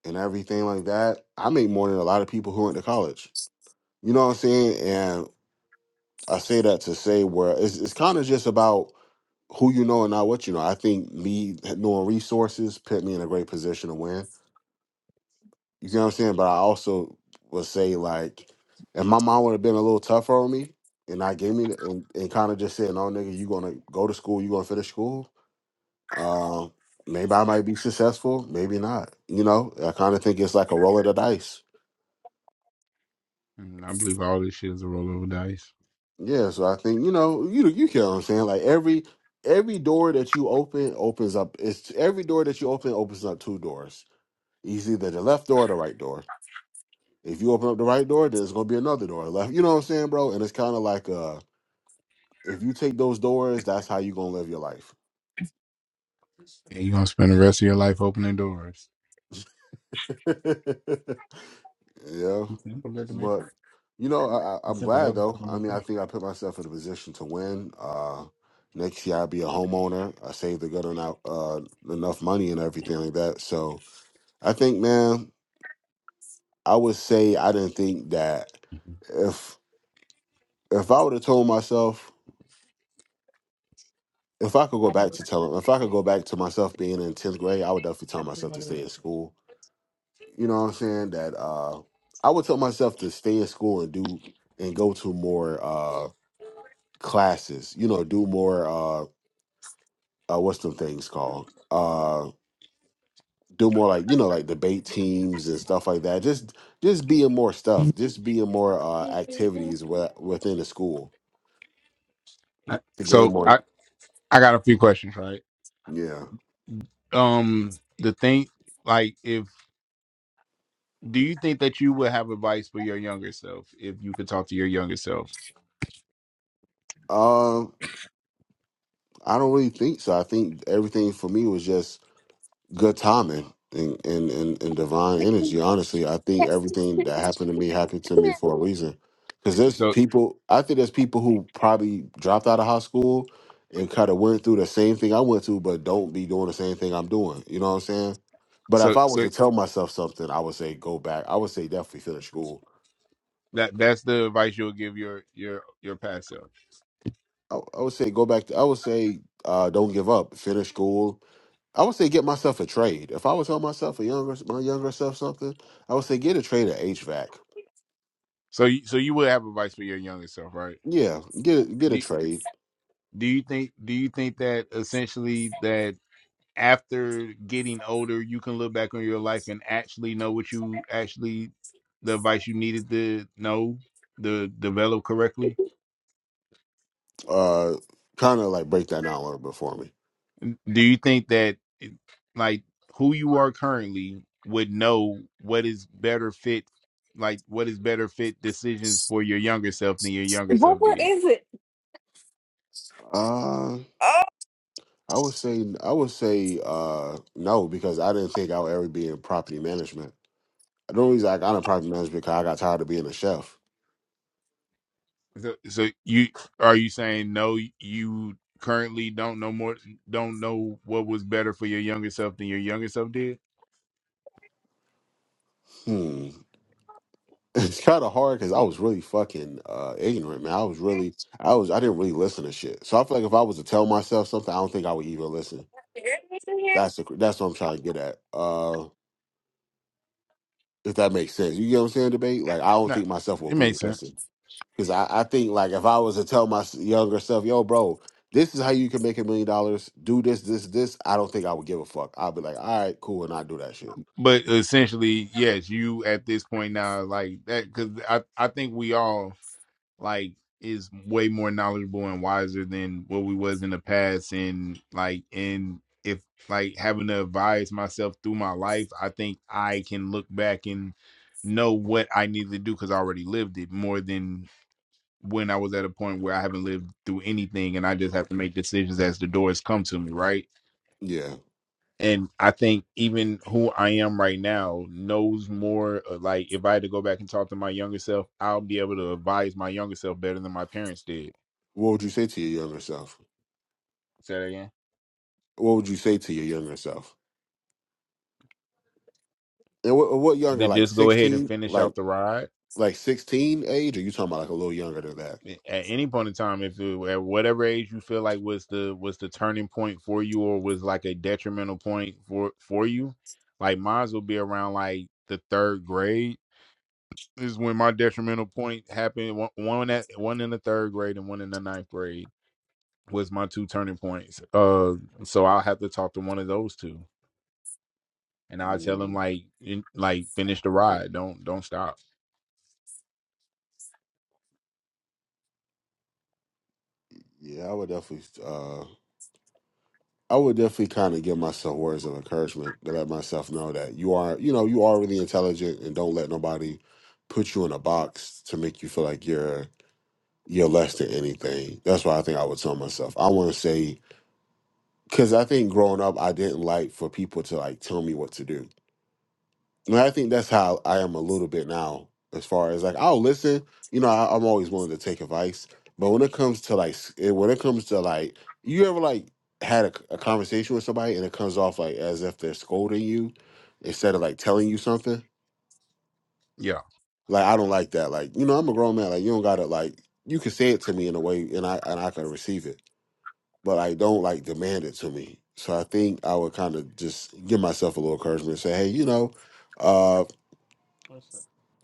S6: and everything like that. I make more than a lot of people who went to college. You know what I'm saying? And I say that to say where it's, it's kind of just about who you know and not what you know. I think me knowing resources put me in a great position to win. You get what I'm saying? But I also would say like, if my mom would have been a little tougher on me and I gave me the- and, and kind of just said, no, nigga, you gonna go to school, you gonna finish school Um, maybe I might be successful, maybe not. You know, I kind of think it's like a roll of the dice.
S4: And I believe all this shit is a roll of the dice.
S6: Yeah, so I think you know, you you get what I'm saying. Like every every door that you open opens up. It's every door that you open opens up two doors. It's either the left door or the right door. If you open up the right door, there's gonna be another door left. You know what I'm saying, bro? And it's kind of like uh, if you take those doors, that's how you gonna live your life.
S4: And you're gonna spend the rest of your life opening doors.
S6: (laughs) Yeah,
S4: It's simple that to make
S6: but
S4: that.
S6: you know, I, I-
S4: It's
S6: I'm
S4: simple that
S6: glad though.
S4: to
S6: I
S4: make
S6: mean, I
S4: that.
S6: think I put myself in a position to win. Uh, next year I'll be a homeowner. I saved a good amount, uh, enough money and everything like that. So I think, man, I would say I didn't think that if if I would have told myself if I could go back to telling if I could go back to myself being in tenth grade, I would definitely tell myself to stay in school. You know what I'm saying? That uh, I would tell myself to stay in school and do and go to more. uh, classes, you know, do more uh, uh what's them things called? Uh do more like, you know, like debate teams and stuff like that. Just just being more stuff, just being more uh activities wi- within the school to gain
S4: So
S6: more
S4: I, I got a few questions, right?
S6: yeah.
S4: Um the thing like if Do you think that you would have advice for your younger self if you could talk to your younger self?
S6: Um I don't really think so. I think everything for me was just good timing and, and, and, and divine energy. Honestly, I think everything that happened to me happened to me for a reason. Because there's
S4: So
S6: people, I think there's people who probably dropped out of high school and kind of went through the same thing I went through, but don't be doing the same thing I'm doing. You know what I'm saying? But if
S4: so
S6: I was
S4: so
S6: to tell myself something, I would say go back. I would say definitely finish school
S4: that that's your your your past self.
S6: I, I would say go back to, I would say uh, don't give up. Finish school. I would say get myself a trade. If I would tell myself a younger my younger self something, I would say get a trade at HVAC.
S4: So you, so you would have advice for your younger self, right?
S6: Yeah, get a- get a
S4: Do
S6: trade.
S4: do you think do you think that essentially that after getting older you can look back on your life and actually know what you actually the advice you needed to know to develop correctly?
S6: Uh, kind of like break that down a little bit for me.
S4: Do you think that like who you are currently would know what is better fit like what is better fit decisions for your younger self than your younger self
S25: what
S4: did?
S25: is it?
S6: Uh,
S25: Oh,
S6: I would say I would say uh no because I didn't think I would ever be in property management. The only reason I got in property management because I got tired of being a chef.
S4: So, so you are you saying no? You currently don't know more. Don't know what was better for your younger self than your younger self did.
S6: Hmm. it's kind of hard because I was really fucking uh, ignorant, man. I was really, I was, I didn't really listen to shit. So I feel like if I was to tell myself something, I don't think I would even listen.
S25: there it is in here.
S6: That's the, that's what I'm trying to get at. Uh, if that makes sense, you get what I'm saying? Debate. Like I don't
S4: Nah,
S6: think myself
S4: it
S6: would really
S4: makes sense.
S6: listen because I, I think like if I was to tell my s- younger self, yo, bro, this is how you can make a million dollars. Do this, this, this. I don't think I would give a fuck. I'd be like, all right, cool, and I do that shit.
S4: But essentially, yes, you at this point now, like that, because I, I think we all like is way more knowledgeable and wiser than what we was in the past, and like, and if like having to advise myself through my life, I think I can look back and know what I need to do because I already lived it more than when I was at a point where I haven't lived through anything, and I just have to make decisions as the doors come to me, right?
S6: Yeah.
S4: and I think even who I am right now knows more. uh, Like if I had to go back and talk to my younger self, I'll be able to advise my younger self better than my parents did.
S6: What would you say to your younger self?
S4: Say that again.
S6: What would you say to your younger self? And what, what younger?
S4: To
S6: Like
S4: just go ahead and
S6: sixteen?
S4: finish out
S6: Like
S4: the ride
S6: like sixteen age? Or you talking about like a little younger than that?
S4: at any point in time, if it, at whatever age you feel like was the was the turning point for you, or was like a detrimental point for for you, like mine will be around like the third grade. is when my detrimental point happened. One, one at one in the third grade and one in the ninth grade was my two turning points. Uh, so I'll have to talk to one of those two, and I'll tell them
S6: Mm,
S4: like, in, like finish the ride. Don't don't stop.
S6: yeah, I would definitely. uh I would definitely kind of give myself words of encouragement to let myself know that you are, you know, you are really intelligent, and don't let nobody put you in a box to make you feel like you're you're less than anything. That's why I think I would tell myself. I want to say because I think growing up, I didn't like for people to like tell me what to do. And I think that's how I am a little bit now, as far as like, I'll listen. You know, I, I'm always willing to take advice, but when it comes to like, s- eh, when it comes to like, you ever like had a, c- a conversation with somebody and it comes off like as if they're scolding you instead of like telling you something.
S4: Yeah.
S6: Like I don't like that. Like you know, I'm a grown man. Like you don't gotta like you can say it to me in a way, and I and I can receive it, but I don't like demand it to me. So I think I would kind of just give myself a little encouragement, and say, hey, you know. uh,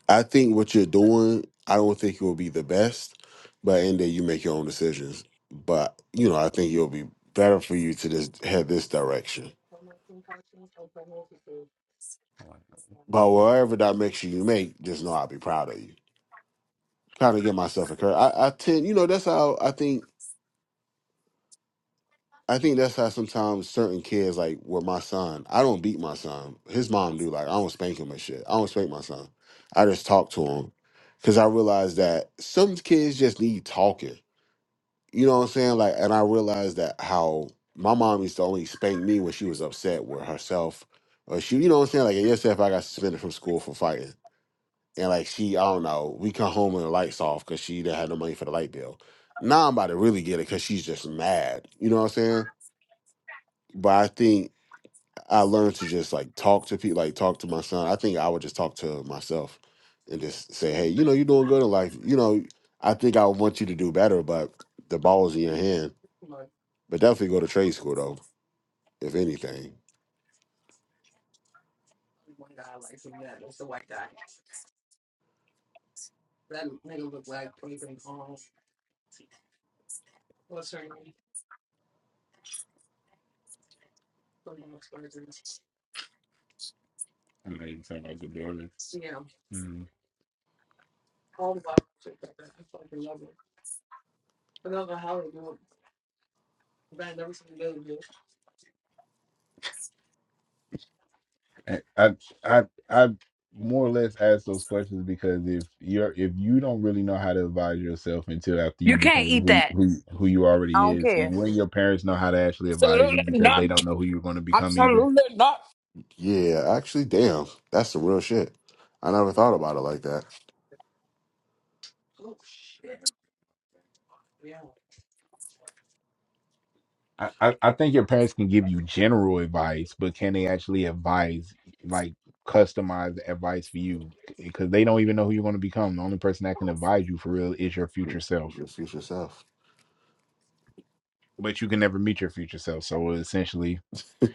S6: I think what you're doing, I don't think it will be the best, but in there you make your own decisions. But you know, I think it'll be better for you to just head this direction. But whatever direction you make, just know I'll be proud of you. Kind of give myself a credit. I, I tend, you know, that's how I think. I think that's how sometimes certain kids, like with my son, I don't beat my son. His mom do. Like I don't spank him and shit. I don't spank my son. I just talk to him because I realize that some kids just need talking You know what I'm saying? Like, and I realized that how my mom used to only spank me when she was upset with herself. Or she, you know what I'm saying? Like, yourself, I got suspended from school for fighting. And like, she, I don't know, we come home and the light's off because she didn't have no money for the light bill. Now I'm about to really get it because she's just mad. You know what I'm saying? But I think I learned to just like talk to people, like talk to my son. I think I would just talk to myself and just say, hey, you know, you're doing good in life. You know, I think I want you to do better, but the ball's in your hand but definitely go to trade school though, if anything.
S4: I know you sound like a builder. I I I I more or less ask those questions because if you're if you don't really know how to advise yourself until after you
S25: You can't
S4: became
S25: eat
S4: who
S25: that.
S4: who who you
S25: I
S4: already
S25: don't
S4: is,
S25: care.
S4: and when your parents know how to actually advise you
S25: Absolutely
S4: because they
S25: not.
S4: don't know who you're going to become either.
S25: Absolutely not.
S6: Yeah, actually, damn, that's some real shit. I never thought about it like that.
S4: I, I I think your parents can give you general advice, but can they actually advise like customized advice for you? Because they don't even know who you're going to become. The only person that can advise you for real is your future self.
S6: Your future self.
S4: But you can never meet your future self, so essentially,
S6: (laughs)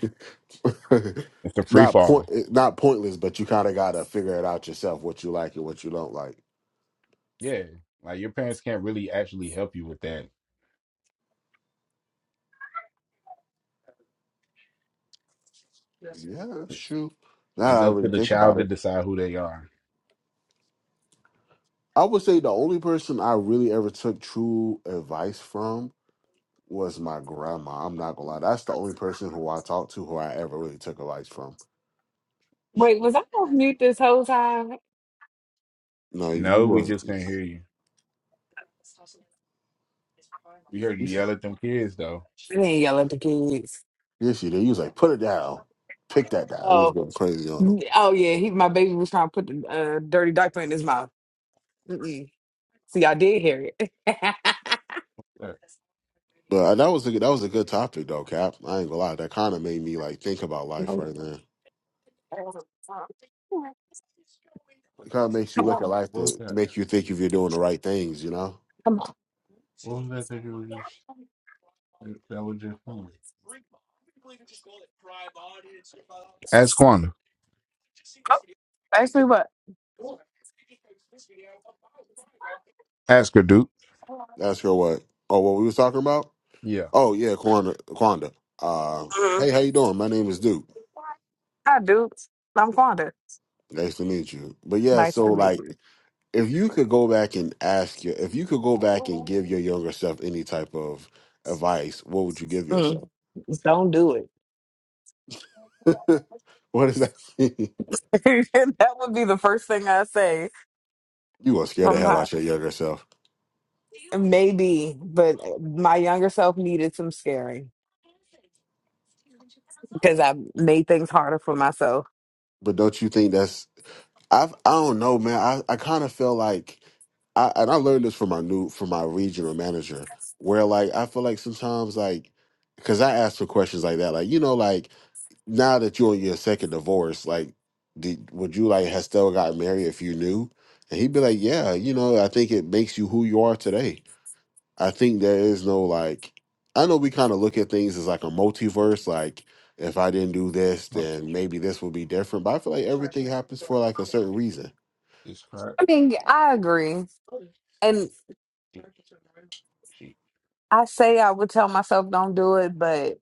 S4: it's a free
S6: not point,
S4: fall.
S6: not pointless, but you kind of gotta figure it out yourself what you like and what you don't like.
S4: Yeah, like your parents can't really actually help you with that.
S6: Yeah, that's true. Now
S4: It's
S6: that I
S4: up to
S6: really
S4: the
S6: think
S4: child
S6: about
S4: to
S6: it,
S4: decide who they are.
S6: I would say the only person I really ever took true advice from was my grandma. I'm not gonna lie, that's the only person who I talked to who I ever really took advice from.
S25: Wait, was I on mute this whole time? I
S6: No, you
S4: No, we
S6: was
S4: just can't hear you.
S25: didn't yell at the kids.
S6: Yes, you did. He was like, "Put it down, pick that down." He was
S25: Oh,
S6: going crazy on him.
S25: oh yeah. He, my baby was trying to put the uh, dirty diaper in his mouth. Mm-mm. See, I did hear it. (laughs)
S4: That-
S6: But uh, that was a good, that was a good topic though, Cap. I ain't gonna lie. That kind of made me like think about life
S25: No.
S6: right now.
S25: Come
S4: What
S6: It kind of makes you look at
S25: on,
S6: life
S4: was
S6: to
S4: that?
S6: make you think if you're doing the right things. You know,
S25: come on.
S4: What was that thing you were just that that was just funny? Ask Quanda.
S25: Oh, ask me what?
S4: Ask her, Duke.
S6: that's real. What? Oh, what we was talking about?
S4: Yeah.
S6: Oh yeah, Quanda. Quanda. Uh,
S25: Mhm.
S6: hey, how you doing? My name is Duke.
S25: Hi, Duke. I'm Fonda.
S6: Nice to meet you. But yeah,
S25: Nice to
S6: so
S25: meet
S6: like,
S25: you.
S6: if you could go back and ask your, if you could go back and give your younger self any type of advice, what would you give yourself?
S25: Mm, don't do it.
S6: (laughs) what does that (laughs) mean?
S25: (laughs) that would be the first thing I say
S6: You gonna scare the
S25: from
S6: hell
S25: her.
S6: out your younger self.
S25: Maybe, but my younger self needed some scaring because I made things harder for myself.
S6: But don't you think that's I've I don't know, man. I, I kinda feel like I and I learned this from my new from my regional manager, where like I feel like sometimes like because I asked for questions like that, like you know, like now that you're on your second divorce, like did, would you like have still got married if you knew? And he'd be like, yeah, you know, I think it makes you who you are today. I think there is no like I know we kind of look at things as like a multiverse, like if I didn't do this,
S4: Well,
S6: then maybe this would be different. But I feel like everything happens for like a certain reason.
S4: It's crack.
S25: I mean, I agree. And
S4: She-
S25: I say I would tell myself don't do it, but.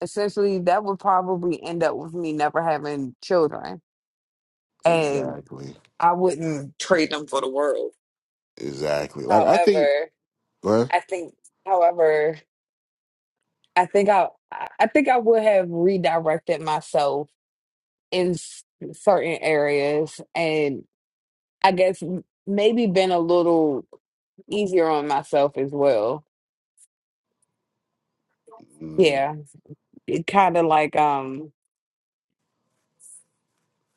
S25: essentially that would probably end up with me never having children and
S6: Exactly.
S25: i wouldn't trade them for the world
S6: Exactly. Like I think
S25: however
S6: well,
S25: i think however i think i i think i would have redirected myself in s- certain areas and i guess m- maybe been a little easier on myself as well
S6: mm,
S25: yeah it kind of like um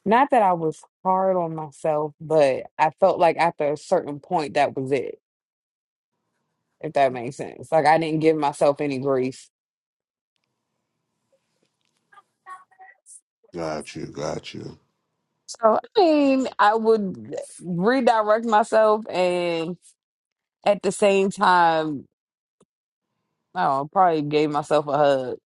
S25: not that i was hard on myself but i felt like after a certain point that was it if that makes sense. Like I didn't give myself any grief.
S6: got you, got you.
S25: So I mean, I would redirect myself and at the same time, oh, probably gave myself a hug.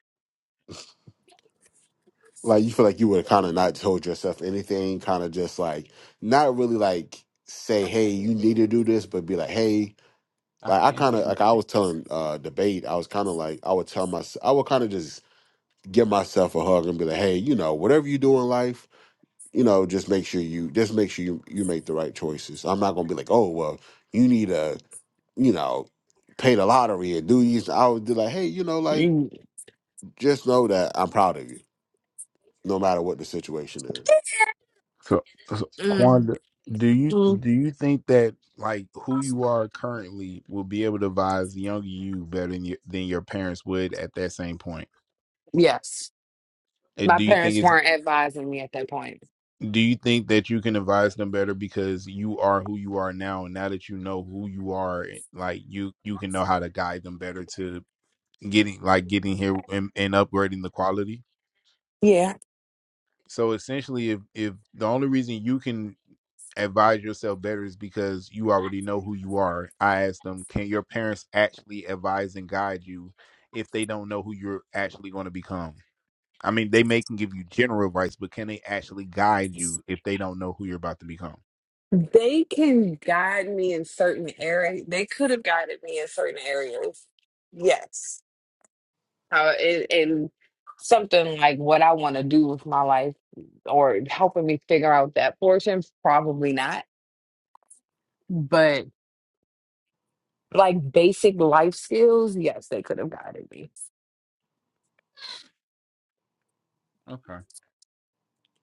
S6: Like you feel like you would have kind of not told yourself anything, kind of just like not really like say, hey, you need to do this, but be like, hey,
S4: I
S6: like I
S4: can't
S6: kind of
S4: even-
S6: like I was telling uh debate, I was kind of like I would tell myself, I would kind of just give myself a hug and be like, hey, you know, whatever you do in life, you know, just make sure you just make sure you, you make the right choices. I'm not gonna be like, oh well, you need to, you know, pay the lottery and do these. I would be like, hey, you know, like
S25: Mm,
S6: just know that I'm proud of you, no matter what the situation is.
S4: So, so
S25: mm,
S4: Quanda, do you
S25: mm.
S4: do you think that like who you are currently will be able to advise younger you better than your, than your parents would at that same point?
S25: Yes.
S4: And
S25: My
S4: do you think
S25: parents
S4: it's
S25: weren't advising me at that point.
S4: Do you think that you can advise them better because you are who you are now, and now that you know who you are, eh, like you you can know how to guide them better to getting like getting here and, and upgrading the quality.
S25: Yeah.
S4: So essentially, if if the only reason you can advise yourself better is because you already know who you are. I asked them, can your parents actually advise and guide you if they don't know who you're actually going to become? I mean, they may can give you general advice, but can they actually guide you if they don't know who you're about to become?
S25: They can guide me in certain areas. They could have guided me in certain areas. Yes. how it, and something like what I want to do with my life or helping me figure out that portion, probably not. But like basic life skills, yes, they could have guided me.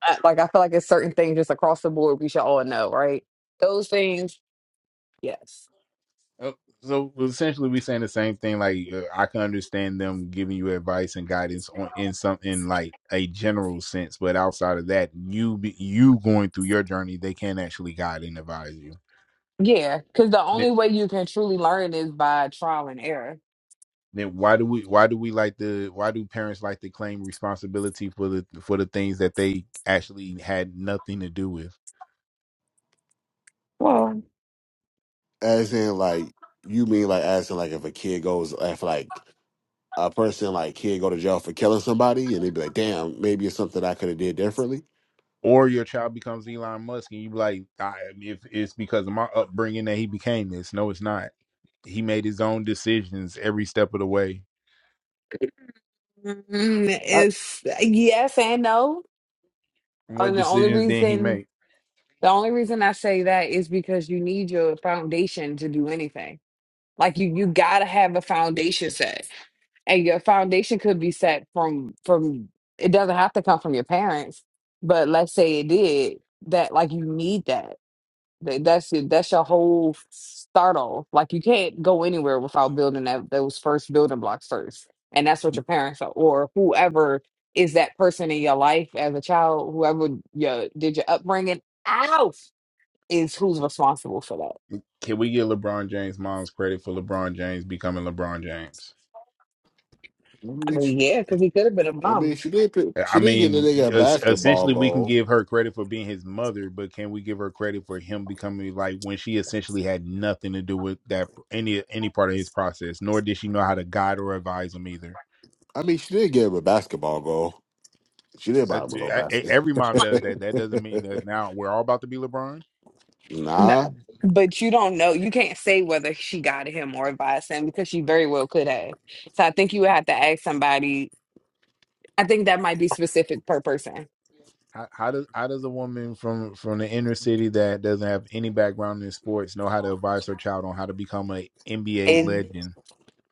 S25: Uh, Like I feel like it's certain things just across the board we should all know, right? Those things, yes.
S4: Oh, So well, essentially, we're saying the same thing. Like uh, I can understand them giving you advice and guidance on in some in like a general sense, but outside of that, you be, you going through your journey, they can't actually guide and advise you.
S25: Yeah, because the
S4: Then
S25: only way you can truly learn is by trial and error.
S4: then why do we why do we like the why do parents like to claim responsibility for the for the things that they actually had nothing to do with?
S25: Well,
S6: As in like you mean like as in like if a kid goes if like a person like kid go to jail for killing somebody and they'd be like, damn, maybe it's something I could have did differently.
S4: or your child becomes Elon Musk, and you be like, I, if it's because of my upbringing that he became this. No, it's not. He made his own decisions every step of the way.
S25: mm,
S6: I
S25: it's yes and no.
S4: What
S25: And the only
S4: decisions did he
S25: reason
S4: make?
S25: The only reason I say that is because you need your foundation to do anything. Like you you gotta have a foundation set. And your foundation could be set from from it doesn't have to come from your parents, but let's say it did, that like you need that. That that's it, that's your whole start off. Like you can't go anywhere without building that those first building blocks first. And that's what your parents are or whoever is that person in your life as a child, whoever your did your upbringing. Ow! is who's responsible for that.
S4: Can we give LeBron James' mom's credit for LeBron James becoming LeBron James?
S25: I mean, yeah, because he could have been a
S6: I mean,
S25: bum.
S6: she did. Pick,
S4: Uh, I
S6: she did give the
S4: mean,
S6: nigga a
S4: es-
S6: basketball
S4: essentially, we can
S6: goal.
S4: give her credit for being his mother, but can we give her credit for him becoming like when she essentially had nothing to do with that any any part of his process? Nor did she know how to guide or advise him either
S6: I mean, she did give him a basketball goal. She did buy
S4: Uh,
S6: him a
S4: e-
S6: little
S4: e-
S6: basket.
S4: Every mom does that. That doesn't mean that now we're all about to be LeBron.
S6: (laughs)
S25: No.
S6: nah,
S25: But you don't know. You can't say whether she guided him or advised him because she very well could have. So I think you would have to ask somebody. I think that might be specific per person.
S4: How, how does how does a woman from from the inner city that doesn't have any background in sports know how to advise her child on how to become an NBA
S25: And
S4: legend?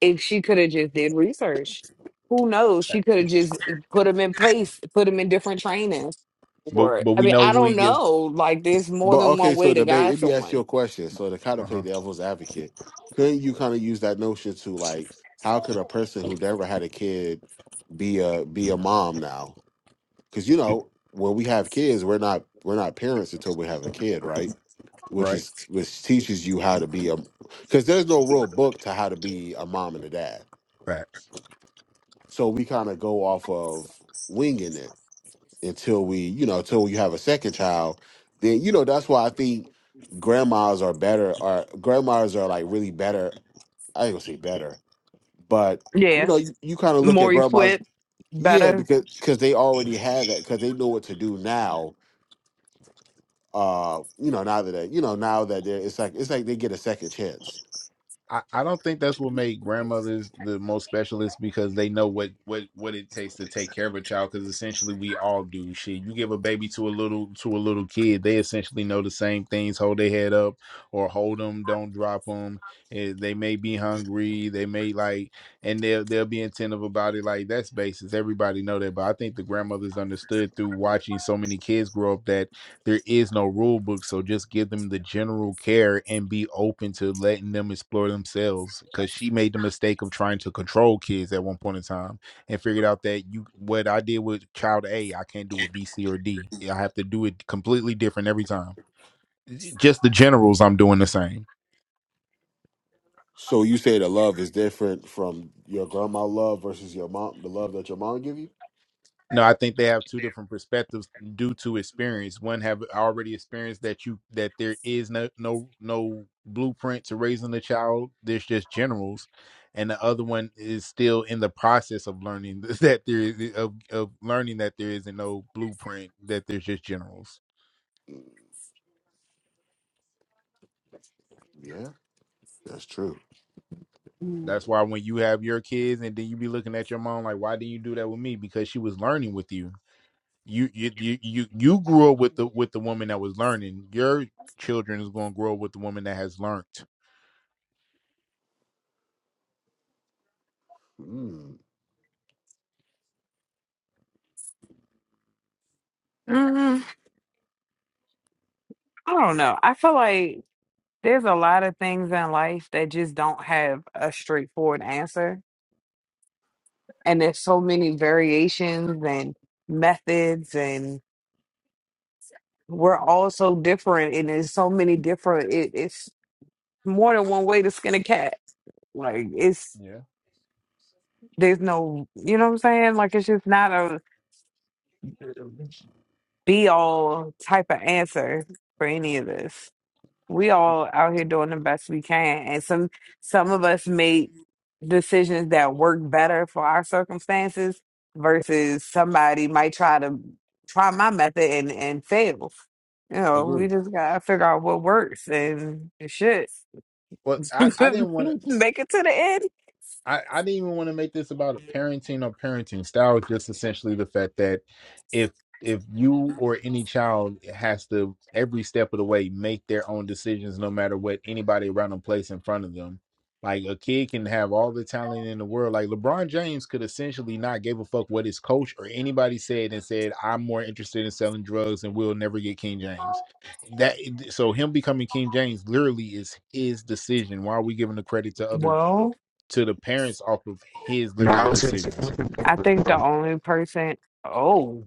S25: if she could have just did research, who knows? She could have
S4: It-
S25: just put him in place, put him in different trainings.
S4: But
S25: Or
S4: but
S25: I
S4: we
S25: mean,
S4: know
S25: I
S4: who he
S25: don't
S4: gives.
S25: know. Like there's more
S6: but
S25: than
S6: okay.
S25: one
S6: So
S25: way to
S6: debate.
S25: guide
S6: Let me ask you
S25: someone.
S6: a question. So to kind
S4: Uh
S6: of
S4: huh.
S6: play devil's advocate, couldn't you kind of use that notion to like, how could a person who never had a kid be a be a mom now? Because you know, when we have kids, we're not we're not parents until we have a kid, right? which
S4: Right.
S6: is which teaches you how to be a because there's no real book to how to be a mom and a dad. So we kind of go off of winging it until we, you know, until you have a second child. Then you know that's why I think grandmas are better. Are grandmas are like really better? I ain't gonna say better, but you
S25: Yeah.
S6: know, you, you kind of look at
S25: More
S6: grandmas,
S25: equipped,
S6: yeah,
S25: better.
S6: because because they already had that because they know what to do now. Uh, you know, now that they, you know now that they're it's like it's like they get a second chance
S4: I, I don't think that's what made grandmothers the most specialists because they know what what what it takes to take care of a child because essentially we all do shit you give a baby to a little to a little kid they essentially know the same things hold their head up or hold them don't drop them And they may be hungry they may like and they'll they'll be attentive about it like that's basis everybody know that but I think the grandmothers understood through watching so many kids grow up that there is no rule book so just give them the general care and be open to letting them explore themselves because she made the mistake of trying to control kids at one point in time and figured out that you what i did with child a i can't do with b c or d i have to do it completely different every time just the generals i'm doing the same
S6: So you say the love is different from your grandma love versus your mom, the love that your mom give you?
S4: No, I think they have two different perspectives due to experience. One have already experienced that you that there is no no no blueprint to raising a child. There's just generals, and the other one is still in the process of learning (laughs) that there is eh, of of learning that there isn't no blueprint. That there's just generals.
S6: Mm, Yeah, that's true.
S4: That's why when you have your kids and then you be looking at your mom like, why didn't you do that with me? Because she was learning with you you you you you you grew up with the with the woman that was learning. Your children is going to grow up with the woman that has learned.
S6: Mm.
S25: I don't know. I feel like there's a lot of things in life that just don't have a straightforward answer. And there's so many variations and methods, and we're all so different. And there's so many different, it, it's more than one way to skin a cat. Like, it's,
S4: Yeah,
S25: there's no, you know what I'm saying? Like, it's just not a be all type of answer for any of this. we all out here doing the best we can and some some of us make decisions that work better for our circumstances versus somebody might try to try my method and and fail you know we
S4: agree.
S25: just gotta figure out what works and shit (laughs)
S4: But I I didn't want to.
S25: make it to the end
S4: I, I didn't even want to make this about a parenting or parenting style. It's Just essentially the fact that if if you or any child has to every step of the way make their own decisions, no matter what anybody around them place in front of them. Like a kid can have all the talent in the world. Like LeBron James could essentially not give a fuck what his coach or anybody said and said, "I'm more interested in selling drugs and we'll never get King James." That so him becoming King James literally is his decision. Why are we giving the credit to other?
S25: well
S4: to the parents off of his
S1: No,
S4: literal
S1: it was his,
S4: decisions.
S25: i think the only person oh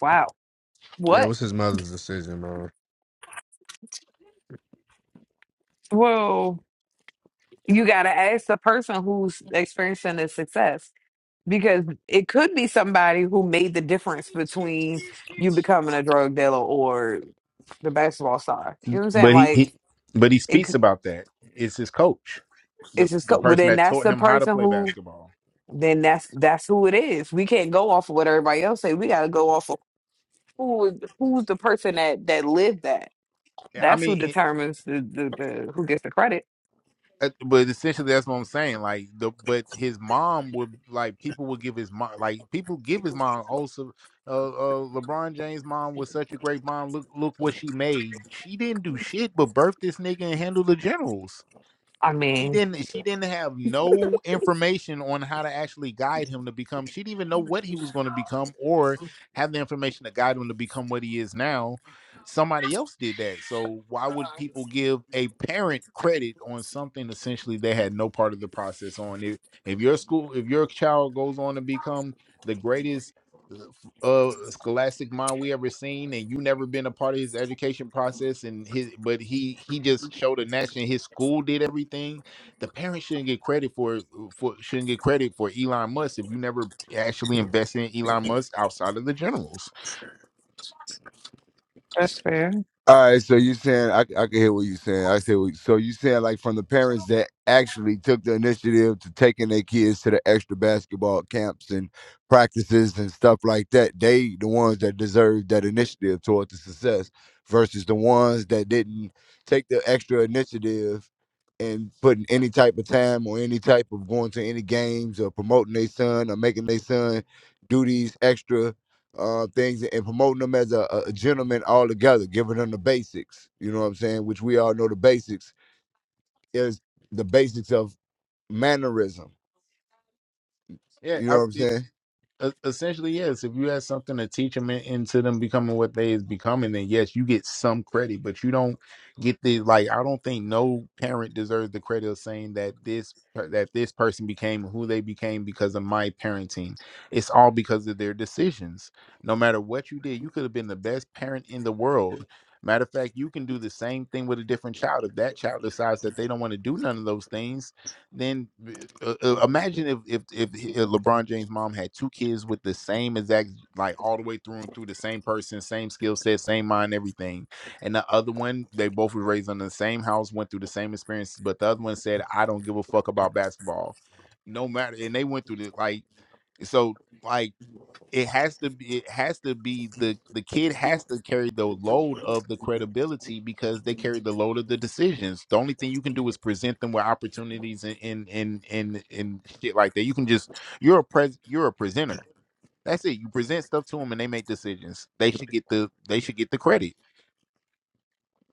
S25: wow
S1: yeah, it
S25: what
S1: was his mother's decision, man.
S25: well you gotta ask the person who's experiencing the success because it could be somebody who made the difference between you becoming a drug dealer or the basketball star. You know what I'm saying?
S4: But he,
S25: Like
S4: he but he
S25: it,
S4: speaks
S25: c-
S4: about that. It's his coach, the
S25: it's just.
S4: the
S25: co- Well,
S4: person
S25: then
S4: that
S25: that's
S4: taught
S25: the
S4: him how to
S25: person
S4: play
S25: who.
S4: basketball.
S25: Then that's that's who it is. We can't go off of what everybody else say. We got to go off of who is who's the person that that lived that.
S4: Yeah, I
S25: That's who
S4: mean, it,
S25: determines the, the, the who gets the credit.
S4: uh, but essentially that's what I'm saying. Like the but his mom would like people would give his mom like people give his mom also. Uh, uh, LeBron James' mom was such a great mom. Look, look what she made. She didn't do shit but birth this nigga and handle the generals
S25: I
S4: she
S25: mean,
S4: didn't she didn't have no information on how to actually guide him to become she didn't even know what he was going to become or have the information to guide him to become what he is now somebody else did that so why would people give a parent credit on something essentially they had no part of the process on if, if your school if your child goes on to become the greatest uh, uh scholastic mind we ever seen and you never been a part of his education process and his but he he just showed a nation his school did everything the parents shouldn't get credit for for shouldn't get credit for Elon Musk if you never actually invested in Elon Musk outside of the generals.
S25: That's fair.
S23: All right, so you saying I, I can hear what you're saying. I say what- so you saying like from the parents that actually took the initiative to taking their kids to the extra basketball camps and practices and stuff like that. They the ones that deserve that initiative toward the success versus the ones that didn't take the extra initiative and putting any type of time or any type of going to any games or promoting their son or making their son do these extra uh, things and promoting them as a, a a gentleman altogether, giving them the basics. You know what I'm saying? Which we all know the basics is the basics of mannerism.
S4: Yeah,
S23: You know
S4: I,
S23: what I'm saying?
S4: E- essentially yes if you had something to teach them into them becoming what they is becoming then yes you get some credit but you don't get the like i don't think no parent deserves the credit of saying that this per- that this person became who they became because of my parenting it's all because of their decisions no matter what you did you could have been the best parent in the world matter of fact you can do the same thing with a different child if that child decides that they don't want to do none of those things then uh, uh, imagine if if if uh, LeBron James' mom had two kids with the same exact like all the way through and through the same person, same skill set, same mind, everything, and the other one they both were raised in the same house, went through the same experiences, but the other one said, "I don't give a fuck about basketball, no matter," and they went through the like so like it has to be it has to be the the kid has to carry the load of the credibility because they carry the load of the decisions the only thing you can do is present them with opportunities and and and and, and shit like that you can just you're a pres you're a presenter that's it you present stuff to them and they make decisions they should get the they should get the credit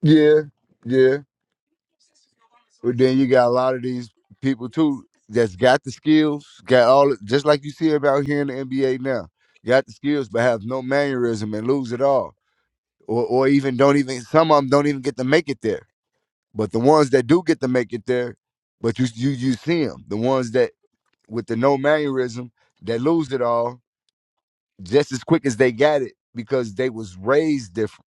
S23: Yeah, yeah. But then you got a lot of these people too that's got the skills, got all just like you see about here in the NBA now, got the skills but have no mannerism and lose it all, or or even don't even some of them don't even get to make it there. But the ones that do get to make it there, but you you you see them, the ones that with the no mannerism that lose it all just as quick as they got it because they was raised different.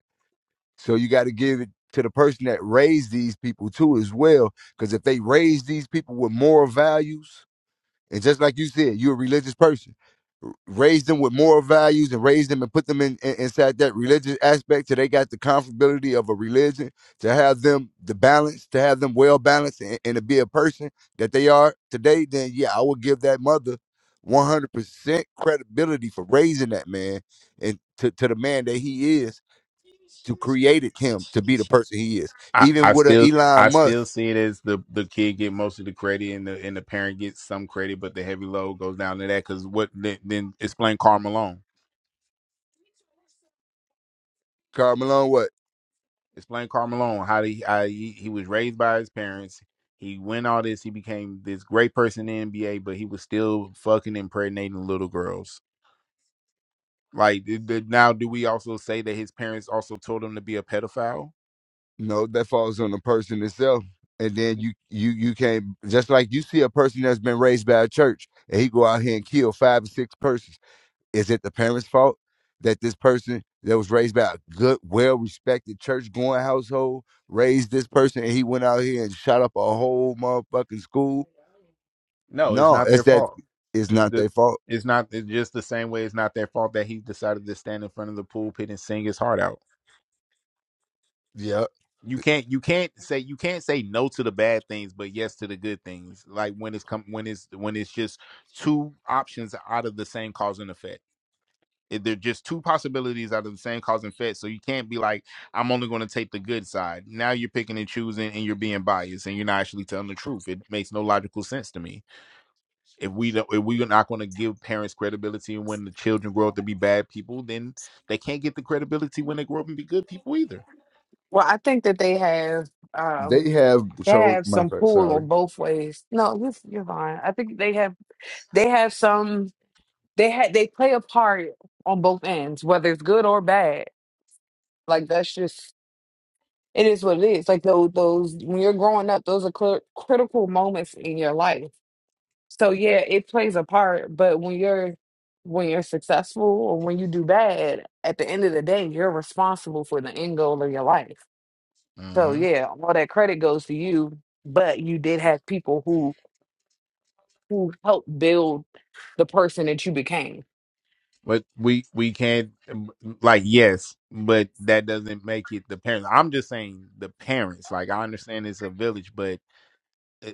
S23: So you got to give it to the person that raised these people too as well because if they raised these people with moral values and just like you said, you're a religious person. R- Raise them with moral values and raise them and put them in, in inside that religious aspect till they got the comfortability of a religion, to have them the balance, to have them well balanced and, and to be a person that they are today, then yeah, I would give that mother 100% credibility for raising that man and to, to the man that he is to created him to be the person he is.
S4: I,
S23: Even
S4: I
S23: with a
S4: still I
S23: Elon
S4: still
S23: Musk,
S4: see it as the the kid get most of the credit and the and the parent gets some credit, but the heavy load goes down to that because what then, then explain Carl Malone.
S23: Carl Malone, what?
S4: Explain Carl Malone how he, how he he was raised by his parents. He went all this. He became this great person in the NBA, but he was still fucking impregnating little girls. Like th- th- now, do we also say that his parents also told him to be a pedophile?
S23: No, that falls on the person itself. And then
S4: Mm.
S23: you you you can't just like you see a person that's been raised by a church and he go out here and kill five or six persons. Is it the parents' fault that this person that was raised by a good, well respected church going household raised this person and he went out here and shot up a whole motherfucking school?
S4: No, it's
S23: No,
S4: not
S23: it's
S4: their
S23: that
S4: fault.
S23: it's
S4: Eh,
S23: not
S4: The-
S23: their fault.
S4: It's not it's just the same way it's not their fault that he decided to stand in front of the pulpit and sing his heart out.
S23: Yeah.
S4: you can't you can't say you can't say no to the bad things but yes to the good things like when it's come when it's when it's just two options out of the same cause and effect If they're just two possibilities out of the same cause and effect so you can't be like i'm only going to take the good side now you're picking and choosing and you're being biased and you're not actually telling the truth it makes no logical sense to me if we don't if we're not going to give parents credibility when the children grow up to be bad people then they can't get the credibility when they grow up and be good people either
S25: well, I think that they have um
S23: They have
S25: they
S23: chose
S25: have
S23: my
S25: some
S23: fault,
S25: pull
S23: sorry.
S25: on both ways. No, you you're fine. I think they have They have some. They had. They play a part on both ends, whether it's good or bad. Like that's just. It is what it is. Like those. Those when you're growing up, those are cl- critical moments in your life. So yeah, it plays a part. But when you're when you're successful or when you do bad, at the end of the day, you're responsible for the end goal of your life. So
S4: Mm-hmm.
S25: yeah, all that credit goes to you. But you did have people who who helped build the person that you became.
S4: But we we can't um, like yes, but that doesn't make it the parents. I'm just saying the parents. Like I understand it's a village, but e-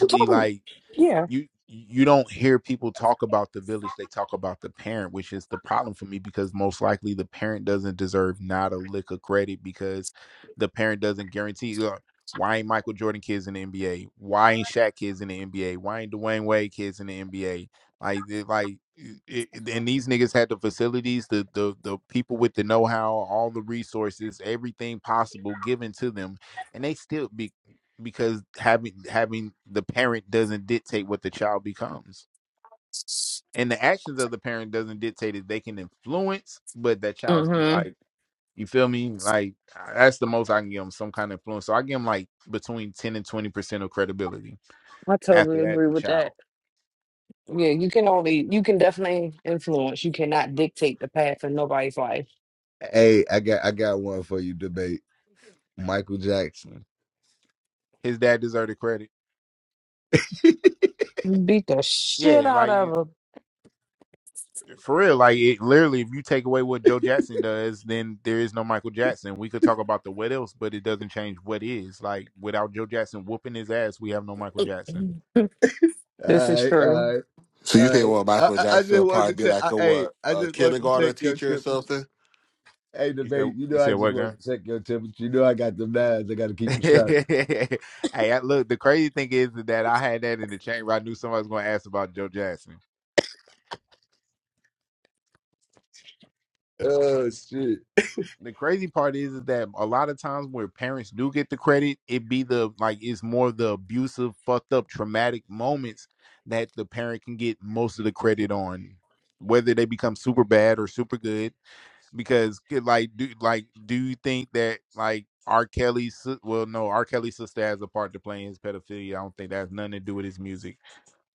S25: I'm talking,
S4: like
S25: yeah.
S4: you you don't hear people talk about the village they talk about the parent which is the problem for me because most likely the parent doesn't deserve not a lick of credit because the parent doesn't guarantee uh, why ain't michael jordan kids in the nba why ain't Shaq kids in the nba why ain't dwayne wade kids in the nba like they- like it, it- and these niggas had the facilities the, the the people with the know-how all the resources everything possible given to them and they still be because having having the parent doesn't dictate what the child becomes and the actions of the parent doesn't dictate it they can influence but that child's
S25: Mm-hmm.
S4: like you feel me like that's the most i can give them some kind of influence so i give them like between 10 and 20 percent of credibility
S25: I totally
S4: after that
S25: agree
S4: the
S25: with that.
S4: child
S25: Yeah, you can only, you can definitely influence. You cannot dictate the path of nobody's life.
S23: Hey, I got I got one for you debate. Michael Jackson.
S4: his dad deserved the credit
S25: Beat the shit
S4: yeah
S25: out
S4: like
S25: of
S4: for real like it literally if you take away what joe jackson does then there is no michael jackson we could talk about the what else but it doesn't change what is like without joe jackson whooping his ass we have no michael jackson
S25: them. (clears throat) This
S23: All
S25: is true.
S23: right,
S6: So you
S23: Uh,
S6: think, well,
S23: I,
S6: Michael
S23: I I
S6: Jackson
S23: just
S6: will
S23: wanted
S6: probably
S23: to
S6: be
S23: check.
S6: like
S23: I,
S6: a
S23: hey,
S6: what,
S23: I
S6: a
S23: just wanted to
S6: kindergarten
S23: check your
S6: teacher or
S23: temperature.
S6: something?
S23: Hey,
S4: You said
S23: debate. You
S4: you
S23: know, I
S4: said
S23: just
S4: what gun?
S23: wanted to check your temperature. You know, I got them nines. I got to
S4: (laughs)
S23: keep them sharp.
S4: hey, I, look. The crazy thing is that I had that in the chamber. I knew somebody was going to ask about Joe Jackson.
S23: Oh shit!
S4: The crazy part is, is that a lot of times where parents do get the credit, it be the like it's more the abusive, fucked up, traumatic moments that the parent can get most of the credit on, whether they become super bad or super good. because kid, like do like do you think that like R. Kelly's si- well no R. Kelly's sister has a part to play in his pedophilia. I don't think that has nothing to do with his music.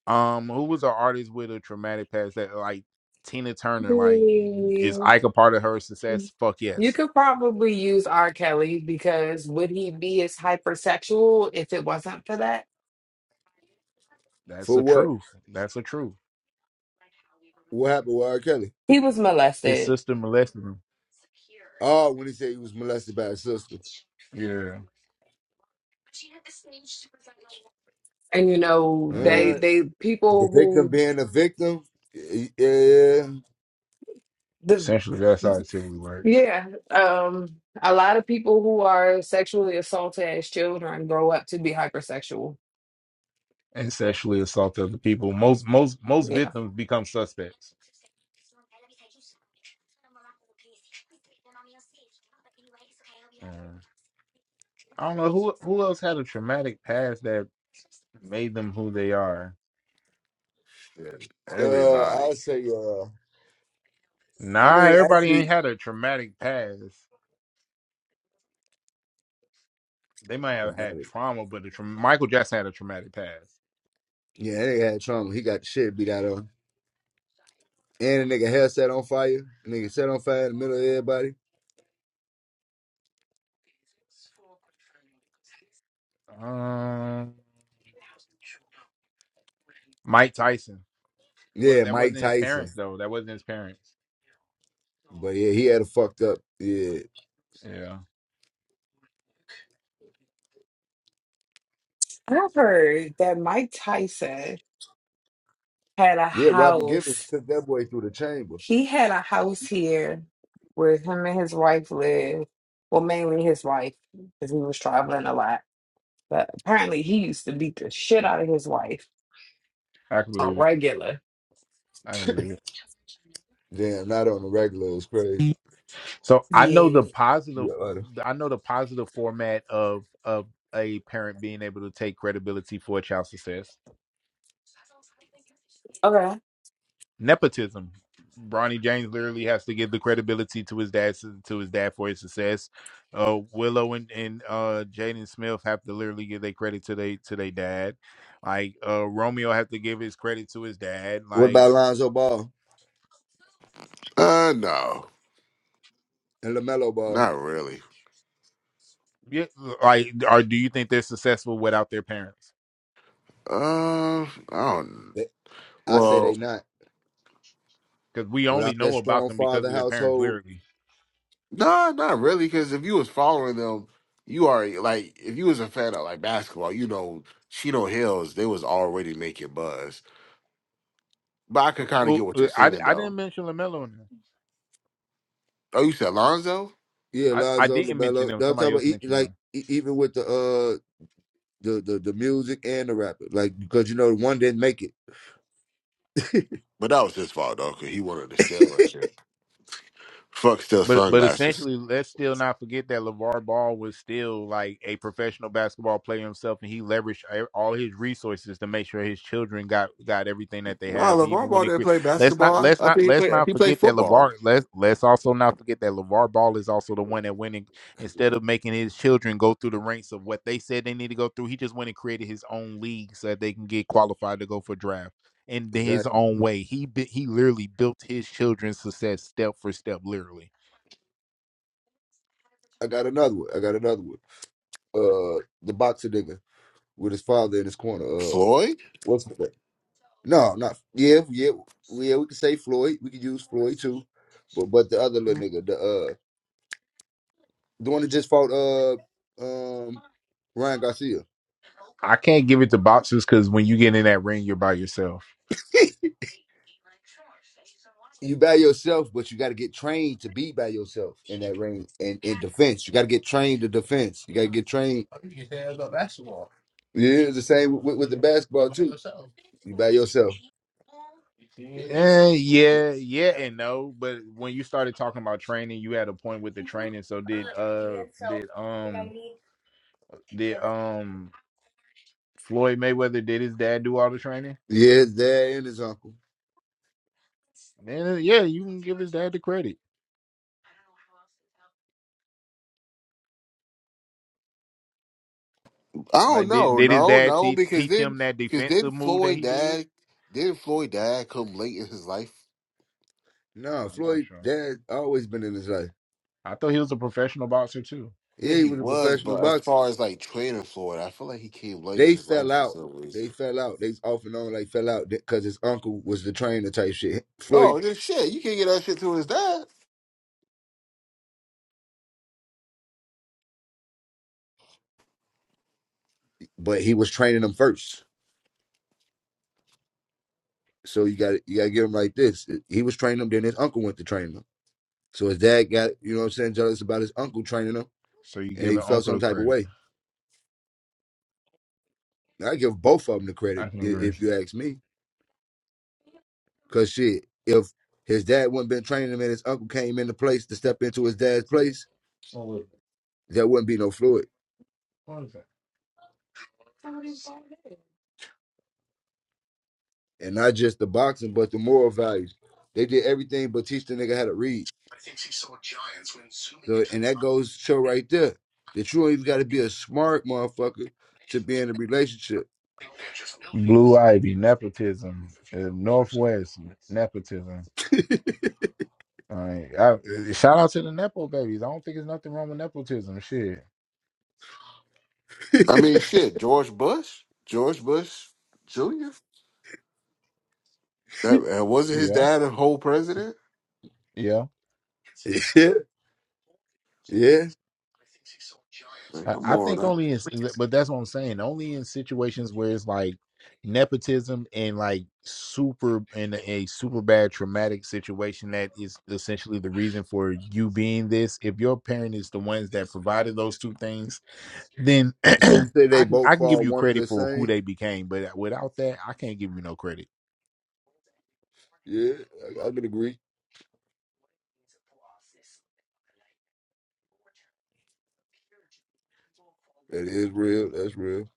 S4: Um, who was an artist with a traumatic past that like Tina Turner? Like, is
S25: Mm.
S4: Ike a part of her success? Fuck
S25: You
S4: yes.
S25: could probably use R. Kelly because would he be as hypersexual if it wasn't for that?
S4: That's
S23: For
S4: the
S23: what?
S4: truth. That's the truth.
S23: What happened with R. Kelly?
S25: He was
S4: His
S25: molested,
S4: sister molested him.
S23: Oh, when he said he was molested by his sister.
S4: Yeah,
S25: and you know they
S4: um,
S23: Uh,
S25: they people
S23: the victim
S25: who
S23: being a victim. Yeah,
S25: the
S4: essentially that's how it typically works.
S25: Yeah, um, a lot of people who are sexually assaulted as children grow up to be hypersexual.
S4: And
S25: Yeah.
S4: I don't know who, who
S6: Yeah,
S23: uh, I'll
S6: everybody.
S23: say. Uh,
S4: not
S23: I mean, actually,
S4: they might have had
S23: traumatic.
S4: trauma, but the tra- Michael Jackson had a traumatic past.
S23: Yeah, that nigga had trauma. He got the shit beat out of him. And a nigga hair set on fire. A nigga set on fire in the middle of everybody.
S4: Um, Mike Tyson. Well,
S23: Yeah,
S4: that wasn't
S23: Mike
S4: his
S23: Tyson.
S4: parents though. That wasn't his parents.
S23: But yeah, he had a fucked up. Yeah,
S4: Yeah,
S25: I heard that Mike Tyson had a
S23: yeah. Robbie Givens
S25: house.
S23: took that boy through the chamber.
S25: He had a house here where him and his wife lived. Well, mainly his wife, because he was traveling a lot. But apparently, he used to beat the shit out of his wife.
S4: I can
S25: on
S4: believe it.
S25: regular.
S4: I can believe
S23: Damn, not on the regular. It was crazy.
S4: it. So I know
S25: Yeah.
S4: the positive.
S23: Yeah, right.
S4: I know the positive format of of a parent being able to take credibility for a child's success.
S25: Okay.
S4: Nepotism. Bronny James literally has to give the credibility to his dad to his dad for his success. Uh, Willow and, and uh, Jaden Smith have to literally give their credit to they to their dad. Like uh, Romeo have to give his credit to his dad.
S23: What
S4: Like
S23: about Lonzo Ball
S6: Uh, no,
S23: and Lamelo Ball?
S6: not really.
S4: Yeah, like, or do you think they're successful without their parents?
S6: Uh, I don't.
S23: They, I say they
S6: Well,
S23: not
S4: Because we only
S23: without that
S4: know about
S23: strong
S4: them because
S23: father
S4: of their parents
S23: household.
S4: lyrically.
S6: no, not really. Because if you was following them, you already like if you was a fan of like basketball, you know, Chino Hills, they was already making buzz. But I could
S4: Who-
S6: kind of
S4: who-
S6: get what you're
S4: I,
S6: saying
S4: I didn't
S6: though.
S4: mention Lamelo in there.
S6: Oh, you said Lonzo?
S23: Yeah,
S4: I, I
S23: Lonzo,
S4: didn't mention
S23: Lamelo.
S4: them.
S23: No, I'm talking
S4: Somebody
S23: about
S4: else
S23: e-
S4: mentioned them.
S23: like e- even with the uh the, the the music and the rapper, like because you know one didn't make it. (laughs)
S6: But that was his fault though, cause he wanted to steal and shit. Fuck steal
S4: But but
S6: sunglasses.
S4: essentially, let's still not forget that LeVar Ball was still like a professional basketball player himself, and he leveraged e- all his resources to make sure his children got got everything that they
S6: Nah,
S4: have.
S6: LeBron
S4: Even when
S6: Ball
S4: they
S6: didn't
S4: create,
S6: play
S4: let's not
S6: basketball.
S4: let's
S6: I
S4: not
S6: think he
S4: let's
S6: played
S4: not
S6: he played
S4: forget that LeVar.
S6: football.
S4: Let's let's also not forget that LeVar Ball is also the one that went and instead of making his children go through the ranks of what they said they need to go through, he just went and created his own league so that they can get qualified to go for draft in his
S23: Exactly.
S4: own way. He bu- he literally built his children's success step for step, literally.
S23: I got another one. I got another one. Uh, the boxer nigga with his father in his corner. Uh,
S6: Floyd?
S23: what's it? No, not yeah, yeah, yeah. We could say Floyd. We could use Floyd too, but but the other little nigga, the uh, the one that just fought uh um Ryan Garcia.
S4: I can't give it to boxers because when you get in that ring, you're by yourself.
S23: (laughs) you by yourself, but you got to get trained to be by yourself in that ring and in defense. You got to get trained to defense. You got to get trained. Yeah, it's the same with, with the basketball too. yourself. You by yourself.
S4: Eh, yeah, yeah, and no. But when you started talking about training, you had a point with the training. So did uh did um did um Floyd Mayweather did his dad do all the training?
S23: Yeah, his dad and his uncle.
S4: Eh, yeah, you can give his dad the credit.
S6: I don't
S4: Like did
S6: know,
S4: did his
S6: no,
S4: dad
S6: no,
S4: teach
S6: because
S4: teach
S6: then
S4: him that
S6: because then
S4: defensive move that
S6: Floyd
S4: he did?
S6: dad did Floyd dad come late in his life?
S23: No,
S4: I'm not
S23: Floyd
S4: sure.
S23: dad always been in his life.
S4: I thought he was a professional boxer too.
S6: Yeah,
S23: Yeah, he
S6: he
S23: was a
S6: was,
S23: professional
S6: but as
S23: boxer.
S6: far as like training Floyd, I feel like he came late in
S23: They
S6: his
S23: fell
S6: life for
S23: out.
S6: some
S23: They
S6: reason.
S23: fell out. They off and on like fell out because his uncle was the trainer type shit. Floyd,
S6: Oh, just shit. You can't get that shit to his dad.
S23: but he was training them first. So you got you got to get him like this. He was training them, then his uncle went to train them. So his dad got you know what I'm saying jealous about his uncle training them,
S4: So you
S23: and he
S4: giving
S23: felt
S4: Uncle
S23: some
S4: the
S23: type of
S4: credit.
S23: way. I give both of them the
S4: I
S23: credit
S4: can
S23: i-
S4: agree.
S23: if you ask me, because shit, if his dad wouldn't been training him and his uncle came into place to step into his dad's place,
S4: Absolutely.
S23: there wouldn't be no Floyd.
S4: What is that?
S23: and not just the boxing, but the moral values. They did everything but teach the nigga how to read. So, and that goes to show right there that you don't even got to be a smart motherfucker to be in a relationship.
S4: Blue Ivy, nepotism, uh, Northwest nepotism.
S23: (laughs)
S4: All right, I, uh, shout out to the nepo babies. I don't think there's nothing wrong with nepotism. Shit,
S6: I mean shit, George Bush? George Bush Jr. That uh, wasn't his
S4: yeah,
S6: dad a whole president?
S4: yeah.
S23: yeah, yeah.
S6: Like,
S4: I,
S6: come
S4: I
S6: on,
S4: think
S6: huh?
S4: only in, but that's what I'm saying. Only in situations where it's like nepotism and like super in a super bad traumatic situation that is essentially the reason for you being this. If your parent is the ones that provided those two things then (clears throat)
S23: So you say they
S4: I can
S23: both
S4: I can give
S23: fall
S4: you
S23: one of
S4: credit
S23: the
S4: for who
S23: same?
S4: they became, but uh, without that, I can't give you no credit.
S23: Yeah, I, I could agree. That is real. That's real.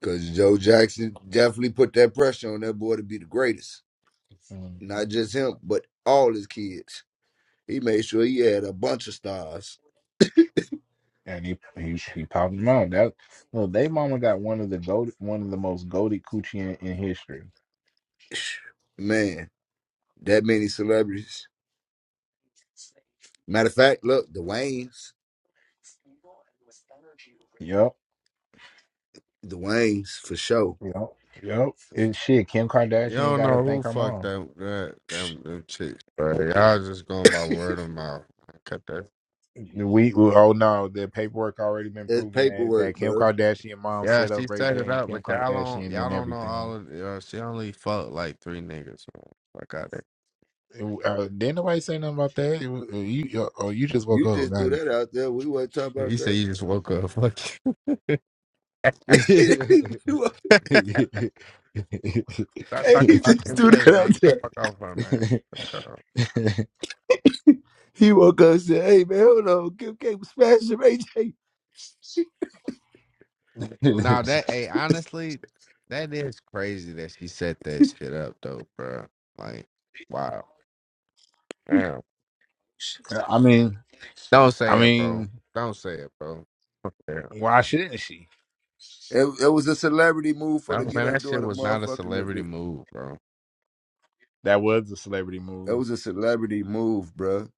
S23: Because Joe Jackson definitely put that pressure on that boy to be the greatest.
S4: Mhm.
S23: Not just him, but all his kids. He made sure he had a bunch of stars.
S4: And Goldie Coochie in, in history.
S23: (sighs) Man. that many celebrities. Matter of fact, look, the Waynes,
S4: Yep,
S23: the Waynes for sure.
S4: yep, yep. And shit, Kim
S1: You
S4: Kardashian
S1: don't
S4: got to
S1: know who
S4: thank her
S1: fucked
S4: mom.
S1: that that them, them chicks, bro. Y'all just going by word of mouth. Cut that
S4: We oh no, the paperwork already been
S23: That's
S4: proven that
S23: paperwork,
S4: that Kim
S23: bro.
S4: Kardashian mom
S1: Yeah,
S4: set
S1: she
S4: up Ray
S1: set it
S4: J and
S1: up,
S4: Kim
S1: but y'all don't
S4: Kardashian
S1: y'all
S4: and
S1: don't know all
S4: everything.
S1: of it. uh, she only fucked like three niggas, man. Fuck out there.
S4: It- uh, didn't nobody say nothing about that. It was, uh, you uh, oh you just woke
S23: You
S4: up.
S23: just
S4: Got
S23: threw that out there. We weren't talking about
S1: You say
S23: that.
S1: you just woke up. Fuck you.
S23: (laughs) He woke-
S4: it.
S1: (laughs) Stop
S23: hey,
S1: talking
S23: he
S1: about
S23: just
S1: Kim
S23: threw
S4: (laughs)
S1: K,
S23: that
S1: man.
S23: out
S1: Get the
S23: there.
S1: fuck off her, man.
S4: (laughs)
S1: Fuck her.
S23: (laughs) He woke up and said, "Hey man, hold on, Kim K was smashing Ray J."
S1: Now that hey, honestly, that is crazy that she set that shit up though, bro. Like, wow. Damn.
S4: I mean,
S1: Don't
S4: I
S1: say it, bro.
S4: mean,
S1: Don't say it, bro. Damn.
S4: why shouldn't she?
S23: It, it was a celebrity move for
S1: No
S23: to get
S1: man,
S23: her
S1: that shit
S23: daughter
S1: was not a
S23: motherfucking. The,
S1: celebrity
S23: the-
S1: move, bro.
S4: That was a celebrity
S23: it
S4: move,
S23: was a celebrity move, bro.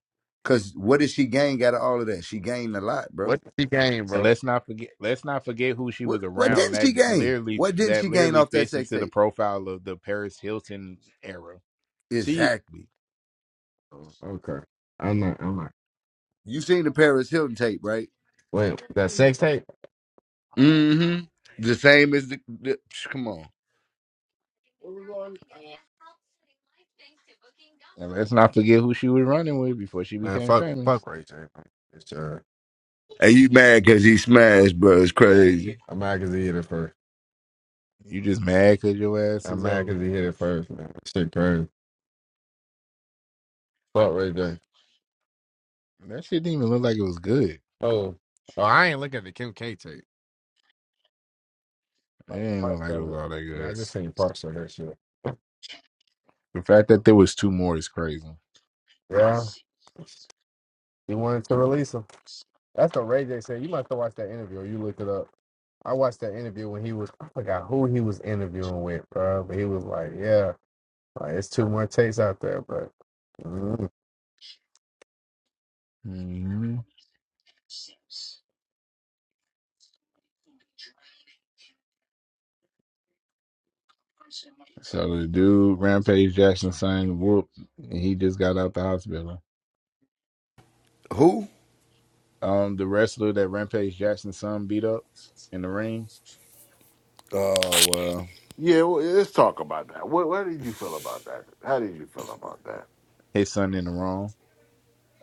S23: Cause what did she gain out of all of that? She gained a lot, bro.
S1: What did she gained,
S4: and
S1: bro?
S4: let's not forget. Let's not forget who she
S23: What
S4: was
S23: what
S4: around.
S23: didn't
S4: That
S23: she gain?
S4: literally,
S23: What didn't
S4: that
S23: she gain
S4: literally
S23: off that
S4: fits
S23: sex
S4: into the
S23: tape?
S4: profile of the Paris Hilton era.
S1: She
S23: Exactly.
S1: Oh, okay. I'm not. I'm not.
S23: You seen the Paris Hilton tape, right?
S1: Wait, that sex tape?
S23: Mm-hmm. The same as the, the psh, come on.
S4: And let's not forget who she was running with before she
S1: Man,
S4: became
S1: fuck,
S4: famous.
S1: fuck Ray J. Man. It's uh,
S23: And you mad because he smashed, bro. It's crazy.
S1: I'm mad 'cause he hit it first.
S4: You just mad because your ass
S1: I'm
S4: is
S1: mad 'cause
S4: old.
S1: he hit it first, man. That Shit crazy. Fuck Ray J.
S4: That shit didn't even look like it was good. It
S1: Oh, oh, I ain't looking at the Kim K tape. Like
S4: didn't look
S1: parts
S4: like it
S1: of
S4: was
S1: it.
S4: all that
S1: Yeah, I
S4: good.
S1: just seen parts of that shit.
S4: The fact that there was two more is crazy.
S1: Yeah, he wanted to release him. That's what Ray J said. You must have watched that interview. or You look it up. I watched that interview when he was. I forgot who he was interviewing with, bro. But he was like, "Yeah, like it's two more tapes out there, but." Mm.
S4: Mm-hmm. So the dude, Rampage Jackson, son, whooped, and he just got out the hospital.
S23: Who?
S4: Um, the wrestler that Rampage Jackson's son beat up in the ring,
S23: Oh well.
S6: yeah. Well, let's talk about that. What, what did you feel about that? How did you feel about that?
S4: his son in the wrong.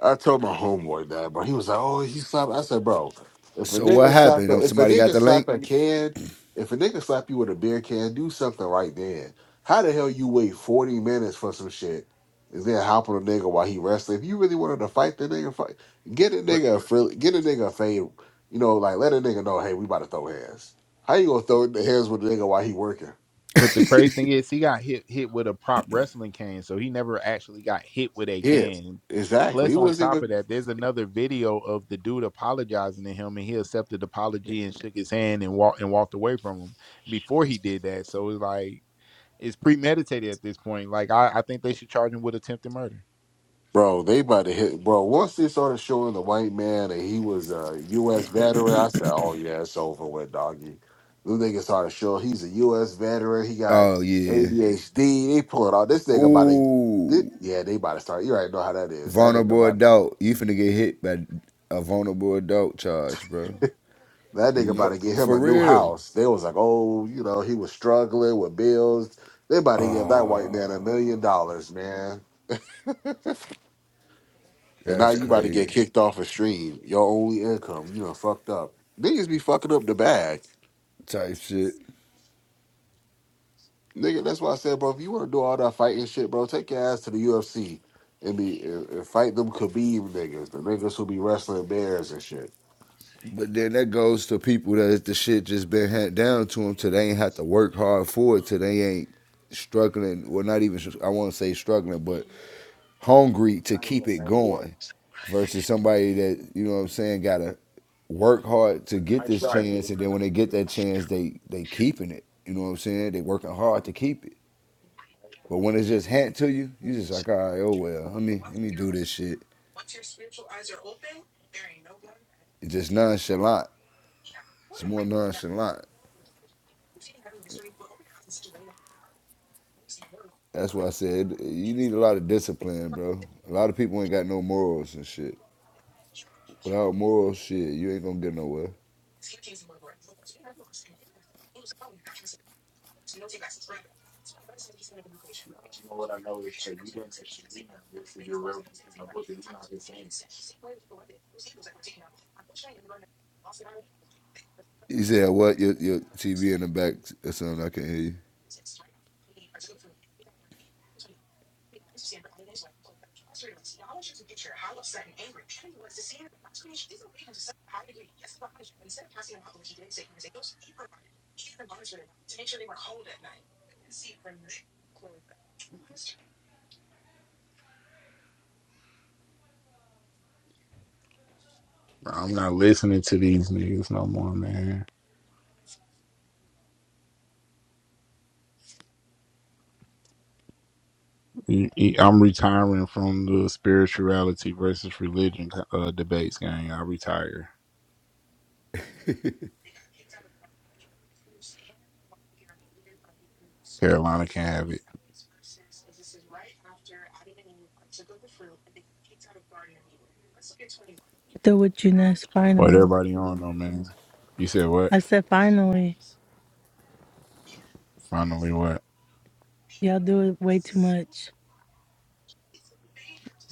S6: I told my homeboy that, bro. He was like, "Oh, he slapped." I said, "Bro, if a
S23: So what
S6: nigga slap,
S23: happened? Oh,
S6: a, if a
S23: somebody got
S6: nigga
S23: the link?
S6: slap a can, if a nigga slap you with a beer can, do something right then. How the hell you wait forty minutes for some shit and then hop on a nigga while he wrestling? If you really wanted to fight the nigga, fight. Get a
S4: But
S6: nigga a frill, get a nigga a fade. You know, like let a nigga know, hey, we about to throw hands. How you gonna throw the hands with a nigga while he working?
S4: but the crazy thing is, he got hit hit with a prop wrestling cane, so he never actually got hit with a
S6: Yeah,
S4: cane.
S6: exactly.
S4: Plus,
S6: He
S4: on
S6: wasn't
S4: top
S6: even.
S4: of that, there's another video of the dude apologizing to him, and he accepted the apology and shook his hand and walked and walked away from him before he did that. So it's like it's premeditated at this point. Like I, I think they should charge him with attempted murder.
S6: Bro, they about to hit. Bro, once they started showing the white man that he was a U.S. veteran, I said, "Oh yeah, it's over with, doggy." This nigga started showing he's a U.S. veteran. He got
S23: Oh yeah.
S6: ADHD. They pulling all this nigga about to. thi-
S23: Ooh.
S6: yeah, they about to start. You already know how that is. That nigga
S23: Vulnerable
S6: about
S23: adult. You finna get hit by a vulnerable adult charge, bro.
S6: that nigga about
S23: No
S6: to get him
S23: for
S6: a new
S23: real.
S6: house. They was like, "Oh, you know, he was struggling with bills." They about to give that white man a million dollars, man. And now
S23: That's
S6: you about to get
S23: crazy.
S6: kicked off a stream. Your only income, you know, fucked up. Niggas be fucking up the bag.
S23: Type shit.
S6: Nigga, that's why I said, bro, if you want to do all that fighting shit, bro, take your ass to the UFC and be and, and fight them Khabib niggas, the niggas who be wrestling bears and shit.
S23: But then that goes to people that the shit just been handed down to them till they ain't have to work hard for it, till they ain't struggling, well, not even, I want to say struggling, but hungry
S4: It's
S23: to
S4: not even the
S23: keep it
S4: same order.
S23: going versus somebody that, you know what I'm saying, got to work hard to get
S4: I
S23: this
S4: tried
S23: chance. And
S4: to.
S23: then when they get that chance, they, they keeping it. You know what I'm saying? They working hard to keep it. But when it's just handed to you, you just like, all right, oh well, let me, let me do this shit. It's just nonchalant. It's more nonchalant. That's why I said you need a lot of discipline, bro. A lot of people ain't got no morals and shit. Without morals, shit, you ain't gonna get nowhere. You said what? Your, your TV in the back or something? I can not hear you.
S4: Bro, I'm not listening to these niggas no more, man. E- e- I'm retiring from the spirituality versus religion uh, debates, gang. I retire.
S7: Do what you next,
S4: What
S7: finally.
S4: everybody on though, man? You said what?
S7: I said finally.
S4: Finally, what?
S7: Y'all do it way too much.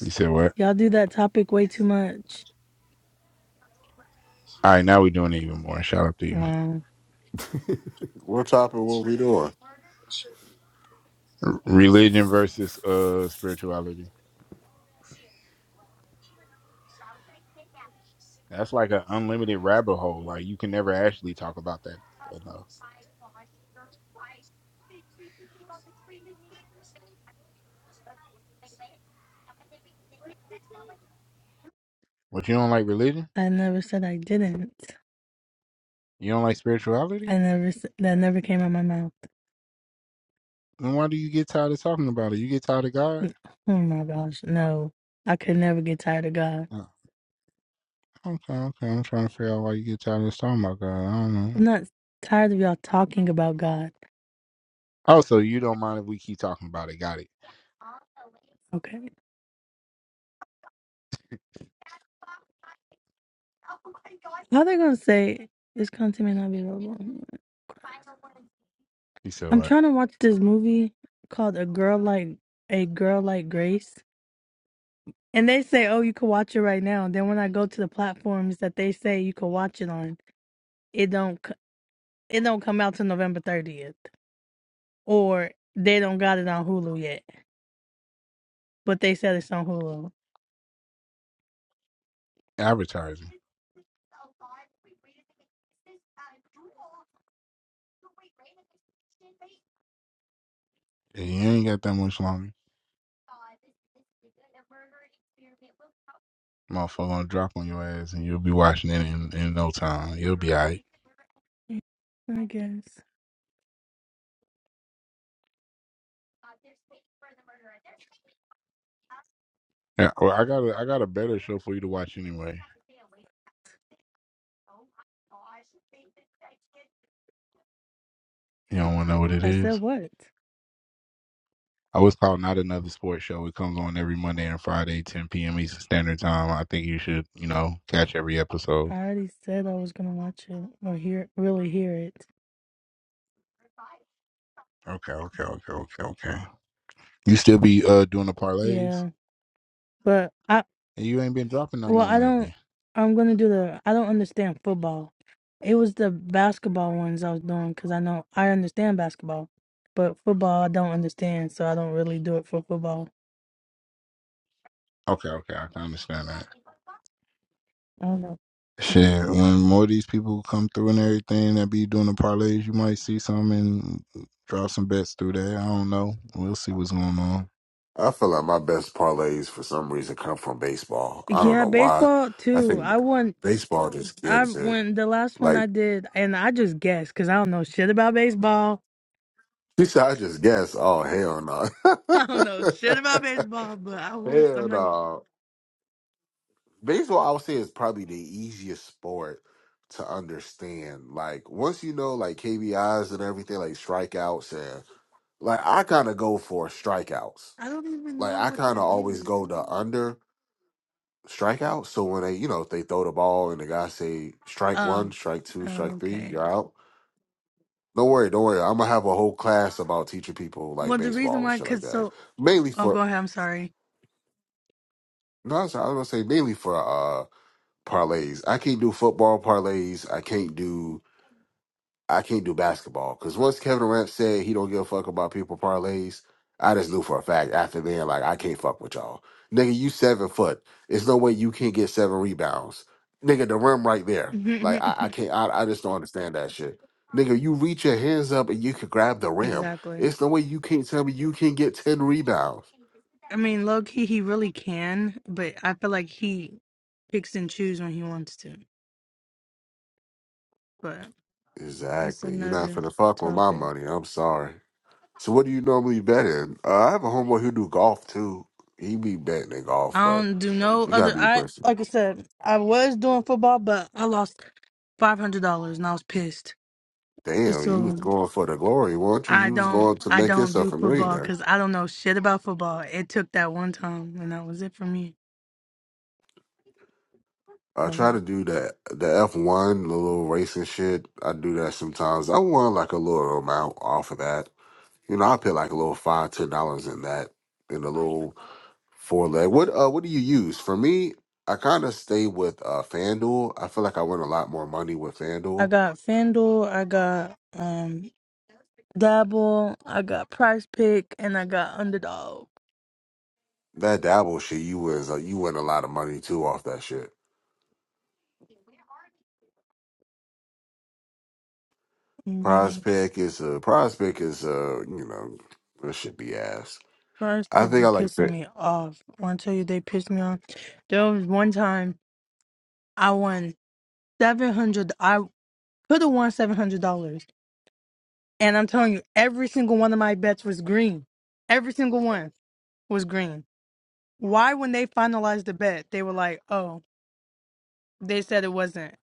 S4: You said what?
S7: Y'all do that topic way too much.
S4: All right, now we doing it even more. Shout out to you.
S7: Wow.
S6: We're topping what we doing.
S4: Religion versus uh spirituality. That's like an unlimited rabbit hole. Like you can never actually talk about that enough. But you don't like religion?
S7: I never said I didn't.
S4: You don't like spirituality?
S7: I never said that never came out my mouth.
S4: Then why do you get tired of talking about it? You get tired of God?
S7: Oh my gosh, no. I could never get tired of God.
S4: Uh, Okay, okay. I'm trying to figure out why you get tired of us talking about God. I don't know.
S7: I'm not tired of y'all talking about God.
S4: Also, you don't mind if we keep talking about it. Got it.
S7: Okay. How they gonna say this content may not be available?
S4: You said
S7: I'm
S4: what?
S7: trying to watch this movie called A Girl Like A Girl Like Grace. And they say, Oh, you can watch it right now. Then when I go to the platforms that they say you can watch it on, it don't c- it don't come out till November thirtieth. Or they don't got it on Hulu yet. But they said it's on Hulu.
S4: Advertising. Yeah, You ain't got that much longer. Motherfucker gonna drop on your ass and you'll be watching it in, in no time. You'll be alright.
S7: Mm, I guess.
S4: Yeah, well, I got a, I got a better show for you to watch anyway. You don't want to know what it
S7: I said
S4: is?
S7: what?
S4: I was called not another sports show. It comes on every Monday and Friday, 10 p.m. Eastern Standard Time. I think you should, you know, catch every episode.
S7: I already said I was gonna watch it or hear really hear it.
S4: Okay, okay, okay, okay, okay. You still be uh doing the parlays,
S7: Yeah. But I
S4: and you ain't been dropping none
S7: Well,
S4: on
S7: I don't.
S4: lately.
S7: I'm gonna do the. I don't understand football. It was the basketball ones I was doing because I know I understand basketball, but football I don't understand, so I don't really do it for football.
S4: Okay, okay, I can understand that.
S7: I don't know.
S4: Shit, when more of these people come through and everything that be doing the parlays, you might see some and drop some bets through there. I don't know. We'll see what's going on.
S6: I feel like my best parlays for some reason come from baseball. I don't
S7: Yeah,
S6: know why.
S7: baseball
S6: I
S7: too.
S6: think
S7: I won.
S6: baseball just
S7: I
S6: gives it.
S7: won the last one
S6: Like,
S7: I did, and I just guessed because I don't know shit about baseball.
S6: (laughs) she said, I just guess. Oh, hell
S7: (laughs) I don't know shit
S6: no.
S7: about
S6: (laughs)
S7: baseball, but I won some
S6: hell
S7: money.
S6: no. baseball I would say is probably the easiest sport to understand. Like once you know like KBIs and everything, like strikeouts and like I kinda go for strikeouts.
S7: I don't even
S6: Like
S7: know
S6: I
S7: what
S6: kinda
S7: that
S6: always
S7: is.
S6: go to under strikeouts. So when they you know, if they throw the ball and the guy say strike one,
S7: Um.
S6: strike two, strike three,
S7: Okay.
S6: you're out. Don't worry, don't worry. I'm gonna have a whole class about teaching people like
S7: Well, the reason
S6: baseball and
S7: why,
S6: shit like
S7: cause
S6: that.
S7: so.
S6: Mainly
S7: Oh,
S6: for
S7: go ahead. I'm sorry.
S6: no, I'm sorry, I was gonna say mainly for uh parlays. I can't do football parlays. I can't do I can't do basketball because once Kevin Durant said he don't give a fuck about people parlays, I just knew for a fact after then, like I can't fuck with y'all, nigga. You seven foot. There's no way you can't get seven rebounds, nigga. The rim right there. Like I, I
S7: Mhm.
S6: can't. I, I just don't understand that shit, nigga. You reach your hands up and you can grab the
S7: (laughs)
S6: rim.
S7: exactly.
S6: It's no way you can't tell me you can get ten rebounds.
S7: I mean, low key, he really can, but I feel like he picks and chooses when he wants to. But that's
S6: Exactly. You're not
S7: another
S6: finna fuck with my
S7: topic.
S6: money. I'm sorry. So what do you normally bet in? Uh, I have a homeboy who do golf too. He be betting in golf,
S7: I
S6: but.
S7: don't do no
S6: You gotta
S7: other.
S6: be a
S7: I
S6: person.
S7: like I said, I was doing football, but I lost five hundred dollars and I was pissed.
S6: Damn, you was
S7: So
S6: going for the glory, weren't you?
S7: I
S6: You was
S7: don't,
S6: going to
S7: I
S6: make
S7: don't do
S6: yourself a
S7: football
S6: millionaire.
S7: because I don't know shit about football. It took that one time, and that was it for me.
S6: I
S7: That
S6: try
S7: was
S6: to
S7: it.
S6: do that the F one, the little racing shit. I do that sometimes. I won like a little amount off of that. You know, I put like a little five, ten dollars in that in a little four leg. What uh what do you use? For me, I kinda stay with uh FanDuel. I feel like I win a lot more money with
S7: I
S6: FanDuel.
S7: got FanDuel. I got um. Dabble. I got Price Pick, and I got Underdog.
S6: That dabble shit you was uh, you win a lot of money too off that shit.
S7: Yeah,
S6: Prospect is a prospect is a you know that should be asked.
S7: Price
S6: I
S7: Pick
S6: think
S7: be
S6: I like
S7: pissing
S6: that.
S7: me off. When I tell you they pissed me off, there was one time I won seven hundred. I could have won seven hundred dollars, and I'm telling you, every single one of my bets was green. Every single one was green. Why, when they finalized the bet, they were like, "Oh, they said it wasn't."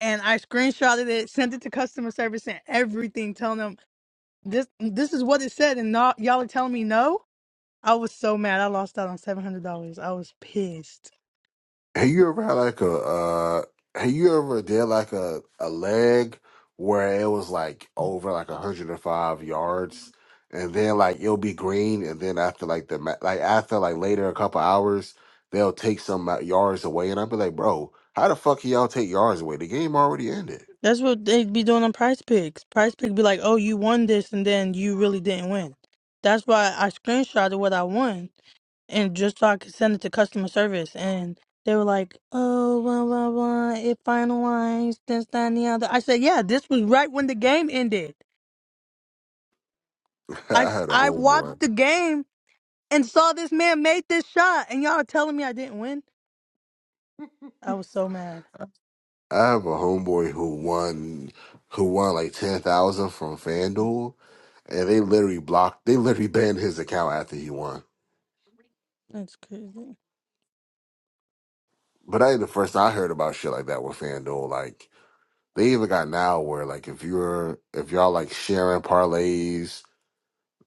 S7: And I screenshotted it, sent it to customer service, and everything, telling them This this is what it said, and not, y'all are telling me no. I was so mad. I lost out on seven hundred dollars. I was pissed.
S6: Have you ever had like a uh have you ever did like a a leg where it was like over like a hundred and five yards and then like it'll be green and then after like the ma- like after like later a couple hours they'll take some ma- yards away and I'll be like bro how the fuck can y'all take yards away the game already ended.
S7: That's what they'd be doing on Price Picks. Price Pick be like, "Oh, you won this, and then you really didn't win." That's why I screenshotted what I won, and just so I could send it to customer service. And they were like, "Oh, blah blah blah, it finalized this, that, and the other." I said, "Yeah, this was right when the game ended.
S6: (laughs)
S7: I
S6: I
S7: s-
S6: had a
S7: I
S6: homeboy.
S7: watched the game and saw this man make this shot, and y'all are telling me I didn't win. I was so mad.
S6: I have a homeboy who won who won like ten thousand from FanDuel and they literally blocked they literally banned his account after he won.
S7: That's crazy.
S6: But that ain't the first time I heard about shit like that with FanDuel. Like they even got now where like if you're if y'all like sharing parlays,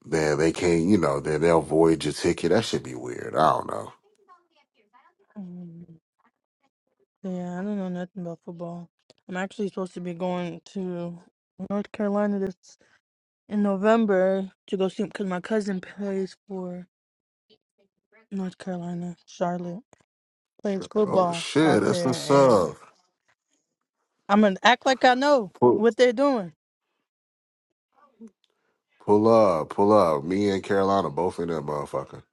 S6: then they can't you know, then they'll void your ticket. That should be weird. I don't know.
S7: Mm, Yeah, I don't know nothing about football. I'm actually supposed to be going to North Carolina this in November to go see because my cousin plays for North Carolina, Charlotte plays
S6: Oh
S7: football
S6: shit,
S7: out
S6: that's the
S7: there, and
S6: sub.
S7: I'm gonna act like I know
S6: Pull
S7: what they're doing.
S6: pull up, pull up. Me and Carolina both in that motherfucker.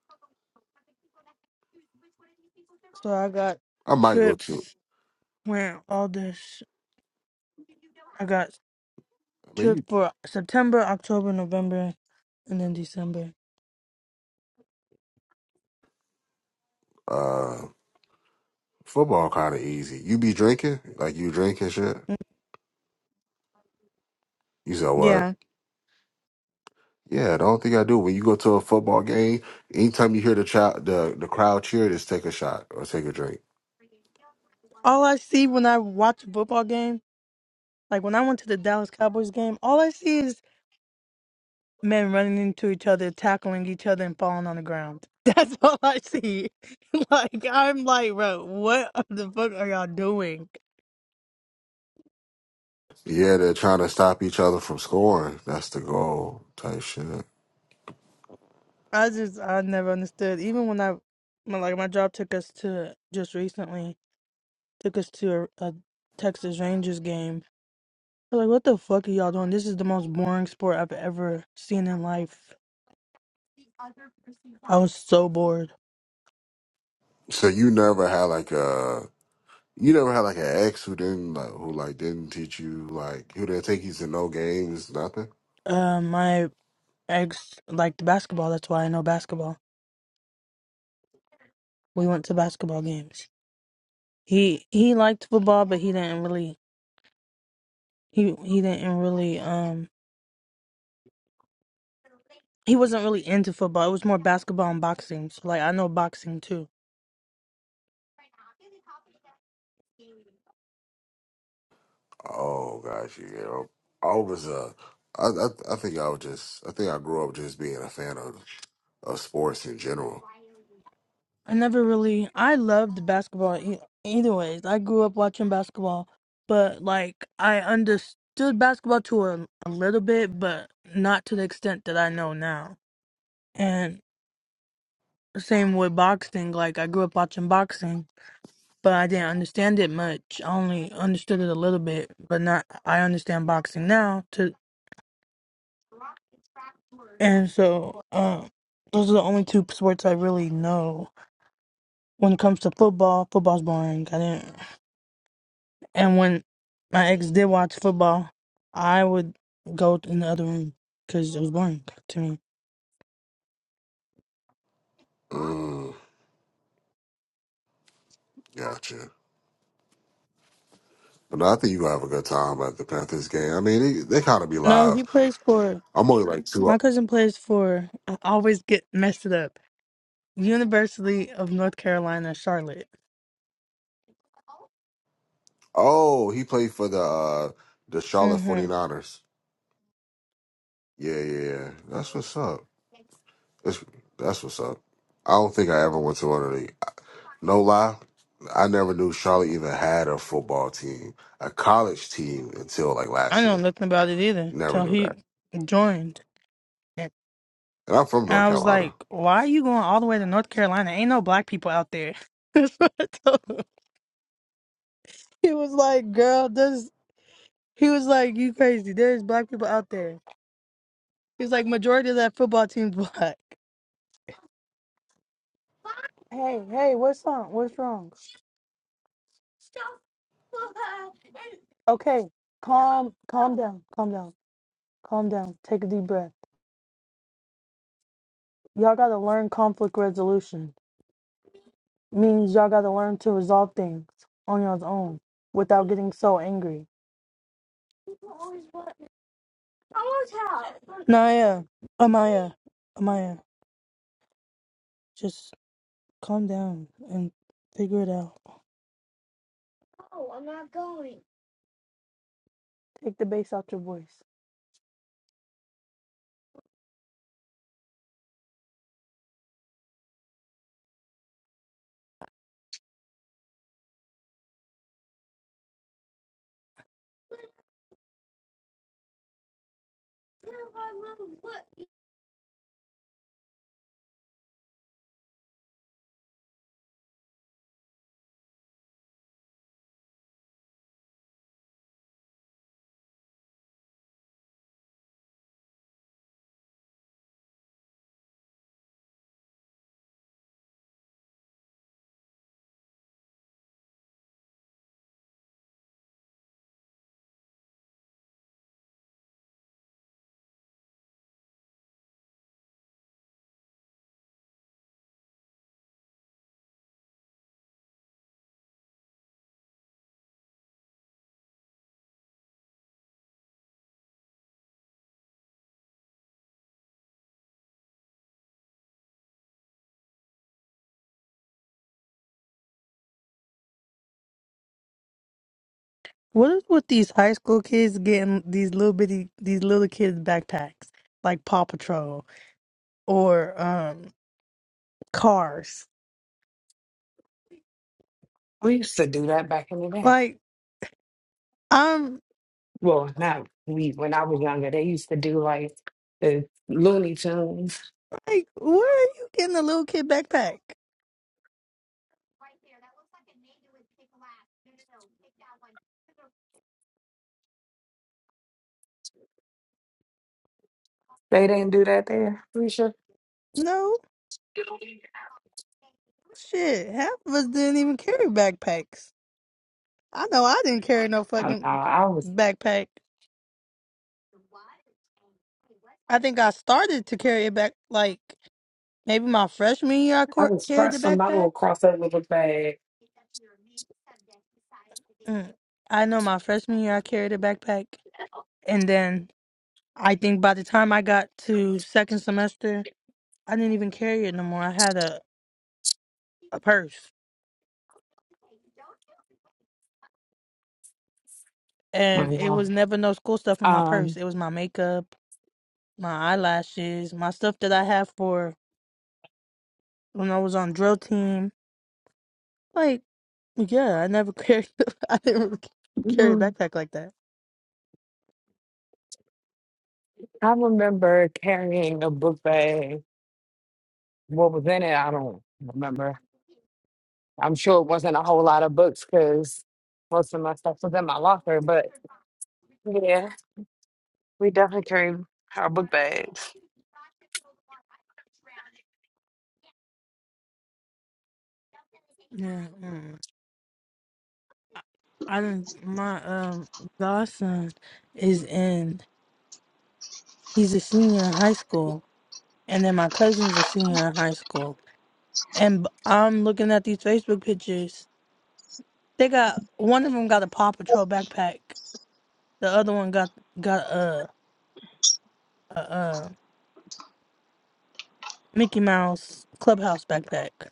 S7: So I got
S6: I might go to
S7: trips, went all this. I got
S6: I mean
S7: trip
S6: you
S7: for September, October, November, and then December.
S6: uh Football kind of easy. You be drinking, like you drinking shit.
S7: Mm,
S6: You said what?
S7: Yeah.
S6: Yeah, the only thing I do when you go to a football game, anytime you hear the child, the the crowd cheer, just take a shot or take a drink.
S7: All I see when I watch a football game, like when I went to the Dallas Cowboys game, all I see is men running into each other, tackling each other, and falling on the ground. (laughs) That's all I see. (laughs) like I'm like, bro, what the fuck are y'all doing?
S6: Yeah, they're trying to stop each other from scoring. That's the goal type shit.
S7: I just I never understood. Even when I, my, like my job took us to just recently took us to a, a Texas Rangers game They're Like, what the fuck are y'all doing? This is the most boring sport I've ever seen in life. I was so bored.
S6: So you never had like a you never had like an ex who didn't like who like didn't teach you like who didn't take you to no games nothing.
S7: Uh, my ex liked basketball. That's why I know basketball. We went to basketball games. He he liked football, but he didn't really he he didn't really um he wasn't really into football. It was more basketball and boxing. So like I know boxing too.
S6: Oh gosh, you know, I was a I, I I think I was just I think I grew up just being a fan of of sports in general.
S7: I never really I loved basketball e- either ways. I grew up watching basketball, but like I understood basketball to a, a little bit, but not to the extent that I know now. And same with boxing, like I grew up watching boxing, but I didn't understand it much. I only understood it a little bit, but not I understand boxing now to and so um those are the only two sports I really know. When it comes to football, football's boring. I didn't. And when my ex did watch football, I would go in the other room because it was boring to me.
S6: Mm, gotcha. But no, I think you gonna have a good time at the Panthers game. I mean, they, they kind of be
S7: No,
S6: live.
S7: he plays for
S6: I'm only like two.
S7: my cousin plays for. I always get messed it up. University of North Carolina, Charlotte.
S6: Oh, he played for the uh, the Charlotte
S7: hmm
S6: 49ers. Yeah, yeah, yeah. That's what's up. That's that's what's up. I don't think I ever went to one of the. No lie, I never knew Charlotte even had a football team, a college team until like
S7: I
S6: last
S7: know
S6: year.
S7: nothing about it either
S6: Never
S7: till
S6: knew that.
S7: he joined, and
S6: And I'm from North
S7: I was
S6: Carolina.
S7: like, "Why are you going all the way to North Carolina? Ain't no black people out there." (laughs) That's what I told him. He was like, "Girl, there's." He was like, "You crazy? There's black people out there." He's like majority of that football team's (laughs) black. Hey, hey, what's wrong? What's wrong? Okay, calm, calm down, calm down, calm down. Take a deep breath. Y'all gotta learn conflict resolution. Means y'all gotta learn to resolve things on y'all's own without getting so angry. Naya, Amaya, Amaya, just calm down and figure it out. Take the bass out your voice. What is with these high school kids getting these little bitty, these little kids backpacks like Paw Patrol? or um cars.
S25: We used to do that back in the day.
S7: Like I'm
S25: well, not we, when I was younger, they used to do like the Looney Tunes.
S7: like, where are you getting a little kid backpack?
S25: They didn't do that there, Risha.
S7: No shit. Half of us didn't even carry backpacks. I know I didn't carry no
S25: Oh, no,
S7: fucking
S25: I was
S7: backpack. I think I started to carry it back like maybe my freshman year. I
S25: I
S7: cor-
S25: was
S7: carried the
S25: first from my
S7: backpack.
S25: little crossover book bag.
S7: Mm. I know my freshman year I carried a backpack, and then I think by the time I got to second semester, I didn't even carry it no more. I had a. a purse,
S25: I
S7: and
S25: don't
S7: it
S25: know.
S7: was never no school stuff in my purse.
S25: Um,
S7: It was my makeup, my eyelashes, my stuff that I had for when I was on drill team. Like, yeah, I never carried. (laughs) I didn't really carry a
S25: mm,
S7: backpack like that.
S25: I remember carrying a book bag. What was in it? I don't remember. I'm sure it wasn't a whole lot of books because most of my stuff was in my locker. But yeah, we definitely carried our book bags.
S7: Yeah, mm. I didn't. My um godson is in. He's a senior in high school, and then my cousin's a senior in high school. And b- I'm looking at these Facebook pictures. They got one of them got a Paw Patrol backpack, The other one got got uh, uh, uh Mickey Mouse Clubhouse backpack.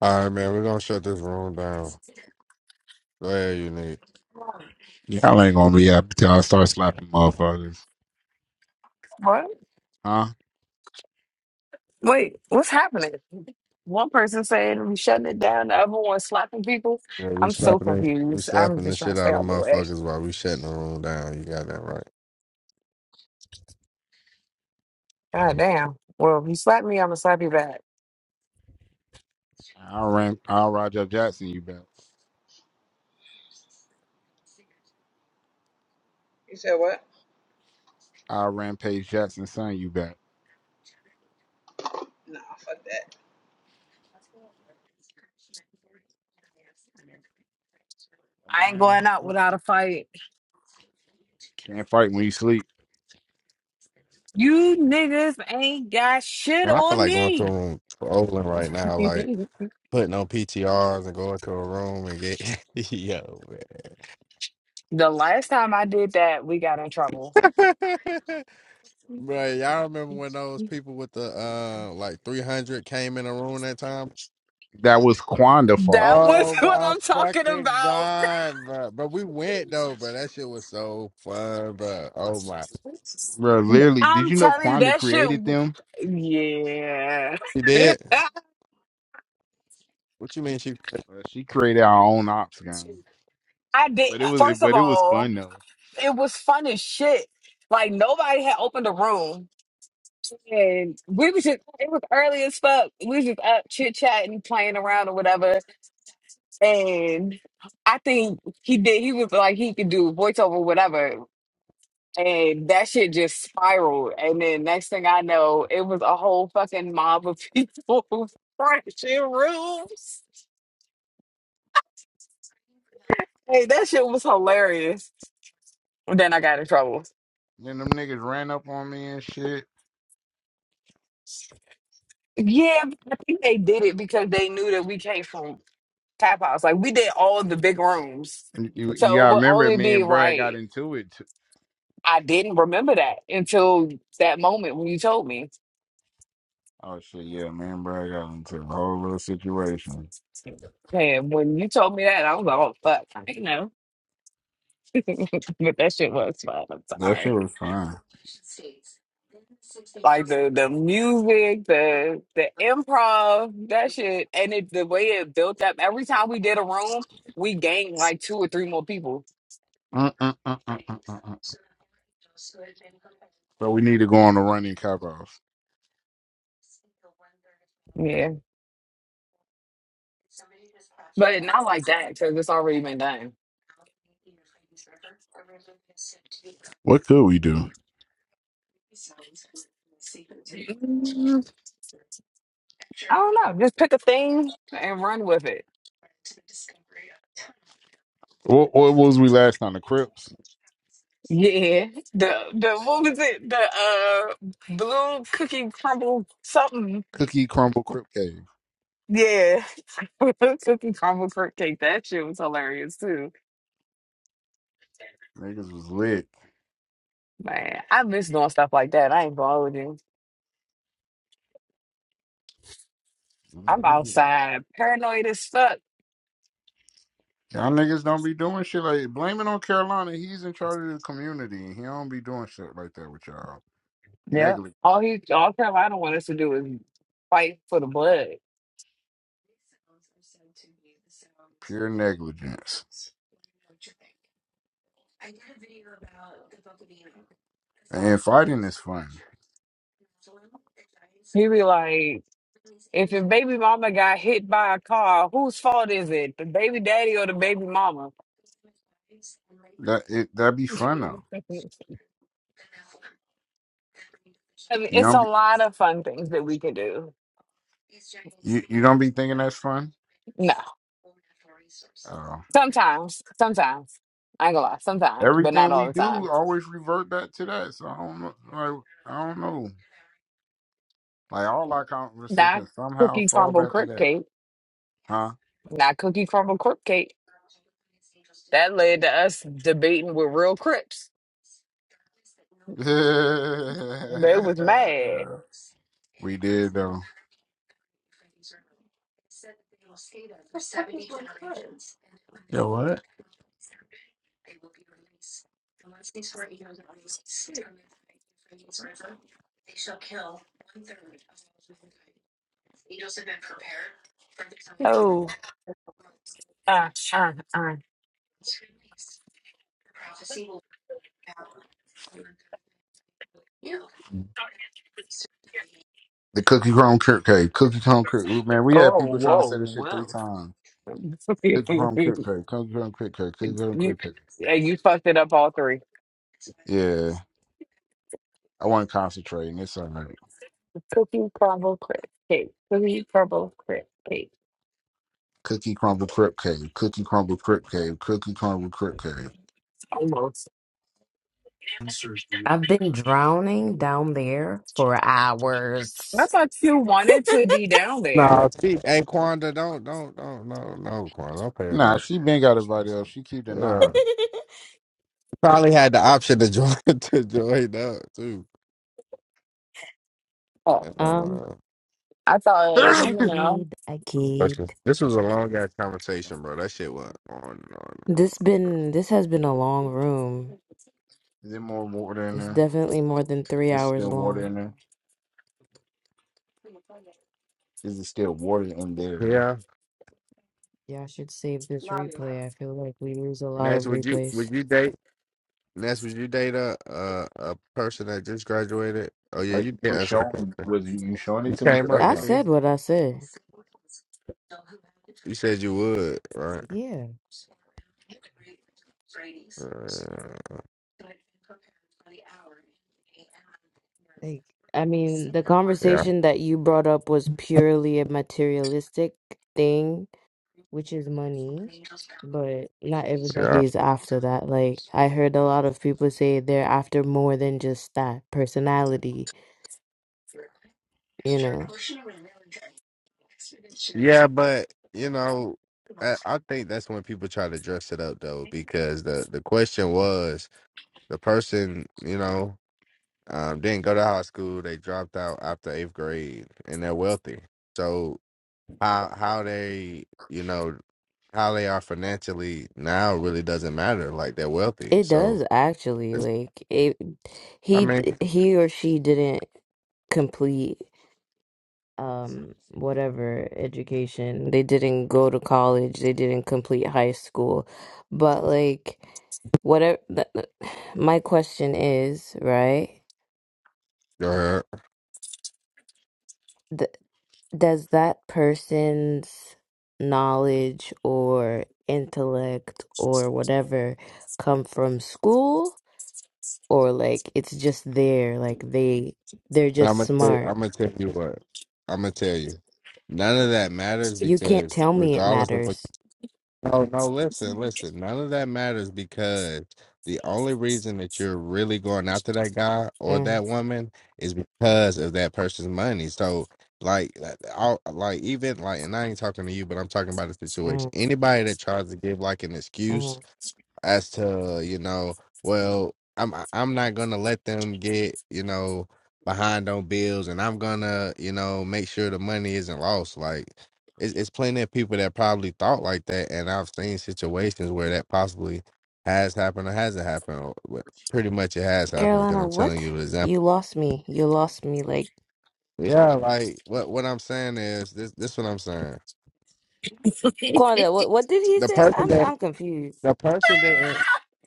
S1: All right, man. We're gonna shut this room down. Go ahead, unique.
S4: Y'all ain't gonna be happy till I start slapping motherfuckers.
S25: What?
S4: Huh?
S25: Wait, what's happening? One person saying we shutting it down, the other one slapping people.
S1: Yeah, we
S25: I'm so
S1: slapping it. We
S25: confused. I'm
S1: slapping the
S25: just trying
S1: shit
S25: to
S1: out
S25: stay
S1: of
S25: out of the way.
S1: motherfuckers while we shutting the room down. You got that right.
S25: God damn. Well, if you slap me, I'm gonna slap you back.
S4: I'll ram I'll Roger Jackson you bet. I'll rampage Jackson son you bet.
S25: I ain't going out without a fight.
S4: Can't fight when you sleep.
S25: You niggas ain't got shit
S1: And I feel
S25: on
S1: like going to
S25: me.
S1: a room trolling right
S25: (laughs)
S1: now, like putting on PTRs and going to a room and get (laughs) yo
S25: the last time I did that, we got in trouble.
S1: man. (laughs) right, y'all remember when those people with the uh like three hundred came in the room that time?
S4: That was Quanda's fault.
S25: That was
S1: Oh
S25: (laughs) what
S1: my
S25: I'm talking
S1: fucking
S25: about.
S1: god, bro! But we went though, bro. That shit was so fun, bro. Oh my,
S4: Bro,
S25: (laughs)
S4: literally, did
S25: I'm
S4: you know
S25: telling you,
S4: Quanda
S25: that shit.
S4: created them?
S25: w-
S1: she
S25: Yeah.
S1: did? What you mean? She?
S4: Uh, she created our own ops
S25: (laughs)
S4: game.
S25: I did.
S4: But it was
S25: First of
S4: but it was
S25: all,
S4: fun though.
S25: it was fun as shit. Like nobody had opened a room, and we was just it was early as fuck. We was just up chit chatting, playing around or whatever. And I think he did. He was like he could do voiceover, whatever. And that shit just spiraled. And then next thing I know, it was a whole fucking mob of people (laughs) crashing rooms. Hey, that shit was hilarious. And then I got in trouble.
S4: Then them niggas ran up on me and shit.
S25: Yeah, but I think they did it because they knew that we came from tap house. Like we did all the big rooms,
S4: You you
S25: so it
S4: gotta
S25: would
S4: remember
S25: only
S4: me
S25: be
S4: and Brad got
S25: right.
S4: into it. Too.
S25: I didn't remember that until that moment when you told me.
S4: Oh shit, yeah, me and Brad got into a whole little situation.
S25: And when you told me that, I was like, "Oh fuck, I didn't know." (laughs) but that shit was fun. I'm
S4: That shit
S25: sorry.
S4: was fine.
S25: Like the the music, the the improv, that shit, and it, the way it built up. Every time we did a room, we gained like two or three more people.
S4: Mm-mm-mm. So we need to go on a running cop off.
S25: Yeah. But it not like that because it's already been done.
S4: What could we do?
S25: Mm, I don't know. Just pick a thing and run with it.
S4: What, what was we last on the Crips?
S25: Yeah. The the what was it? The uh blue cookie crumble something.
S4: Cookie Crumble Crip Cave.
S25: Yeah. (laughs) cookie crumble cake. That shit was hilarious too.
S4: Niggas was lit.
S25: Man, I miss doing stuff like that. I ain't going with you. I'm outside, paranoid as fuck.
S4: Y'all niggas don't be doing shit like blame it on Carolina. He's in charge of the community. He don't be doing shit like that with y'all.
S25: Yeah.
S4: Neglig-
S25: All he all Carolina want us to do is fight for the blood.
S4: your negligence. Fun.
S25: He be like If your baby mama got hit by a car, whose fault is it? The baby daddy or the baby mama?
S4: That it that be
S25: (laughs)
S4: fun though.
S25: I mean, it's a
S4: Don't
S25: lot of fun things that we can do.
S4: be thinking that's fun.
S25: No, sometimes, sometimes. I ain't gonna lie, sometimes, but not
S4: Everything
S25: all
S4: we
S25: the
S4: do
S25: time.
S4: always revert back to that. So I don't know. Like like, all our
S25: Not
S4: conversations somehow
S25: cookie
S4: fall
S25: crumble
S4: back to
S25: crip
S4: that.
S25: cake.
S4: Huh?
S25: Not cookie crumble crip cake. That led to us debating with real crips.
S4: the
S25: They was mad. Oh, uh, uh, uh.
S4: cookie crumb crib cake. Cookie crumb crib. Man, we had
S25: Oh,
S4: people trying to say this shit three
S25: whoa,
S4: times. Cookie crumb
S25: whoa. (laughs)
S4: crib cake. Cookie crumb crib cake. Cookie crumb
S25: You
S4: crib cake.
S25: and you fucked it up all three.
S4: Yeah. I wasn't concentrating. It's all right.
S25: Cookie crumble crisp cake. Cookie crumble crisp cake.
S4: Cookie crumble crib cake. Cookie crumble crib cake. Cookie crumble crib cake.
S25: Almost.
S21: I've been drowning down there for
S25: I
S21: hours.
S25: thought you wanted to be down there.
S1: No, see, hey Quanda, don't, don't, don't, no, no, Quanda, I'm paying
S4: Nah,
S1: no.
S4: she been got invited up. She keep denying
S1: Yeah,
S21: (laughs)
S1: probably had the option to join (laughs) to join up too.
S25: Oh,
S1: Damn,
S21: Um,
S1: uh,
S25: I thought
S4: it. (laughs)
S21: I
S25: you know.
S21: kid, I
S1: that's
S21: kid.
S1: just- this was a long ass
S4: (coughs)
S1: conversation, bro. That shit went on and on and
S21: This been this has been a long room.
S4: Is there more water in
S21: It's
S4: there?
S21: definitely more than three
S4: There's
S21: hours
S4: still water
S21: long.
S4: in there. Is it still water in there?
S1: on. Yeah,
S21: Y'all should save this replay. I feel like we lose a lot
S1: Ness,
S21: of
S1: would you
S21: replays.
S1: would you date Ness? Would you date a a, a person that just graduated? Oh yeah,
S4: What
S1: you
S4: You
S1: did
S4: were
S1: answer the question.
S4: showing was showing it
S1: You
S4: to me
S1: came
S4: because I
S1: up,
S21: I
S4: can.
S1: didn't you?
S21: said what I said.
S1: You said you would, right?
S21: Yeah,
S1: Uh,
S21: like I mean, the
S1: yeah,
S21: conversation that you brought up was purely a materialistic thing which is money, but not
S1: yeah.
S21: everybody is after that. Like I heard a lot of people say they're after more than just that personality, you know.
S1: Yeah, but you know, I, I think that's when people try to dress it up though, because the the question was the person you know um, didn't go to high school, they dropped out after eighth grade, and they're wealthy. So how how they you know how they are financially now really doesn't matter. Like they're wealthy,
S21: It
S1: so
S21: does actually
S1: it's,
S21: like it
S1: I
S21: he
S1: mean,
S21: he or she didn't complete um whatever education. They didn't go to college, they didn't complete high school. But like whatever (sighs) my question is, right?
S1: I'm
S21: does that person's knowledge or intellect or whatever come from school or like it's just there like they they're just
S1: gonna tell, I'm
S21: smart
S1: gonna tell you what I'm gonna tell you. None of that matters
S21: you can't
S1: because
S21: tell me it
S1: regardless of what
S21: matters
S1: No, no, listen, listen. None of that matters because the only reason that you're really going after that guy or
S21: mm,
S1: that woman is because of that person's money. So, like, i like even like, and I ain't talking to you, but I'm talking about a situation.
S21: mm,
S1: Anybody that tries to give like an excuse
S21: mm.
S1: as to you know well i'm I- am i am not gonna let them get you know behind on bills and i'm gonna you know make sure the money isn't lost like it's, it's plenty of people that probably thought like that and i've seen situations where that possibly has happened or hasn't happened or wh- pretty much it has happened because
S21: carolina
S1: i'm
S21: what
S1: telling you the example
S21: you lost me you lost me like
S1: yeah like what what i'm saying is this this what i'm saying
S21: Quanda, what what did he
S1: the
S21: say
S1: person
S21: i'm
S1: that
S21: i'm confused
S1: the person that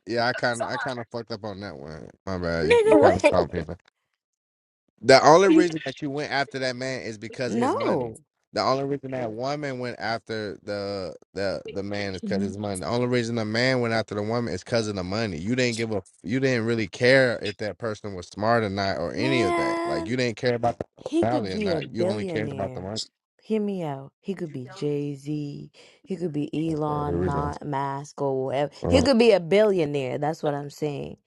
S1: yeah i kind of i kind of fucked up on that one my bad
S21: nigga
S1: you, you kind of
S21: what
S1: stopped me The only reason that you went after that man is because of his money.
S21: no
S1: The only reason that woman went after the the the man is because of his money. The only reason the man went after the woman is because of the money. You didn't give a you didn't really care if that person was smart or not or any of that. Like
S21: man
S1: you didn't care about the
S21: He could
S1: personality or
S21: be a
S1: not. You only cared about the
S21: billionaire.
S1: money.
S21: Hear me out. He could be Jay Z. He could be
S1: Okay, here
S21: Elon
S1: we go.
S21: Ma- Musk or whatever. He
S1: Uh,
S21: could be a billionaire. That's what I'm saying.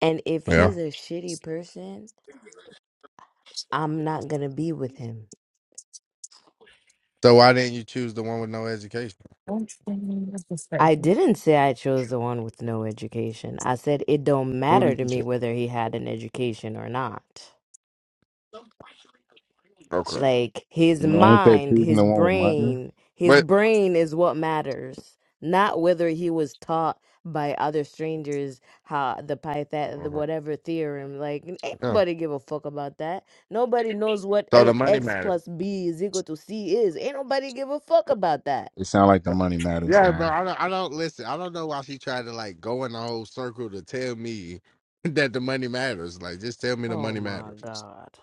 S21: And if
S1: yeah.
S21: he's a shitty person, I'm not going to be with him.
S1: So why didn't you choose the one with no education?
S21: I didn't say I chose the one with no education. I said it don't
S1: Who
S21: matter
S1: did
S21: to
S1: you
S21: me
S1: choose?
S21: whether he had an education or not.
S1: Okay.
S21: like his
S4: You ain't that
S21: mind,
S4: choosing
S21: his
S4: the one with money?
S21: brain, his
S1: But
S21: brain is what matters, not whether he was taught by other strangers how the Pythag the
S1: okay,
S21: whatever theorem. Like n- ain't
S1: yeah.
S21: nobody give a fuck about that. Nobody knows what
S1: So the
S21: a-
S1: money
S21: x
S1: matters.
S21: plus b is equal to c is. Ain't nobody give a fuck about that.
S4: It sounds like the money matters
S1: Yeah, bro.
S4: guy,
S1: I don't. I don't listen. I don't know why she tried to like go in the whole circle to tell me (laughs) that the money matters. Like, just tell me the
S21: Oh
S1: money
S21: my
S1: matters.
S21: god.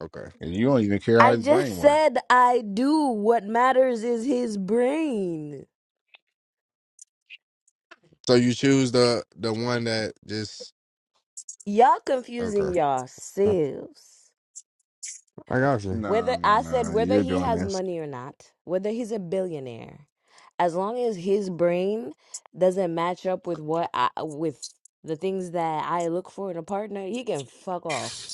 S1: Okay.
S4: and you don't even care how
S21: I
S4: his
S21: just
S4: brain works.
S21: said I do. What matters is his brain.
S1: So you choose the the one that just
S21: Y'all
S1: okay.
S21: confusing yourselves.
S1: I got you.
S4: No,
S21: Whether
S4: no,
S21: I said
S4: no.
S21: whether
S4: You're
S21: he
S4: doing
S21: has
S4: this.
S21: money or not, whether he's a billionaire, as long as his brain doesn't match up with what I with the things that I look for in a partner, he can fuck off.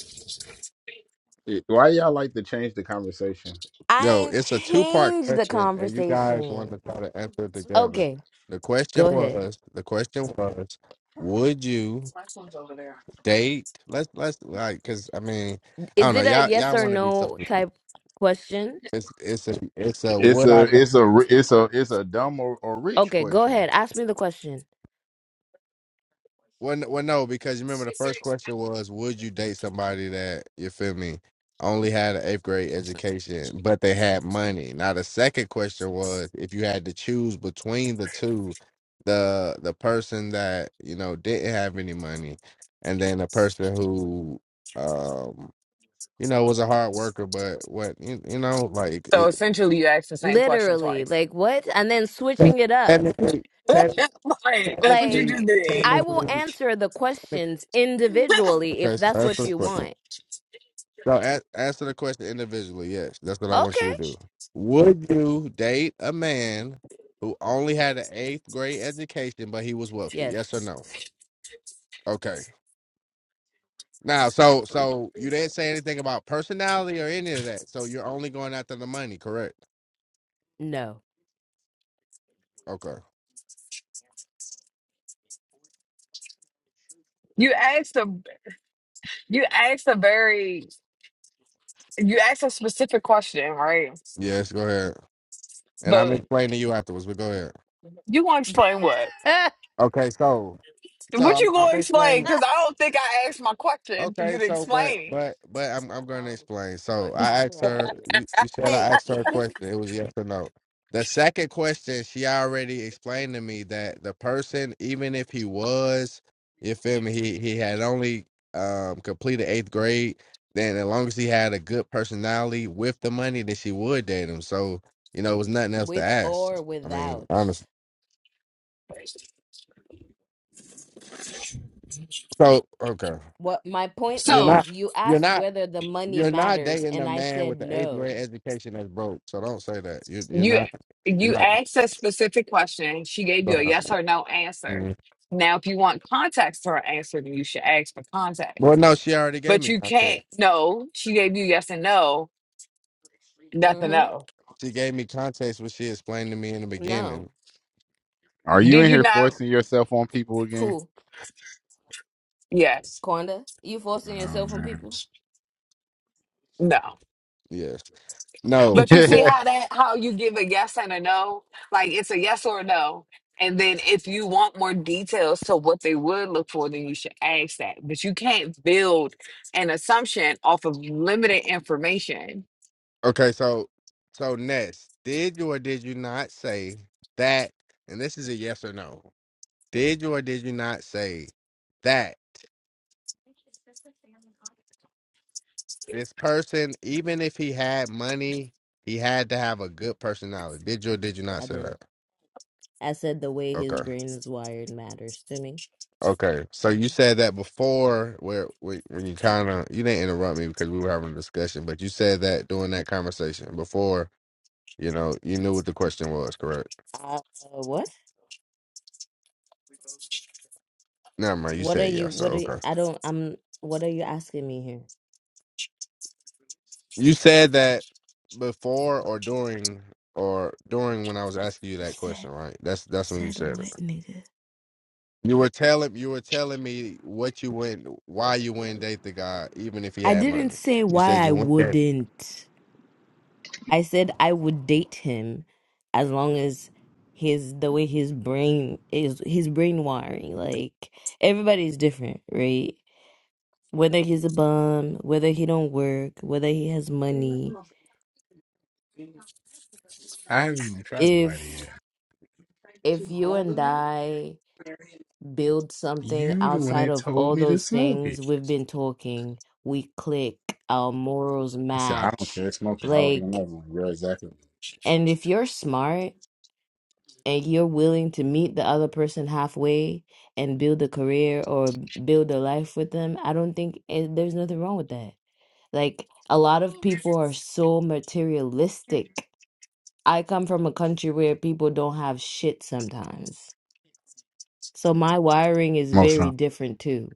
S4: It- Why y'all like to change the conversation?
S21: I
S1: Yo,
S21: ain't
S1: it's a two part
S21: changed the
S1: question, and you guys want to
S21: conversation.
S1: try to answer it together.
S21: Okay,
S1: The question
S21: go ahead.
S1: was, the question was, would you date? Let's let's like, cause I mean, I
S21: Is
S1: don't know.
S21: it a
S1: Y'all
S21: yes
S1: y'all
S21: or
S1: want to be so.
S21: no type question?
S1: It's it's a it's a
S4: It's
S1: would
S4: a,
S1: I date?
S4: it's a, ri- it's a, it's a dumb or, or rich
S21: Okay, go
S4: question.
S21: ahead. Ask me the question.
S1: Well, n- well, no, because you remember the first question was, would you date somebody that you feel me only had an eighth grade education, but they had money? Now the second question was, if you had to choose between the two, the the person that you know didn't have any money, and then a person who, um, you know, was a hard worker, but what you, you know, like
S25: so
S1: it,
S25: essentially, you asked the same question
S21: Literally,
S25: twice.
S21: like what? And then
S1: te-
S21: switching it up.
S1: technically,
S25: (laughs)
S1: te-
S25: like, that's what you
S1: technically,
S25: just
S21: Like,
S1: technically,
S25: did. (laughs)
S21: I will
S1: technically.
S21: answer the questions individually if
S1: Okay, so
S21: that's
S1: that's the
S21: what
S1: first
S21: you
S1: question.
S21: want.
S1: No, a- answer the question individually. Yes, that's what I want you
S21: Okay.
S1: to do. Would you date a man who only had an eighth grade education, but he was wealthy?
S21: Yes.
S1: Yes or no? Okay. Now, so so you didn't say anything about personality or any of that. So you're only going after the money, correct?
S21: No.
S1: Okay.
S25: You asked a you asked a very you asked a specific question, right?
S1: Yes. Go ahead. And I'm
S25: But
S1: explaining to you afterwards, but go ahead.
S25: you want to explain what?
S21: (laughs) I'm
S1: Okay. So so
S25: What
S1: I'm,
S25: you
S1: I'm
S25: gonna explain?
S1: explaining.
S25: Because I don't think I asked my question for
S1: Okay,
S25: you to
S1: so but
S25: explain.
S1: but but I'm I'm gonna explain. So
S21: fucking
S1: I asked her.
S21: crying.
S1: You, you said I asked her a question. It was yes or no. The second question, she already explained to me that the person, even if he was, you feel me, he he had only um completed eighth grade. Then as long as he had a good personality with the money, then she would date him. So you know, it was nothing else to
S21: With
S1: ask.
S21: or
S1: I mean,
S21: without.
S1: honestly. So okay,
S21: What my point
S1: you're
S25: So
S1: not.
S21: is, you
S1: You're
S21: asked
S1: not
S21: whether the money
S1: You're not
S21: matters,
S1: dating a
S21: and I
S1: man with
S21: said
S1: an eighth grade
S21: no.
S1: education that's broke. So don't say that. You, you're
S25: you
S1: not. You're
S25: you
S1: not.
S25: asked a specific question. She gave you a
S1: uh,
S25: yes or no answer.
S1: mm.
S25: Now, if you want context for her answer, then you should ask for context.
S1: Well, no, she already gave
S25: But
S1: me
S25: you
S1: context.
S25: can't. No, she gave you yes and no, nothing.
S21: Mm-hmm.
S25: No.
S1: She gave me context what she explained to me in the
S21: No.
S1: beginning.
S4: Are you
S25: Did
S4: in
S25: you
S4: here
S25: not?
S4: forcing yourself on people again?
S21: Who?
S25: Yes.
S21: Quanda? You forcing
S4: Oh,
S21: yourself on
S4: man.
S21: people?
S25: No.
S1: Yes.
S4: (laughs)
S1: No.
S25: But you
S1: Yeah.
S25: see how that how you give a yes and a no? Like it's a yes or a no. And then if you want more details to what they would look for, then you should ask that. But you can't build an assumption off of limited information.
S1: Okay. So, so next, did you or did you not say that? And this is a yes or no. Did you or did you not say that this person, even if he had money, he had to have a good personality? Did you or did you not
S21: I
S1: say that?
S21: did. I said the way his
S1: Okay.
S21: brain is wired matters to me.
S1: Okay, so you said that before, where wh- when you kind of you didn't interrupt me because we were having a discussion, but you said that during that conversation before, you know, you knew what the question was, correct?
S21: Uh, what?
S1: Never mind, you
S21: What are
S1: said
S21: you,
S1: yes, so
S21: what are you,
S1: okay.
S21: I don't, I'm, what are you asking me here?
S1: You said that before or during or during when I was asking you that
S21: Said
S1: question, right? That's that's when you
S21: said
S1: said it.
S21: what, nigga?
S1: You were telling you were telling me what you went, why you wouldn't date the guy, even if he
S21: I
S1: had
S21: didn't
S1: money.
S21: say
S1: You
S21: why
S1: said
S21: I
S1: you would went,
S21: wouldn't. I said I would date him as long as his the way his brain is his brain wiring. Like everybody's different, right? Whether he's a bum, whether he don't work, whether he has money.
S4: I haven't even tried to lie to you.
S21: If if you and I build something
S4: You the one
S21: outside
S4: that
S21: of
S4: told
S21: all
S4: me to
S21: those
S4: smoke it.
S21: things we've been talking, we click, our morals
S4: He said, I don't
S21: match.
S4: care, smoke it. I already
S21: Like
S4: know i like, you're exactly
S21: And if you're smart and you're willing to meet the other person halfway and build a career or build a life with them, I don't think it, there's nothing wrong with that. Like a lot of people are so materialistic. I come from a country where people don't have shit sometimes. So my wiring is
S4: most
S21: very
S4: time.
S21: different too.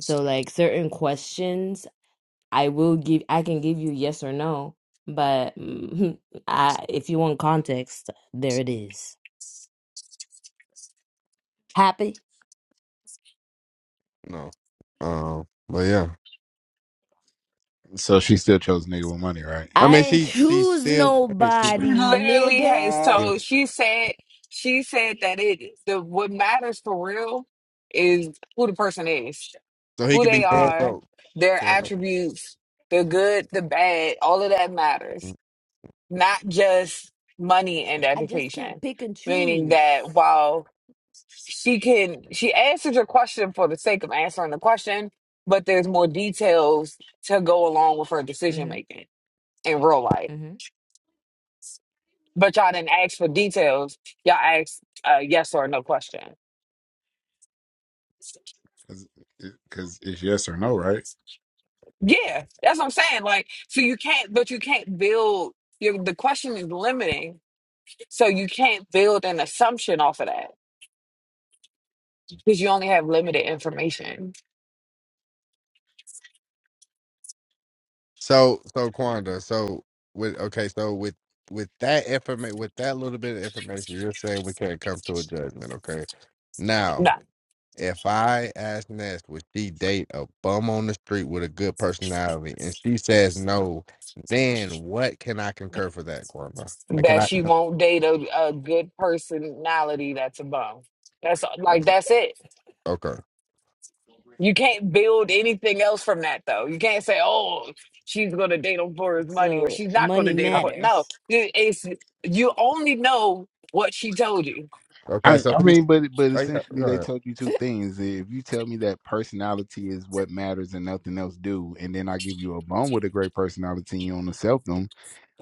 S21: So like certain questions, I will give I can give you yes or no, but (laughs) I if you want context, there it is. Happy?
S1: no, um, but yeah.
S4: So she still chose nigga with money, right?
S1: I
S21: I
S1: mean,
S21: ain't
S1: she she's
S21: choose
S1: still she's
S21: nobody,
S25: Literally has
S21: nigga.
S1: good.
S25: told she said she said that it the what matters for real is who the person is,
S1: So he
S25: who
S1: could be
S25: they
S1: dead
S25: are,
S1: broke,
S25: their
S1: correct?
S25: attributes, the good, the bad, all of that matters not just money and
S21: I just can't
S25: education.
S21: pick and
S25: Meaning
S21: choose.
S25: that while she can, she answers your question for the sake of answering the question, but there's more details to go along with her decision
S21: hmm
S25: making in real life.
S21: hmm
S25: But y'all didn't ask for details. Y'all asked a yes or no question.
S4: Because it's yes or no, right?
S25: Yeah, that's what I'm saying. Like, so you can't, but you can't build. Your, the question is limiting, so you can't build an assumption off of that because you only have limited information.
S1: So so Quanda, so with okay, so with with that information, with that little bit of information, you're saying we can't come to a judgment, okay? Now,
S25: No.
S1: if I ask Ness, would she date a bum on the street with a good personality, and she says no, then what can I concur for that, Quanda? Like, Can
S25: that
S1: I?
S25: she won't date a, a good personality that's above. That's
S1: uh,
S25: like that's it.
S1: Okay,
S25: You can't build anything else from that though. You can't say, "Oh, she's gonna date him for his money," or
S21: So
S25: "She's not gonna
S21: money
S25: date him
S4: I,
S25: for." No,
S21: matters.
S25: It- it's you only know what she told you.
S1: okay.
S4: I
S1: So
S4: I
S1: please,
S4: mean, but but
S1: oh, yeah,
S4: essentially
S1: go
S4: they
S1: ahead.
S4: told you two things. If you tell me that personality is what matters and nothing else do, and then I give you a bone with a great personality and you don't accept them,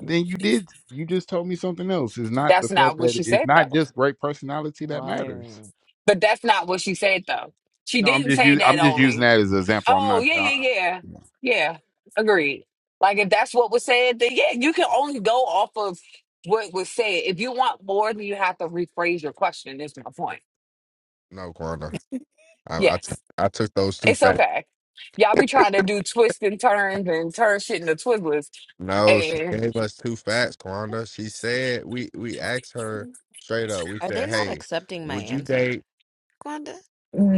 S4: then you did. You just told me something else. It's not the
S25: That's
S4: fact
S25: not what
S4: that
S25: she
S4: it's
S25: said
S4: not
S25: though.
S4: just great personality that matters.
S21: Wiring.
S25: But that's not what she said though. She
S4: No, I'm
S25: didn't
S4: just
S25: say
S4: u-
S25: that
S4: I'm just
S25: only.
S4: using that as an example. I'm
S25: Oh,
S4: not.
S25: yeah,
S4: I,
S25: yeah, yeah. Yeah. Agreed. Like if that's what was said, then yeah, you can only go off of what was said. If you want more, then you have to rephrase your question, is my point.
S1: no, Quanda. I, I, t-
S25: Yes.
S1: I took those two
S25: It's
S1: facts.
S25: okay. Y'all be trying to do twists and turns and turn shit into twizzlers
S1: No, she
S25: and
S1: gave us two facts, Quanda. She said we we asked her straight up. We
S21: Are they
S1: said,
S21: not
S1: "Hey,
S21: accepting my
S1: would you
S21: answer,
S1: date?"
S21: Gwanda?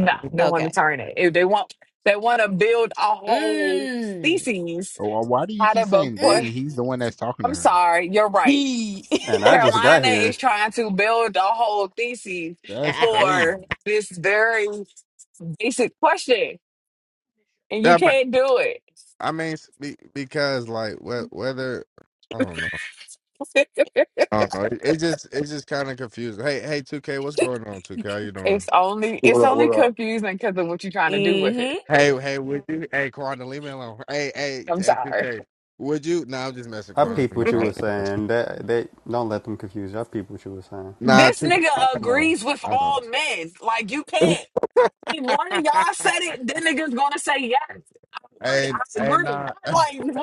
S1: I mean,
S25: they want to
S21: Okay.
S25: turn it. If they want they want to build a whole
S21: Mm.
S25: species
S4: Why why do you
S25: out
S4: keep
S25: of a
S4: saying
S25: (laughs)
S4: they?
S21: Mm.
S4: And
S25: what
S4: he's the one that's talking to
S25: I'm
S4: her.
S25: sorry, you're right.
S21: He. (laughs)
S27: And I just got
S25: Carolina is
S27: here.
S25: trying to build a whole thesis
S4: That's crazy.
S25: for this very basic question, and you
S1: I mean,
S25: can't do it.
S1: I mean, s- be- because like whe- whether I don't know,
S25: (laughs)
S1: I don't know. It, it just it's just kind of confusing. Hey, hey, two K, what's going on? Two K, how you doing?
S25: it's only
S28: What
S25: it's
S28: up?
S25: only
S28: What up?
S25: confusing because of what you're trying to do with
S21: hmm
S25: it.
S1: Hey, hey, would you? Hey, Quanda, leave me alone. Hey, hey, t-
S25: I'm
S1: hey, two
S25: sorry.
S1: K, would you? No, nah, I'm just messing,
S27: I
S1: Quanda.
S27: peeped
S1: No,
S27: what you
S1: I'm
S27: were
S1: just messing.
S27: saying. That they they don't let them confuse you. I peeped what you were saying.
S1: Nah,
S25: This
S1: two K,
S25: nigga
S1: I I know,
S25: agrees with
S1: I
S25: all
S1: know.
S25: men. Like you can't. If one of y'all said it, then nigga's gonna say yes.
S1: (laughs)
S25: Heard it,
S1: hey,
S25: I
S1: hey,
S25: agree.
S1: nah.
S25: I'm like,
S1: (laughs)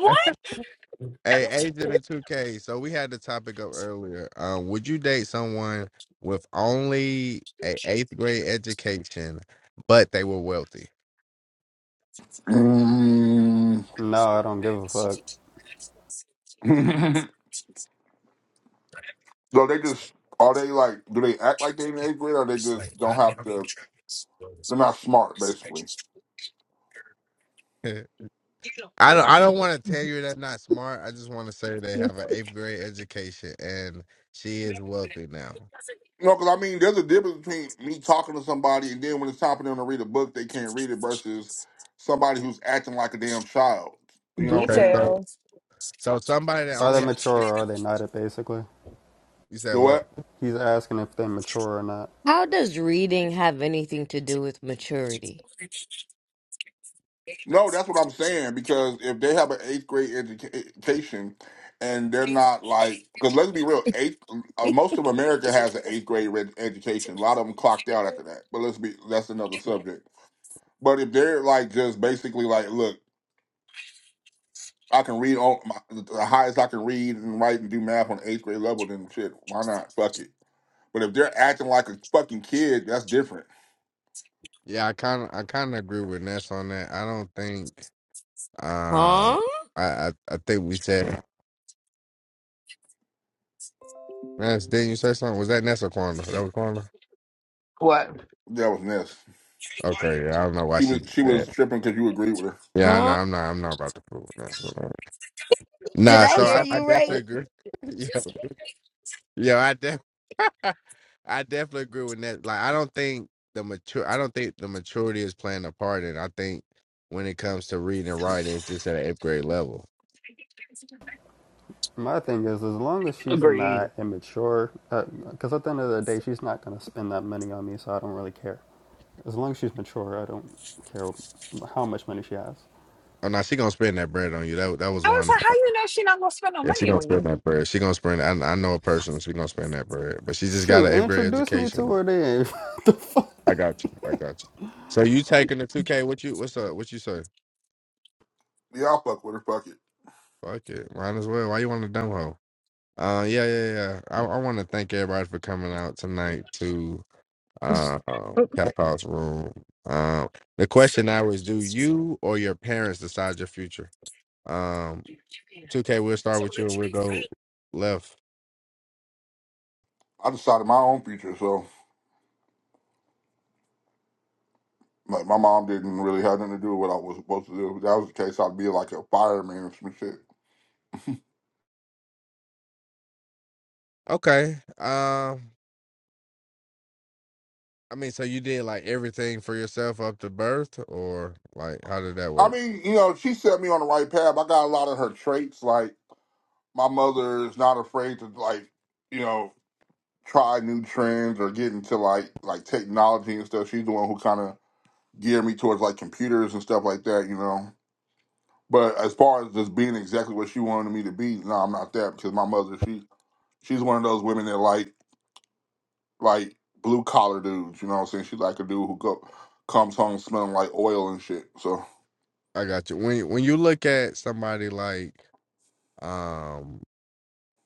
S1: Hey,
S25: what?
S1: Agent and 2K. So we had the topic up earlier. Um, would you date someone with only a eighth grade education, but they were wealthy?
S28: Mm.
S27: No, I don't give a fuck.
S28: (laughs) so they just are they like? Do they act like they in eighth grade, or they just don't have to? They're not smart, basically.
S1: (laughs) I don't I don't want to tell you they're not smart. I just want to say they have an eighth grade education and she is wealthy now.
S28: No, because I mean, there's a difference between me talking to somebody and then when it's time for them to read a book, they can't read it versus somebody who's acting like a damn child.
S25: (laughs)
S28: You know what I'm
S1: Okay,
S28: saying?
S1: so
S25: Details.
S1: so somebody that
S27: Are they
S1: only had,
S27: mature or are they not? Basically,
S1: you said
S28: Do
S1: what?
S28: what?
S27: he's asking if they're mature or not.
S21: How does reading have anything to do with maturity?
S28: No, that's what I'm saying because if they have an eighth grade educa- education and they're not like, because let's be real, eighth uh, most of America has an eighth grade red education. A lot of them clocked out after that, but let's be that's another subject. But if they're like just basically like, look, I can read all my, the highest I can read and write and do math on eighth grade level, then shit, why not? Fuck it. But if they're acting like a fucking kid, that's different.
S1: Yeah, I kind of I kind of agree with Ness on that. I don't think um
S21: Huh?
S1: I I, I think we said Ness. Didn't you say something? Was that Ness or Quanda? That was Quanda.
S25: What?
S28: That was Ness.
S1: Okay, yeah, I don't know why
S28: She
S1: she
S28: was
S1: did
S28: she was
S1: that.
S28: tripping because you agreed with her.
S1: Yeah, I know
S21: Huh?
S1: I'm not I'm not about to fool with that. so, uh,
S21: Did
S1: Nah,
S21: I
S25: I'm
S1: so
S21: hear
S1: I,
S25: so
S1: I
S21: you
S1: definitely
S21: right?
S25: confused.
S1: agree. (laughs) yeah, yeah, I def- (laughs) I definitely agree with that. Like I don't think the mature I don't think the maturity is playing a part in it. I think when it comes to reading and writing, it's just at an eighth grade level.
S27: My thing is, as long as she's
S25: Agreed.
S27: not immature, because uh, at the end of the day, she's not gonna spend that money on me, so I don't really care. As long as she's mature, I don't care how much money she has.
S1: Oh no, she gonna spend that bread on you. That that was
S25: I was
S1: one.
S25: like, how you know she not gonna spend no
S1: Yeah, she
S25: money
S1: gonna
S25: on
S1: spend
S25: you?
S1: that bread. She gonna spend. I I know a person. She gonna spend that bread, but she just got
S27: Shoot,
S1: an eighth grade
S27: introduce me to
S1: education.
S27: her then. (laughs)
S1: I got you. I got you. So you taking the two K? What you? What's up? What you say?
S28: Yeah, I'll fuck with her. Fuck it.
S1: Fuck it. Might as well. Why you want a dumb hoe? Uh, yeah, yeah, yeah. I, I want to thank everybody for coming out tonight to uh, um, Cap House Room. Um, the question now is, do you or your parents decide your future? Um, 2K, we'll start with you and we'll go left.
S28: I decided my own future, so. Like my mom didn't really have nothing to do with what I was supposed to do. If that was the case, I'd be like a fireman or some shit.
S1: Okay. Um, I mean, so you did like everything for yourself up to birth, or like how did that
S28: I
S1: work?
S28: mean, you know, she set me on the right path. I got a lot of her traits. Like my mother is not afraid to like, you know, try new trends or get into like like technology and stuff. She's the one who kind of geared me towards like computers and stuff like that. You know. But as far as just being exactly what she wanted me to be, no, I'm not that because my mother, she she's one of those women that like like blue collar dudes. You know what I'm saying? She like a dude who go, comes home smelling like oil and shit. So
S1: I got you. When when you look at somebody like um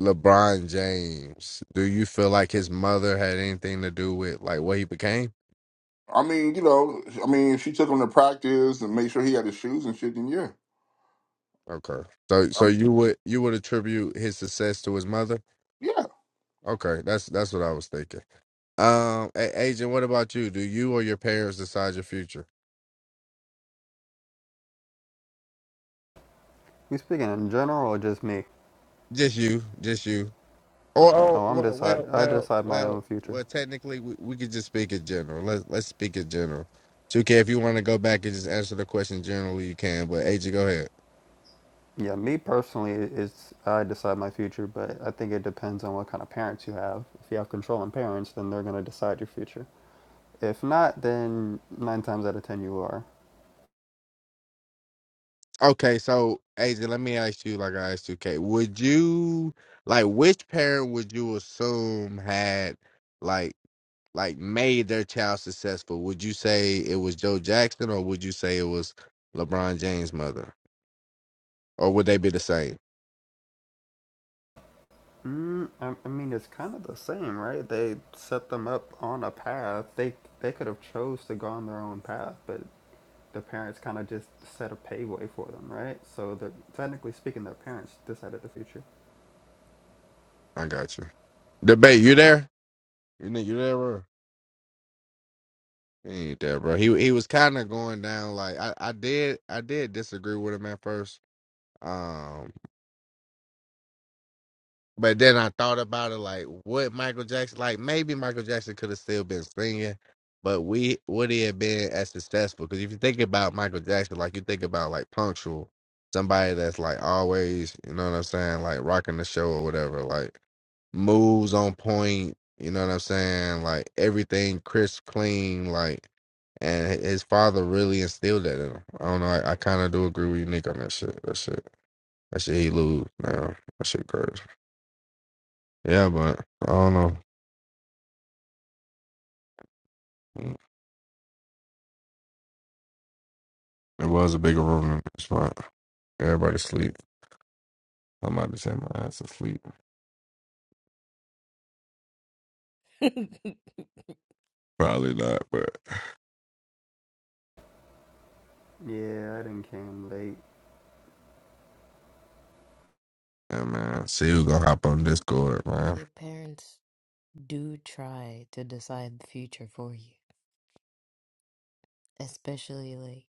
S1: LeBron James, do you feel like his mother had anything to do with like what he became?
S28: I mean, you know, I mean, if she took him to practice and made sure he had his shoes and shit, then yeah,
S1: Okay. So
S28: I
S1: so
S28: mean.
S1: you would you would attribute his success to his mother?
S28: Yeah,
S1: Okay, that's that's what I was thinking. Um A- agent, what about you? Do you or your parents decide your future?
S27: you speaking in general or just me?
S1: Just you, just you. Or oh,
S27: Oh, I'm
S1: well,
S27: decide.
S1: well,
S27: I
S1: well,
S27: decide my
S1: well,
S27: own future.
S1: well technically we, we could just speak in general. Let's let's speak in general. 2K, if you want to go back and just answer the question generally, you can, but AJ, go ahead.
S27: Yeah, me personally is I decide my future, but I think it depends on what kind of parents you have. If you have controlling parents, then they're going to decide your future. If not, then nine times out of ten you are.
S1: Okay, so AJ, let me ask you, like I asked you, K, would you like which parent would you assume had like like made their child successful? Would you say it was Joe Jackson, or would you say it was LeBron James' mother, or would they be the same?
S27: Mm, I, I mean, it's kind of the same, right? They set them up on a path. They they could have chose to go on their own path, but the parents kind of just set a pathway for them, right? So that technically speaking, their parents decided the future.
S1: I got you. Debate, you there? You know, you there, bro? He ain't there, bro. He he was kind of going down. Like I, I did, I did disagree with him at first. Um. But then I thought about it, like what Michael Jackson, like maybe Michael Jackson could have still been singing, but we would he have been as successful? Because if you think about Michael Jackson, like you think about like punctual, somebody that's like always, you know what I'm saying, like rocking the show or whatever, like moves on point, you know what I'm saying, like everything crisp, clean, like, and hi- his father really instilled that in him. I don't know, I, I kind of do agree with you, Nick, on that shit. That shit, that shit, he lose now. That shit crazy. Yeah, but I don't know. It was a bigger room than this one. Everybody sleep. I'm about to say my ass asleep. Probably not, but
S27: Yeah, I didn't came late.
S1: yeah, man. See who gonna hop on Discord,
S21: (laughs)
S1: man.
S21: Your parents. do try to decide the future for you, especially like,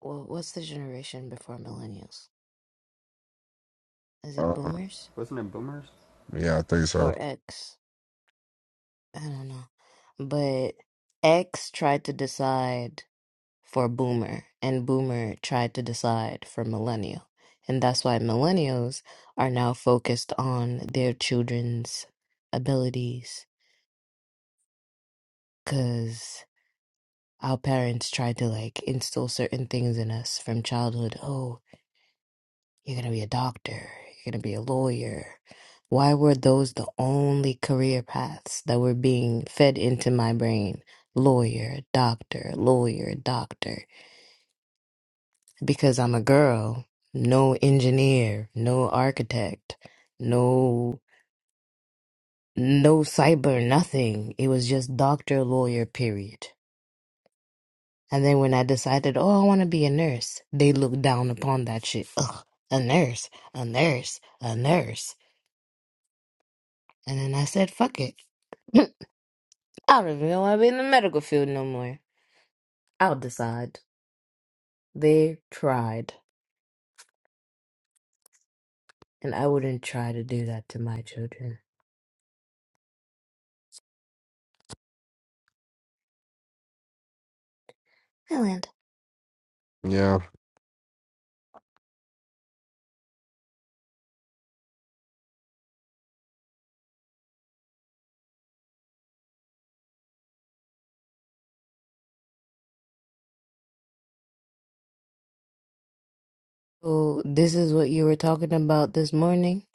S21: well, what's the generation before millennials? Is it
S1: Uh,
S21: boomers
S27: Wasn't it Boomers?
S1: yeah, I think so.
S21: or X? I don't know. But X tried to decide for boomer, and boomer tried to decide for millennial. And that's why millennials are now focused on their children's abilities because our parents tried to like instill certain things in us from childhood. Oh, You're going to be a doctor. You're going to be a lawyer. Why were those the only career paths that were being fed into my brain? Lawyer, doctor, lawyer, doctor. Because I'm a girl, no engineer, no architect, no no cyber nothing. It was just doctor, lawyer, period. And then when I decided, oh, I want to be a nurse, they looked down upon that shit. Ugh, a nurse, a nurse, a nurse. And then I said, fuck it. (laughs) (clears throat) I really don't even want to be in the medical field no more. I'll decide. They tried, and I wouldn't try to do that to my children. Island.
S1: Yeah,
S21: So this is what you were talking about this morning,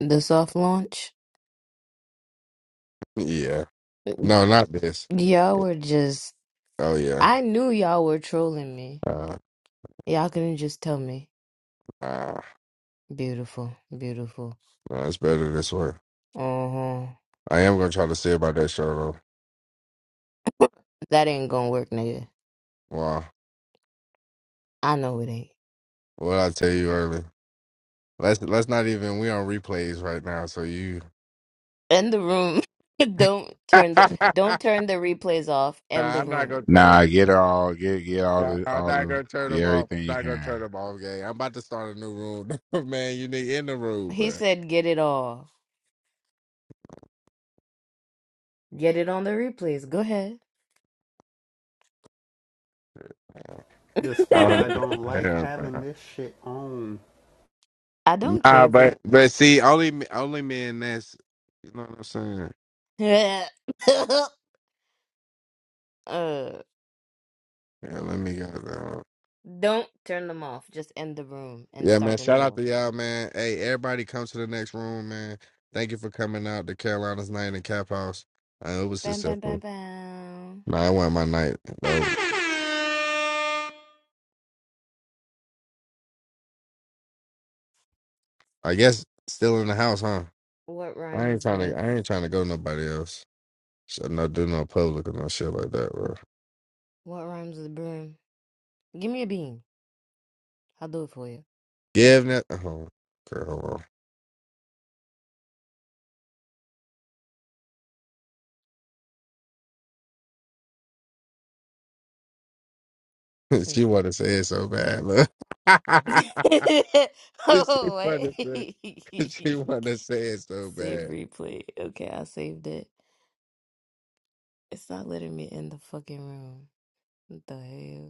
S21: the soft launch.
S1: yeah. No, not this.
S21: Y'all were just,
S1: Oh yeah.
S21: I knew y'all were trolling me.
S1: Uh,
S21: Y'all couldn't just tell me,
S1: nah,
S21: beautiful, beautiful.
S1: nah, it's better this way.
S21: Uh-huh.
S1: I am gonna try to see about that show though.
S21: That ain't gonna work, nigga.
S1: Wow,
S21: I know it ain't.
S1: what I tell you early? Let's let's not even. We on replays right now, so you.
S21: End the room. (laughs) don't
S1: (laughs)
S21: turn the
S1: nah,
S21: don't turn the replays off. End the
S1: I'm not gonna
S21: room.
S1: turn.
S4: Nah, get her all, get get all
S1: Nah,
S4: the
S1: I'm
S4: all
S1: not
S4: the,
S1: gonna turn
S4: get
S1: them off.
S4: everything
S1: I'm
S4: you
S1: not gonna
S4: can.
S1: turn them off, gang. I'm about to start a new room, (laughs) man. You need in the room,
S21: He
S1: bro.
S21: said, "Get it off. Get it on the replays. Go ahead.
S27: That's
S21: (laughs)
S1: I
S27: why I
S1: don't
S27: don't
S1: know.
S27: like
S1: Yeah, bro.
S27: having this shit on.
S21: I don't
S1: Nah,
S21: care for
S1: but but see, only me- only men. That's you know what I'm saying.
S21: the. (laughs) uh,
S1: Yeah, let me go. Though.
S21: don't turn them off. Just end the room and
S1: Yeah, man.
S21: start a
S1: Shout
S21: new
S1: out to
S21: one.
S1: y'all, man. Hey, everybody, come to the next room, man. Thank you for coming out to Carolina's night in Cap House. Uh, it was
S21: Bam, bam, bam,
S1: successful.
S21: bam.
S1: Nah, it wasn't my night though. I guess still in the house, huh?
S21: What
S1: I ain't
S21: rhymes
S1: trying
S21: with
S1: to. I ain't trying to go nobody else. Shouldn't I do no public or no shit like that, bro?
S21: what rhymes with broom? Give me a bean. I'll do it for you.
S1: Yeah, if not, oh, girl, hold on. (laughs) she
S21: Since
S1: wanna say it so bad, look. (laughs)
S21: (laughs)
S1: she
S21: oh wait,
S1: wanna say (laughs)
S21: (laughs)
S1: she wanna say it so
S21: save
S1: bad.
S21: replay. Okay, I saved it. It's not letting me in the fucking room. What the hell?